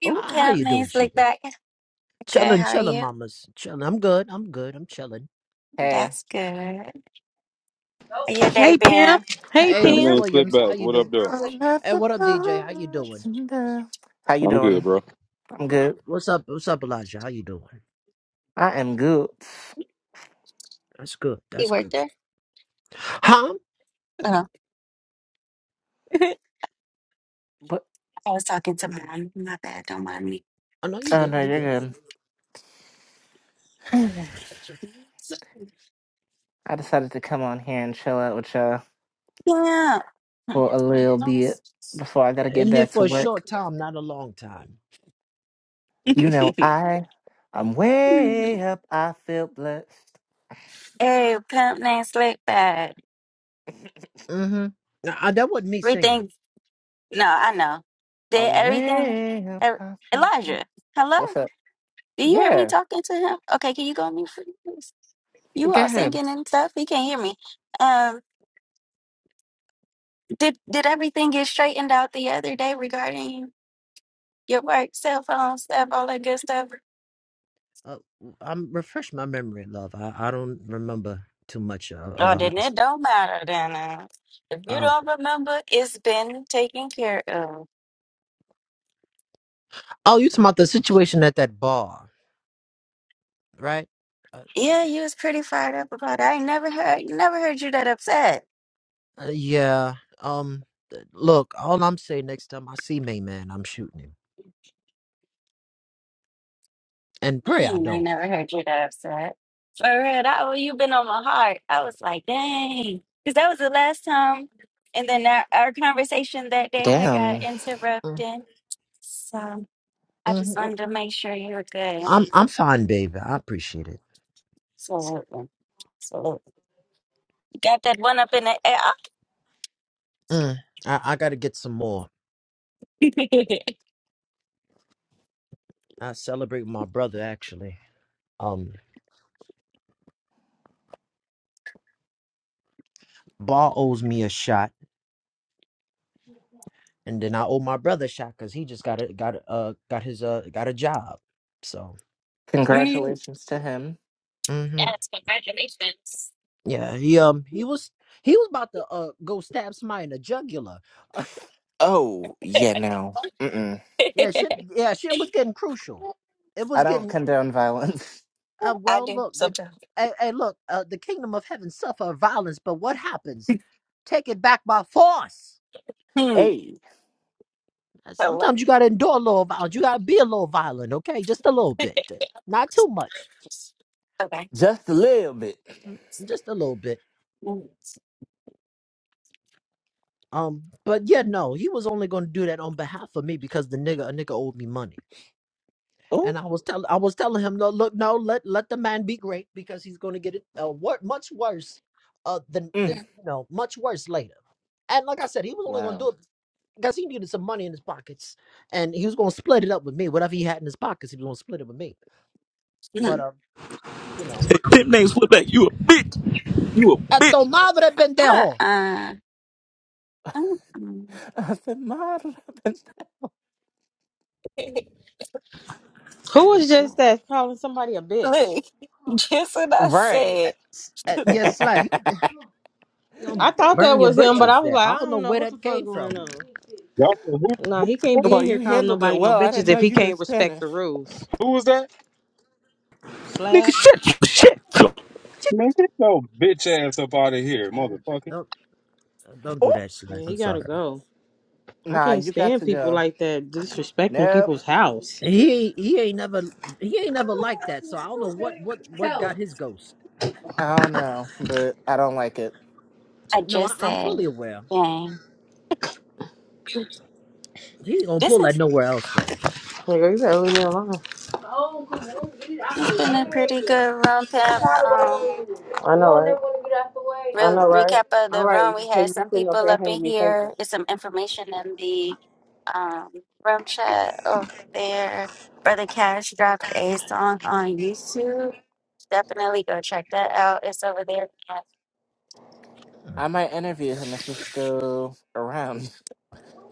[SPEAKER 1] You
[SPEAKER 9] Oh,
[SPEAKER 13] Uh, how
[SPEAKER 1] pimp
[SPEAKER 13] you doing,
[SPEAKER 1] named
[SPEAKER 13] Sheikah?
[SPEAKER 1] Slickback. Good.
[SPEAKER 13] Chilling,
[SPEAKER 1] How are
[SPEAKER 13] chilling,
[SPEAKER 1] you?
[SPEAKER 13] mamas. Chilling. I'm good. I'm good. I'm chilling.
[SPEAKER 9] hey.
[SPEAKER 1] That's good. How Your day
[SPEAKER 11] Hey Pam.
[SPEAKER 1] been?
[SPEAKER 11] Hey
[SPEAKER 13] Hey,
[SPEAKER 4] Tim,
[SPEAKER 13] Miss
[SPEAKER 11] Pam.
[SPEAKER 4] man, sit
[SPEAKER 13] Williams, how
[SPEAKER 4] back.
[SPEAKER 13] you
[SPEAKER 4] What up,
[SPEAKER 13] doing?
[SPEAKER 4] though?
[SPEAKER 9] I'm at
[SPEAKER 13] Hey,
[SPEAKER 9] the
[SPEAKER 13] what up, DJ?
[SPEAKER 9] bar
[SPEAKER 13] How you doing?
[SPEAKER 9] How you
[SPEAKER 4] I'm good,
[SPEAKER 9] doing?
[SPEAKER 4] bro.
[SPEAKER 9] I'm good.
[SPEAKER 13] What's up? What's up, Elijah? How you doing?
[SPEAKER 9] I am good.
[SPEAKER 13] That's good.
[SPEAKER 1] You
[SPEAKER 13] That's
[SPEAKER 1] worked
[SPEAKER 13] good.
[SPEAKER 1] there?
[SPEAKER 13] Huh?
[SPEAKER 1] Oh. I
[SPEAKER 9] But,
[SPEAKER 1] was talking to mom. My bad. Don't mind me.
[SPEAKER 13] I know you
[SPEAKER 9] oh
[SPEAKER 13] good.
[SPEAKER 9] no,
[SPEAKER 13] You good.
[SPEAKER 9] you're good. I decided to come on here and chill out with y'all
[SPEAKER 1] Yeah.
[SPEAKER 9] for a little bit before I gotta
[SPEAKER 13] In
[SPEAKER 9] get
[SPEAKER 13] here
[SPEAKER 9] back to
[SPEAKER 13] for a
[SPEAKER 9] work.
[SPEAKER 13] short time, not a long time.
[SPEAKER 9] You know,
[SPEAKER 1] hey,
[SPEAKER 9] I, I'm way up. I feel blessed.
[SPEAKER 1] pimp named Slick Bad.
[SPEAKER 13] Mm-hmm. Now, uh, that wasn't me singing.
[SPEAKER 1] Everything. No, I know. Did
[SPEAKER 9] I'm
[SPEAKER 1] everything.
[SPEAKER 9] way
[SPEAKER 1] Er,
[SPEAKER 9] past that.
[SPEAKER 1] Elijah, hello?
[SPEAKER 9] What's up?
[SPEAKER 1] Do you hear me
[SPEAKER 9] Yeah.
[SPEAKER 1] talking to him? Okay, can you go on mute for me, please? You
[SPEAKER 9] Go
[SPEAKER 1] all
[SPEAKER 9] ahead.
[SPEAKER 1] singing and stuff. He can't hear me. Um, did did everything get straightened out the other day regarding your work, cell phone stuff, all that good stuff?
[SPEAKER 13] Uh, I'm refresh my memory, love. I, I don't remember too much of, of
[SPEAKER 1] Oh,
[SPEAKER 13] our
[SPEAKER 1] then
[SPEAKER 13] last.
[SPEAKER 1] it don't matter then. uh, if you
[SPEAKER 13] Oh,
[SPEAKER 1] don't remember, it's been taken care of.
[SPEAKER 13] oh, you talking about the situation at that bar, right? Uh,
[SPEAKER 1] Yeah, you was pretty fired up about it. I ain't never heard never heard you that upset.
[SPEAKER 13] Uh, yeah. Um. th- Look, all I'm saying next time I see May Man, I'm shooting him, and pray I
[SPEAKER 1] Man, I
[SPEAKER 13] don't.
[SPEAKER 1] never heard you that upset. For real, that oh, you been on my heart. I was like, dang, because that was the last time, and then our, our conversation that day had got
[SPEAKER 9] Damn.
[SPEAKER 13] Mm,
[SPEAKER 1] interrupted. So I just
[SPEAKER 13] mhm.
[SPEAKER 1] wanted to make sure you were good.
[SPEAKER 13] I'm I'm fine, baby. I appreciate it.
[SPEAKER 1] Absolutely, absolutely. You Got that one up in the air.
[SPEAKER 13] Mm, I I gotta get some more. I celebrate my brother actually. Um, Bar owes me a shot. and then I owe my brother shot because he just got a got a uh, got his uh got a job. So
[SPEAKER 1] Mhm.
[SPEAKER 9] Congratulations to him.
[SPEAKER 13] hmm yeah, he um he was he was about to uh go stab somebody in the jugular.
[SPEAKER 9] Oh, yeah, no. Mm-mm.
[SPEAKER 13] yeah, shit. Yeah, shit was getting crucial. It
[SPEAKER 9] I
[SPEAKER 13] was
[SPEAKER 9] don't
[SPEAKER 13] getting
[SPEAKER 9] condone violence.
[SPEAKER 13] uh well. Look, the hey, hey look, uh, the kingdom of heaven suffer violence, but what happens? Take it back by force.
[SPEAKER 1] Hmm.
[SPEAKER 9] Hey,
[SPEAKER 13] And
[SPEAKER 1] Hello.
[SPEAKER 13] Sometimes you gotta endure a little violence. You gotta be a little violent, okay? Just a little bit, just not too much,
[SPEAKER 1] Okay.
[SPEAKER 9] just a little bit.
[SPEAKER 13] Mm, just a little bit.
[SPEAKER 1] Mm.
[SPEAKER 13] Um, but yeah, no, he was only gonna do that on behalf of me because the nigga a nigga owed me money,
[SPEAKER 9] Oh,
[SPEAKER 13] and I was telling I was telling him, no, look, no, let let the man be great because he's gonna get it uh, wor- much worse, uh, than
[SPEAKER 9] mm.
[SPEAKER 13] than you know, much worse later. And like I said, he was only gonna do
[SPEAKER 9] wow.
[SPEAKER 13] it because he needed some money in his pockets, and he was gonna split it up with me. Whatever he had in his pockets, he was gonna split it with me. But
[SPEAKER 1] Mm.
[SPEAKER 13] uh, you know,
[SPEAKER 14] Pimp names flip back. You a bitch. You a
[SPEAKER 13] at the
[SPEAKER 14] bitch.
[SPEAKER 13] madre pendejo,
[SPEAKER 1] Uh-uh. Mm-mm.
[SPEAKER 9] I said, "Mother of the-"
[SPEAKER 11] Who
[SPEAKER 13] this nigga
[SPEAKER 11] was
[SPEAKER 13] slap.
[SPEAKER 11] just that calling somebody a bitch?
[SPEAKER 1] Look. Just what I
[SPEAKER 9] Right.
[SPEAKER 13] Uh,
[SPEAKER 1] said.
[SPEAKER 13] s- uh, yes, slap. You eh, you don't
[SPEAKER 11] I thought
[SPEAKER 13] burn
[SPEAKER 11] that
[SPEAKER 13] your
[SPEAKER 11] was him, but I
[SPEAKER 13] britches
[SPEAKER 11] was
[SPEAKER 13] there.
[SPEAKER 11] like,
[SPEAKER 13] I
[SPEAKER 11] I
[SPEAKER 13] don't know
[SPEAKER 11] don't know
[SPEAKER 13] where
[SPEAKER 11] what the
[SPEAKER 13] that
[SPEAKER 11] fuck
[SPEAKER 13] came
[SPEAKER 11] going
[SPEAKER 13] from.
[SPEAKER 11] on.
[SPEAKER 4] y'all. Who,
[SPEAKER 11] No, he can't
[SPEAKER 4] who,
[SPEAKER 11] be
[SPEAKER 9] well,
[SPEAKER 11] in
[SPEAKER 9] you
[SPEAKER 11] here calling
[SPEAKER 9] handled it
[SPEAKER 11] nobody no
[SPEAKER 9] well. I didn't
[SPEAKER 11] bitches
[SPEAKER 9] know
[SPEAKER 11] if he
[SPEAKER 9] you knew
[SPEAKER 11] can't respect
[SPEAKER 9] Spanish.
[SPEAKER 11] the rules.
[SPEAKER 4] who was that?
[SPEAKER 14] Nigga,
[SPEAKER 11] Slap.
[SPEAKER 14] shut shut your shit.
[SPEAKER 4] Man, get your bitch ass up out of here, motherfucker.
[SPEAKER 13] Don't don't
[SPEAKER 9] Oh,
[SPEAKER 13] do that shit.
[SPEAKER 11] Yeah,
[SPEAKER 13] I'm
[SPEAKER 11] he gotta
[SPEAKER 13] sorry.
[SPEAKER 11] go. I
[SPEAKER 9] nah,
[SPEAKER 11] can't
[SPEAKER 9] you got
[SPEAKER 11] stand
[SPEAKER 9] to
[SPEAKER 11] people
[SPEAKER 9] go.
[SPEAKER 11] like that disrespecting
[SPEAKER 9] Nope.
[SPEAKER 11] people's house.
[SPEAKER 13] He he ain't never he ain't never liked that. So I don't know what what what got his ghost.
[SPEAKER 9] I don't know, but I don't like it.
[SPEAKER 1] I
[SPEAKER 13] No, I,
[SPEAKER 1] just
[SPEAKER 13] I'm
[SPEAKER 1] said,
[SPEAKER 13] fully aware.
[SPEAKER 1] dang.
[SPEAKER 13] He ain't gonna
[SPEAKER 1] This
[SPEAKER 13] pull that
[SPEAKER 1] is
[SPEAKER 13] nowhere else though.
[SPEAKER 11] Like, girl, you better leave me alone. Oh, come on, get out
[SPEAKER 1] it's
[SPEAKER 11] the
[SPEAKER 1] been a pretty
[SPEAKER 11] way.
[SPEAKER 1] good round
[SPEAKER 11] I'm
[SPEAKER 1] tap.
[SPEAKER 11] tired of waiting
[SPEAKER 1] Um
[SPEAKER 11] on you. I know, don't right? never want to get out the way. I
[SPEAKER 1] Real
[SPEAKER 11] know, right?
[SPEAKER 1] recap of
[SPEAKER 11] All
[SPEAKER 1] the
[SPEAKER 11] right,
[SPEAKER 1] room. We had
[SPEAKER 11] because you
[SPEAKER 1] some
[SPEAKER 11] sitting up
[SPEAKER 1] people
[SPEAKER 11] here
[SPEAKER 1] up in
[SPEAKER 11] handing me papers.
[SPEAKER 1] here. There's some information in the um, room chat over there. Brother Cash dropped a song on YouTube. Definitely go check that out. It's over there.
[SPEAKER 13] Hmm.
[SPEAKER 9] I might interview him if he's still around.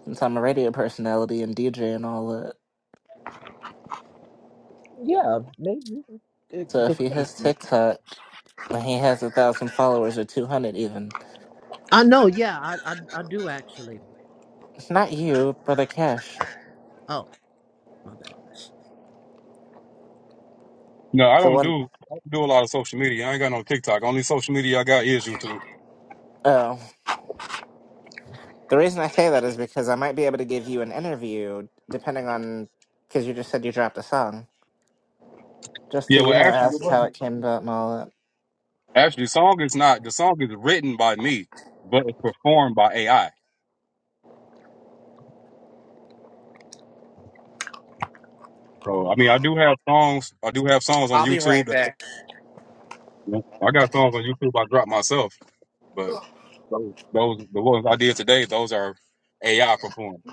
[SPEAKER 9] since I'm a radio personality and DJ and all that.
[SPEAKER 13] Yeah, maybe. It-
[SPEAKER 9] So if
[SPEAKER 13] it-
[SPEAKER 9] he has TikTok and he has a thousand followers or two hundred even,
[SPEAKER 13] I know. Yeah, I I, I do actually.
[SPEAKER 9] it's not you, but a cash.
[SPEAKER 13] Oh, my bad.
[SPEAKER 4] No, I
[SPEAKER 9] The
[SPEAKER 4] don't
[SPEAKER 9] one
[SPEAKER 4] do I don't do a lot of social media. I ain't got no TikTok. Only social media I got is YouTube.
[SPEAKER 9] oh. The reason I say that is because I might be able to give you an interview depending on because you just said you dropped a song. Just
[SPEAKER 4] Yeah,
[SPEAKER 9] to you
[SPEAKER 4] well,
[SPEAKER 9] know
[SPEAKER 4] actually, it
[SPEAKER 9] ask how it
[SPEAKER 4] wasn't-
[SPEAKER 9] came about and all that.
[SPEAKER 4] actually, the song is not. The song is written by me, but it's performed by AI. So, I mean, I do have songs. I do have songs on
[SPEAKER 9] I'll be
[SPEAKER 4] YouTube.
[SPEAKER 9] right
[SPEAKER 4] That,
[SPEAKER 9] back.
[SPEAKER 4] I got songs on YouTube I dropped myself, but those, those the ones I did today, those are AI performed.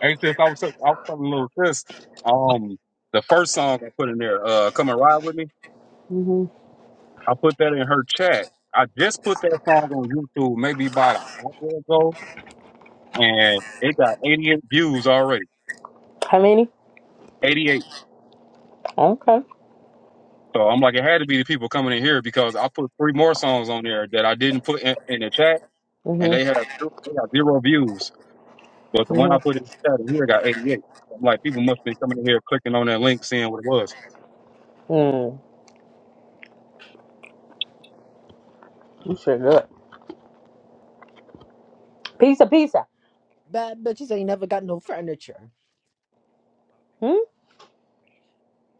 [SPEAKER 4] Hey, sis, I was I was telling little sis, um, the first song I put in there, uh, "Come and Ride with Me."
[SPEAKER 11] hmm
[SPEAKER 4] I put that in her chat. I just put that song on YouTube maybe about an hour ago, and it got 88 views already.
[SPEAKER 11] How many?
[SPEAKER 4] 88.
[SPEAKER 11] Okay.
[SPEAKER 4] So I'm like, it had to be the people coming in here because I put three more songs on there that I didn't put in, in the chat, and they
[SPEAKER 11] Mm-hmm.
[SPEAKER 4] had zero- they got zero views. But the one I
[SPEAKER 11] Mm-hmm.
[SPEAKER 4] put in the chat in here got 88. I'm like, people must be coming in here clicking on that link, seeing what it was.
[SPEAKER 11] Mm. You sure good. Pizza, pizza.
[SPEAKER 13] Bad bitches ain't never got no furniture.
[SPEAKER 11] Hmm?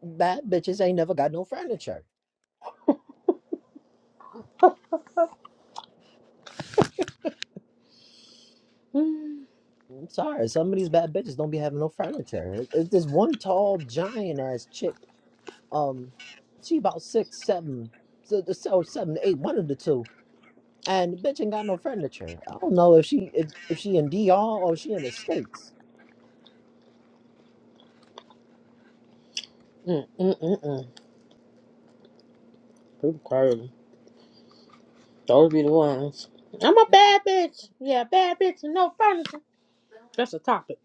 [SPEAKER 13] Bad bitches ain't never got no furniture.
[SPEAKER 11] Mm.
[SPEAKER 13] I'm sorry. Some of these bad bitches don't be having no furniture. It's this one tall giant ass chick. um she about six seven so the so seven eight one of the two and the bitch ain't got no furniture i don't know if she if, if she in D R or she in the states
[SPEAKER 11] Mm-mm-mm-mm. People crazy. Those be the ones. I'm a bad bitch. Yeah, bad bitch and no furniture. That's a topic.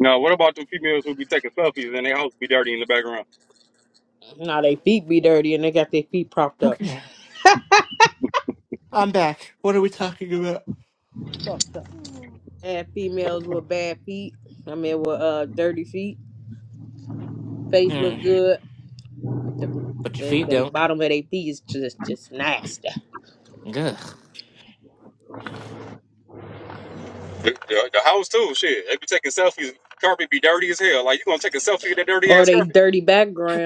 [SPEAKER 4] Now, what about the females who be taking selfies and they house be dirty in the background?
[SPEAKER 11] Now they feet be dirty and they got their feet propped up.
[SPEAKER 9] Okay. I'm back. What are we talking about?
[SPEAKER 13] it's fucked up
[SPEAKER 11] Bad females with bad feet. I mean, with uh dirty feet. Face
[SPEAKER 9] Mm.
[SPEAKER 11] look good, but the
[SPEAKER 9] But your
[SPEAKER 11] they,
[SPEAKER 9] feet
[SPEAKER 11] they
[SPEAKER 9] don't.
[SPEAKER 11] bottom of their feet is just just nasty.
[SPEAKER 9] Ugh.
[SPEAKER 4] The, the, the house too, shit. They be taking selfies. Carpet be dirty as hell. Like you gonna take a selfie with that dirty
[SPEAKER 11] Or
[SPEAKER 4] ass
[SPEAKER 11] they
[SPEAKER 4] carpet?
[SPEAKER 11] dirty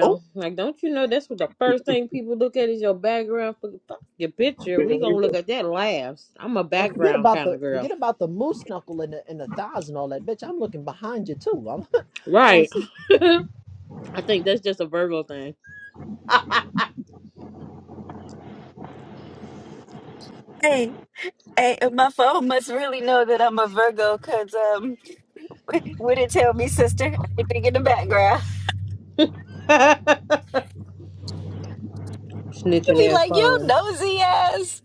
[SPEAKER 9] Oh.
[SPEAKER 11] Like, don't you know that's what the first thing people look at is your background? Fuck fuck your picture. We gonna look at that last. I'm a
[SPEAKER 13] And forget
[SPEAKER 11] background
[SPEAKER 13] about
[SPEAKER 11] kind
[SPEAKER 13] the
[SPEAKER 11] of girl,
[SPEAKER 13] forget about the moose knuckle and the and the thighs and all that, bitch. I'm looking behind you too. I'm I want to
[SPEAKER 11] right?
[SPEAKER 13] see
[SPEAKER 11] I think that's just a Virgo thing.
[SPEAKER 1] Hey, hey, my phone must really know that I'm a Virgo because um, would it tell me, sister? Anything in the background? It'd
[SPEAKER 11] Snitching
[SPEAKER 1] be
[SPEAKER 11] ass
[SPEAKER 1] like, yo,
[SPEAKER 11] phone.
[SPEAKER 1] nosy ass,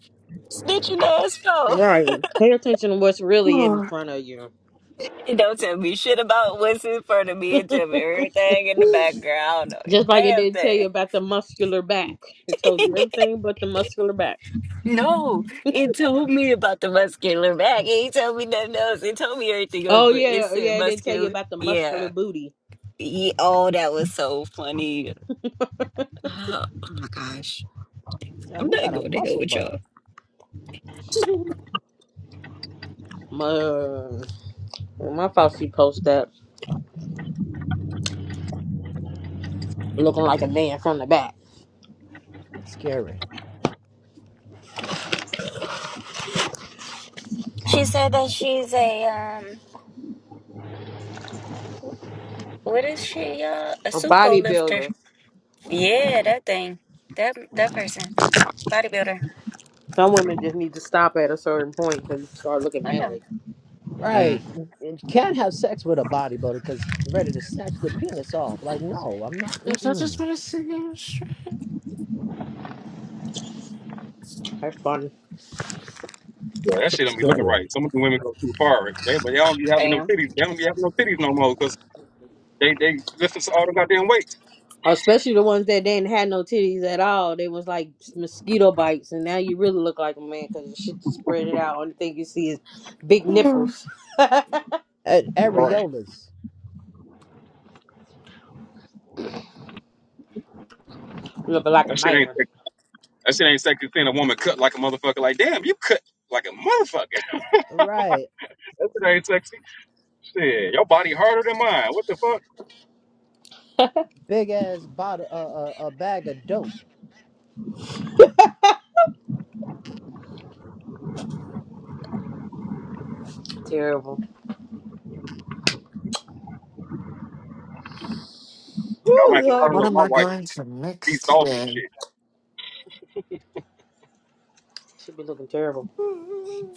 [SPEAKER 1] snitching ass
[SPEAKER 11] Right. Pay attention to what's really in front of you.
[SPEAKER 1] He don't tell me shit about what's in front of me and tell me everything in the background. I don't know a
[SPEAKER 11] Just like it didn't tell you
[SPEAKER 1] damn
[SPEAKER 11] about the muscular back. It told
[SPEAKER 1] thing.
[SPEAKER 11] you everything but the muscular back.
[SPEAKER 1] No, it told me about the muscular back. It ain't told me nothing else. It told me everything else,
[SPEAKER 11] Oh
[SPEAKER 1] but it
[SPEAKER 11] yeah,
[SPEAKER 1] said
[SPEAKER 11] yeah, it didn't tell you
[SPEAKER 1] muscular.
[SPEAKER 11] about the
[SPEAKER 1] Yeah.
[SPEAKER 11] muscular booty.
[SPEAKER 1] yeah. Oh, that was so funny. Oh my gosh.
[SPEAKER 13] uh,
[SPEAKER 1] I'm
[SPEAKER 13] who
[SPEAKER 1] not
[SPEAKER 13] got a
[SPEAKER 1] going to hell
[SPEAKER 13] muscle
[SPEAKER 1] with
[SPEAKER 13] butt.
[SPEAKER 1] y'all.
[SPEAKER 11] My, my Fauci post that looking like a man from the back.
[SPEAKER 13] That's scary,
[SPEAKER 1] She said that she's a um what is she, uh a
[SPEAKER 11] A
[SPEAKER 1] supo lifter.
[SPEAKER 11] bodybuilder.
[SPEAKER 1] Yeah, that thing. That that person. Bodybuilder.
[SPEAKER 11] Some women just need to stop at a certain point because you start looking
[SPEAKER 1] I know.
[SPEAKER 11] manly.
[SPEAKER 9] Mm.
[SPEAKER 13] right? And and can't have sex with a bodybuilder because ready to snatch the penis off. Like, no, I'm not.
[SPEAKER 9] Yes, I just
[SPEAKER 13] Mm-mm.
[SPEAKER 9] want to see you.
[SPEAKER 11] That's funny.
[SPEAKER 4] Yeah, that shit don't be looking
[SPEAKER 13] Scary.
[SPEAKER 4] right. Some of the women go too far. They but they don't be having no
[SPEAKER 1] Damn.
[SPEAKER 4] titties. They don't be having no titties no more because they they listen to all the goddamn weights.
[SPEAKER 11] Especially the ones that didn't have no titties at all. They was like mosquito bites, and now you really look like a man because the shit just spread it out. Only thing you see is big
[SPEAKER 9] Hmm,
[SPEAKER 11] nipples.
[SPEAKER 13] And
[SPEAKER 4] Right.
[SPEAKER 13] areolas,
[SPEAKER 11] looking like a
[SPEAKER 4] That shit ain't
[SPEAKER 11] man.
[SPEAKER 4] sexy. that shit ain't sexy. Seeing a woman cut like a motherfucker. Like damn, you cut like a motherfucker.
[SPEAKER 13] right?
[SPEAKER 4] That shit ain't sexy. Shit, your body harder than mine. What the fuck?
[SPEAKER 13] Big ass bottle, a uh, uh, uh, bag of dope,
[SPEAKER 11] Terrible.
[SPEAKER 4] I
[SPEAKER 11] Woo,
[SPEAKER 4] like when I
[SPEAKER 9] What
[SPEAKER 4] love
[SPEAKER 11] Lordy.
[SPEAKER 9] am
[SPEAKER 4] my
[SPEAKER 9] I
[SPEAKER 4] wife.
[SPEAKER 9] going to
[SPEAKER 4] Be
[SPEAKER 9] mix
[SPEAKER 4] soft and
[SPEAKER 9] today?
[SPEAKER 4] shit.
[SPEAKER 11] She be looking terrible.
[SPEAKER 9] Hmm,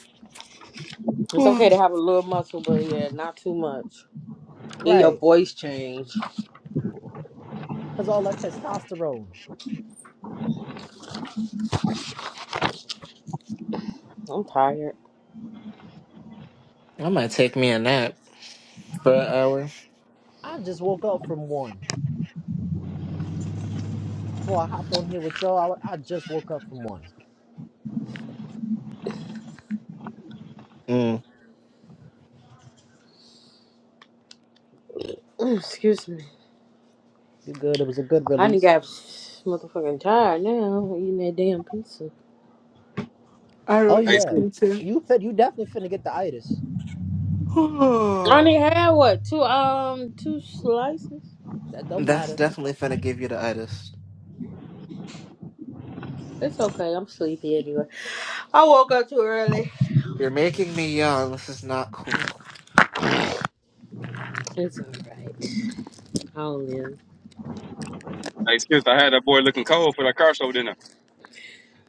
[SPEAKER 11] It's
[SPEAKER 9] hmm.
[SPEAKER 11] okay to have a little muscle, but yeah, not too much. Then your
[SPEAKER 13] right?
[SPEAKER 11] voice change.
[SPEAKER 13] Because all that testosterone.
[SPEAKER 11] I'm tired.
[SPEAKER 9] I might take me a nap for an hour.
[SPEAKER 13] I just woke up from one. Boy, I hopped on here with y'all. I, I just woke up from one.
[SPEAKER 9] Mm.
[SPEAKER 11] Excuse me.
[SPEAKER 13] You good? It was a good
[SPEAKER 11] I didn't
[SPEAKER 13] release.
[SPEAKER 11] got motherfucking tired now eating that damn pizza.
[SPEAKER 9] I
[SPEAKER 13] Oh
[SPEAKER 9] don't
[SPEAKER 4] Hey
[SPEAKER 9] eat
[SPEAKER 13] yeah,
[SPEAKER 4] sis,
[SPEAKER 9] pizza.
[SPEAKER 13] you fit. You definitely finna get the itis.
[SPEAKER 11] I
[SPEAKER 9] Oh,
[SPEAKER 11] only had what two um two slices.
[SPEAKER 13] That don't
[SPEAKER 9] That's
[SPEAKER 13] matter.
[SPEAKER 9] definitely gonna give you the itis.
[SPEAKER 11] It's okay. I'm sleepy anyway. I woke up too early.
[SPEAKER 9] You're making me young. This is not cool.
[SPEAKER 11] It's alright. I'll live.
[SPEAKER 4] hey sis, I had that boy looking cold for that car show dinner.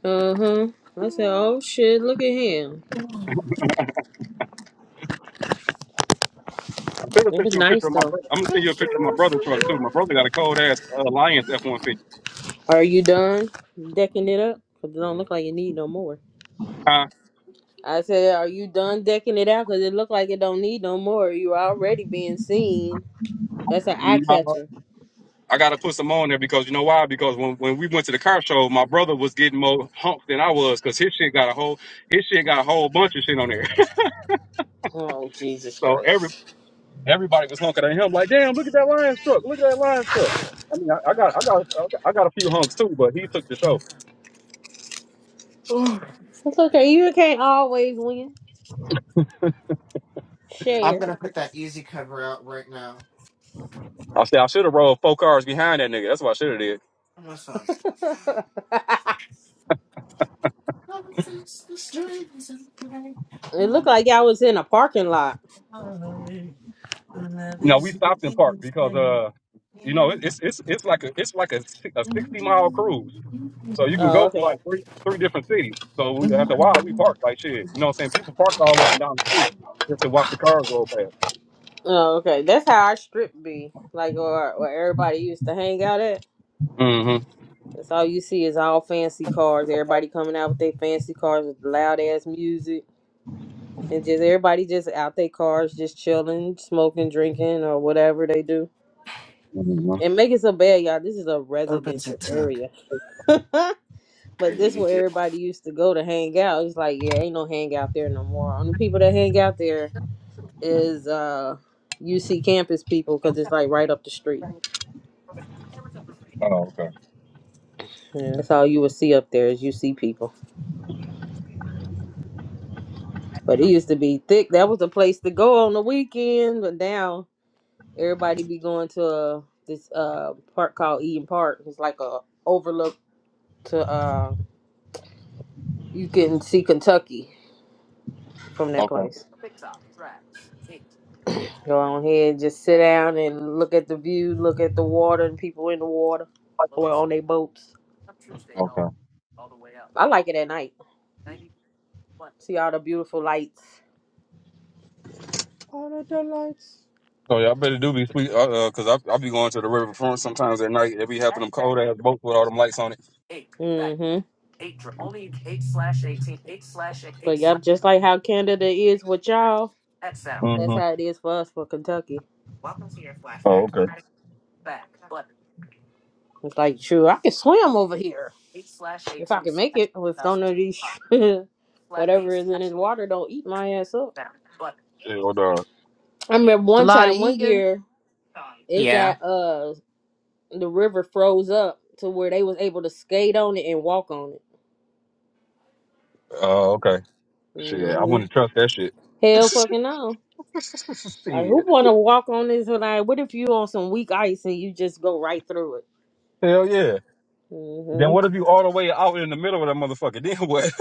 [SPEAKER 11] Uh huh. I said, oh shit, look at him.
[SPEAKER 4] I could have
[SPEAKER 11] It
[SPEAKER 4] sent
[SPEAKER 11] was
[SPEAKER 4] you a picture
[SPEAKER 11] nice
[SPEAKER 4] of my
[SPEAKER 11] though.
[SPEAKER 4] brother. I'm gonna send you a picture of my brother's truck too. My brother got a cold ass uh, Lions F-150.
[SPEAKER 11] Are you done decking it up? 'Cause it don't look like you need no more.
[SPEAKER 4] Huh?
[SPEAKER 11] I said, are you done decking it out? Cause it look like it don't need no more. You already being seen. That's an eye
[SPEAKER 4] No,
[SPEAKER 11] catcher.
[SPEAKER 4] I gotta put some on there because you know why? Because when, when we went to the car show, my brother was getting more humped than I was because his shit got a whole his shit got a whole bunch of shit on there.
[SPEAKER 11] Oh Jesus
[SPEAKER 4] so every
[SPEAKER 11] Christ!
[SPEAKER 4] everybody was honking at him like, damn, look at that Lions truck, look at that Lions truck. I mean, I, I got I got I got a few hunks too, but he took the show.
[SPEAKER 11] It's okay. You can't always win.
[SPEAKER 9] I'm
[SPEAKER 11] Share.
[SPEAKER 9] gonna put that easy cover out right now.
[SPEAKER 4] I said I should have rolled four cars behind that nigga. That's what I should have did.
[SPEAKER 9] I'm not sorry.
[SPEAKER 11] it looked like y'all was in a parking lot.
[SPEAKER 4] No, we stopped and parked because uh, you know, it, it's it's it's like a it's like a, si- a sixty mile cruise. So you can
[SPEAKER 11] Oh
[SPEAKER 4] go through
[SPEAKER 11] okay.
[SPEAKER 4] like three three different cities. So we, after a while, we parked like shit. You know what I'm saying? People parked all up and down the street just to watch the cars roll past.
[SPEAKER 11] Oh okay. That's how our strip be like, or where everybody used to hang out at.
[SPEAKER 4] Mm-hmm.
[SPEAKER 11] That's all you see is all fancy cars. Everybody coming out with their fancy cars with loud ass music. and just everybody just out their cars, just chilling, smoking, drinking, or whatever they do.
[SPEAKER 4] mm-hmm.
[SPEAKER 11] And make it so bad, y'all. This is a
[SPEAKER 9] Open
[SPEAKER 11] residential
[SPEAKER 9] TikTok.
[SPEAKER 11] area, but this where everybody used to go to hang out. It's like yeah, ain't no hangout there no more. Only people that hang out there is uh UC campus people because it's like right up the street.
[SPEAKER 4] Oh, okay.
[SPEAKER 11] Yeah, that's all you would see up there is UC people. But it used to be thick. That was the place to go on the weekend. But now Everybody be going to uh, this uh park called Eden Park. It's like a overlook to uh you can see Kentucky from that
[SPEAKER 4] Okay.
[SPEAKER 11] place. Go on here just sit down and look at the view, look at the water and people in the water or on their boats.
[SPEAKER 4] Okay.
[SPEAKER 11] I like it at night. See all the beautiful lights.
[SPEAKER 13] All of the lights.
[SPEAKER 4] So yeah, I better do be sweet, uh, uh, cause I I be going to the riverfront sometimes at night. It be having them cold ass boats with all them lights on it.
[SPEAKER 11] Mm-hmm. But yep, just like how Canada is with y'all, that's
[SPEAKER 4] Mm-hmm.
[SPEAKER 11] how it is for us for Kentucky.
[SPEAKER 4] Oh, okay.
[SPEAKER 11] It's like, sure, I can swim over here. If I can make it, if none of these whatever is in this water don't eat my ass up.
[SPEAKER 4] Yeah, well, done.
[SPEAKER 11] I remember
[SPEAKER 13] It's a
[SPEAKER 11] one
[SPEAKER 13] lot of
[SPEAKER 11] time, one
[SPEAKER 13] eating.
[SPEAKER 11] year, it got uh the river froze up to where they was able to skate on it and walk on it.
[SPEAKER 4] Oh, okay. Shit, I
[SPEAKER 11] hmm
[SPEAKER 4] wouldn't trust that shit.
[SPEAKER 11] Hell fucking no. Like
[SPEAKER 4] shit.
[SPEAKER 11] who wanna walk on this? Like what if you on some weak ice and you just go right through
[SPEAKER 4] Hell yeah.
[SPEAKER 11] it?
[SPEAKER 4] Then what if you all the way out in the middle of that motherfucker? Then what?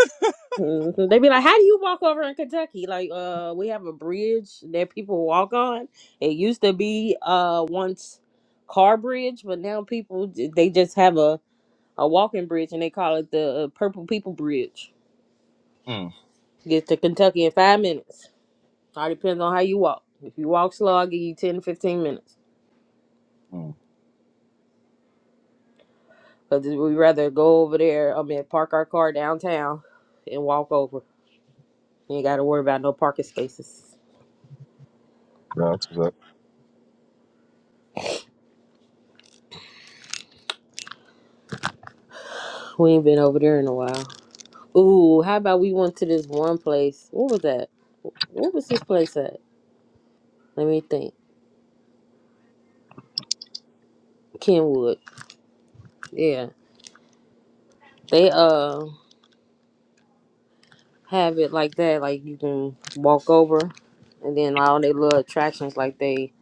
[SPEAKER 11] Mhm. They be like, "How do you walk over in Kentucky? Like, uh, we have a bridge that people walk on. It used to be uh once car bridge, but now people j- they just have a a walking bridge and they call it the uh, Purple People Bridge.
[SPEAKER 4] mm,
[SPEAKER 11] Get to Kentucky in five minutes. All depends on how you walk. If you walk slow, I'll give you 10 to 15 minutes.
[SPEAKER 4] mm,
[SPEAKER 11] Cause we rather go over there. I mean, park our car downtown and walk over. You ain't got to worry about no parking spaces.
[SPEAKER 4] that's what's up.
[SPEAKER 11] We ain't been over there in a while. Ooh, how about we went to this one place? What was that? What was this place at? Let me think. Kenwood. Yeah. They uh have it like that, like you can walk over and then all they little attractions like they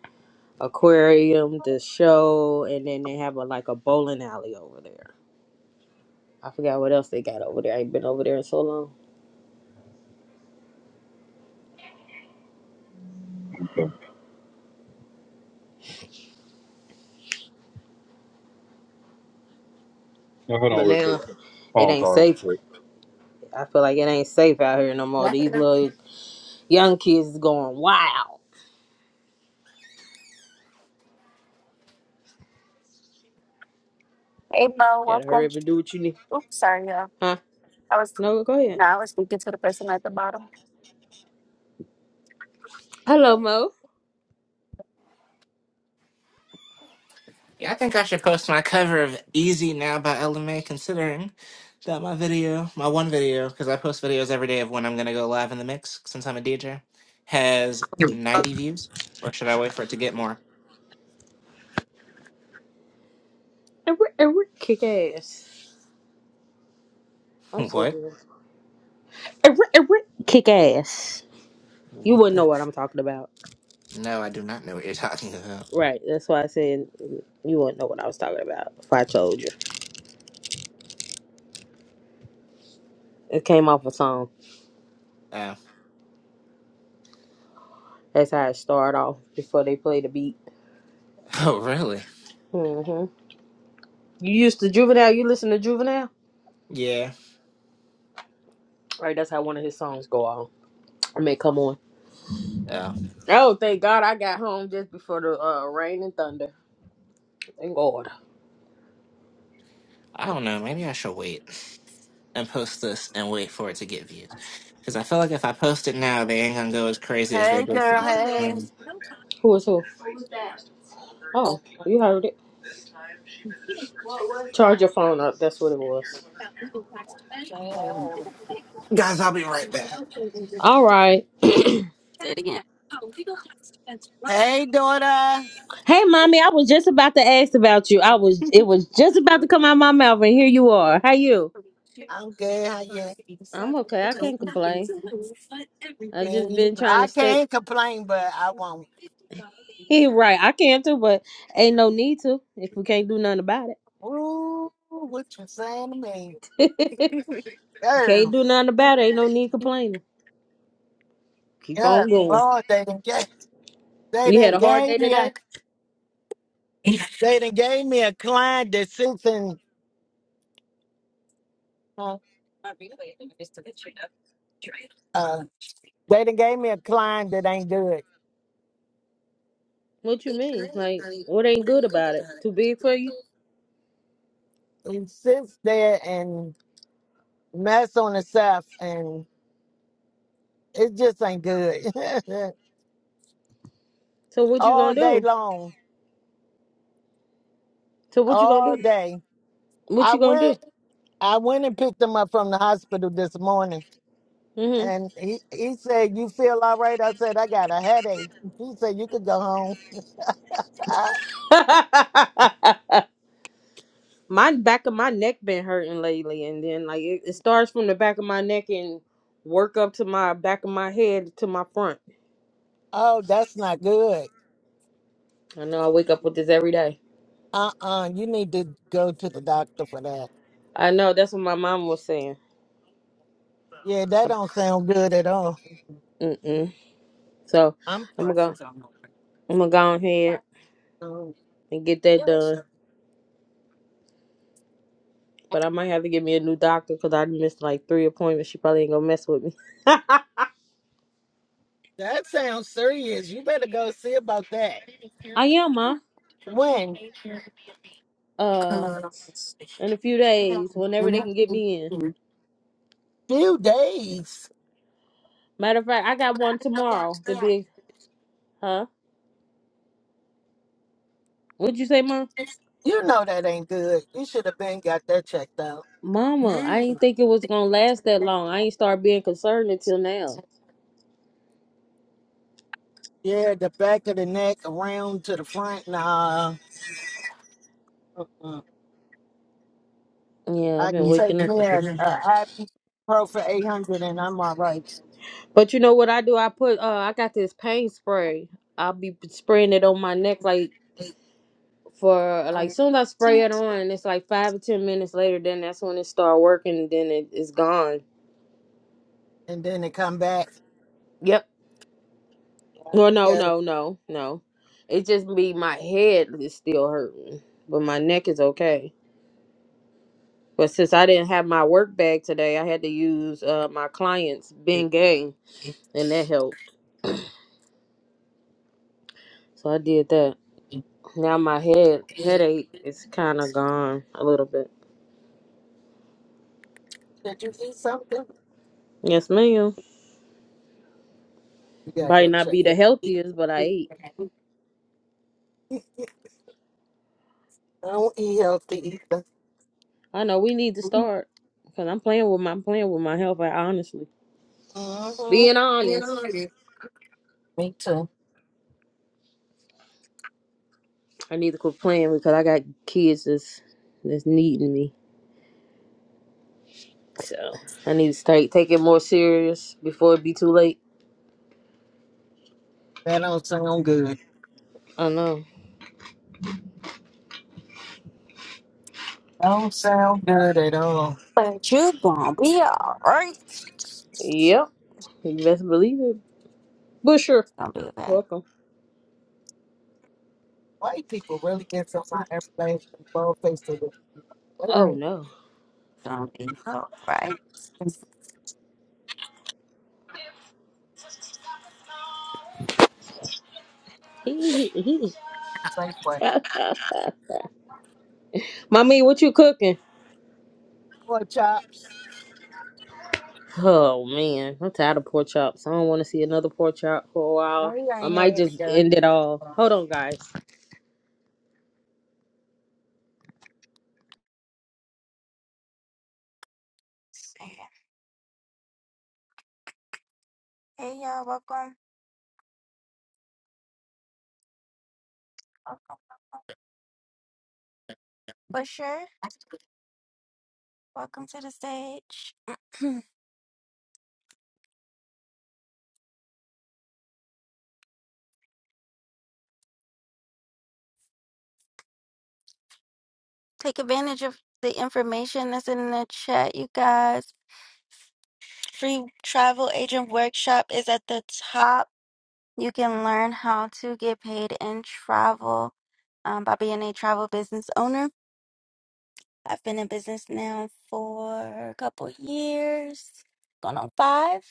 [SPEAKER 11] aquarium, the show, and then they have a like a bowling alley over there. I forgot what else they got over there. I ain't been over there in so long.
[SPEAKER 4] Okay. Now, hold
[SPEAKER 11] But
[SPEAKER 4] on real quick.
[SPEAKER 11] now it
[SPEAKER 4] Phone
[SPEAKER 11] ain't
[SPEAKER 4] call. real
[SPEAKER 11] safe.
[SPEAKER 4] quick.
[SPEAKER 11] I feel like it ain't safe out here no more. These little young kids is going wild.
[SPEAKER 1] Hey Mo,
[SPEAKER 11] Gotta hurry
[SPEAKER 1] welcome.
[SPEAKER 11] up and do what you need.
[SPEAKER 1] Oops, sorry, y'all.
[SPEAKER 11] Huh?
[SPEAKER 1] I was
[SPEAKER 11] No, go ahead.
[SPEAKER 1] no, I was speaking to the person at the bottom.
[SPEAKER 11] Hello, Mo.
[SPEAKER 9] Yeah, I think I should post my cover of Easy Now by LMA, considering that my video, my one video, because I post videos every day of when I'm going to go live in the mix, since I'm a DJ, has 90 views. Or should I wait for it to get more?
[SPEAKER 11] Every, every kick ass. I'm so
[SPEAKER 9] What?
[SPEAKER 11] good. Every, every kick ass. You
[SPEAKER 9] What
[SPEAKER 11] wouldn't
[SPEAKER 9] the?
[SPEAKER 11] know what I'm talking about.
[SPEAKER 9] No, I do not know what you're talking about.
[SPEAKER 11] Right. That's why I said you wouldn't know what I was talking about if I told you. It came off a song.
[SPEAKER 9] Oh.
[SPEAKER 11] That's how it started off before they played the beat.
[SPEAKER 9] Oh, really?
[SPEAKER 11] hmm You used to Juvenile. You listen to Juvenile.
[SPEAKER 9] Yeah.
[SPEAKER 11] Right. That's how one of his songs go on. I mean, come on.
[SPEAKER 9] Oh.
[SPEAKER 11] Oh, thank God I got home just before the uh, rain and thunder. Thank God.
[SPEAKER 9] I don't know. Maybe I should wait and post this and wait for it to get views. Because I feel like if I post it now, they ain't going to go as crazy as they
[SPEAKER 1] Hey
[SPEAKER 9] did for
[SPEAKER 1] girl,
[SPEAKER 9] the.
[SPEAKER 11] Who was
[SPEAKER 9] first
[SPEAKER 1] hey.
[SPEAKER 9] one.
[SPEAKER 11] who? is who? Who was that? Oh,
[SPEAKER 1] Oh,
[SPEAKER 11] you heard it.
[SPEAKER 1] Say
[SPEAKER 11] Charge your phone up. That's what it was. All right.
[SPEAKER 1] it again. Hey, daughter.
[SPEAKER 11] Hey, mommy, I was just about to ask about you. I was, it was just about to come out my mouth, and here you are. How you?
[SPEAKER 1] I'm good. How you
[SPEAKER 11] I'm okay. I can't complain. I've just
[SPEAKER 1] doing?
[SPEAKER 11] been trying
[SPEAKER 1] I
[SPEAKER 11] to stay.
[SPEAKER 1] can't complain, but I won't.
[SPEAKER 11] right. I can't too, but ain't no need to if we can't do nothing about
[SPEAKER 1] Ooh, what you saying to me?
[SPEAKER 11] it. can't
[SPEAKER 1] Girl.
[SPEAKER 11] do nothing about it. Ain't no need complaining. Keep
[SPEAKER 1] Good
[SPEAKER 11] on going.
[SPEAKER 1] Lord, they done gave they
[SPEAKER 11] We had
[SPEAKER 1] done
[SPEAKER 11] a hard
[SPEAKER 1] gave
[SPEAKER 11] day
[SPEAKER 1] me a
[SPEAKER 11] today.
[SPEAKER 1] they done gave me a client that sits in uh, uh, they done gave me a client that ain't good.
[SPEAKER 11] What you mean? Like, what ain't good about it? Too big for you?
[SPEAKER 1] He sits there and mess on himself and it just ain't good.
[SPEAKER 11] So what you
[SPEAKER 1] all
[SPEAKER 11] gonna
[SPEAKER 1] day
[SPEAKER 11] do?
[SPEAKER 1] long.
[SPEAKER 11] So what you gonna
[SPEAKER 1] All
[SPEAKER 11] do?
[SPEAKER 1] day.
[SPEAKER 11] What
[SPEAKER 1] I
[SPEAKER 11] you gonna
[SPEAKER 1] went I went and picked him up from the hospital this morning
[SPEAKER 11] do?
[SPEAKER 1] and he, he said, You feel all right? I said, I got a headache. He said, You could go home.
[SPEAKER 11] my back of my neck been hurting lately, and then like it, it starts from the back of my neck and work up to my back of my head to my front.
[SPEAKER 1] oh, that's not good.
[SPEAKER 11] I know I wake up with this every day.
[SPEAKER 1] Uh-uh, you need to go to the doctor for that.
[SPEAKER 11] I know that's what my mom was saying.
[SPEAKER 1] Yeah, that
[SPEAKER 11] I-
[SPEAKER 1] don't sound good at all.
[SPEAKER 11] Mm-mm. So
[SPEAKER 1] I'm
[SPEAKER 11] I'm
[SPEAKER 1] sorry.
[SPEAKER 11] gonna go. I'm gonna go ahead and get that done. But I might have to get me a new doctor because I missed like three appointments. She probably ain't gonna mess with me.
[SPEAKER 1] That sounds serious. You better go see about that.
[SPEAKER 11] I am, ma.
[SPEAKER 1] When?
[SPEAKER 11] Uh, in a few days, whenever they can get me in.
[SPEAKER 1] Few days.
[SPEAKER 11] Matter of fact, I got one tomorrow to be Huh? What'd you say, Mom?
[SPEAKER 1] You know that ain't good. You should have been got that checked out.
[SPEAKER 11] Mama, I ain't
[SPEAKER 1] Yeah,
[SPEAKER 11] think it was gonna last that long. I ain't start being concerned until now.
[SPEAKER 1] the back of the neck around to the front. Nah,
[SPEAKER 11] Yeah,
[SPEAKER 1] I
[SPEAKER 11] I've been
[SPEAKER 1] can take
[SPEAKER 11] waking up
[SPEAKER 1] me
[SPEAKER 11] with
[SPEAKER 1] a,
[SPEAKER 11] this.
[SPEAKER 1] a ibuprofen 800 and I'm all right.
[SPEAKER 11] But you know what I do? I put uh I got this pain spray. I'll be spraying it on my neck like for like
[SPEAKER 1] And
[SPEAKER 11] soon as I spray it on, it's like five or ten minutes later, then that's when it start working, then it, it's gone.
[SPEAKER 1] then it come back.
[SPEAKER 11] Yep. Well no,
[SPEAKER 1] Yeah.
[SPEAKER 11] no, no, no. It just be my head is still hurting. But my neck is okay. But since I didn't have my work bag today, I had to use uh, my client's Bengay, and that helped. So I did that. Now my head headache is kind of gone a little bit. Yes, ma'am. Might not be the healthiest, but I ate.
[SPEAKER 1] I don't eat healthy either.
[SPEAKER 11] I know we need to
[SPEAKER 1] Mhm.
[SPEAKER 11] start because I'm playing with my I'm playing with my health. I honestly, being
[SPEAKER 1] You know
[SPEAKER 11] honest,
[SPEAKER 1] it. Me too.
[SPEAKER 11] I need to quit playing because I got kids that's that's needing me. So I need to start taking more serious before it be too late.
[SPEAKER 1] That don't sound good.
[SPEAKER 11] I know.
[SPEAKER 1] Don't sound good at all. But you gonna be alright.
[SPEAKER 11] Yep. You best believe it. Busher,
[SPEAKER 1] Gonna be okay.
[SPEAKER 11] welcome.
[SPEAKER 1] White people really get so my everything bald face of the
[SPEAKER 11] Oh
[SPEAKER 1] word.
[SPEAKER 11] no.
[SPEAKER 1] Gonna be alright. Safe way.
[SPEAKER 11] Mommy, what you cooking?
[SPEAKER 1] Poor chop, she
[SPEAKER 11] Oh man, I'm tired of pork chops. I don't want to see another pork chop for a while. I
[SPEAKER 1] ain't
[SPEAKER 11] might just
[SPEAKER 1] here.
[SPEAKER 11] end it all. Hold on, guys.
[SPEAKER 1] Hey y'all, welcome. Welcome. Busher, welcome to the stage. Take advantage of the information that's in the chat, you guys. Free travel agent workshop is at the top. You can learn how to get paid in travel um, by being a travel business owner. I've been in business now for a couple years, going on five,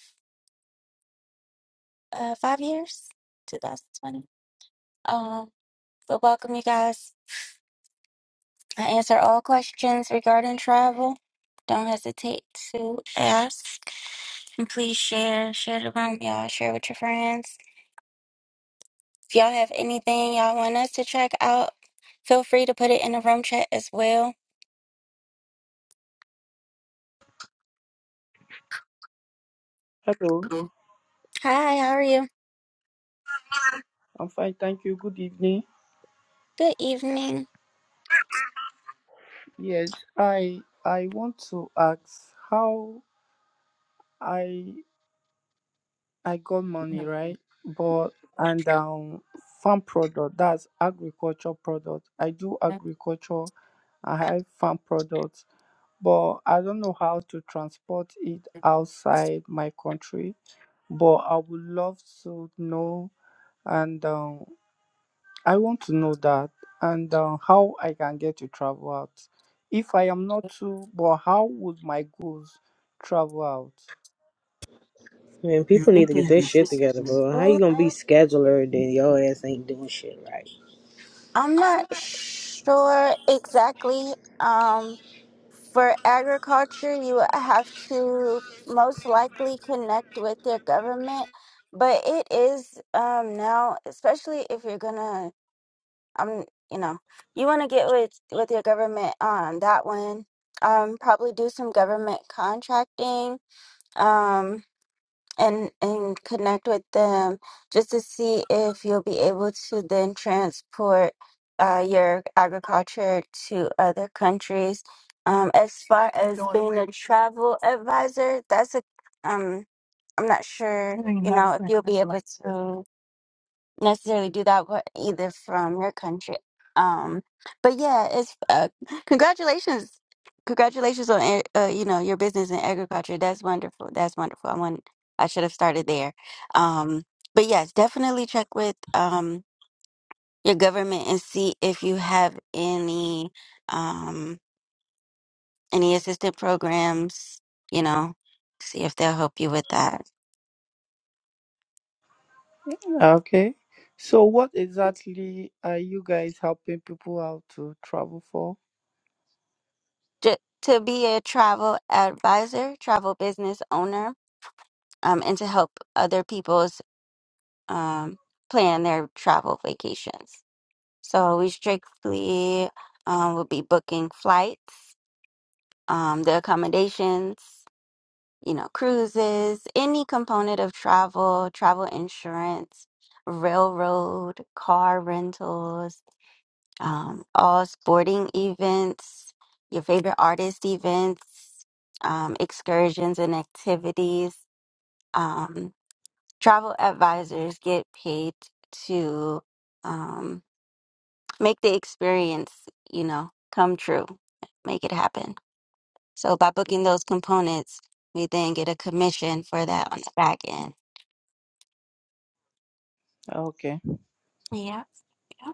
[SPEAKER 1] uh, five years, 2020. Um, but welcome, you guys. I answer all questions regarding travel. Don't hesitate to ask. And please share, share the room, y'all. Share with your friends. If y'all have anything y'all want us to check out, feel free to put it in the room chat as well.
[SPEAKER 15] Hello,
[SPEAKER 1] Hi, how are you?
[SPEAKER 15] I'm fine, thank you. Good evening.
[SPEAKER 1] Good evening.
[SPEAKER 15] Yes, I I want to ask how I I got money, right? But and um farm product, that's agriculture product. I do agriculture, I have farm products, but I don't know how to transport it outside my country. But I would love to know and um I want to know that and uh, how I can get to travel out. If I am not too, but how would my goals travel out?
[SPEAKER 11] Man, people need to get their shit together, bro. How you
[SPEAKER 1] Well,
[SPEAKER 11] gonna be scheduler and then your ass ain't doing shit right?
[SPEAKER 1] I'm not sure exactly. Um, For agriculture, you would have to most likely connect with your government, but it is um now, especially if you're gonna um you know, you want to get with with your government on that one. Um, probably do some government contracting. Um. And, and connect with them just to see if you'll be able to then transport uh, your agriculture to other countries um, as far as being a travel advisor, that's a um I'm not sure, you know, if you'll be able to necessarily do that but either from your country. Um but yeah, it's uh, congratulations. Congratulations on ag- uh, you know, your business in agriculture. That's wonderful. That's wonderful. I want I should have started there. Um but yes, definitely check with um your government and see if you have any um any assistant programs, you know, see if they'll help you with that.
[SPEAKER 15] Okay. So, what exactly are you guys helping people out to travel for?
[SPEAKER 1] To, to be a travel advisor, travel business owner, um, and to help other people's um, plan their travel vacations. So we strictly um, will be booking flights, um, the accommodations, you know, cruises, any component of travel, travel insurance, railroad, car rentals um, all sporting events, your favorite artist events, um, excursions and activities. Um, travel advisors get paid to um, make the experience, you know, come true, make it happen. So by booking those components, we then get a commission for that on the back end.
[SPEAKER 15] Okay.
[SPEAKER 1] Yeah, yeah,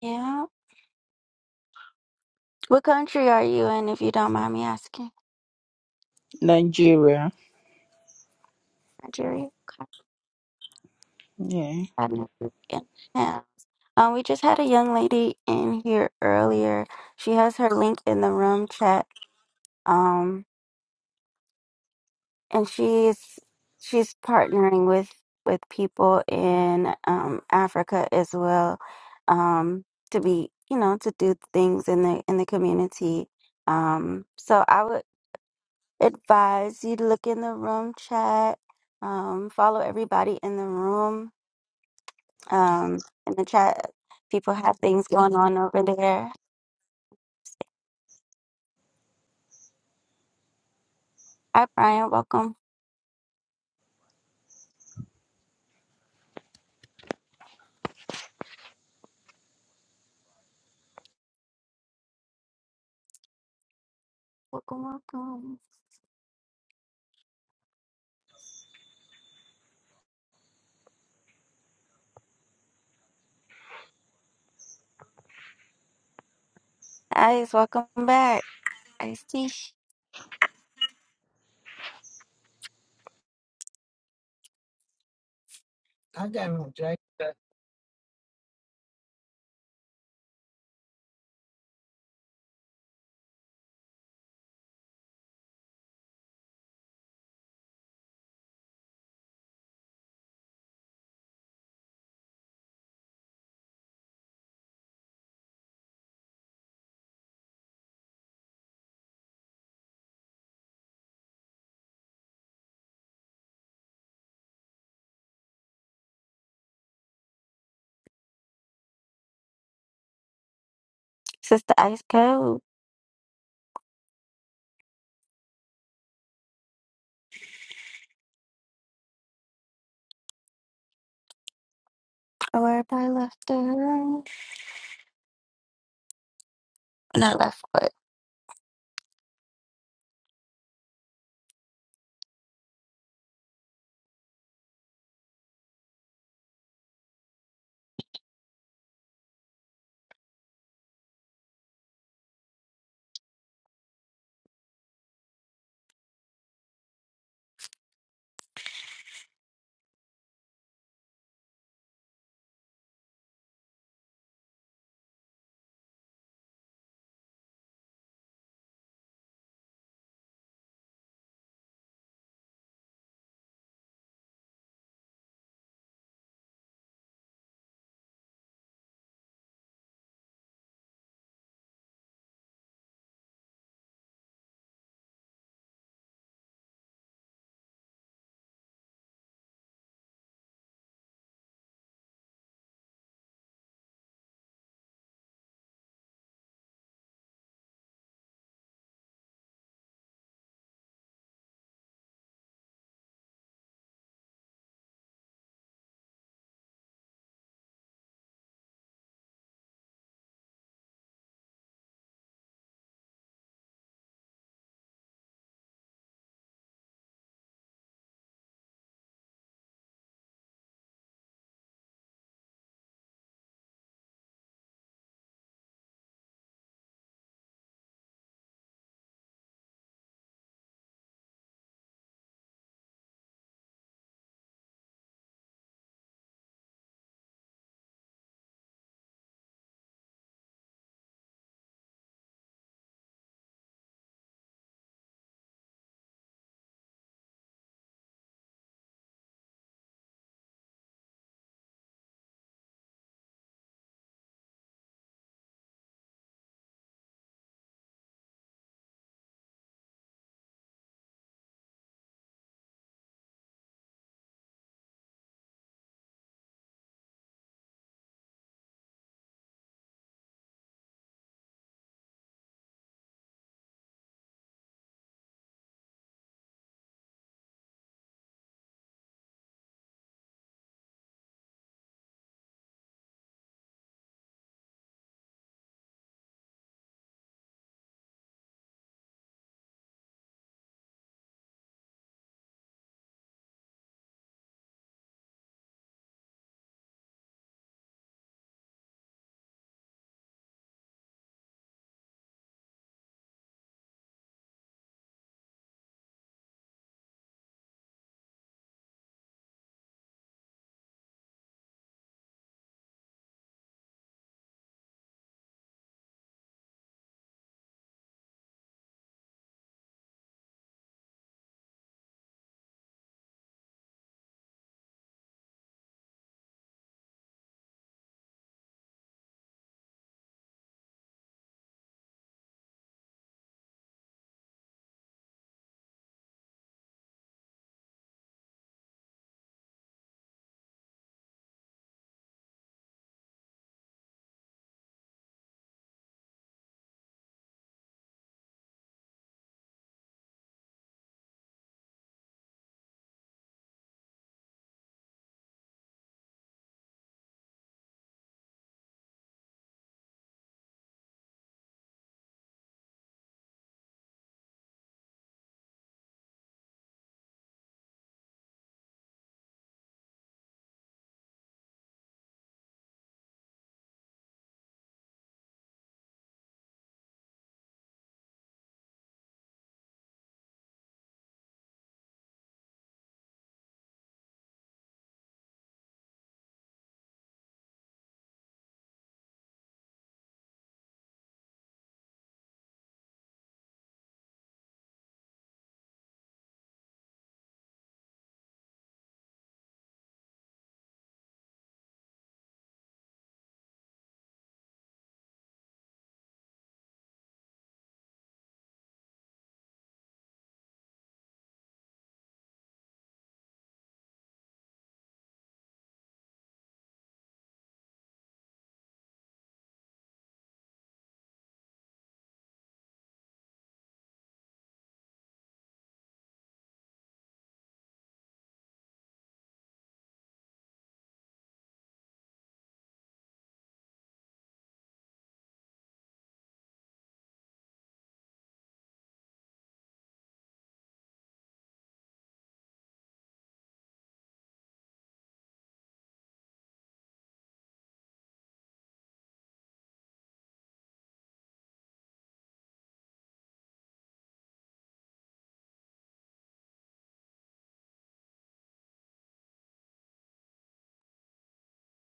[SPEAKER 1] yeah. What country are you in, if you don't mind me asking?
[SPEAKER 15] Nigeria.
[SPEAKER 1] Nigeria.
[SPEAKER 15] Yeah.
[SPEAKER 1] um, and have. Um, we just had a young lady in here earlier. She has her link in the room chat. Um, and she's she's partnering with with people in um Africa as well, um, to be you know to do things in the in the community. Um, so I would advise you to look in the room chat. Um, follow everybody in the room Um, in the chat, people have things going on over there. Hi, Brian. Welcome. Welcome, welcome. Ice, welcome back. Ice T. I got no jacket. Sister Ice Code. Oh, everybody left the room. Not left, but.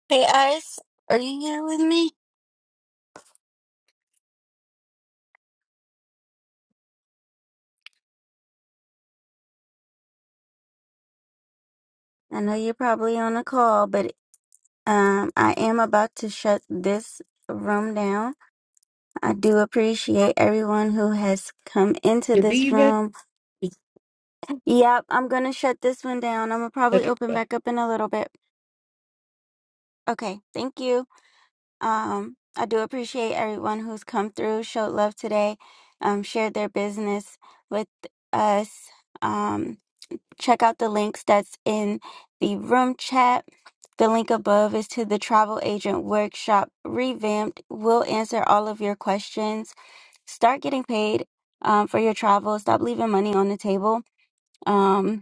[SPEAKER 1] Hey, Ice. Are you here with me? I know you're probably on a call, but um, I am about to shut this room down. I do appreciate everyone who has come into
[SPEAKER 2] You
[SPEAKER 1] this
[SPEAKER 2] leaving?
[SPEAKER 1] room. Yep, I'm gonna shut this one down. I'm gonna probably
[SPEAKER 2] Okay,
[SPEAKER 1] open
[SPEAKER 2] bye.
[SPEAKER 1] back up in a little bit. Okay, thank you. Um, I do appreciate everyone who's come through, showed love today, um, shared their business with us. Um, check out the links that's in the room chat. The link above is to the travel agent workshop revamped. We'll answer all of your questions. Start getting paid um, for your travel. Stop leaving money on the table. Um,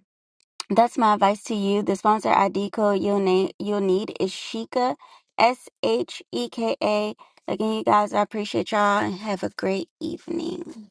[SPEAKER 1] That's my advice to you. The sponsor ID code you'll need you'll need is Sheka, S H E K A. Again, you guys, I appreciate y'all and have a great evening.